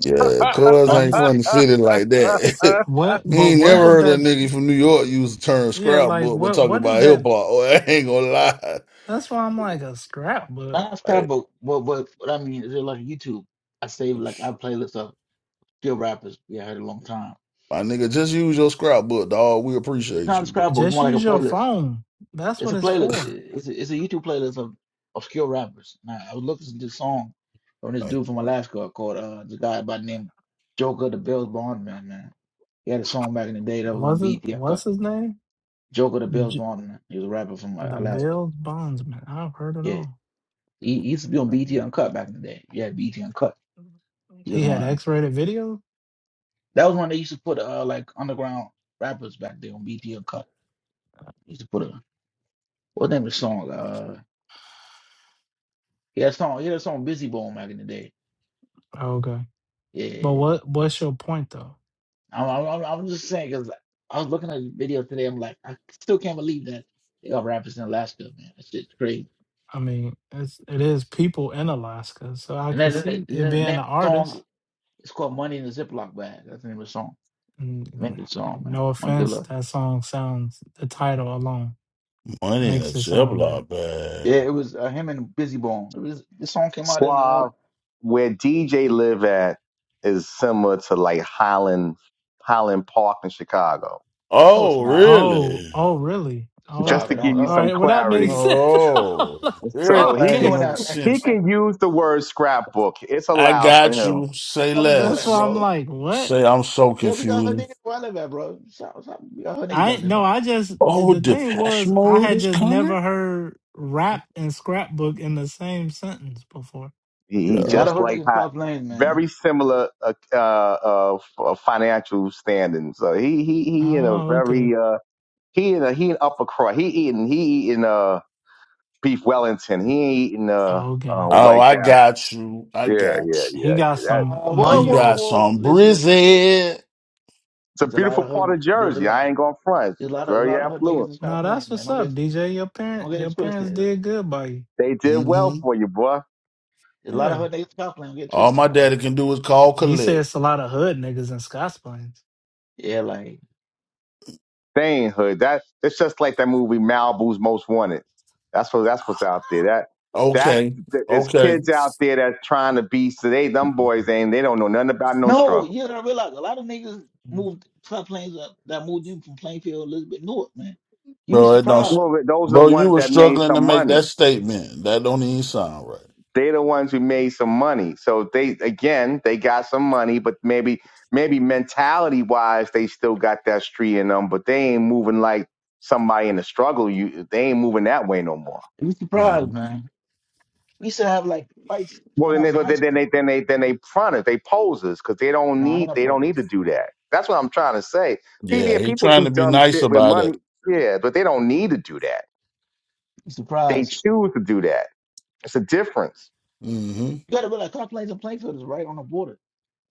Speaker 8: Yeah, cuz
Speaker 11: So
Speaker 8: ain't
Speaker 2: [laughs]
Speaker 8: funny
Speaker 11: anyway,
Speaker 8: fitted like that.
Speaker 1: what,
Speaker 8: [laughs] you
Speaker 1: but
Speaker 8: ain't never
Speaker 1: what does
Speaker 11: uh,
Speaker 8: heard a
Speaker 1: that?
Speaker 8: nigga from New York use the term
Speaker 1: Yeah, like
Speaker 8: scrapbook when
Speaker 1: what?
Speaker 8: talking
Speaker 1: What is
Speaker 8: about hip hop.
Speaker 1: that?
Speaker 8: Oh, [laughs] I ain't gonna lie.
Speaker 1: That's why I'm like a scrapbook.
Speaker 11: Not
Speaker 8: Like,
Speaker 11: Scrapbook. What what what I mean is it like YouTube? I save like I playlist of still rappers we I heard a long time.
Speaker 8: my nigga, just use your scrapbook, dog. We
Speaker 11: It's
Speaker 8: appreciate
Speaker 11: not a
Speaker 8: you.
Speaker 11: scrapbook. It's
Speaker 1: Just
Speaker 11: more like a
Speaker 1: use your
Speaker 11: playlist.
Speaker 1: phone. That's
Speaker 11: It's
Speaker 1: what
Speaker 11: a
Speaker 1: it's
Speaker 11: playlist.
Speaker 1: for.
Speaker 11: It's a, it's a YouTube playlist of of skilled rappers. Now I was looking at this song from this
Speaker 8: Like,
Speaker 11: dude from Alaska called uh this guy by the name Joker the Bills Bondman. Man, he had a song back in the day that was on
Speaker 1: What's his
Speaker 11: BET Uncut.
Speaker 1: What's his name?
Speaker 11: Joker the Bills
Speaker 1: J-
Speaker 11: Bondman. He was a rapper from uh,
Speaker 1: the
Speaker 11: Alaska.
Speaker 1: Bill's Bondsman. I've heard it
Speaker 11: Yeah,
Speaker 1: all.
Speaker 11: he, he used to be on BET Uncut back in the day. Yeah, BET Uncut. He was
Speaker 1: He had
Speaker 11: on.
Speaker 1: X-rated videos.
Speaker 11: That was one they used to put uh like underground rappers back there on BT or Cut. They used to put a what name of the song? Uh, he had a song. He had a song Busy Bone back in the day.
Speaker 1: Okay,
Speaker 11: Yeah, yeah,
Speaker 1: but
Speaker 11: yeah.
Speaker 1: what? What's your point though?
Speaker 11: I'm I'm, I'm I'm just saying because I was looking at the video today. I'm like, I still can't believe that they got rappers in Alaska, man. That shit's crazy.
Speaker 1: I mean, it's it is people in Alaska, so I
Speaker 11: And then,
Speaker 1: could
Speaker 11: then-
Speaker 1: see it
Speaker 11: then the
Speaker 1: being an
Speaker 11: name of the song
Speaker 1: artist.
Speaker 11: is called Money in a Ziploc Bag. That's the name of the song.
Speaker 1: And
Speaker 11: Maybe the song, man.
Speaker 1: no
Speaker 11: Money in the
Speaker 1: offense,
Speaker 11: Ziploc.
Speaker 1: that song sounds the title alone
Speaker 8: Money in a
Speaker 1: makes it sound bad.
Speaker 8: Ziploc bag.
Speaker 11: Yeah, it was uh, him and Busy Bone. It was, this song came out in uh,
Speaker 2: Suave. Where DJ live at is similar to like Highland Highland Park in Chicago.
Speaker 11: no, it's
Speaker 8: Oh,
Speaker 11: not.
Speaker 1: Oh,
Speaker 8: really?
Speaker 1: oh, really? Oh,
Speaker 2: Just
Speaker 11: Stop
Speaker 2: to
Speaker 11: it.
Speaker 1: okay,
Speaker 11: Don't
Speaker 2: give you
Speaker 1: all
Speaker 11: uh,
Speaker 2: some
Speaker 1: right. Well, that makes
Speaker 2: clarity.
Speaker 1: sense.
Speaker 8: Oh,
Speaker 1: [laughs]
Speaker 2: So
Speaker 11: don't
Speaker 2: he
Speaker 11: be
Speaker 2: can
Speaker 8: everything
Speaker 1: okay,
Speaker 11: doing
Speaker 8: makes
Speaker 11: that, man.
Speaker 2: he
Speaker 8: sense.
Speaker 11: [laughs]
Speaker 2: can use the word scrapbook. It's
Speaker 8: I
Speaker 2: allowed for
Speaker 8: got
Speaker 2: him.
Speaker 8: you. Say
Speaker 11: Why we doing
Speaker 1: that's
Speaker 11: that,
Speaker 1: why
Speaker 8: less.
Speaker 1: I'm
Speaker 11: bro?
Speaker 1: like, what?
Speaker 8: Say I'm so
Speaker 11: Yeah, we got her
Speaker 8: confused.
Speaker 11: niggas where I live at, bro. Shout, shout, we got her niggas
Speaker 1: I
Speaker 11: out there,
Speaker 1: no,
Speaker 11: man.
Speaker 1: I just
Speaker 8: Oh,
Speaker 1: the thing
Speaker 8: Depeche
Speaker 1: was I
Speaker 8: Mode
Speaker 1: had
Speaker 8: is
Speaker 1: just
Speaker 8: coming?
Speaker 1: never heard rap and scrapbook in the same sentence before.
Speaker 2: He, he
Speaker 11: A
Speaker 8: Yeah.
Speaker 11: lot of
Speaker 2: just
Speaker 11: her
Speaker 2: like
Speaker 11: niggas
Speaker 2: Hot,
Speaker 11: cross lanes,
Speaker 2: very
Speaker 11: man.
Speaker 2: similar uh, uh, uh, f- uh, financial standing. So he he he in a
Speaker 1: Oh, okay,
Speaker 2: very uh, he in a he in upper crust. He eating he eating uh beef Wellington. He ain't eating uh,
Speaker 1: oh,
Speaker 2: uh
Speaker 1: okay.
Speaker 8: Oh,
Speaker 2: White
Speaker 8: I
Speaker 2: Castle.
Speaker 8: got you. I
Speaker 2: Yeah,
Speaker 8: got
Speaker 2: yeah,
Speaker 1: He
Speaker 2: yeah,
Speaker 1: got
Speaker 2: yeah. That
Speaker 1: some
Speaker 11: Uh,
Speaker 8: you.
Speaker 11: whoa,
Speaker 8: He
Speaker 11: whoa,
Speaker 1: money
Speaker 8: got
Speaker 11: whoa.
Speaker 8: some
Speaker 11: Listen, listen.
Speaker 8: brizzy.
Speaker 2: it's a
Speaker 11: There's a lot
Speaker 2: beautiful
Speaker 11: of her.
Speaker 2: part of
Speaker 11: There's a
Speaker 2: Jersey.
Speaker 11: lot.
Speaker 2: I ain't going front. It's
Speaker 11: There's a lot of a
Speaker 2: very
Speaker 11: lot of her niggas
Speaker 2: affluent.
Speaker 11: in
Speaker 1: No,
Speaker 11: South Lane,
Speaker 1: that's
Speaker 11: man.
Speaker 1: what's
Speaker 11: Don't
Speaker 1: up,
Speaker 11: get
Speaker 1: DJ. Your
Speaker 11: don't
Speaker 1: parents,
Speaker 11: get
Speaker 1: your
Speaker 11: it twisted.
Speaker 1: parents
Speaker 11: There's
Speaker 1: did good by you.
Speaker 2: They did well
Speaker 8: hmm
Speaker 2: for you, boy.
Speaker 11: a lot of
Speaker 1: Yeah.
Speaker 11: her niggas in South Lane. Don't get
Speaker 8: All
Speaker 11: twisted.
Speaker 8: my
Speaker 11: bro.
Speaker 8: daddy
Speaker 11: Like,
Speaker 8: can do is call
Speaker 1: You say
Speaker 8: Colette.
Speaker 1: it's a lot of hood niggas in Scotts Plains.
Speaker 11: yeah, like
Speaker 2: They ain't hood. That it's just like that movie Malibu's Most Wanted. That's what that's what's out there. That that's
Speaker 8: Okay.
Speaker 2: there's
Speaker 8: Okay.
Speaker 2: kids out there that's trying to be so they them boys ain't they don't know nothing about no
Speaker 11: no,
Speaker 2: struggle.
Speaker 11: you don't realize a lot of niggas moved South Plains up that moved in from Plainfield, a little bit North, man. You be
Speaker 8: Bro, it don't s-
Speaker 11: surprised.
Speaker 2: Well, those are the
Speaker 8: Bro, you
Speaker 2: ones
Speaker 8: were
Speaker 2: that made
Speaker 8: struggling to
Speaker 2: some
Speaker 8: make
Speaker 2: money.
Speaker 8: that statement. That don't even sound right.
Speaker 2: They're the ones who made some money. So they again they got some money, but maybe maybe mentality wise they still got that street in them, but they ain't moving like somebody in the struggle. You they ain't moving that way no more.
Speaker 11: You be surprised,
Speaker 8: hmm
Speaker 11: man. We used to have like fights
Speaker 2: Well,
Speaker 11: when I
Speaker 2: then they
Speaker 11: was in
Speaker 2: go,
Speaker 11: high
Speaker 2: then then
Speaker 11: school.
Speaker 2: they then they then they fronted, they poses because they don't
Speaker 11: No, I ain't
Speaker 2: need they don't
Speaker 11: not
Speaker 2: need to do that. That's what I'm trying to say. People, yeah,
Speaker 8: Yeah, he
Speaker 2: people
Speaker 8: trying
Speaker 2: do
Speaker 8: to be
Speaker 2: dumb
Speaker 8: nice
Speaker 2: shit with
Speaker 8: about
Speaker 2: money,
Speaker 8: it.
Speaker 2: yeah, but they don't need to do that. They
Speaker 11: Surprise.
Speaker 2: choose to do that. It's a difference.
Speaker 8: hmm
Speaker 11: You gotta realize Cosplay's and Plainfield is right on the border.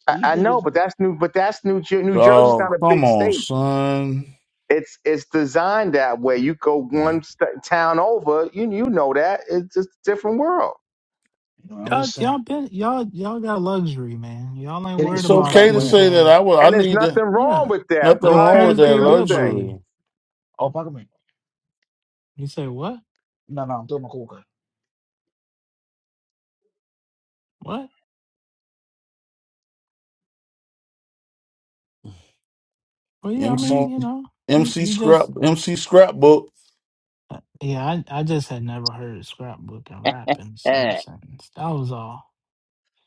Speaker 2: I,
Speaker 11: So you
Speaker 2: I
Speaker 11: think it's
Speaker 2: know, but
Speaker 11: you
Speaker 2: that's new. But that's New Jer- New Jersey's
Speaker 8: Dog,
Speaker 2: not a
Speaker 8: come
Speaker 2: big
Speaker 8: on,
Speaker 2: state.
Speaker 8: son.
Speaker 2: It's it's designed that way. You go one st- town over, you you know that it's just a different world,
Speaker 11: know, I'm
Speaker 1: Y'all,
Speaker 11: just saying.
Speaker 1: y'all been, y'all, y'all got luxury, man. Y'all ain't
Speaker 11: Hitting
Speaker 1: worried
Speaker 8: It's
Speaker 11: street is
Speaker 1: about
Speaker 11: called
Speaker 8: okay to
Speaker 1: these.
Speaker 8: say that
Speaker 1: Uh,
Speaker 8: I will. I
Speaker 2: and there's
Speaker 8: need to.
Speaker 2: nothing wrong
Speaker 1: yeah.
Speaker 2: with that, bro.
Speaker 8: Nothing
Speaker 1: Your
Speaker 8: wrong with
Speaker 1: parents
Speaker 2: It's a
Speaker 8: that
Speaker 1: did
Speaker 2: good
Speaker 1: good by
Speaker 2: thing.
Speaker 1: you.
Speaker 8: luxury.
Speaker 11: Oh, fuck me.
Speaker 1: You say what?
Speaker 11: No, no, I'm doing my cool guy.
Speaker 1: What? Well, yeah. I
Speaker 11: I'm all
Speaker 1: mean,
Speaker 8: MC
Speaker 1: you know, you
Speaker 8: MC
Speaker 1: you
Speaker 8: scrap
Speaker 1: just.
Speaker 8: MC scrapbook.
Speaker 1: uh, Yeah, I, I just had never heard scrapbook and rap in the same
Speaker 2: And
Speaker 1: sentence. That was all.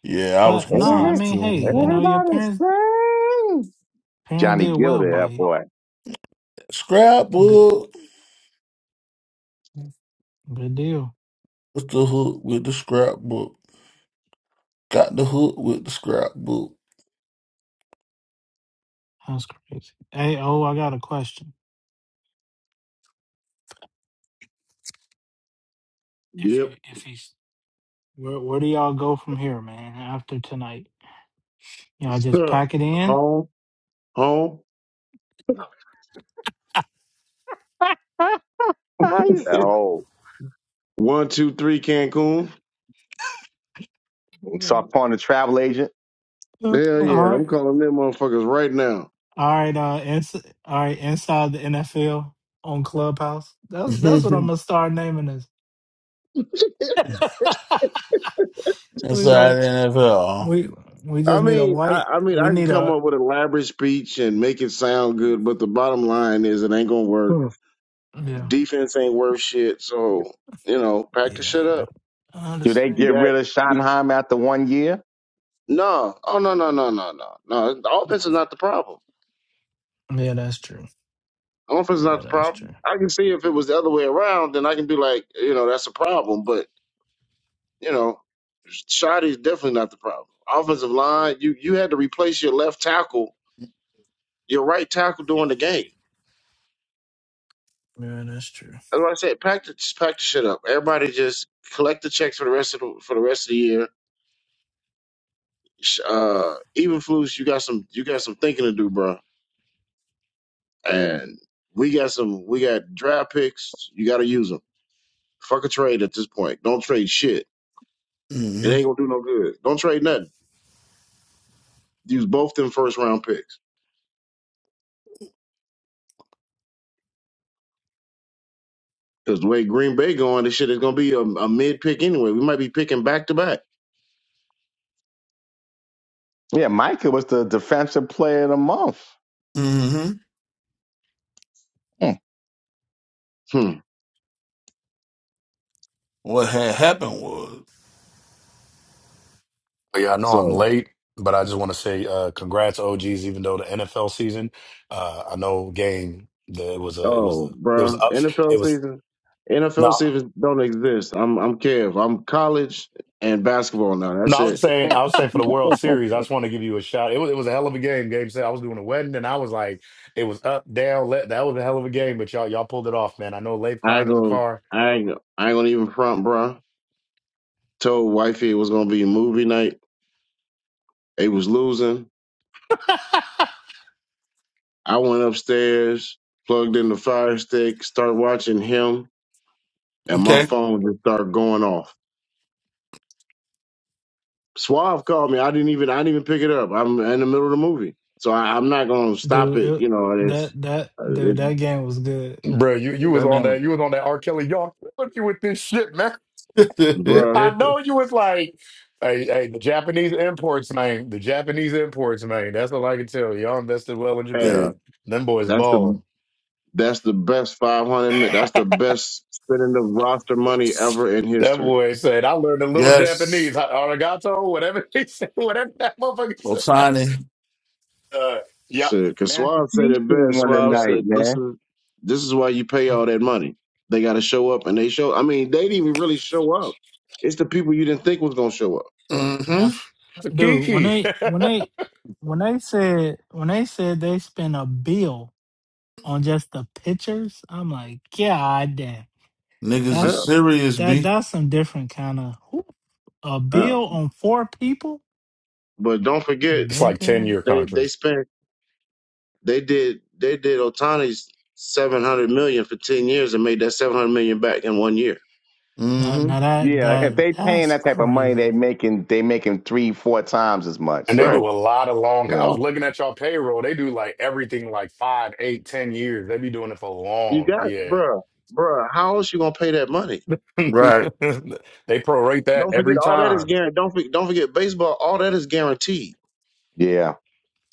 Speaker 8: Yeah, I was
Speaker 1: But no, I
Speaker 2: every-
Speaker 8: confused
Speaker 1: mean, hey, you
Speaker 8: too.
Speaker 1: know, your
Speaker 2: everybody's
Speaker 1: parents
Speaker 2: free.
Speaker 1: parents
Speaker 2: Johnny
Speaker 1: did
Speaker 2: Gill
Speaker 1: well by
Speaker 2: there,
Speaker 1: you.
Speaker 2: boy.
Speaker 1: Good
Speaker 8: Scrapbook.
Speaker 1: good deal.
Speaker 8: What's the hook with the scrapbook? Got the hook with the scrapbook.
Speaker 1: That's crazy. Hey, oh, I got a question. If you,
Speaker 3: Yep.
Speaker 1: if he's, where, where do y'all go from here, man? After tonight, y'all
Speaker 3: [laughs]
Speaker 1: just pack it in.
Speaker 3: home. Home.
Speaker 2: [laughs]
Speaker 3: [laughs]
Speaker 2: oh,
Speaker 3: One, two, three, Cancun.
Speaker 2: so
Speaker 6: Mhm.
Speaker 2: upon the travel agent,
Speaker 1: Uh,
Speaker 3: Hell yeah.
Speaker 1: all
Speaker 3: I'm
Speaker 1: right,
Speaker 3: calling them motherfuckers right now.
Speaker 1: all right, uh, ins- all right, inside the NFL on Clubhouse.
Speaker 8: [laughs]
Speaker 1: That's that's what I'm
Speaker 8: Inside
Speaker 1: gonna start naming this. [laughs] we go.
Speaker 8: the NFL.
Speaker 1: We we
Speaker 3: I
Speaker 1: just need a
Speaker 3: mean, I,
Speaker 1: white.
Speaker 3: I mean, I
Speaker 1: We
Speaker 3: can
Speaker 1: need
Speaker 3: come
Speaker 1: a
Speaker 3: up with an elaborate speech and make it sound good, but the bottom line is it ain't gonna work.
Speaker 2: Hmm.
Speaker 1: yeah
Speaker 3: Defense ain't worth shit, so you know, pack the
Speaker 1: yeah.
Speaker 3: shit up.
Speaker 1: I
Speaker 2: do they
Speaker 1: understand.
Speaker 3: You
Speaker 2: get
Speaker 3: got
Speaker 2: rid of
Speaker 3: you,
Speaker 2: Schottenheimer after one year?
Speaker 3: no, oh no, no, no, no, no, no. The offense is not the problem.
Speaker 1: Yeah, that's true.
Speaker 3: The offense is
Speaker 1: Yeah,
Speaker 3: not the
Speaker 1: that's
Speaker 3: problem.
Speaker 1: true.
Speaker 3: I can see if it was the other way around, then I can be like, you know, that's a problem. But You know, Shoddy is definitely not the problem. Offensive line, you you had to replace your left tackle, your right tackle during the game.
Speaker 1: Yeah, that's true.
Speaker 3: That's what I said. Pack the just pack the shit up. Everybody just collect the checks for the rest of the for the rest of the year. Sh- Uh, even Flus, you got some you got some thinking to do, bro. And we got some we got draft picks. You got to use them. Fuck a trade at this point. Don't trade shit. It
Speaker 8: hmm
Speaker 3: ain't gonna do no good. Don't trade nothing. Use both them first round picks. Because the way Green Bay going, this shit is gonna be a, a mid pick anyway. We might be picking back to back.
Speaker 2: Yeah, Micah was the defensive player of the month.
Speaker 8: hmm
Speaker 2: Hmm.
Speaker 3: Hmm.
Speaker 8: What had happened was
Speaker 9: Yeah, I know I'm
Speaker 3: So,
Speaker 9: late, but I just want to say uh, congrats, OGs. Even though the NFL season, uh, I know game. The, it was a it was
Speaker 3: oh,
Speaker 9: a it was
Speaker 3: bruh.
Speaker 9: up.
Speaker 3: NFL
Speaker 9: It was
Speaker 3: season, NFL
Speaker 9: no.
Speaker 3: seasons don't exist. I'm, I'm Kev. I'm college and basketball now.
Speaker 9: No,
Speaker 3: That's
Speaker 9: I was
Speaker 3: it.
Speaker 9: saying,
Speaker 2: [laughs]
Speaker 9: I was saying for the World Series, I just want to give you a shout. It was, it was a hell of a game. Game said I was doing a wedding, and I was like, it was up, down, let. That was a hell of a game, but y'all, y'all pulled it off, man. I know Leif
Speaker 3: I
Speaker 9: crying
Speaker 3: ain't
Speaker 9: in the
Speaker 3: gonna,
Speaker 9: car,
Speaker 3: I ain't, I ain't gonna even front, bruh. Told wifey it was gonna be movie night. They was losing. I went upstairs, plugged in the Fire Stick, started watching him, and my
Speaker 8: okay.
Speaker 3: phone just started going off. Suave called me. I didn't even I didn't even pick it up. I'm in the middle of the movie, so I, I'm not gonna stop
Speaker 1: Dude,
Speaker 3: it. You
Speaker 1: it,
Speaker 3: know, it's
Speaker 1: that that
Speaker 3: uh,
Speaker 1: dude,
Speaker 3: it,
Speaker 1: that game was good.
Speaker 9: [clears throat] bro. You, you was
Speaker 8: That
Speaker 9: on that,
Speaker 8: name-
Speaker 9: you was on that R. Kelly. Y'all killing you with this shit, man. [laughs]
Speaker 8: [laughs]
Speaker 3: bruh.
Speaker 9: I know you was like, hey, hey, the Japanese imports, man. The Japanese imports, man. That's all I can tell you. Y'all invested well in
Speaker 3: Hey,
Speaker 8: yeah.
Speaker 9: Japan. Them boys
Speaker 3: that's the
Speaker 9: balling.
Speaker 3: that's the best 500 minutes.
Speaker 9: [laughs]
Speaker 3: That's the best spending the roster money ever in
Speaker 9: That
Speaker 3: history.
Speaker 9: boy said, I learned a little
Speaker 8: Yes.
Speaker 9: Japanese, ha- arigato, whatever he [laughs] said, whatever that motherfucker said.
Speaker 8: Otani.
Speaker 9: Uh, yeah,
Speaker 3: So, cause Suave said
Speaker 2: Massachusetts
Speaker 3: it best.
Speaker 2: won
Speaker 3: Suave
Speaker 2: tonight,
Speaker 3: said this
Speaker 2: man.
Speaker 3: is this is why you pay all that money. They got to show up, and they show. I mean, they didn't even really show up. It's the people you didn't think was gonna show up.
Speaker 1: But
Speaker 8: hmm
Speaker 1: that's
Speaker 9: it's a
Speaker 1: dude, when
Speaker 9: kiki. [laughs]
Speaker 1: they when they when they said when they said they spent a bill on just the pictures, I'm like, God damn.
Speaker 8: Niggas is
Speaker 3: Yeah,
Speaker 1: That's
Speaker 8: serious,
Speaker 1: that
Speaker 8: B.
Speaker 1: that's some different kind of a
Speaker 3: yeah.
Speaker 1: bill on four people?
Speaker 3: But don't forget,
Speaker 9: it's like 10
Speaker 1: Nigga.
Speaker 9: year
Speaker 3: they they
Speaker 9: contracts.
Speaker 3: spent They did they did Otani's seven hundred million for ten years and made that seven hundred million back in one year.
Speaker 1: Now,
Speaker 8: hmm
Speaker 1: now that
Speaker 2: Yeah, if
Speaker 1: that
Speaker 2: they paying
Speaker 1: that's
Speaker 2: that type of money, they
Speaker 1: crazy.
Speaker 2: making they making three, four times as much.
Speaker 9: And they
Speaker 3: Right.
Speaker 9: do
Speaker 2: So
Speaker 9: a lot of long.
Speaker 2: you
Speaker 9: I was
Speaker 2: know,
Speaker 9: looking at y'all payroll. They do like everything like five, eight, ten years. They be doing it for
Speaker 3: You
Speaker 9: long.
Speaker 3: got it,
Speaker 9: Yeah.
Speaker 3: bruh. Bruh, how else you gonna pay that money?
Speaker 9: [laughs]
Speaker 8: Right.
Speaker 9: they prorate that
Speaker 3: Don't forget
Speaker 9: every
Speaker 3: all that is
Speaker 9: time.
Speaker 3: guaranteed. Don't forget, don't forget baseball. All that is guaranteed.
Speaker 2: yeah.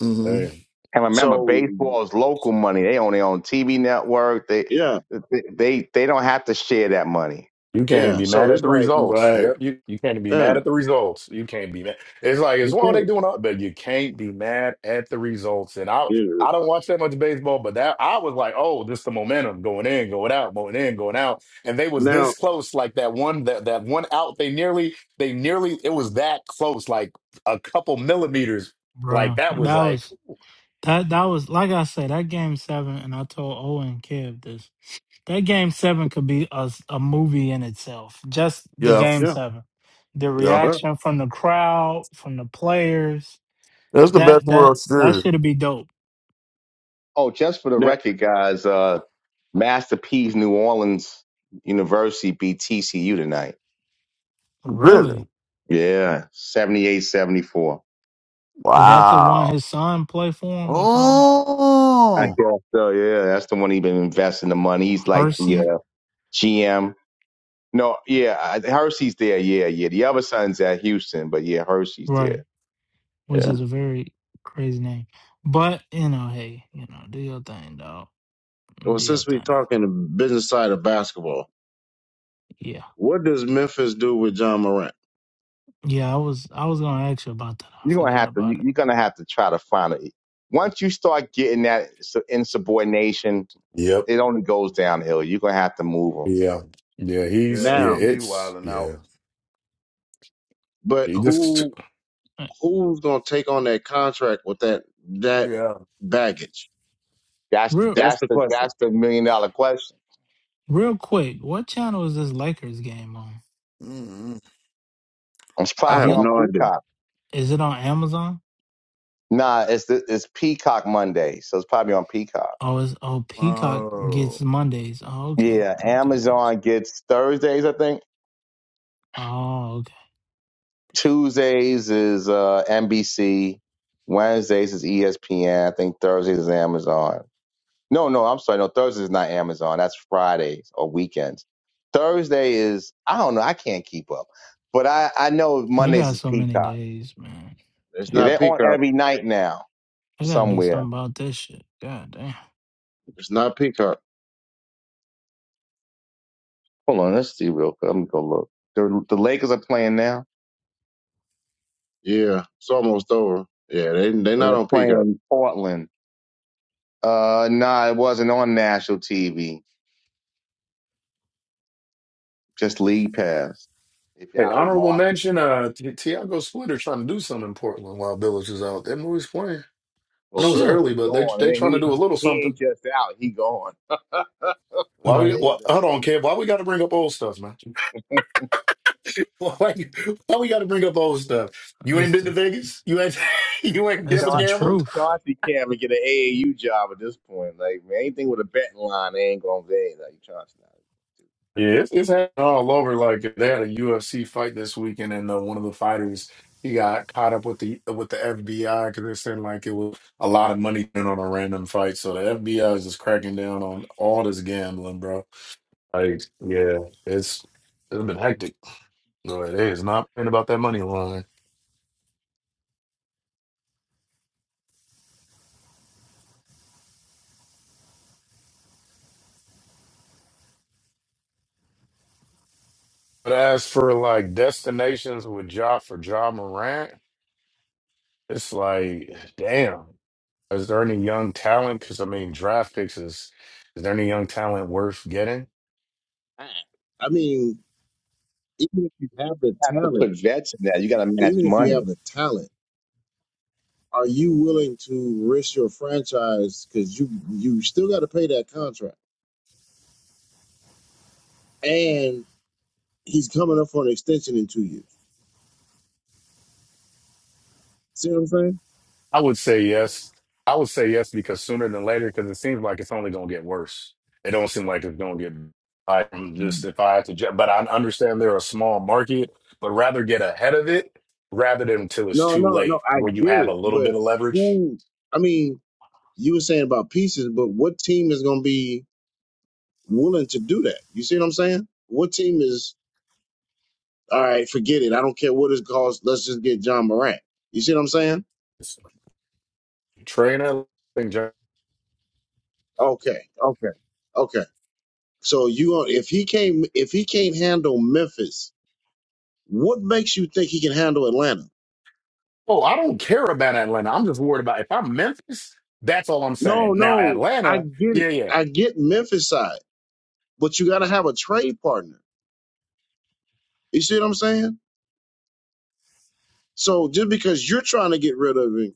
Speaker 8: Mm-hmm.
Speaker 9: yeah.
Speaker 2: And remember,
Speaker 3: So
Speaker 2: baseball is local money. They own their own TV network. They
Speaker 3: yeah,
Speaker 2: they they they don't have to share that money.
Speaker 9: You can't even
Speaker 3: yeah.
Speaker 9: be
Speaker 3: So
Speaker 9: mad
Speaker 3: it's
Speaker 9: at the
Speaker 3: like
Speaker 9: results.
Speaker 8: Right.
Speaker 9: Yep, you, you can't be mad
Speaker 3: yeah,
Speaker 9: at the results. You can't be mad. It's like it's
Speaker 3: you
Speaker 9: well they
Speaker 3: can't.
Speaker 9: doing all, but you can't be mad at the results. And I
Speaker 3: You,
Speaker 9: I don't watch that much baseball, but that I was like, oh, just the momentum going in, going out, going in, going out. And they was
Speaker 3: now
Speaker 9: this close, like that one that that one out. They nearly they nearly it was that close, like a couple millimeters. Like
Speaker 1: bro.
Speaker 9: that was
Speaker 1: That
Speaker 9: like,
Speaker 1: was that that was like I said, that game seven and I told Owen and Kev this. That game seven could be a, s- a movie in itself. Just the
Speaker 8: Yeah, f-
Speaker 1: game
Speaker 3: yeah.
Speaker 1: seven, the
Speaker 8: yeah.
Speaker 3: uh,
Speaker 1: reaction from the crowd, from the players.
Speaker 8: That's the best
Speaker 1: That that
Speaker 8: World
Speaker 1: that
Speaker 8: Series.
Speaker 1: should be dope.
Speaker 2: Oh, just for the
Speaker 3: now,
Speaker 2: record, guys. uh, Master P's New Orleans University beat TCU tonight.
Speaker 8: Really?
Speaker 1: Really,
Speaker 2: Yeah, seventy eight seventy four.
Speaker 1: is that the one
Speaker 8: Wow.
Speaker 1: his son play for him or something?
Speaker 2: I
Speaker 8: Oh.
Speaker 2: guess so. Yeah, that's the one he been investing the money. He's like the
Speaker 1: Hersey,
Speaker 2: uh, GM. No, yeah, I- Hersey's there. Yeah, yeah. The other son's at Houston, but yeah, Hersey's there.
Speaker 1: right? Which
Speaker 2: Yeah,
Speaker 3: hmm.
Speaker 1: is a very crazy name. But you know, hey, you know, do your thing, dog.
Speaker 3: well,
Speaker 1: Do your
Speaker 3: since we
Speaker 1: thing.
Speaker 3: talking the business side of basketball,
Speaker 1: Yeah,
Speaker 3: what does Memphis do with John Morant
Speaker 1: yeah. I was I was gonna ask you about that. I
Speaker 2: you're gonna
Speaker 1: forgot
Speaker 2: have to.
Speaker 1: about
Speaker 2: you-
Speaker 1: it.
Speaker 2: You're gonna have to try to find it. Once you start getting that su- insubordination,
Speaker 9: yep,
Speaker 2: it only goes downhill. You're gonna have to move them.
Speaker 9: yeah, yeah. He's
Speaker 8: Yeah,
Speaker 9: yeah,
Speaker 8: he
Speaker 3: now?
Speaker 8: he
Speaker 9: it's
Speaker 8: wilding
Speaker 9: yeah.
Speaker 8: out.
Speaker 3: But
Speaker 9: He just
Speaker 3: who?
Speaker 1: Uh,
Speaker 3: who's going to take on that contract with that that
Speaker 8: Yeah.
Speaker 3: baggage?
Speaker 2: That's
Speaker 1: Real
Speaker 3: That's
Speaker 2: that's
Speaker 3: the
Speaker 2: the
Speaker 3: question.
Speaker 2: that's the million dollar question.
Speaker 1: real quick, what channel is this Lakers game on?
Speaker 8: mm mm.
Speaker 2: It's
Speaker 3: I
Speaker 1: Is
Speaker 3: have
Speaker 2: probably
Speaker 1: it
Speaker 2: on
Speaker 3: no idea.
Speaker 2: Peacock.
Speaker 1: is it on Amazon?
Speaker 2: Nah, it's the, it's Peacock Monday, so it's probably on Peacock.
Speaker 1: Oh, is oh Peacock gets
Speaker 8: Oh.
Speaker 1: Mondays. Oh, okay,
Speaker 2: Yeah,
Speaker 1: okay, gotcha.
Speaker 2: Amazon gets Thursdays, I think.
Speaker 1: Oh, okay.
Speaker 2: Tuesdays is uh, NBC. Wednesdays is ESPN. I think Thursdays is Amazon. No, no, I'm sorry. No, Thursdays is not Amazon. That's Fridays or weekends. Thursday is I don't know. I can't keep up, but I I know
Speaker 1: They
Speaker 2: Mondays
Speaker 1: got
Speaker 2: is
Speaker 1: so many
Speaker 2: Peacock.
Speaker 1: days, man.
Speaker 3: It's
Speaker 1: They
Speaker 2: Yeah,
Speaker 3: not
Speaker 1: got
Speaker 2: they're on
Speaker 3: Peacock.
Speaker 2: every night now
Speaker 1: they gotta do something
Speaker 2: somewhere.
Speaker 1: about this shit. God damn,
Speaker 3: It's not Peacock.
Speaker 2: Hold on, let's see real quick. Let me go look. The the Lakers are playing now.
Speaker 3: Yeah, it's almost over. Yeah, they they not
Speaker 2: They're
Speaker 3: on Peacock.
Speaker 2: playing Portland. Uh, nah, it wasn't on national TV. Just league pass. If you're
Speaker 9: Hey,
Speaker 2: out of the
Speaker 9: honorable
Speaker 2: market.
Speaker 9: mention, uh, Ti- Tiago Splitter trying to do something in Portland while Village is out. That movie's playing. I
Speaker 2: Well,
Speaker 9: know it's
Speaker 1: shit.
Speaker 2: Billups
Speaker 9: early,
Speaker 2: is
Speaker 9: but they
Speaker 2: gone,
Speaker 9: they
Speaker 2: and
Speaker 9: trying to
Speaker 2: he
Speaker 9: do a little
Speaker 2: he ain't
Speaker 9: something.
Speaker 2: just out. He gone. [laughs]
Speaker 9: Why we?
Speaker 1: Right,
Speaker 2: They-
Speaker 9: Why, hold
Speaker 2: they-
Speaker 9: on, Kev. Why we got to bring up old stuff, man? [laughs] Why, why we got to bring up old stuff? You ain't
Speaker 1: it's
Speaker 9: been to
Speaker 1: the
Speaker 9: Vegas. You ain't. [laughs] You ain't
Speaker 1: it's
Speaker 9: never
Speaker 1: the
Speaker 2: Dar-
Speaker 9: gambled.
Speaker 1: truth.
Speaker 2: Darcy can't even get an AAU job at this point. Like man, anything with a betting line, they ain't gonna pay. Like Johnson, you
Speaker 9: Yeah, it's, it's happening all over. Like they had a UFC fight this weekend, and uh, one of the fighters he got caught up with the with the FBI because they're saying like it was a lot of money spent on a random fight. So the FBI is just cracking down on all this gambling, bro. Like, yeah, it's it's been hectic. But it is not been about that money line. But as for like destinations with Ja for Ja Morant, it's like, damn. Is there any young talent? Because I mean, draft picks is is there any young talent worth getting?
Speaker 3: I I mean, even if you have the
Speaker 2: have to
Speaker 3: talent,
Speaker 2: put vets in that. You got to match
Speaker 3: even if you
Speaker 2: money.
Speaker 3: have the talent, are you willing to risk your franchise because you you still got to pay that contract, and he's coming up for an extension in two years? See what I'm saying?
Speaker 9: I would say yes. I would say yes because sooner than later, because it seems like it's only going to get worse. It don't seem like it's going to get. I am just if I had to, ju- but I understand they're a small market, but rather get ahead of it rather than until it's
Speaker 3: No,
Speaker 9: too
Speaker 3: no, no.
Speaker 9: late,
Speaker 3: I
Speaker 9: where you
Speaker 3: get
Speaker 9: have a
Speaker 3: it,
Speaker 9: little bit
Speaker 3: but
Speaker 9: of leverage.
Speaker 3: who? I mean, you were saying about pieces, but what team is going to be willing to do that? You see what I'm saying? What team is all right? Forget it. I don't care what it costs. Let's just get John Morant. You see what I'm saying?
Speaker 9: Trainer,
Speaker 3: Okay, okay, okay. So you gonna if he came if he can't handle Memphis, what makes you think he can handle Atlanta?
Speaker 9: Oh, I don't care about Atlanta. I'm just worried about if I'm Memphis. That's all I'm saying.
Speaker 3: No,
Speaker 9: Now
Speaker 3: no. I
Speaker 9: Atlanta,
Speaker 3: get it.
Speaker 9: yeah, yeah.
Speaker 3: I get Memphis side, but you got to have a trade partner. You see what I'm saying? So just because you're trying to get rid of him,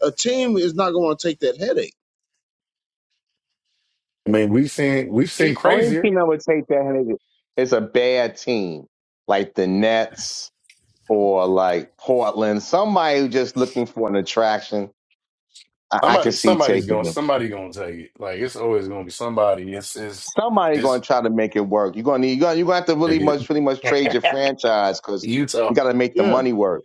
Speaker 3: a team is not going to take that headache.
Speaker 9: I mean, we've seen we've seen
Speaker 2: He only
Speaker 9: crazier.
Speaker 2: team I would take that is a bad team, like the Nets. or like Portland, somebody who just looking for an attraction, I, I can
Speaker 9: Somebody,
Speaker 2: see
Speaker 9: somebody's
Speaker 2: taking
Speaker 9: going,
Speaker 2: them.
Speaker 9: somebody going to take it. Like it's always going to be somebody. It's it's
Speaker 2: Somebody going
Speaker 9: it's
Speaker 2: to try to make it work. You're going to need, you're going to have to
Speaker 9: take
Speaker 2: really
Speaker 9: it.
Speaker 2: much, really much trade your franchise because
Speaker 9: Utah.
Speaker 2: you got to make the
Speaker 3: Yeah.
Speaker 2: money work.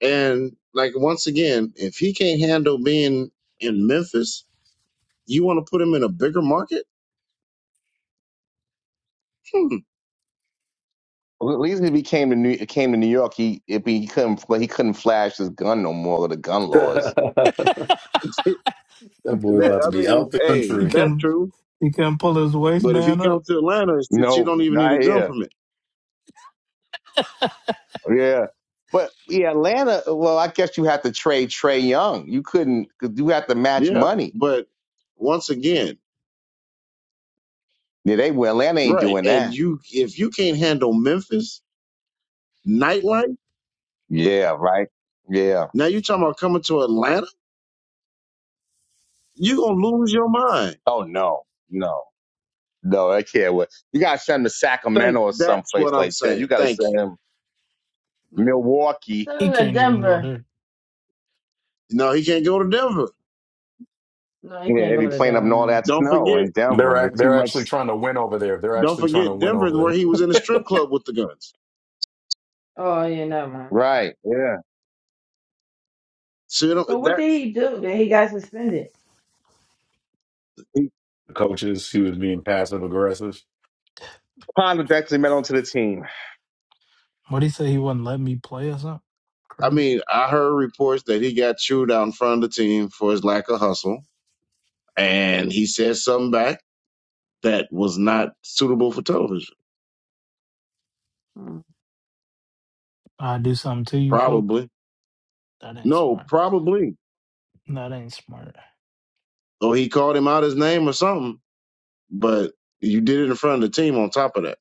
Speaker 3: And like once again, if he can't handle being in Memphis, you want to put him in a bigger market? Hmm.
Speaker 2: At least if he came to New, came to New York, he if he couldn't fl- he couldn't flash his gun no more with the gun
Speaker 9: [laughs]
Speaker 2: laws.
Speaker 9: that
Speaker 1: [laughs]
Speaker 3: [laughs] that
Speaker 9: boy about
Speaker 3: I
Speaker 9: to be
Speaker 3: mean,
Speaker 9: out the
Speaker 3: hey,
Speaker 1: he
Speaker 9: country.
Speaker 3: that's
Speaker 1: can
Speaker 3: true.
Speaker 1: he can pull his
Speaker 3: But if he
Speaker 1: waistband up.
Speaker 3: comes to Atlanta, since you
Speaker 2: No,
Speaker 3: don't even need a
Speaker 2: not
Speaker 3: gun
Speaker 2: here.
Speaker 3: permit.
Speaker 2: Yeah, but yeah, Atlanta. Well, I guess you have to trade Trey Young. You couldn't. 'cause You have to match
Speaker 3: Yeah.
Speaker 2: money.
Speaker 3: But once again,
Speaker 2: Yeah, they well, Atlanta ain't
Speaker 3: right.
Speaker 2: doing
Speaker 3: And
Speaker 2: that.
Speaker 3: you if you can't handle Memphis nightlife,
Speaker 2: Yeah, right. Yeah.
Speaker 3: now you're talking about coming to Atlanta, you're gonna lose your mind.
Speaker 2: Oh no, no, no! I can't wait. You gotta send him to
Speaker 3: Think
Speaker 2: Sacramento or
Speaker 3: That's what
Speaker 2: someplace
Speaker 3: I'm
Speaker 2: like that. You
Speaker 3: saying.
Speaker 2: gotta
Speaker 3: Thank
Speaker 2: send
Speaker 3: you.
Speaker 2: him
Speaker 6: Yeah.
Speaker 2: Milwaukee.
Speaker 1: He
Speaker 6: Send him to
Speaker 1: can't even go
Speaker 6: Denver.
Speaker 1: there.
Speaker 3: No, he can't go to Denver.
Speaker 6: No, he
Speaker 2: Yeah,
Speaker 6: can't
Speaker 2: they be
Speaker 6: go to
Speaker 2: playing up
Speaker 6: Denver
Speaker 2: in all
Speaker 6: now.
Speaker 2: that
Speaker 3: Don't
Speaker 2: snow
Speaker 3: forget.
Speaker 2: in
Speaker 9: They're
Speaker 2: Denver.
Speaker 9: ac-
Speaker 2: Too
Speaker 9: they're
Speaker 2: much.
Speaker 9: actually trying to win over there. They're
Speaker 3: Don't
Speaker 9: actually trying to
Speaker 3: forget
Speaker 9: win
Speaker 3: Denver, is
Speaker 9: over
Speaker 3: where
Speaker 9: there.
Speaker 3: he was in a strip club with the guns.
Speaker 6: Oh, yeah, never mind.
Speaker 2: Right. Yeah.
Speaker 3: So you know,
Speaker 6: So what did
Speaker 3: that's.
Speaker 6: he do that he got suspended?
Speaker 3: He,
Speaker 9: The coaches, he was being passive aggressive.
Speaker 2: Ponder detrimental to the team.
Speaker 1: What he say? He wouldn't let me play or something.
Speaker 3: I
Speaker 1: Crazy.
Speaker 3: mean, I heard reports that he got chewed out in front of the team for his lack of hustle, and he said something back that was not suitable for television.
Speaker 6: Hmm.
Speaker 1: I do something to you, coach.
Speaker 3: Probably.
Speaker 1: That ain't
Speaker 3: No,
Speaker 1: smart.
Speaker 3: probably.
Speaker 1: That ain't smart.
Speaker 3: Or he called him out his name or something. But you did it in front of the team. On top of that,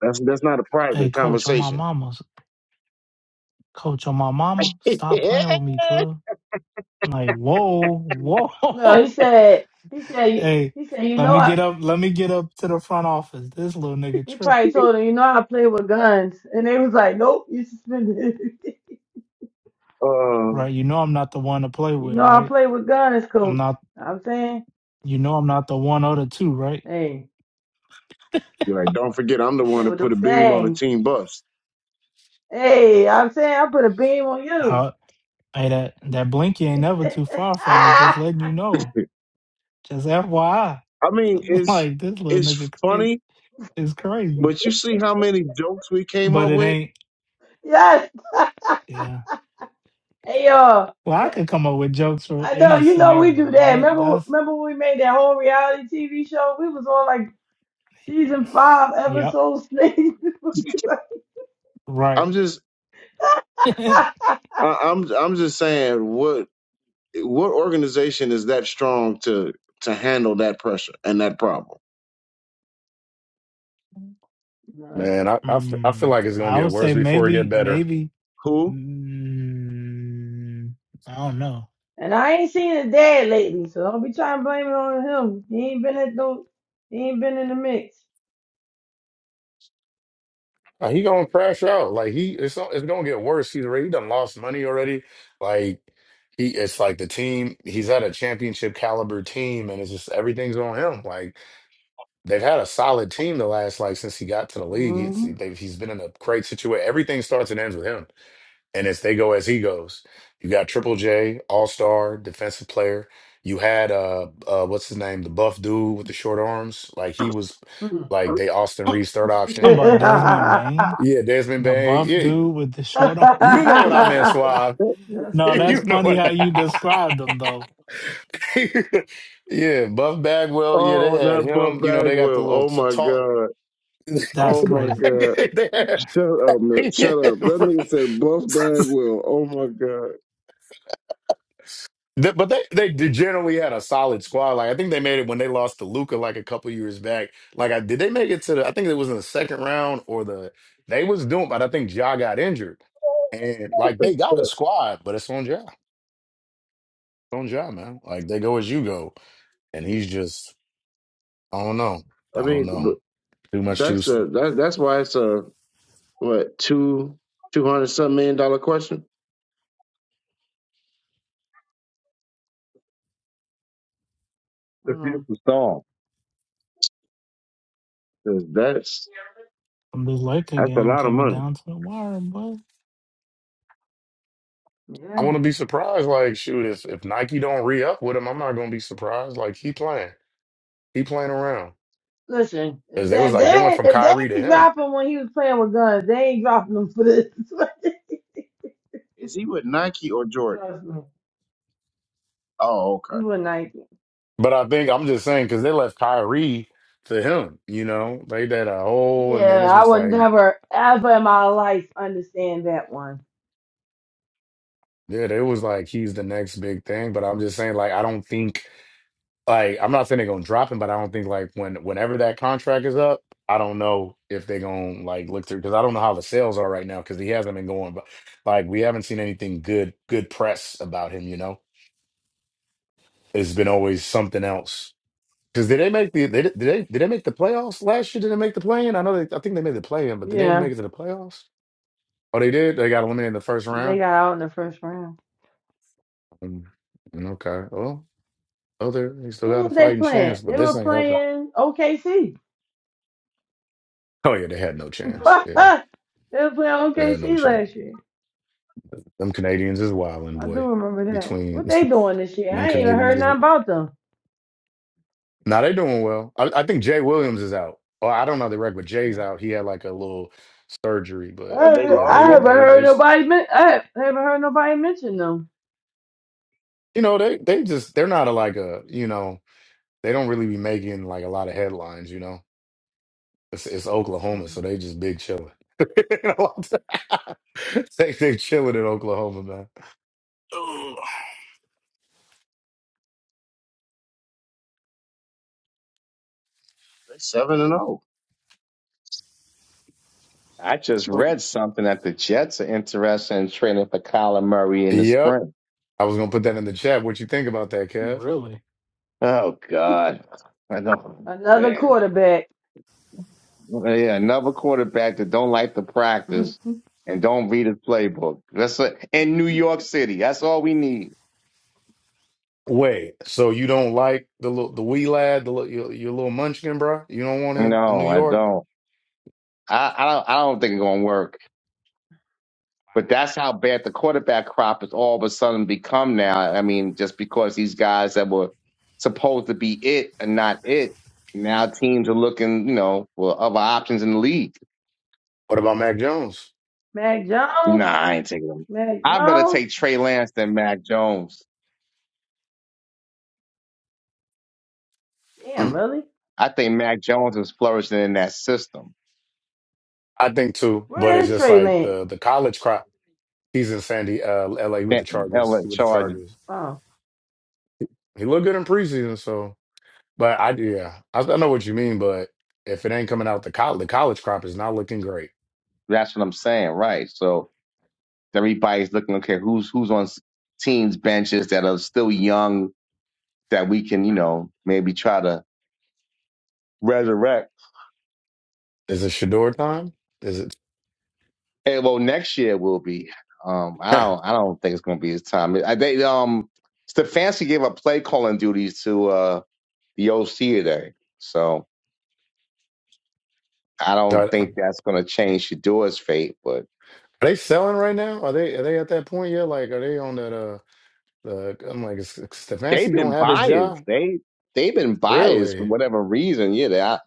Speaker 3: that's that's not a
Speaker 1: Hey,
Speaker 3: private
Speaker 1: coach, on my
Speaker 3: conversation.
Speaker 1: mama's. Coach on my mama, stop playing with me, cuz. I'm like, whoa, whoa.
Speaker 6: No, he said, he
Speaker 1: [laughs]
Speaker 6: said,
Speaker 1: hey,
Speaker 6: he said, you
Speaker 1: let
Speaker 6: know,
Speaker 1: me
Speaker 6: I,
Speaker 1: get up, let me get up to the front office. This little nigga
Speaker 6: he
Speaker 1: trip,
Speaker 6: probably told him, you know, I play with guns. And they was like, nope, you suspended. [laughs]
Speaker 3: Uh.
Speaker 1: right? You know I'm not the one to play
Speaker 6: You
Speaker 1: with,
Speaker 6: know I
Speaker 1: right?
Speaker 6: play with gunners,
Speaker 1: I'm
Speaker 6: coach.
Speaker 1: not
Speaker 6: I'm saying,
Speaker 1: you know I'm not the one or the two, right?
Speaker 6: hey,
Speaker 3: Be like, don't forget, I'm the
Speaker 6: I
Speaker 3: one
Speaker 6: play
Speaker 3: that
Speaker 6: with
Speaker 3: put a
Speaker 6: them
Speaker 3: beam on the
Speaker 6: things.
Speaker 3: team bus.
Speaker 6: Hey, I'm saying I put a beam on you.
Speaker 1: Huh? hey that that blinky ain't
Speaker 6: [laughs]
Speaker 1: never too far from me, just
Speaker 6: ah,
Speaker 1: letting you
Speaker 3: [laughs]
Speaker 1: know.
Speaker 3: I
Speaker 1: Just FYI.
Speaker 3: mean,
Speaker 1: [laughs]
Speaker 3: it's
Speaker 1: like this little
Speaker 3: it's
Speaker 1: nigga cra-
Speaker 3: funny,
Speaker 1: is crazy.
Speaker 3: but you see how many jokes we came
Speaker 1: But
Speaker 3: up
Speaker 1: it
Speaker 3: with.
Speaker 1: ain't
Speaker 6: yes.
Speaker 1: yeah.
Speaker 6: Hey, y'all.
Speaker 1: Well, I could come up with jokes for
Speaker 6: I know
Speaker 1: any
Speaker 6: you know we do
Speaker 1: scenario.
Speaker 6: that.
Speaker 1: That
Speaker 6: Remember,
Speaker 1: that's
Speaker 6: remember when we made that whole reality TV show? We was on like season five,
Speaker 1: yep.
Speaker 6: episode six. [laughs]
Speaker 1: Right.
Speaker 3: I'm just,
Speaker 1: [laughs]
Speaker 3: I, I'm, I'm just saying, what what organization is that strong to to handle that pressure and that problem?
Speaker 6: Nah.
Speaker 9: Man, I I, f- I feel
Speaker 1: Mm,
Speaker 9: like it's going
Speaker 1: I
Speaker 9: to get
Speaker 1: would
Speaker 9: worse
Speaker 1: say
Speaker 9: before it get
Speaker 1: maybe,
Speaker 9: better.
Speaker 1: maybe.
Speaker 3: Who?
Speaker 1: Mm, I don't know.
Speaker 6: and I ain't seen his dad lately, so don't be trying to blame it on him. He ain't been at no, he ain't been in the mix.
Speaker 9: Uh, He gonna crash out. Like he, it's it's gonna get worse. He's already he done lost money already. Like he, it's like the team. He's at a championship caliber team, and it's just everything's on him. Like they've had a solid team the last like since he got to the league. He's they've, he's been in a great situation. Everything starts and ends with him, and it's they go as he goes. You got Triple J, All Star, defensive player. You had uh, uh, what's his name, the buff dude with the short arms. Like he was,
Speaker 6: hmm
Speaker 9: like they
Speaker 1: [clears throat] [laughs]
Speaker 9: Austin
Speaker 1: Talking
Speaker 9: Reeves third option.
Speaker 1: about Desmond
Speaker 6: [laughs]
Speaker 1: Bain,
Speaker 9: Yeah, Desmond
Speaker 1: the
Speaker 9: Bain.
Speaker 1: buff
Speaker 9: Yeah.
Speaker 1: dude with the
Speaker 6: [laughs]
Speaker 1: short arm.
Speaker 9: You know what I meant,
Speaker 6: That's
Speaker 9: Suave. [laughs]
Speaker 1: No, that's
Speaker 9: You
Speaker 6: funny.
Speaker 9: know
Speaker 1: funny
Speaker 9: what.
Speaker 1: how you described him,
Speaker 9: [laughs]
Speaker 1: though.
Speaker 9: yeah, Buff Bagwell. Yeah, they
Speaker 3: Oh,
Speaker 9: had
Speaker 3: not Buff
Speaker 9: him. You know, they got the
Speaker 3: Bagwell.
Speaker 9: little
Speaker 3: Oh
Speaker 9: t-
Speaker 3: my
Speaker 9: talk.
Speaker 3: God.
Speaker 9: [laughs]
Speaker 1: That's
Speaker 3: Oh my
Speaker 1: crazy.
Speaker 3: God.
Speaker 9: they had,
Speaker 3: Shut up, man.
Speaker 9: [laughs]
Speaker 3: Shut
Speaker 9: yeah,
Speaker 3: up. That
Speaker 9: bro.
Speaker 3: nigga said Buff Bagwell. Oh my God.
Speaker 9: They- but they they d- generally had a solid squad. Like I think they made it when they lost to Luca like a couple years back. Like I did they make it to the I think it was in the second round or the they was doing, but I think Ja got injured. And like
Speaker 2: It's
Speaker 9: they got a squad, but it's on Ja. It's on Ja, man. Like they go as you go. And he's just I don't know.
Speaker 3: I
Speaker 9: I don't
Speaker 3: mean,
Speaker 9: know. Too much too
Speaker 3: That's the
Speaker 9: soon.
Speaker 3: that, that's why it's a what two two hundred some million dollar question
Speaker 2: a
Speaker 6: Mm,
Speaker 2: beautiful song.
Speaker 3: because that's
Speaker 1: From this Laker
Speaker 3: that's a
Speaker 1: game
Speaker 3: lot of
Speaker 1: coming
Speaker 3: money.
Speaker 1: down to the wire, but
Speaker 9: I
Speaker 6: yeah.
Speaker 9: want to be surprised. Like, shoot, if if Nike don't re up with him, I'm not gonna be surprised. Like, he playing, he playing around.
Speaker 6: Listen,
Speaker 9: Cause
Speaker 6: if
Speaker 9: they
Speaker 6: they,
Speaker 9: was
Speaker 6: if
Speaker 9: like they went
Speaker 6: they
Speaker 9: from
Speaker 6: if they
Speaker 9: Kyrie to
Speaker 6: ain't
Speaker 9: him.
Speaker 6: drop him when he was playing with guns, they ain't dropping him for this. [laughs]
Speaker 3: Is he with Nike or Jordan?
Speaker 6: Trust me.
Speaker 3: Oh,
Speaker 6: It
Speaker 3: okay.
Speaker 6: was Nike.
Speaker 9: But I think I'm just saying because they left Kyrie to him. You know, they did a whole, and then
Speaker 6: Yeah,
Speaker 9: it's
Speaker 6: I
Speaker 9: just
Speaker 6: would
Speaker 9: like,
Speaker 6: never ever in my life understand that one.
Speaker 9: yeah, it was like he's the next big thing. But I'm just saying, like, I don't think. like I'm not saying they're gonna drop him, but I don't think like when whenever that contract is up, I don't know if they're gonna like look through because I don't know how the sales are right now because he hasn't been going, but like we haven't seen anything good good press about him. You know, it's been always something else. Because did they make the they, did they did they make the playoffs last year? Did they make the play in? I know they I think they made the play in, but did they
Speaker 6: Yeah.
Speaker 9: make it to the playoffs? Oh, they did. They got eliminated in the first
Speaker 6: They
Speaker 9: round.
Speaker 6: got out in the first round.
Speaker 9: Mm, mm, okay. Well, other they still
Speaker 6: Who
Speaker 9: got a
Speaker 6: was they
Speaker 9: fighting
Speaker 6: playing?
Speaker 9: chance, but
Speaker 6: They
Speaker 9: this
Speaker 6: were
Speaker 9: ain't helping.
Speaker 6: playing OKC. [laughs] they
Speaker 9: Oh yeah, they had no chance. Yeah,
Speaker 6: were playing
Speaker 9: they had no
Speaker 6: OKC
Speaker 9: chance.
Speaker 6: last year.
Speaker 9: Them Canadians is wilding,
Speaker 6: I do
Speaker 9: boy.
Speaker 6: remember that. What
Speaker 9: Between
Speaker 6: they doing this
Speaker 9: [laughs]
Speaker 6: year?
Speaker 9: them
Speaker 6: I ain't even
Speaker 9: Canadians
Speaker 6: heard
Speaker 9: is
Speaker 6: nothing about them.
Speaker 9: now they doing well. I, I think Jay Williams is out. Or I don't know the record, but Jay's
Speaker 6: Yeah.
Speaker 9: out. He had like a little surgery, but
Speaker 3: Have they
Speaker 6: I,
Speaker 9: yeah,
Speaker 6: I
Speaker 3: lost
Speaker 9: they
Speaker 6: haven't
Speaker 3: yet?
Speaker 9: they
Speaker 6: heard
Speaker 9: they
Speaker 6: nobody. men- I haven't heard nobody mention them.
Speaker 9: you know they they just they're not a, like a you know they don't really be making like a lot of headlines. You know, it's, it's Oklahoma, so they just big chilling. [laughs] they they chilling in Oklahoma, man.
Speaker 3: They seven and zero.
Speaker 2: I just read something that the Jets are interested in trading for Kyler Murray in the
Speaker 9: Yep,
Speaker 2: spring.
Speaker 9: I was gonna put that in the chat. What you think about that, Kev?
Speaker 1: really,
Speaker 2: Oh God. I know,
Speaker 6: Another
Speaker 2: man.
Speaker 6: quarterback,
Speaker 2: Uh, Yeah, another quarterback that don't like to
Speaker 6: [laughs] Mac
Speaker 2: practice and don't read his playbook. That's a, in New York City. That's all we need.
Speaker 9: Wait, so you don't like the little the wee lad, the little, your, your little munchkin, bro? You don't want him in New
Speaker 2: No, I
Speaker 9: York?
Speaker 2: don't. I, I don't. I don't think it's gonna work. But that's how bad the quarterback crop has all of a sudden become now. I mean, just because these guys that were supposed to be it are not it, now teams are looking, you know, for other options in the league.
Speaker 9: What about Mac Jones?
Speaker 6: Jones.
Speaker 2: Nah, I ain't taking them.
Speaker 6: Mac
Speaker 2: I'd rather
Speaker 6: Jones.
Speaker 2: take Trey Lance than Mac Jones.
Speaker 6: Damn,
Speaker 9: Hmm.
Speaker 6: really?
Speaker 2: I think Mac Jones is flourishing in that system.
Speaker 9: I think too, but
Speaker 6: Where
Speaker 9: it's
Speaker 6: is
Speaker 9: just
Speaker 6: Trey
Speaker 9: like
Speaker 6: Lance?
Speaker 9: the the college crop. He's in Sandy, uh, LA with the
Speaker 2: Benton held
Speaker 9: Chargers.
Speaker 2: in
Speaker 9: With the
Speaker 2: charge.
Speaker 9: Chargers,
Speaker 6: Oh,
Speaker 9: he looked good in preseason. So, but I yeah, I, I know what you mean. But if it ain't coming out, the college the college crop is not looking great.
Speaker 2: That's what I'm saying, right? So everybody's looking, okay, who's who's on s- teams benches that are still young that we can, you know, maybe try to resurrect.
Speaker 9: Is it Shador time? Is it?
Speaker 2: And well, next year will be. Um, I
Speaker 9: [laughs]
Speaker 2: don't, I don't think it's going to be his time. I, they, um, Stefanski gave up play calling duties to uh the OC today, so I
Speaker 9: Are,
Speaker 2: don't
Speaker 9: are
Speaker 2: think that's going to change Shador's fate. But
Speaker 9: they selling right now? Are they are they at that point yet? Like, are they on that? uh, Look, I'm like, is is
Speaker 2: they've
Speaker 9: Stefanski
Speaker 2: been
Speaker 9: gonna have his job?
Speaker 2: biased. They they've been biased for
Speaker 9: Really?
Speaker 2: whatever reason. Yeah, they, I,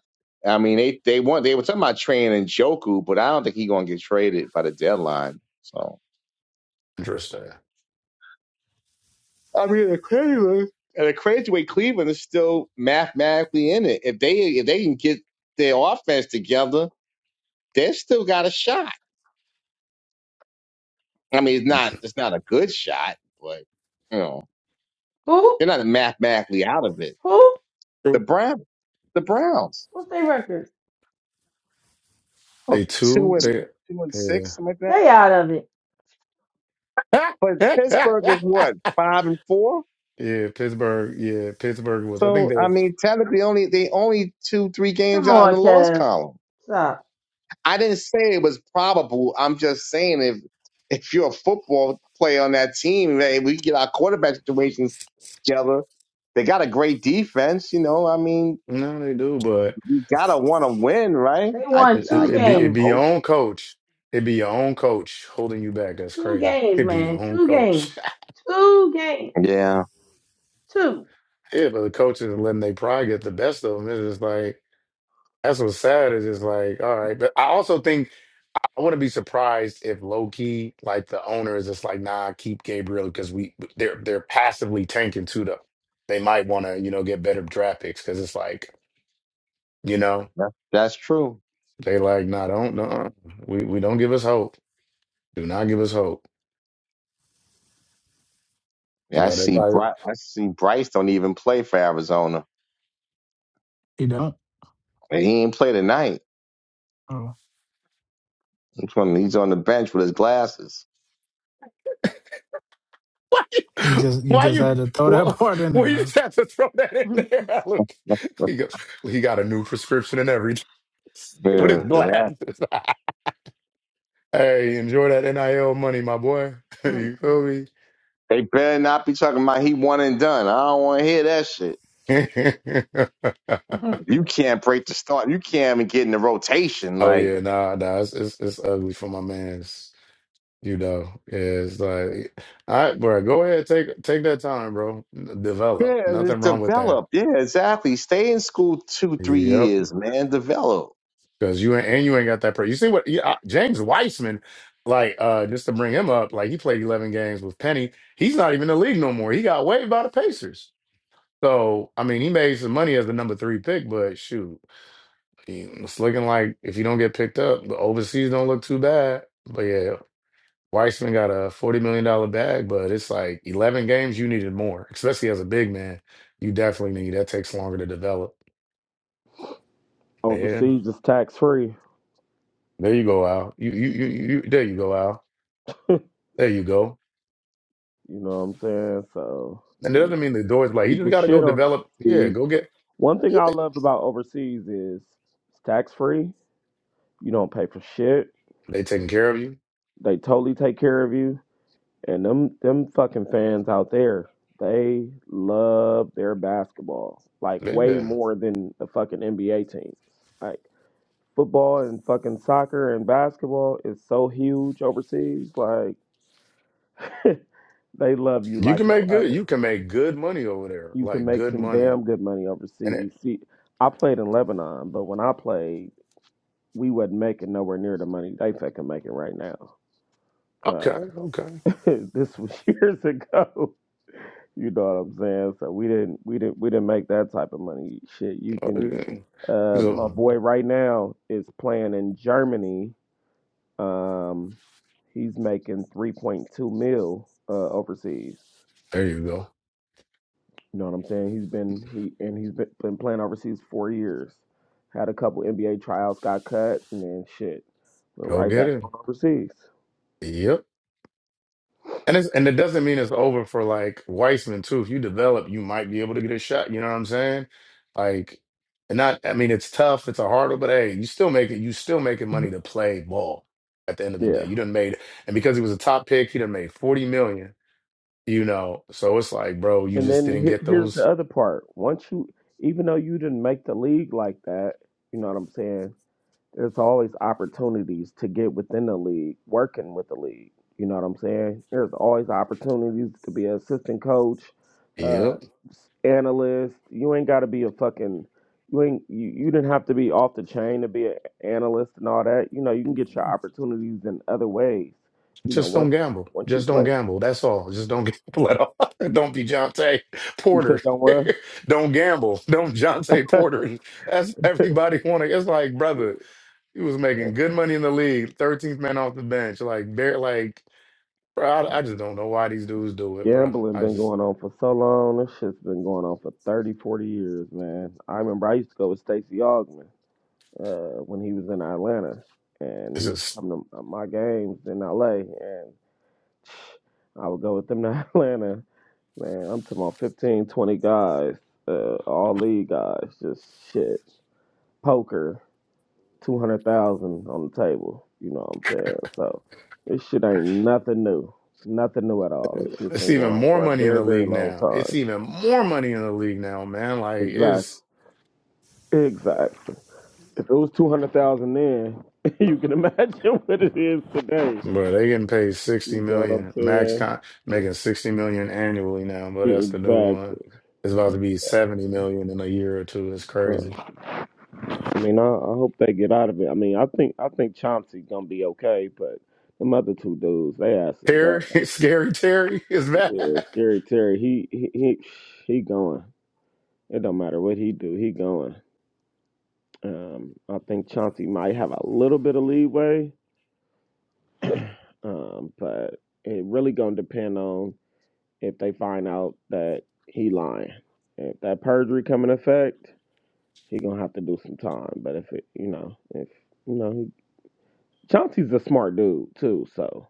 Speaker 2: I mean they they want they were talking about trading Joku, but I don't think he's gonna get traded by the deadline. So
Speaker 9: Interesting.
Speaker 2: I mean, the crazy and the crazy way Cleveland is still mathematically in it. If they if they can get their offense together, they still got a shot. I mean, it's not it's not a good shot, but you know
Speaker 6: who?
Speaker 2: they're not mathematically out of it.
Speaker 6: Who?
Speaker 2: The
Speaker 9: True.
Speaker 2: Brown the Browns,
Speaker 6: What's their record?
Speaker 2: are
Speaker 9: They
Speaker 2: two
Speaker 9: two.
Speaker 2: and
Speaker 9: They
Speaker 2: two and six, something like that
Speaker 6: They out of it.
Speaker 2: But
Speaker 9: yeah.
Speaker 2: Pittsburgh is what
Speaker 9: [laughs]
Speaker 2: five and four.
Speaker 9: yeah, Pittsburgh. Yeah, Pittsburgh was. I think
Speaker 2: So I
Speaker 9: they're.
Speaker 2: mean, technically, only they only two three games
Speaker 6: Come
Speaker 2: out in
Speaker 6: on,
Speaker 2: the loss
Speaker 6: Chaz.
Speaker 2: column.
Speaker 6: Stop.
Speaker 2: I didn't say it was probable. I'm just saying if if you're a football player on that team, man, we get our quarterback situations together. They got a great defense, you know. I mean,
Speaker 9: No, they do, but
Speaker 2: you gotta want to win, right?
Speaker 6: They
Speaker 2: I
Speaker 6: won
Speaker 9: it,
Speaker 2: I, I
Speaker 9: it,
Speaker 6: two
Speaker 9: it be it
Speaker 2: would
Speaker 9: be
Speaker 6: games.
Speaker 9: your
Speaker 2: hope.
Speaker 9: own coach. It be your own coach holding you back. That's
Speaker 6: Two
Speaker 9: crazy.
Speaker 6: games,
Speaker 9: It be your
Speaker 6: man.
Speaker 9: own
Speaker 6: Two
Speaker 9: coach.
Speaker 6: games. Two games.
Speaker 2: Yeah,
Speaker 6: Two.
Speaker 9: [laughs] yeah, but the coaches are letting they pride get the best of them. It's just like. That's what's sad is just like, all right. But I also think I wouldn't be surprised if low key, like the owner is just like, nah, keep Gabriel because we they're they're passively tanking too though. They might want to, you know, get better draft picks because it's like, you know,
Speaker 2: that, that's true.
Speaker 9: they like, nah, don't no, we we don't give us hope. Do not give us hope. You
Speaker 2: Yeah, I
Speaker 9: know, they
Speaker 2: see.
Speaker 9: probably
Speaker 2: Bry- I see. Bryce don't even play for Arizona.
Speaker 1: you don't.
Speaker 2: He ain't play tonight.
Speaker 1: Oh,
Speaker 2: Which one? He's on the bench with his glasses.
Speaker 9: [laughs] why
Speaker 1: you
Speaker 9: you
Speaker 1: just you
Speaker 9: why
Speaker 1: just
Speaker 9: you
Speaker 1: had to throw that [laughs]
Speaker 9: well,
Speaker 1: part in
Speaker 9: [laughs] well,
Speaker 1: there.
Speaker 9: you
Speaker 1: Huh?
Speaker 9: just have to throw that in there, [laughs] Alex.
Speaker 2: [laughs]
Speaker 9: He goes, he got a new prescription and everything [laughs] with
Speaker 2: Yeah,
Speaker 9: his
Speaker 2: yeah.
Speaker 9: glasses. [laughs] Hey, enjoy that NIL money, my boy. [laughs] You feel me?
Speaker 2: They better not be talking about he one and done. I don't want to hear that shit.
Speaker 9: [laughs]
Speaker 2: You can't break the start. You can't even get in the rotation.
Speaker 9: Oh
Speaker 2: Like,
Speaker 9: yeah, nah, nah, it's, it's it's ugly for my man's, you know. Yeah, it's like, all right, bro, go ahead, take take that time, bro. Develop.
Speaker 2: yeah, it's
Speaker 9: Nothing wrong with that.
Speaker 2: develop. Yeah, exactly. Stay in school two, three
Speaker 9: Yep,
Speaker 2: years, man. Develop.
Speaker 9: because you ain't, and you ain't got that. Pre- you see what yeah, uh, James Weissman, like, uh, just to bring him up, like he played eleven games with Penny. He's not even in the league no more. He got waived by the Pacers. So I mean, he made some money as the number three pick, but shoot. It's looking like if you don't get picked up, the overseas don't look too bad. But yeah, Weissman got a $40 million dollar bag, but it's like 11 games, you needed more, especially as a big man. You definitely need that takes longer to develop. Yeah.
Speaker 12: Overseas is tax free.
Speaker 9: There you go, Al. You, you, you, you, there you go, Al. There you go.
Speaker 12: You know what I'm saying? So,
Speaker 9: And it
Speaker 12: you
Speaker 9: doesn't
Speaker 12: know,
Speaker 9: mean the door's like, you
Speaker 12: people
Speaker 9: just got to
Speaker 12: shit
Speaker 9: go
Speaker 12: on
Speaker 9: develop. Yeah,
Speaker 12: overseas,
Speaker 9: go
Speaker 12: but
Speaker 9: get,
Speaker 12: one thing I loved about overseas is it's tax free. You don't pay for shit.
Speaker 9: they taking care of you.
Speaker 12: They totally take care of you. And them them fucking fans out there, they love their basketball. Like way
Speaker 9: Yeah.
Speaker 12: more than the fucking NBA teams. Like football and fucking soccer and basketball is so huge overseas. Like [laughs] they love you
Speaker 9: You
Speaker 12: like
Speaker 9: can
Speaker 12: no
Speaker 9: make good,
Speaker 12: other.
Speaker 9: you can make good money over there,
Speaker 12: you can
Speaker 9: like
Speaker 12: make
Speaker 9: good
Speaker 12: some
Speaker 9: money.
Speaker 12: damn good money
Speaker 9: And it,
Speaker 12: overseas. See, I played in Lebanon, but when I played, we wasn't making nowhere near the money they fucking making right now.
Speaker 9: okay,
Speaker 12: Uh,
Speaker 9: okay.
Speaker 12: [laughs] this was years ago. You know what I'm saying? So we didn't, we didn't, we didn't make that type of money. Shit, you
Speaker 9: Oh,
Speaker 12: can.
Speaker 9: yeah.
Speaker 12: Uh, my
Speaker 9: So,
Speaker 12: boy right now is playing in Germany. Um, he's making 3.2 mil uh, overseas.
Speaker 9: There you go.
Speaker 12: You know what I'm saying? He's been he and he's been, been playing overseas four years. Had a couple NBA tryouts, got cut, and then shit, went
Speaker 9: Go
Speaker 12: right
Speaker 9: get
Speaker 12: back on
Speaker 9: it.
Speaker 12: overseas.
Speaker 9: Yep. And it's and it doesn't mean it's over for like Weissman too. If you develop, you might be able to get a shot. You know what I'm saying? Like, and not. I mean, it's tough. It's a hurdle, but hey, you still make it. You still making money to play ball. At the end of the day,
Speaker 12: Yeah.
Speaker 9: you done made, and because he was a top pick, he done made forty million. You know, so it's like, bro, you
Speaker 12: And
Speaker 9: just
Speaker 12: then
Speaker 9: didn't
Speaker 12: here,
Speaker 9: get
Speaker 12: here's the
Speaker 9: those.
Speaker 12: other part. Once you, even though you didn't make the league like that, you know what I'm saying? there's always opportunities to get within the league, working with the league. You know what I'm saying? There's always opportunities to be an assistant coach, uh,
Speaker 9: Yep.
Speaker 12: s- analyst. You ain't got to be a fucking. You ain't. You, you didn't have to be off the chain to be an analyst and all that. You know, you can get your opportunities in other ways. You know,
Speaker 9: Just don't
Speaker 12: once
Speaker 9: gamble.
Speaker 12: once you
Speaker 9: Just don't
Speaker 12: play,
Speaker 9: gamble. That's all. Just don't [laughs] gamble at all. [laughs] don't be Jonte
Speaker 12: you
Speaker 9: Porter.
Speaker 12: said don't what?
Speaker 9: [laughs] don't gamble. Don't Jonte Porter. That's everybody wanting. It's like, brother, he was making good money in the league. 13th man off the bench. Like, bare, like, bro, I, I just don't know why these dudes do it, bro.
Speaker 12: Gambling
Speaker 9: I
Speaker 12: been
Speaker 9: just,
Speaker 12: going on for so long. This shit's been going on for 30, 40 years, man. I remember I used to go with Stacey Augman. uh, when he was in Atlanta, and he
Speaker 9: it's
Speaker 12: used to
Speaker 9: just,
Speaker 12: come to my games in LA, and I would go with them [laughs] to Atlanta. Man, I'm talking about 15, 20 guys, uh, all league guys, just shit. Poker, 200,000 on the table, you know what I'm saying? So this shit ain't nothing new. Nothing new at all. Shit's
Speaker 9: it's
Speaker 12: been
Speaker 9: even
Speaker 12: going on
Speaker 9: more
Speaker 12: for a
Speaker 9: money in
Speaker 12: very,
Speaker 9: the
Speaker 12: very
Speaker 9: league
Speaker 12: long
Speaker 9: now. It's
Speaker 12: time.
Speaker 9: even more money in the league now, man. Like,
Speaker 12: Exactly.
Speaker 9: it's.
Speaker 12: Exactly. If it was 200,000 then, [laughs] you can imagine [laughs] what it is today.
Speaker 9: But they getting paid sixty
Speaker 12: You know what I'm
Speaker 9: million max
Speaker 12: saying?
Speaker 9: con making sixty million annually now, but that's the new one.
Speaker 12: Exactly.
Speaker 9: It's about to be seventy million in a year or two. It's
Speaker 12: Uh,
Speaker 9: crazy.
Speaker 12: I mean, I, I hope they get out of it. I mean, I think I think Chauncey gonna be okay, but them other two dudes, they ass is
Speaker 9: Terry,
Speaker 12: grass.
Speaker 9: [laughs] scary Terry is
Speaker 12: Yeah,
Speaker 9: back.
Speaker 12: Scary Terry, he he he he going. It don't matter what he do, he going. Um, I think Chauncey might have a little bit of leeway, um, but it really gonna depend on if they find out that he lying. If that perjury come in effect, he gonna have to do some time. But if it, you know, if you know, Chauncey's a smart dude too, so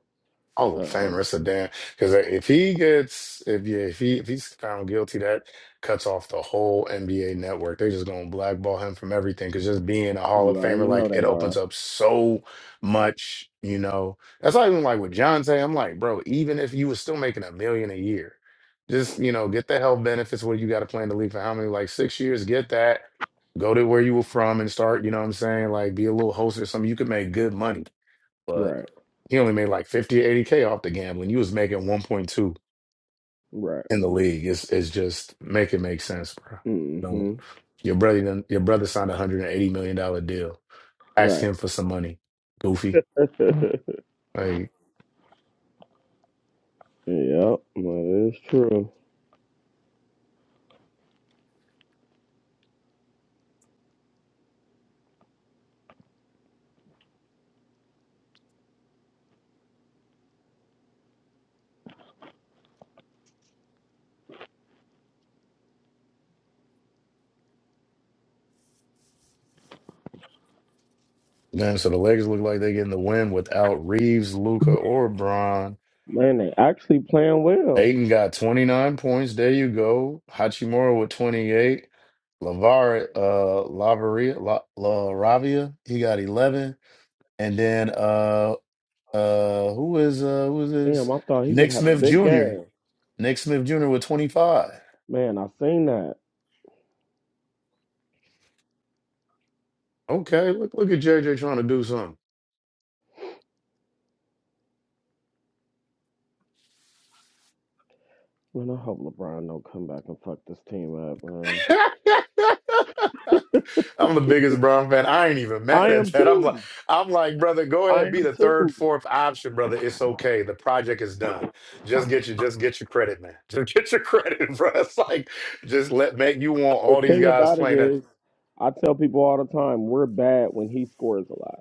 Speaker 9: Hall of
Speaker 12: um,
Speaker 9: Famer. It's a damn because if he gets if you if he if he's found guilty, that cuts off the whole NBA network. They're just gonna blackball him from everything because just being a Hall
Speaker 12: you
Speaker 9: of Famer,
Speaker 12: already know
Speaker 9: like it
Speaker 12: they
Speaker 9: opens
Speaker 12: are.
Speaker 9: up so much. You know, that's not even like with John say. I'm like, bro, even if you was still making a million a year, just you know, get the health benefits. What you got to plan to leave for how many like six years? Get that. Go to where you were from and start. You know what I'm saying? Like, be a little host or something. You could make good money but
Speaker 12: Right,
Speaker 9: he only made like 50 or 80K off the gambling. You was making 1.2
Speaker 12: right,
Speaker 9: in the league. It's it's just make it make sense, bro. Don't
Speaker 12: mm-hmm,
Speaker 9: your brother done- your brother signed a hundred and eighty million dollar deal. Ask
Speaker 12: right.
Speaker 9: him for some money. Goofy.
Speaker 12: [laughs] yep,
Speaker 9: Like
Speaker 12: that is true.
Speaker 9: man, so the Lakers look like they getting the win without Reeves, Luca, or Braun.
Speaker 12: Man, they actually playing well.
Speaker 9: Aiden got 29 points. There you go. Hachimura with 28. Lavar uh Lavaria La, La Ravia, he got 11. And then uh. Uh, who is uh, who is this?
Speaker 12: Damn, I thought he would
Speaker 9: Nick
Speaker 12: have a
Speaker 9: Smith
Speaker 12: big
Speaker 9: Jr.
Speaker 12: game.
Speaker 9: Nick Smith Jr. with 25.
Speaker 12: Man, I seen that.
Speaker 9: Okay, look look at JJ trying to do something. [laughs]
Speaker 12: Man, I hope LeBron don't come back and fuck this team up, man.
Speaker 9: I'm the biggest Brown fan. I ain't even mad
Speaker 12: I
Speaker 9: at
Speaker 12: am
Speaker 9: that. I'm like,
Speaker 12: too.
Speaker 9: I'm like, brother, go
Speaker 12: I
Speaker 9: ahead, be
Speaker 12: am
Speaker 9: the third,
Speaker 12: too.
Speaker 9: fourth option, brother. It's okay. The project is done. Just get your, just get your credit, man. Just get your [laughs] credit, bro. It's like, just let make you want
Speaker 12: The
Speaker 9: all these
Speaker 12: thing
Speaker 9: guys
Speaker 12: about it
Speaker 9: playing that.
Speaker 12: is, I tell people all the time, we're bad when he scores a lot.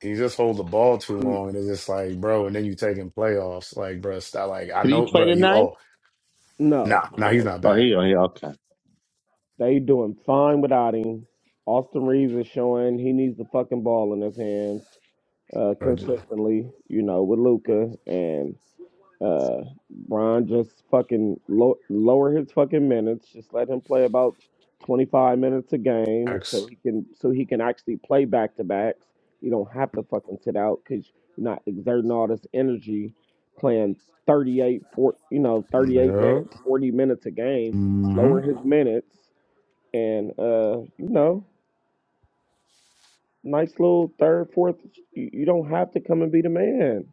Speaker 9: He just hold the ball too
Speaker 12: Mm,
Speaker 9: long, and it's just like, bro. And then you taking playoffs, like, bro. Stop. Like, I
Speaker 2: Did he
Speaker 9: know,
Speaker 2: play
Speaker 9: bro. You
Speaker 2: tonight?
Speaker 9: oh,
Speaker 12: No,
Speaker 9: nah, nah.
Speaker 12: no.
Speaker 9: He's not
Speaker 2: Oh,
Speaker 9: back.
Speaker 2: he, oh, he okay.
Speaker 12: They doing fine without him. Austin Reeves is showing he needs the fucking ball in his hands uh,
Speaker 9: Bro, just,
Speaker 12: consistently, you know, with Luca and uh, Bron just fucking lo- lower his fucking minutes. Just let him play about twenty five minutes a game,
Speaker 9: X.
Speaker 12: so he can so he can actually play back to backs. You don't have to fucking sit out because you're not exerting all this energy playing 38, 40, you know, 38
Speaker 9: Yeah.
Speaker 12: minutes, 40 minutes a game.
Speaker 9: hmm
Speaker 12: Lower his minutes and uh, you know, nice little third, fourth. You, you don't have to come and be the man.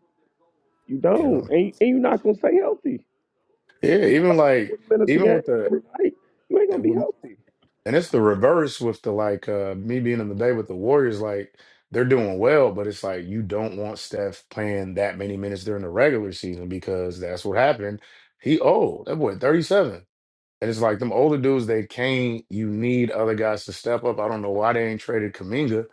Speaker 12: You
Speaker 9: Yeah.
Speaker 12: don't, and, you- and you're not gonna stay healthy.
Speaker 9: Yeah.
Speaker 12: You gotta
Speaker 9: Even
Speaker 12: play
Speaker 9: like,
Speaker 12: 40 minutes a
Speaker 9: even
Speaker 12: game
Speaker 9: with the,
Speaker 12: every night. You ain't gonna
Speaker 9: it
Speaker 12: be
Speaker 9: would,
Speaker 12: healthy.
Speaker 9: and it's the reverse with the like uh me being in the day with the Warriors. Like, they're doing well, but it's like you don't want Steph playing that many minutes during the regular season because that's what happened. He oh that boy thirty seven. And it's like them older dudes that came, you need other guys to step up. I don't know why they ain't traded Kaminga.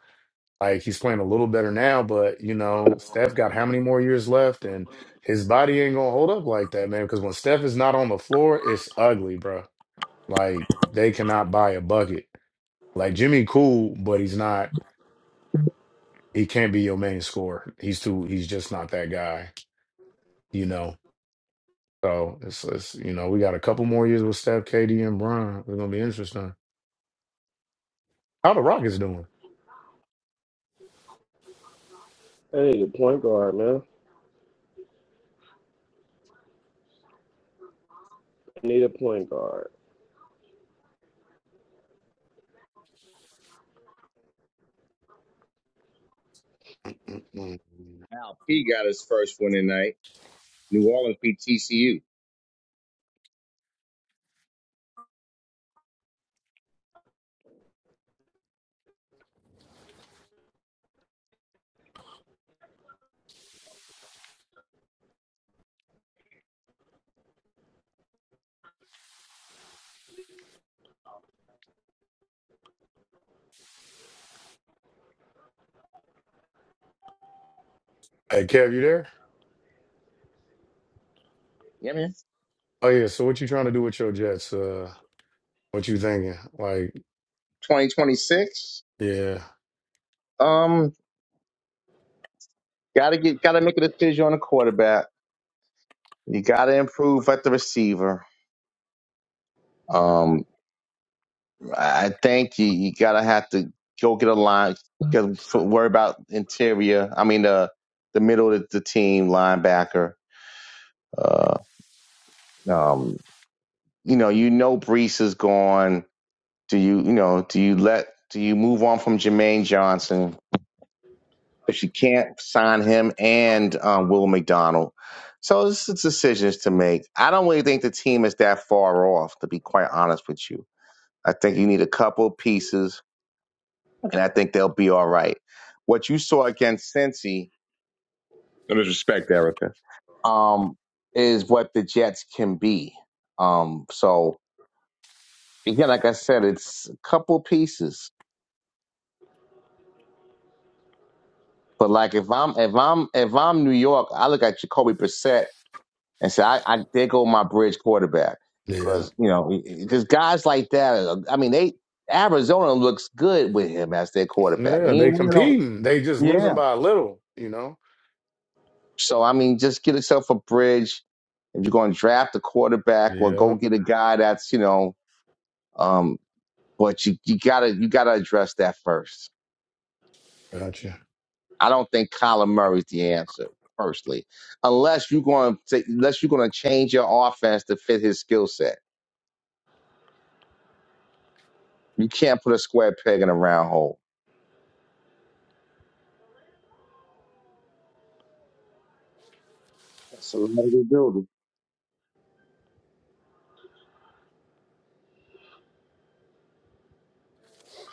Speaker 9: Like he's playing a little better now, but you know, Steph got how many more years left and his body ain't gonna hold up like that, man. Because when Steph is not on the floor, it's ugly, bro. Like they cannot buy a bucket. Like Jimmy cool, but he's not he can't be your main scorer. He's too he's just not that guy, you know. So it's, it's you know, we got a couple more years with Steph, KD, and Bron. It's gonna be interesting. How the Rockets doing?
Speaker 12: I need a point guard, man. I need a point guard.
Speaker 9: Mm-mm.
Speaker 2: Al P got his first win tonight. New Orleans beat TCU.
Speaker 9: Hey, Kev, you there?
Speaker 2: Yeah, man.
Speaker 9: Oh yeah. So what you trying to do with your Jets? Uh, what you thinking? Like,
Speaker 2: 2026.
Speaker 9: yeah,
Speaker 2: Um, gotta get, gotta make a decision on the quarterback. You got to improve at the receiver. Um, I I think you, you got to have to go get a line because worry about interior. I mean, the the middle of the team linebacker. Uh, um, you know, you know, Brees is gone. Do you, you know, do you let do you move on from Jermaine Johnson? Because you can't sign him and um, Will McDonald. So it's it's decisions to make. I don't really think the team is that far off, to be quite honest with you I think you need a couple pieces, and I think they'll be all right. What you saw against Cincy, no disrespect, Erica, um, is what the Jets can be. Um, so again, like I said, it's a couple pieces. But like if I'm if I'm if I'm New York, I look at Jacoby Brissett and say, I, I there go my bridge quarterback
Speaker 9: yeah,
Speaker 2: because you know because guys like that. uh, I mean, they Arizona looks good with him as their quarterback.
Speaker 9: yeah. They
Speaker 2: And we know,
Speaker 9: competing. They just
Speaker 2: yeah,
Speaker 9: losing by a little. You know.
Speaker 2: So I mean, just get yourself a bridge. If you're going to draft a quarterback, or
Speaker 9: Yeah.
Speaker 2: go get a guy that's you know, um, but you you gotta you gotta address that first.
Speaker 9: Gotcha.
Speaker 2: I don't think Colin Murray's the answer personally, unless you're going to unless you're going to change your offense to fit his skill set. You can't put a square peg in a round hole.
Speaker 3: That's a lot of good building.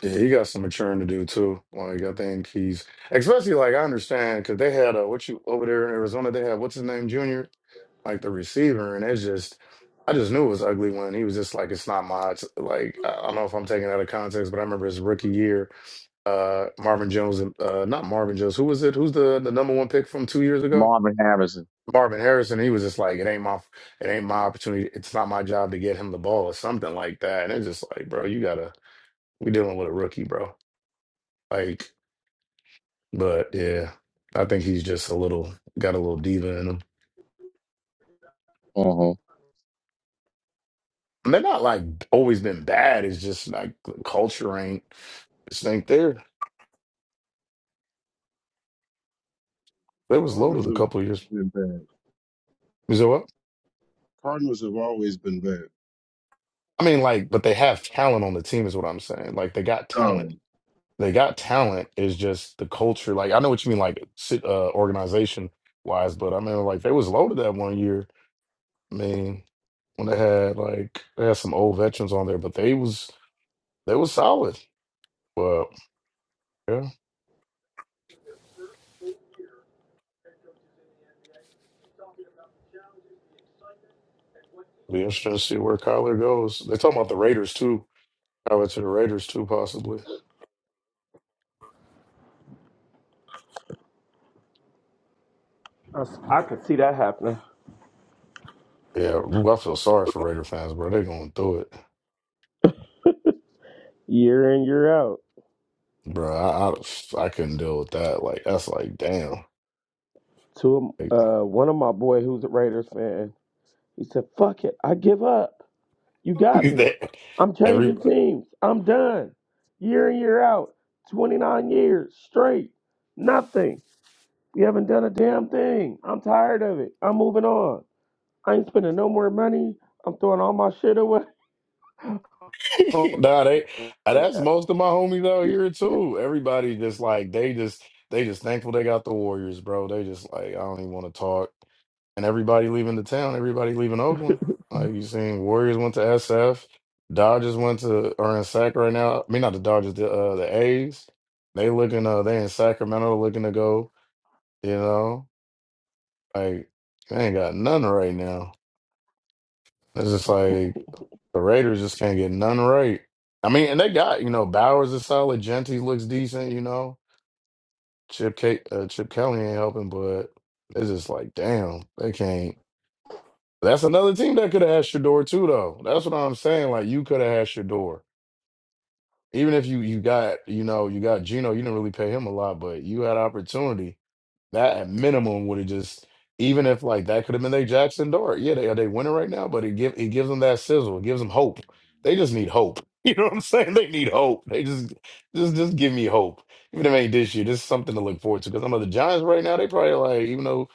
Speaker 9: Yeah, he got some maturing to do too. Like I think he's especially like I understand because they had a what you over there in Arizona. They had what's his name, Junior, like the receiver, and it's just. I just knew it was ugly when he was just like, it's not my, like, I I don't know if I'm taking it out of context, but I remember his rookie year. uh Marvin Jones and uh not Marvin Jones. Who was it? Who's the the number one pick from two years ago?
Speaker 2: Marvin Harrison.
Speaker 9: Marvin Harrison. He was just like, it ain't my it ain't my opportunity. It's not my job to get him the ball or something like that. And it's just like, bro, you gotta we dealing with a rookie, bro. Like, but yeah, I think he's just a little got a little diva in him. And they're not like always been bad. It's just like the culture ain't this ain't there. They was
Speaker 3: Cardinals
Speaker 9: loaded a
Speaker 3: have
Speaker 9: couple of years.
Speaker 3: always been bad.
Speaker 9: Is that what?
Speaker 3: Cardinals have always been bad.
Speaker 9: I mean, like, but they have talent on the team, is what I'm saying. Like, they got talent
Speaker 3: Oh,
Speaker 9: They got talent. It's just the culture. Like I know what you mean, like sit- uh, organization wise, but I mean, like they was loaded that one year. I mean, when they had like they had some old veterans on there, but they was they was solid. But yeah, be interesting to see where Kyler goes. They talking about the Raiders too. Kyler to the Raiders too, possibly.
Speaker 12: I, s- I could see that happening
Speaker 9: Yeah, ooh, I feel sorry for Raider fans, bro. They going through it,
Speaker 12: year in year out.
Speaker 9: bro. I, I I couldn't deal with that. Like that's like damn.
Speaker 12: To
Speaker 9: Like,
Speaker 12: uh, one of my boy who's a Raiders fan, he said, "Fuck it, I give up." You got
Speaker 9: [laughs]
Speaker 12: me.
Speaker 9: that-
Speaker 12: I'm
Speaker 9: every
Speaker 12: changing teams. I'm done. Year in, year out. 29 years straight. Nothing. We haven't done a damn thing. I'm tired of it. I'm moving on. I ain't spending no more money. I'm throwing all my shit away. [laughs]
Speaker 9: [laughs] Nah, they uh, that's most of my homies out here too. Everybody just like they just they just thankful they got the Warriors, bro. They just like I don't even want to talk. And everybody leaving the town, everybody leaving Oakland. Like you seen Warriors went to SF, Dodgers went to are in Sac right now. I mean not the Dodgers, the uh the A's. They looking uh they in Sacramento looking to go, you know. Like they ain't got none right now. It's just like the Raiders just can't get none right. I mean, and they got you know Bowers is solid. Genty looks decent. You know, Chip K, uh, Chip Kelly ain't helping, but it's just like damn, they can't. That's another team that could have had your door too, though. That's what I'm saying. Like you could have had your door, even if you you got you know you got Gino. You didn't really pay him a lot, but you had opportunity. That at minimum would have just even if like that could have been their Jackson Dart. Yeah, they are they winning right now, but it give it gives them that sizzle. It gives them hope. They just need hope. [laughs] You know what I'm saying? They need hope. They just just just give me hope. Even if it ain't this year, this is something to look forward to. Because I know the Giants right now, they probably like, even though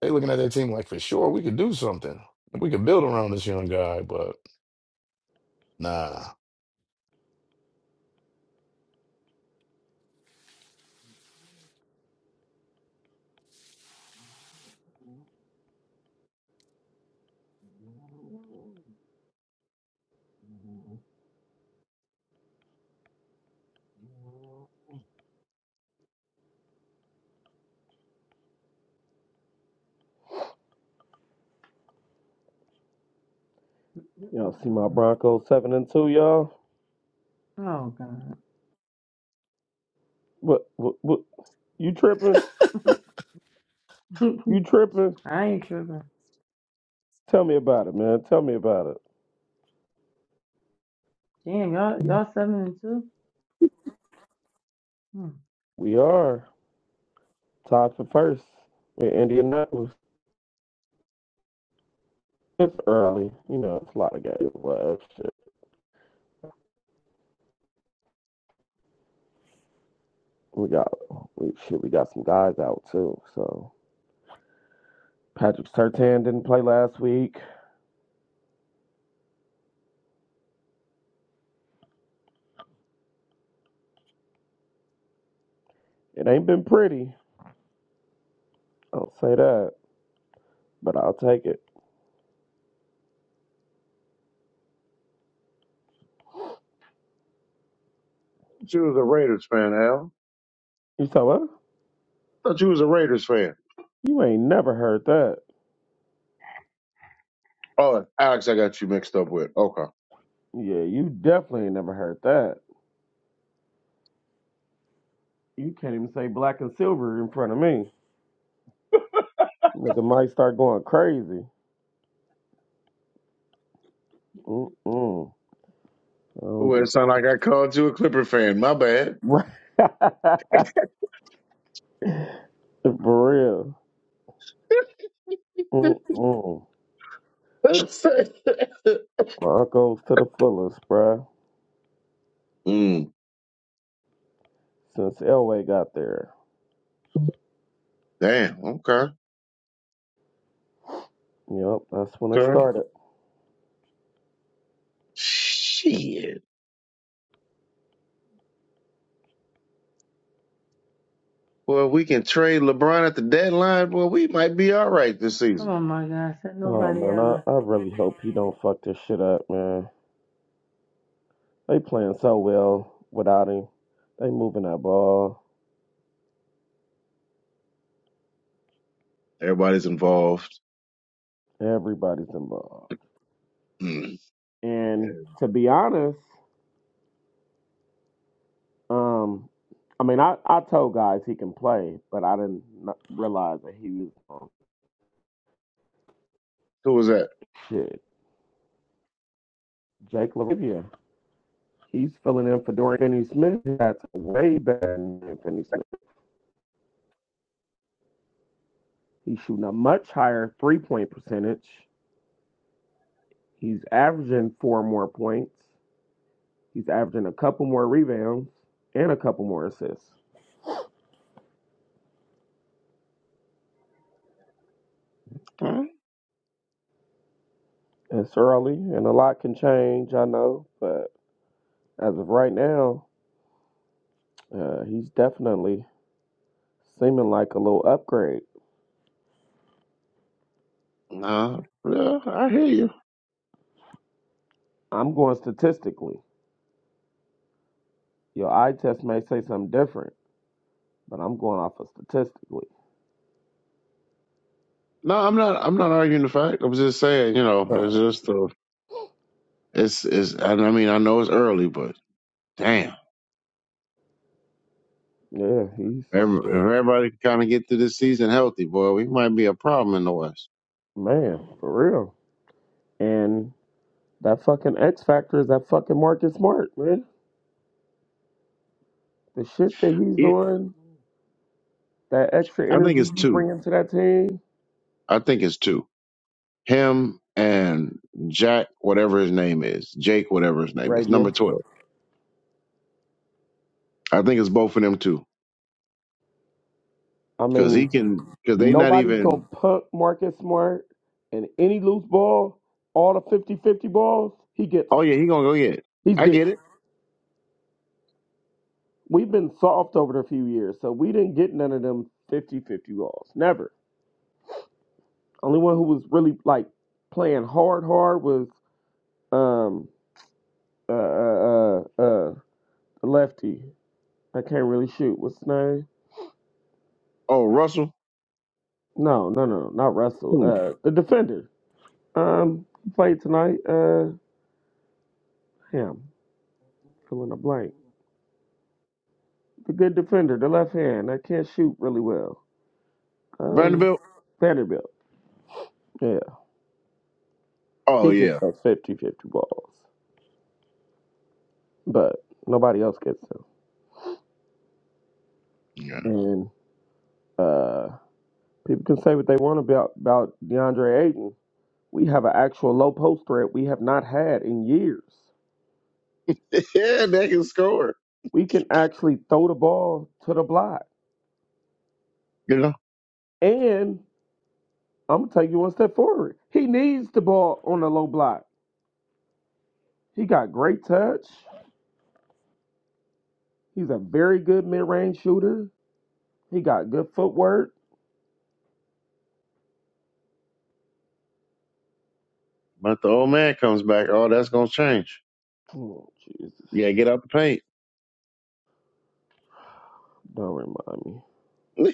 Speaker 9: they looking at their team like for sure we could do something. We could build around this young guy, but nah.
Speaker 6: [laughs]
Speaker 12: y'all see my
Speaker 6: Mm-mm.
Speaker 12: Broncos 7 and 2, y'all?
Speaker 6: Oh God,
Speaker 12: What, what, what? You tripping? You tripping?
Speaker 6: [laughs] I ain't tripping.
Speaker 12: Tell me about it, man. Tell me about it.
Speaker 6: Damn, y'all, y'all seven and two. Hmm.
Speaker 12: We are tied for first in Indianapolis. It's early. You know, it's a lot of games left. We got we shit. We got some guys out too. So Patrick Sertan didn't play last week. It ain't been pretty. I'll say that, but I'll take it.
Speaker 3: she was a Raiders fan, Al.
Speaker 12: You said what?
Speaker 3: I thought you was a Raiders fan.
Speaker 12: You ain't never heard that.
Speaker 3: Oh, Alex, I got you mixed up with. Okay.
Speaker 12: Yeah, you definitely ain't never heard that. You can't even say black and silver in front of me. Nigga might start going crazy. Mm-mm. I don't
Speaker 3: Well, it
Speaker 12: do.
Speaker 3: sounded like I called you a Clipper fan. My bad.
Speaker 12: [laughs] right. For real. Mm-mm. Broncos to the fullest, bruh.
Speaker 3: Mm,
Speaker 12: Since Elway got there.
Speaker 3: damn. Okay.
Speaker 12: Yep, that's when it
Speaker 3: Okay.
Speaker 12: started.
Speaker 3: Shit. Well, if we can trade LeBron at the deadline, well, we might be all right this
Speaker 6: Come
Speaker 3: season.
Speaker 6: on, my God, said
Speaker 12: Oh
Speaker 6: nobody
Speaker 12: man, I,
Speaker 6: ever.
Speaker 12: I really hope he don't fuck this shit up, man. They playing so well without him. They moving that ball.
Speaker 3: Everybody's involved.
Speaker 12: Everybody's involved.
Speaker 3: Mm.
Speaker 12: And to be honest, um, I mean, I, I told guys he can play, but I didn't n- realize that he was on
Speaker 3: Who was that?
Speaker 12: shit. Jake LaRivia, he's filling in for Dorian Finney-Smith. That's way better than Finney-Smith. He's shooting a much higher three-point percentage. He's averaging four more points. He's averaging a couple more rebounds and a couple more assists.
Speaker 3: Huh?
Speaker 12: It's early, and a lot can change, I know, but as of right now, uh, he's definitely seeming like a little upgrade.
Speaker 3: No, yeah, I hear you.
Speaker 12: I'm going statistically. Your eye test may say something different, but I'm going off of statistically.
Speaker 3: No, I'm not. I'm not arguing the fact. I'm just saying, you know, it's
Speaker 12: Oh,
Speaker 3: just uh It's it's. I I mean, I know it's early, but damn,
Speaker 12: yeah, he's
Speaker 3: every- if
Speaker 12: shit.
Speaker 3: everybody can kind of get through this season healthy, boy, we might be a problem in the West.
Speaker 12: Man, for real. And that fucking X factor is that fucking Marcus Smart, man. The shit that he's
Speaker 3: It,
Speaker 12: doing, that extra
Speaker 3: I think
Speaker 12: energy
Speaker 3: it's
Speaker 12: he's
Speaker 3: two.
Speaker 12: bringing to that team,
Speaker 3: I think it's two. Him and Jack, whatever his name is, Jake, whatever his name
Speaker 12: right?
Speaker 3: is, number
Speaker 12: here.
Speaker 3: twelve. I think it's both of them too,
Speaker 12: I
Speaker 3: because he
Speaker 12: mean,
Speaker 3: can, because they not
Speaker 12: nobody's gonna
Speaker 3: even.
Speaker 12: punt Marcus Smart and any loose ball, all the fifty-fifty balls, he gets
Speaker 3: Oh
Speaker 12: them.
Speaker 3: yeah, he gonna go get. It.
Speaker 12: He's
Speaker 3: I
Speaker 12: get.
Speaker 3: get it.
Speaker 12: We've been soft over the few years, so we didn't get none of them fifty-fifty balls. Never. Only one who was really like playing hard, hard was um uh uh uh, uh the lefty. I can't really shoot. What's his name?
Speaker 3: Oh Russell
Speaker 12: No, no, no, no, not Russell.
Speaker 3: Who?
Speaker 12: Uh, the defender. Um, he played tonight. Uh, him filling the blank. The good defender, the left hand that can't shoot really well. Um,
Speaker 3: Vanderbilt.
Speaker 12: Vanderbilt. Yeah,
Speaker 3: Oh
Speaker 12: he gets
Speaker 3: yeah,
Speaker 12: those fifty-fifty balls, but nobody else gets them.
Speaker 3: yeah,
Speaker 12: And uh, people can say what they want about about DeAndre Ayton. We have an actual low post threat we have not had in years.
Speaker 3: [laughs] yeah. They can score.
Speaker 12: We can actually throw the ball to the block.
Speaker 3: You know,
Speaker 12: And I'm gonna take you one step forward. He needs the ball on the low block. He got great touch. He's a very good mid-range shooter. He got good footwork.
Speaker 3: but the old man comes back. Oh, that's gonna change.
Speaker 12: Oh, Jesus.
Speaker 3: You gotta get out the paint.
Speaker 12: Don't remind me.
Speaker 3: [laughs] you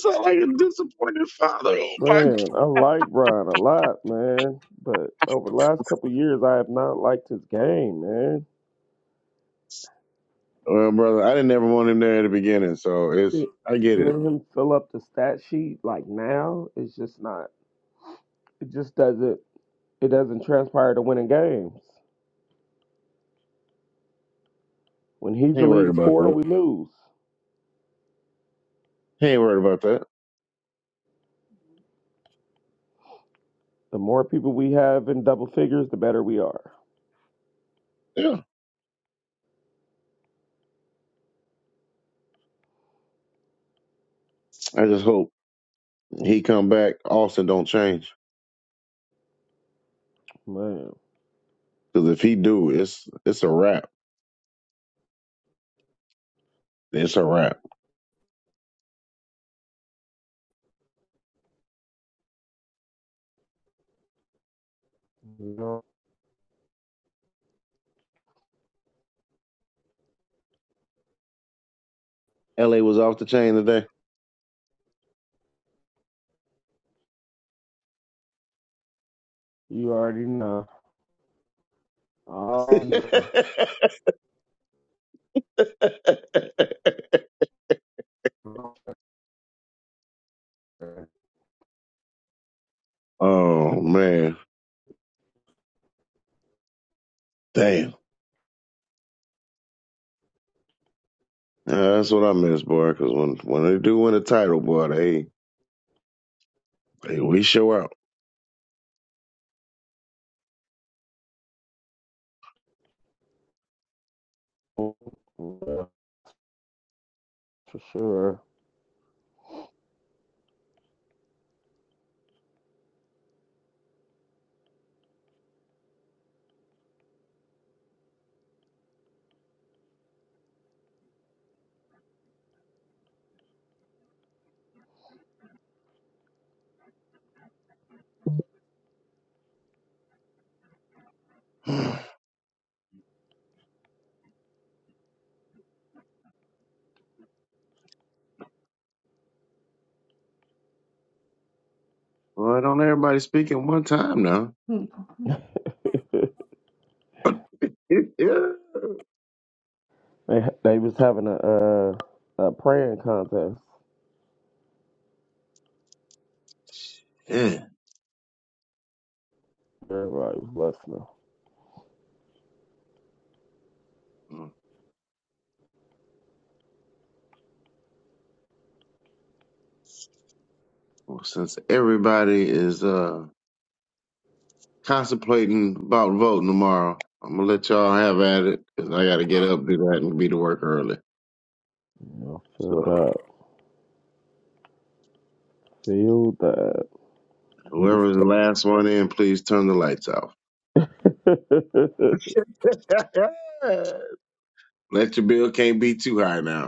Speaker 3: sound like a disappointed father. Oh my. God.
Speaker 12: Man, I like Brian a lot, man. But over the last couple years, I have not liked his game, man.
Speaker 3: Well, brother, I didn't ever want him there at the beginning, so
Speaker 12: See-
Speaker 3: it's. I get it.
Speaker 12: Seeing him fill up the stat sheet like now it's just not. It just doesn't. It doesn't transpire to winning games. When he's
Speaker 3: He
Speaker 12: the
Speaker 3: ain't worried
Speaker 12: lead
Speaker 3: about
Speaker 12: scorer,
Speaker 3: that.
Speaker 12: we lose.
Speaker 3: He ain't worried about that.
Speaker 12: The more people we have in double figures, the better we are.
Speaker 3: Yeah. I just hope he come back. Austin don't change,
Speaker 12: Man,
Speaker 3: because if he do, it's it's a wrap. It's a wrap.
Speaker 12: you know,
Speaker 3: LA was off the chain today.
Speaker 12: you already know. I already
Speaker 3: [laughs] oh man, damn. Yeah, that's what I miss, boy. Because when when they do win a title, boy, they, they we show out.
Speaker 12: know. for sure.
Speaker 3: Boy, don't everybody speak at one time now?
Speaker 12: [laughs]
Speaker 3: It, yeah.
Speaker 12: They they was having a uh, a praying contest.
Speaker 3: Yeah.
Speaker 12: Everybody was listening.
Speaker 3: Well, since everybody is uh contemplating about voting tomorrow, I'm gonna let y'all have at it. Because I gotta get up, do that, and be to work early.
Speaker 12: You know, filled
Speaker 3: So
Speaker 12: up, filled
Speaker 3: whoever's the last one in, please turn the lights off.
Speaker 12: up. [laughs]
Speaker 3: [laughs] Let your bill can't be too high now.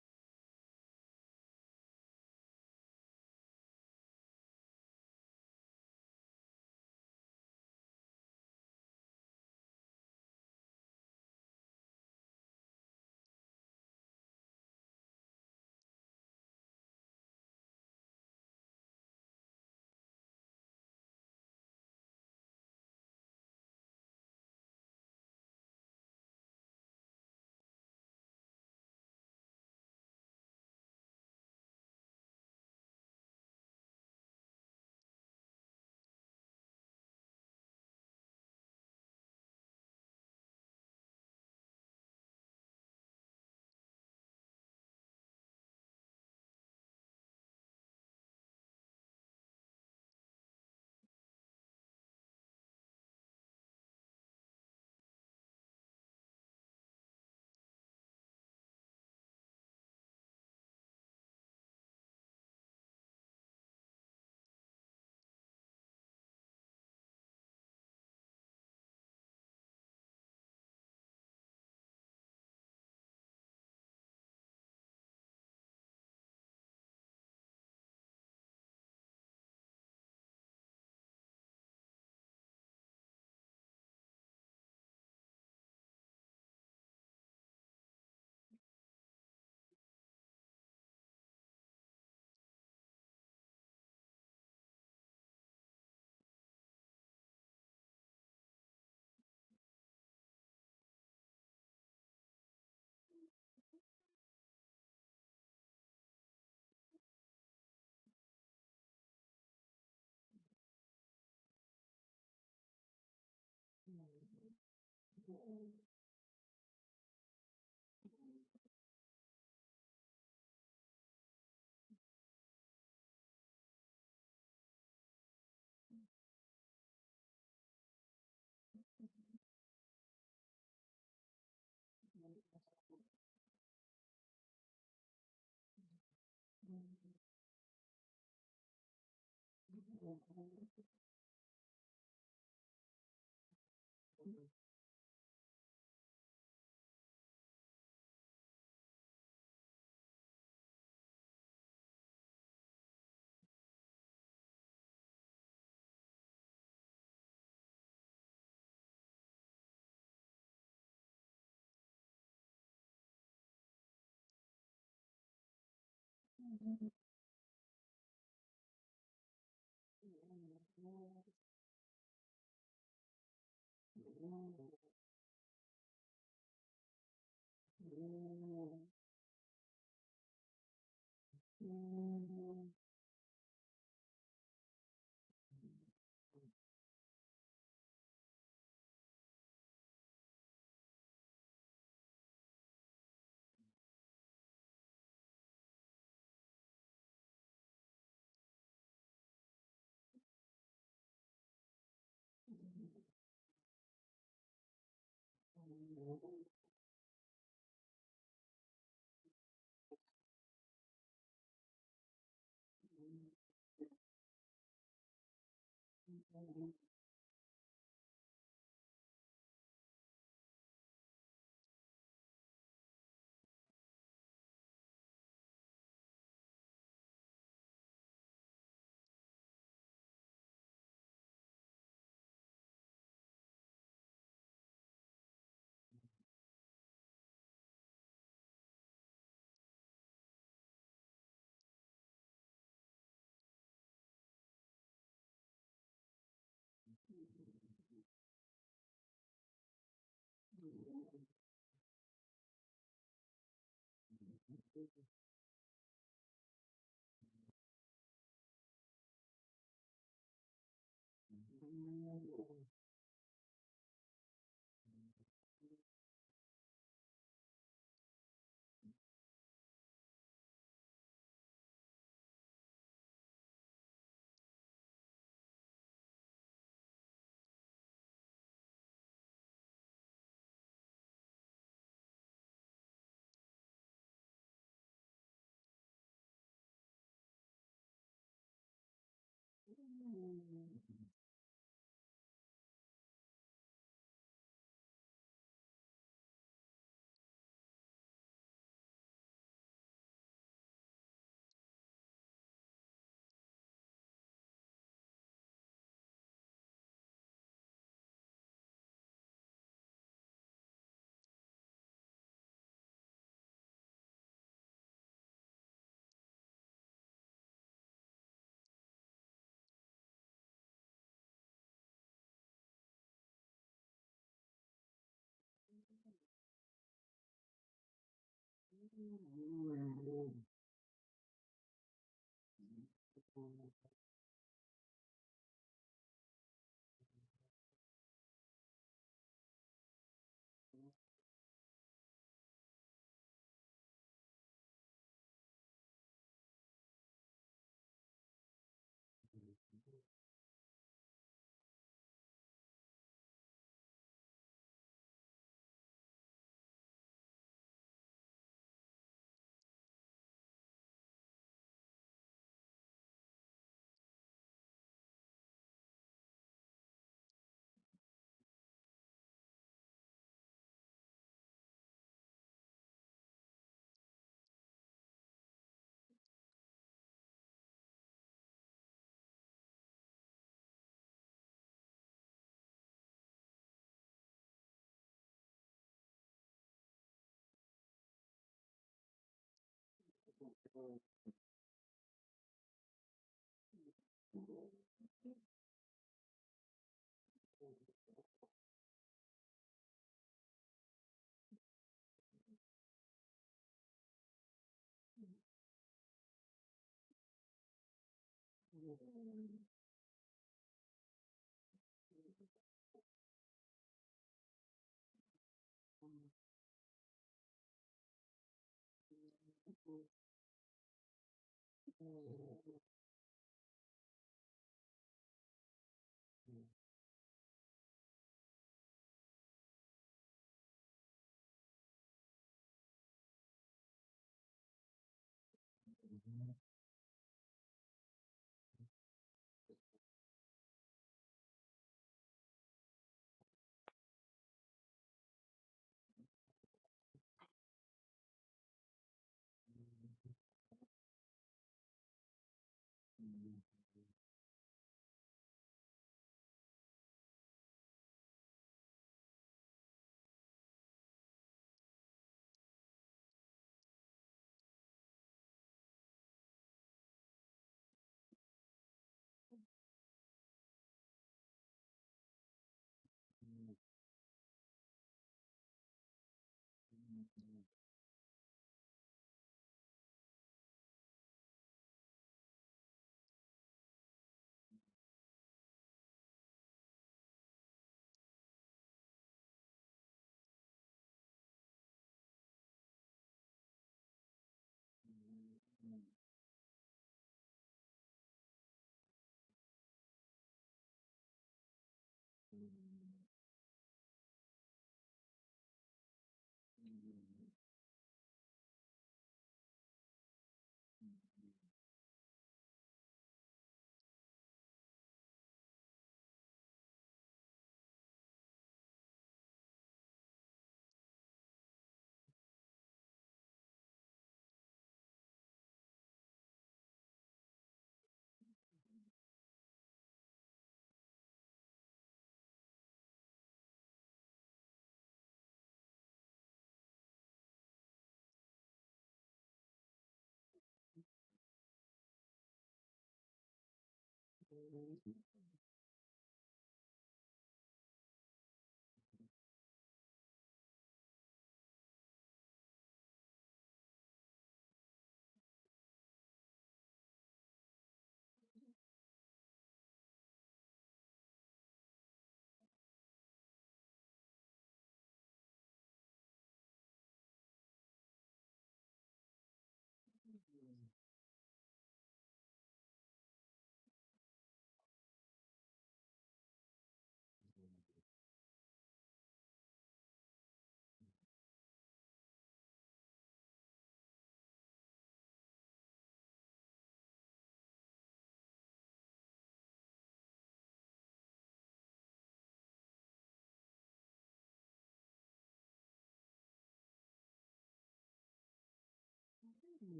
Speaker 6: Hmm. [laughs]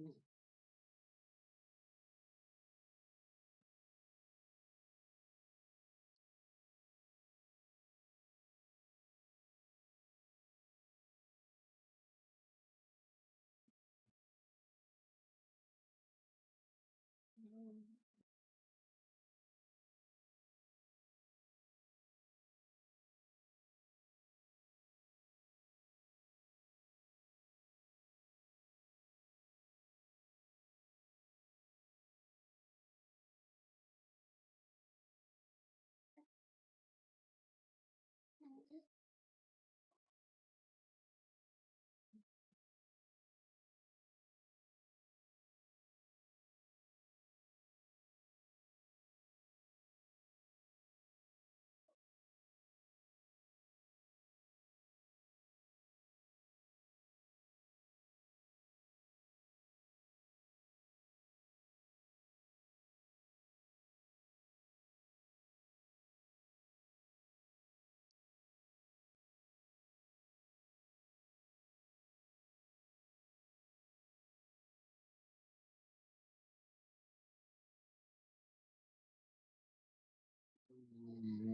Speaker 6: Good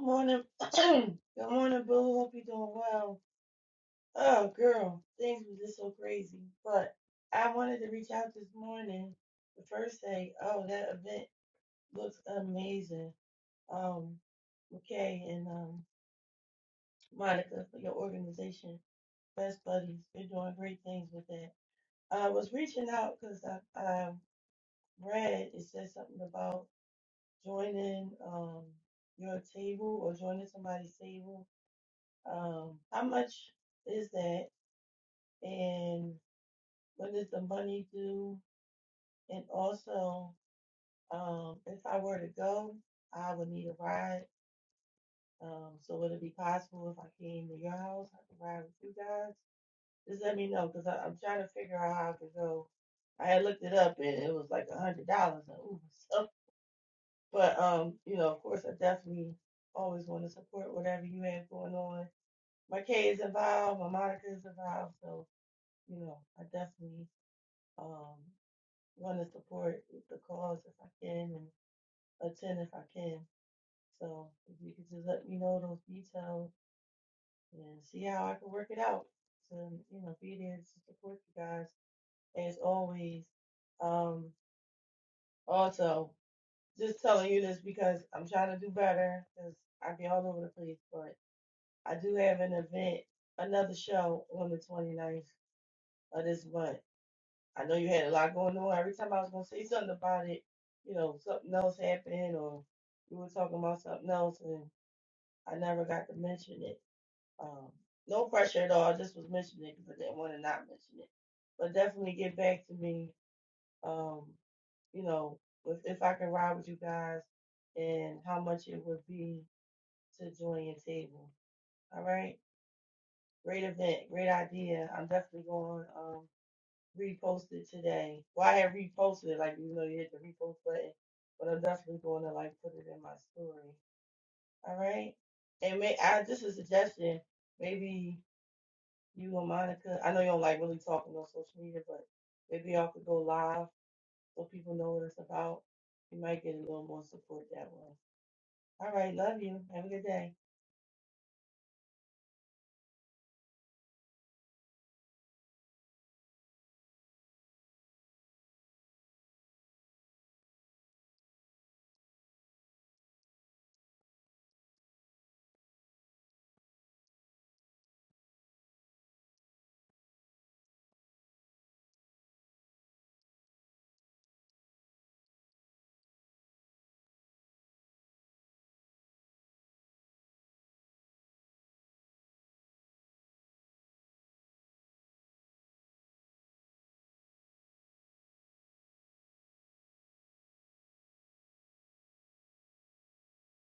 Speaker 6: morning. [clears throat] Good morning, Boo. Hope you're doing well. Oh, girl, things were just so crazy. But I wanted to reach out this morning to first say, oh, that event looks amazing. Um, McKay and um, Monica for your organization, Best Buddies, you're doing great things with that. I was reaching out because I, I read it said something about joining um, your table or joining somebody's table. Um, how much is that? And when is the money due? And also, um, if I were to go, I would need a ride. Um, so would it be possible if I came to your house, I could ride with you guys? Just let me know, cause I, am trying to figure out how I could go. I had looked it up and it was like a hundred dollars an Uber. [laughs] So, but um, you know, of course, I definitely always want to support whatever you have going on. My K is involved, my Monica is involved, so you know, I definitely um want to support the cause if I can and attend if I can. So if you could just let me know those details and see how I can work it out to, you know, be there to support you guys as always. Um, also, just telling you this because I'm trying to do better because I be all over the place, but I do have an event, another show on the 29th of this month. I know you had a lot going on. Every time I was going to say something about it, you know, something else happened or we were talking about something else and I never got to mention it. Um, no pressure at all. I just was mentioning it because I didn't want to not mention it. But definitely get back to me. Um, you know, if, if I can ride with you guys and how much it would be to join your table. All right. Great event. Great idea. I'm definitely going um repost it today. Well, I had reposted it, like you know you hit the repost button, but I'm definitely going to like put it in my story. All right. And may I just a suggestion, maybe you and Monica. I know you don't like really talking on social media, but maybe y'all could go live so people know what it's about. You might get a little more support that way. All right, love you. Have a good day.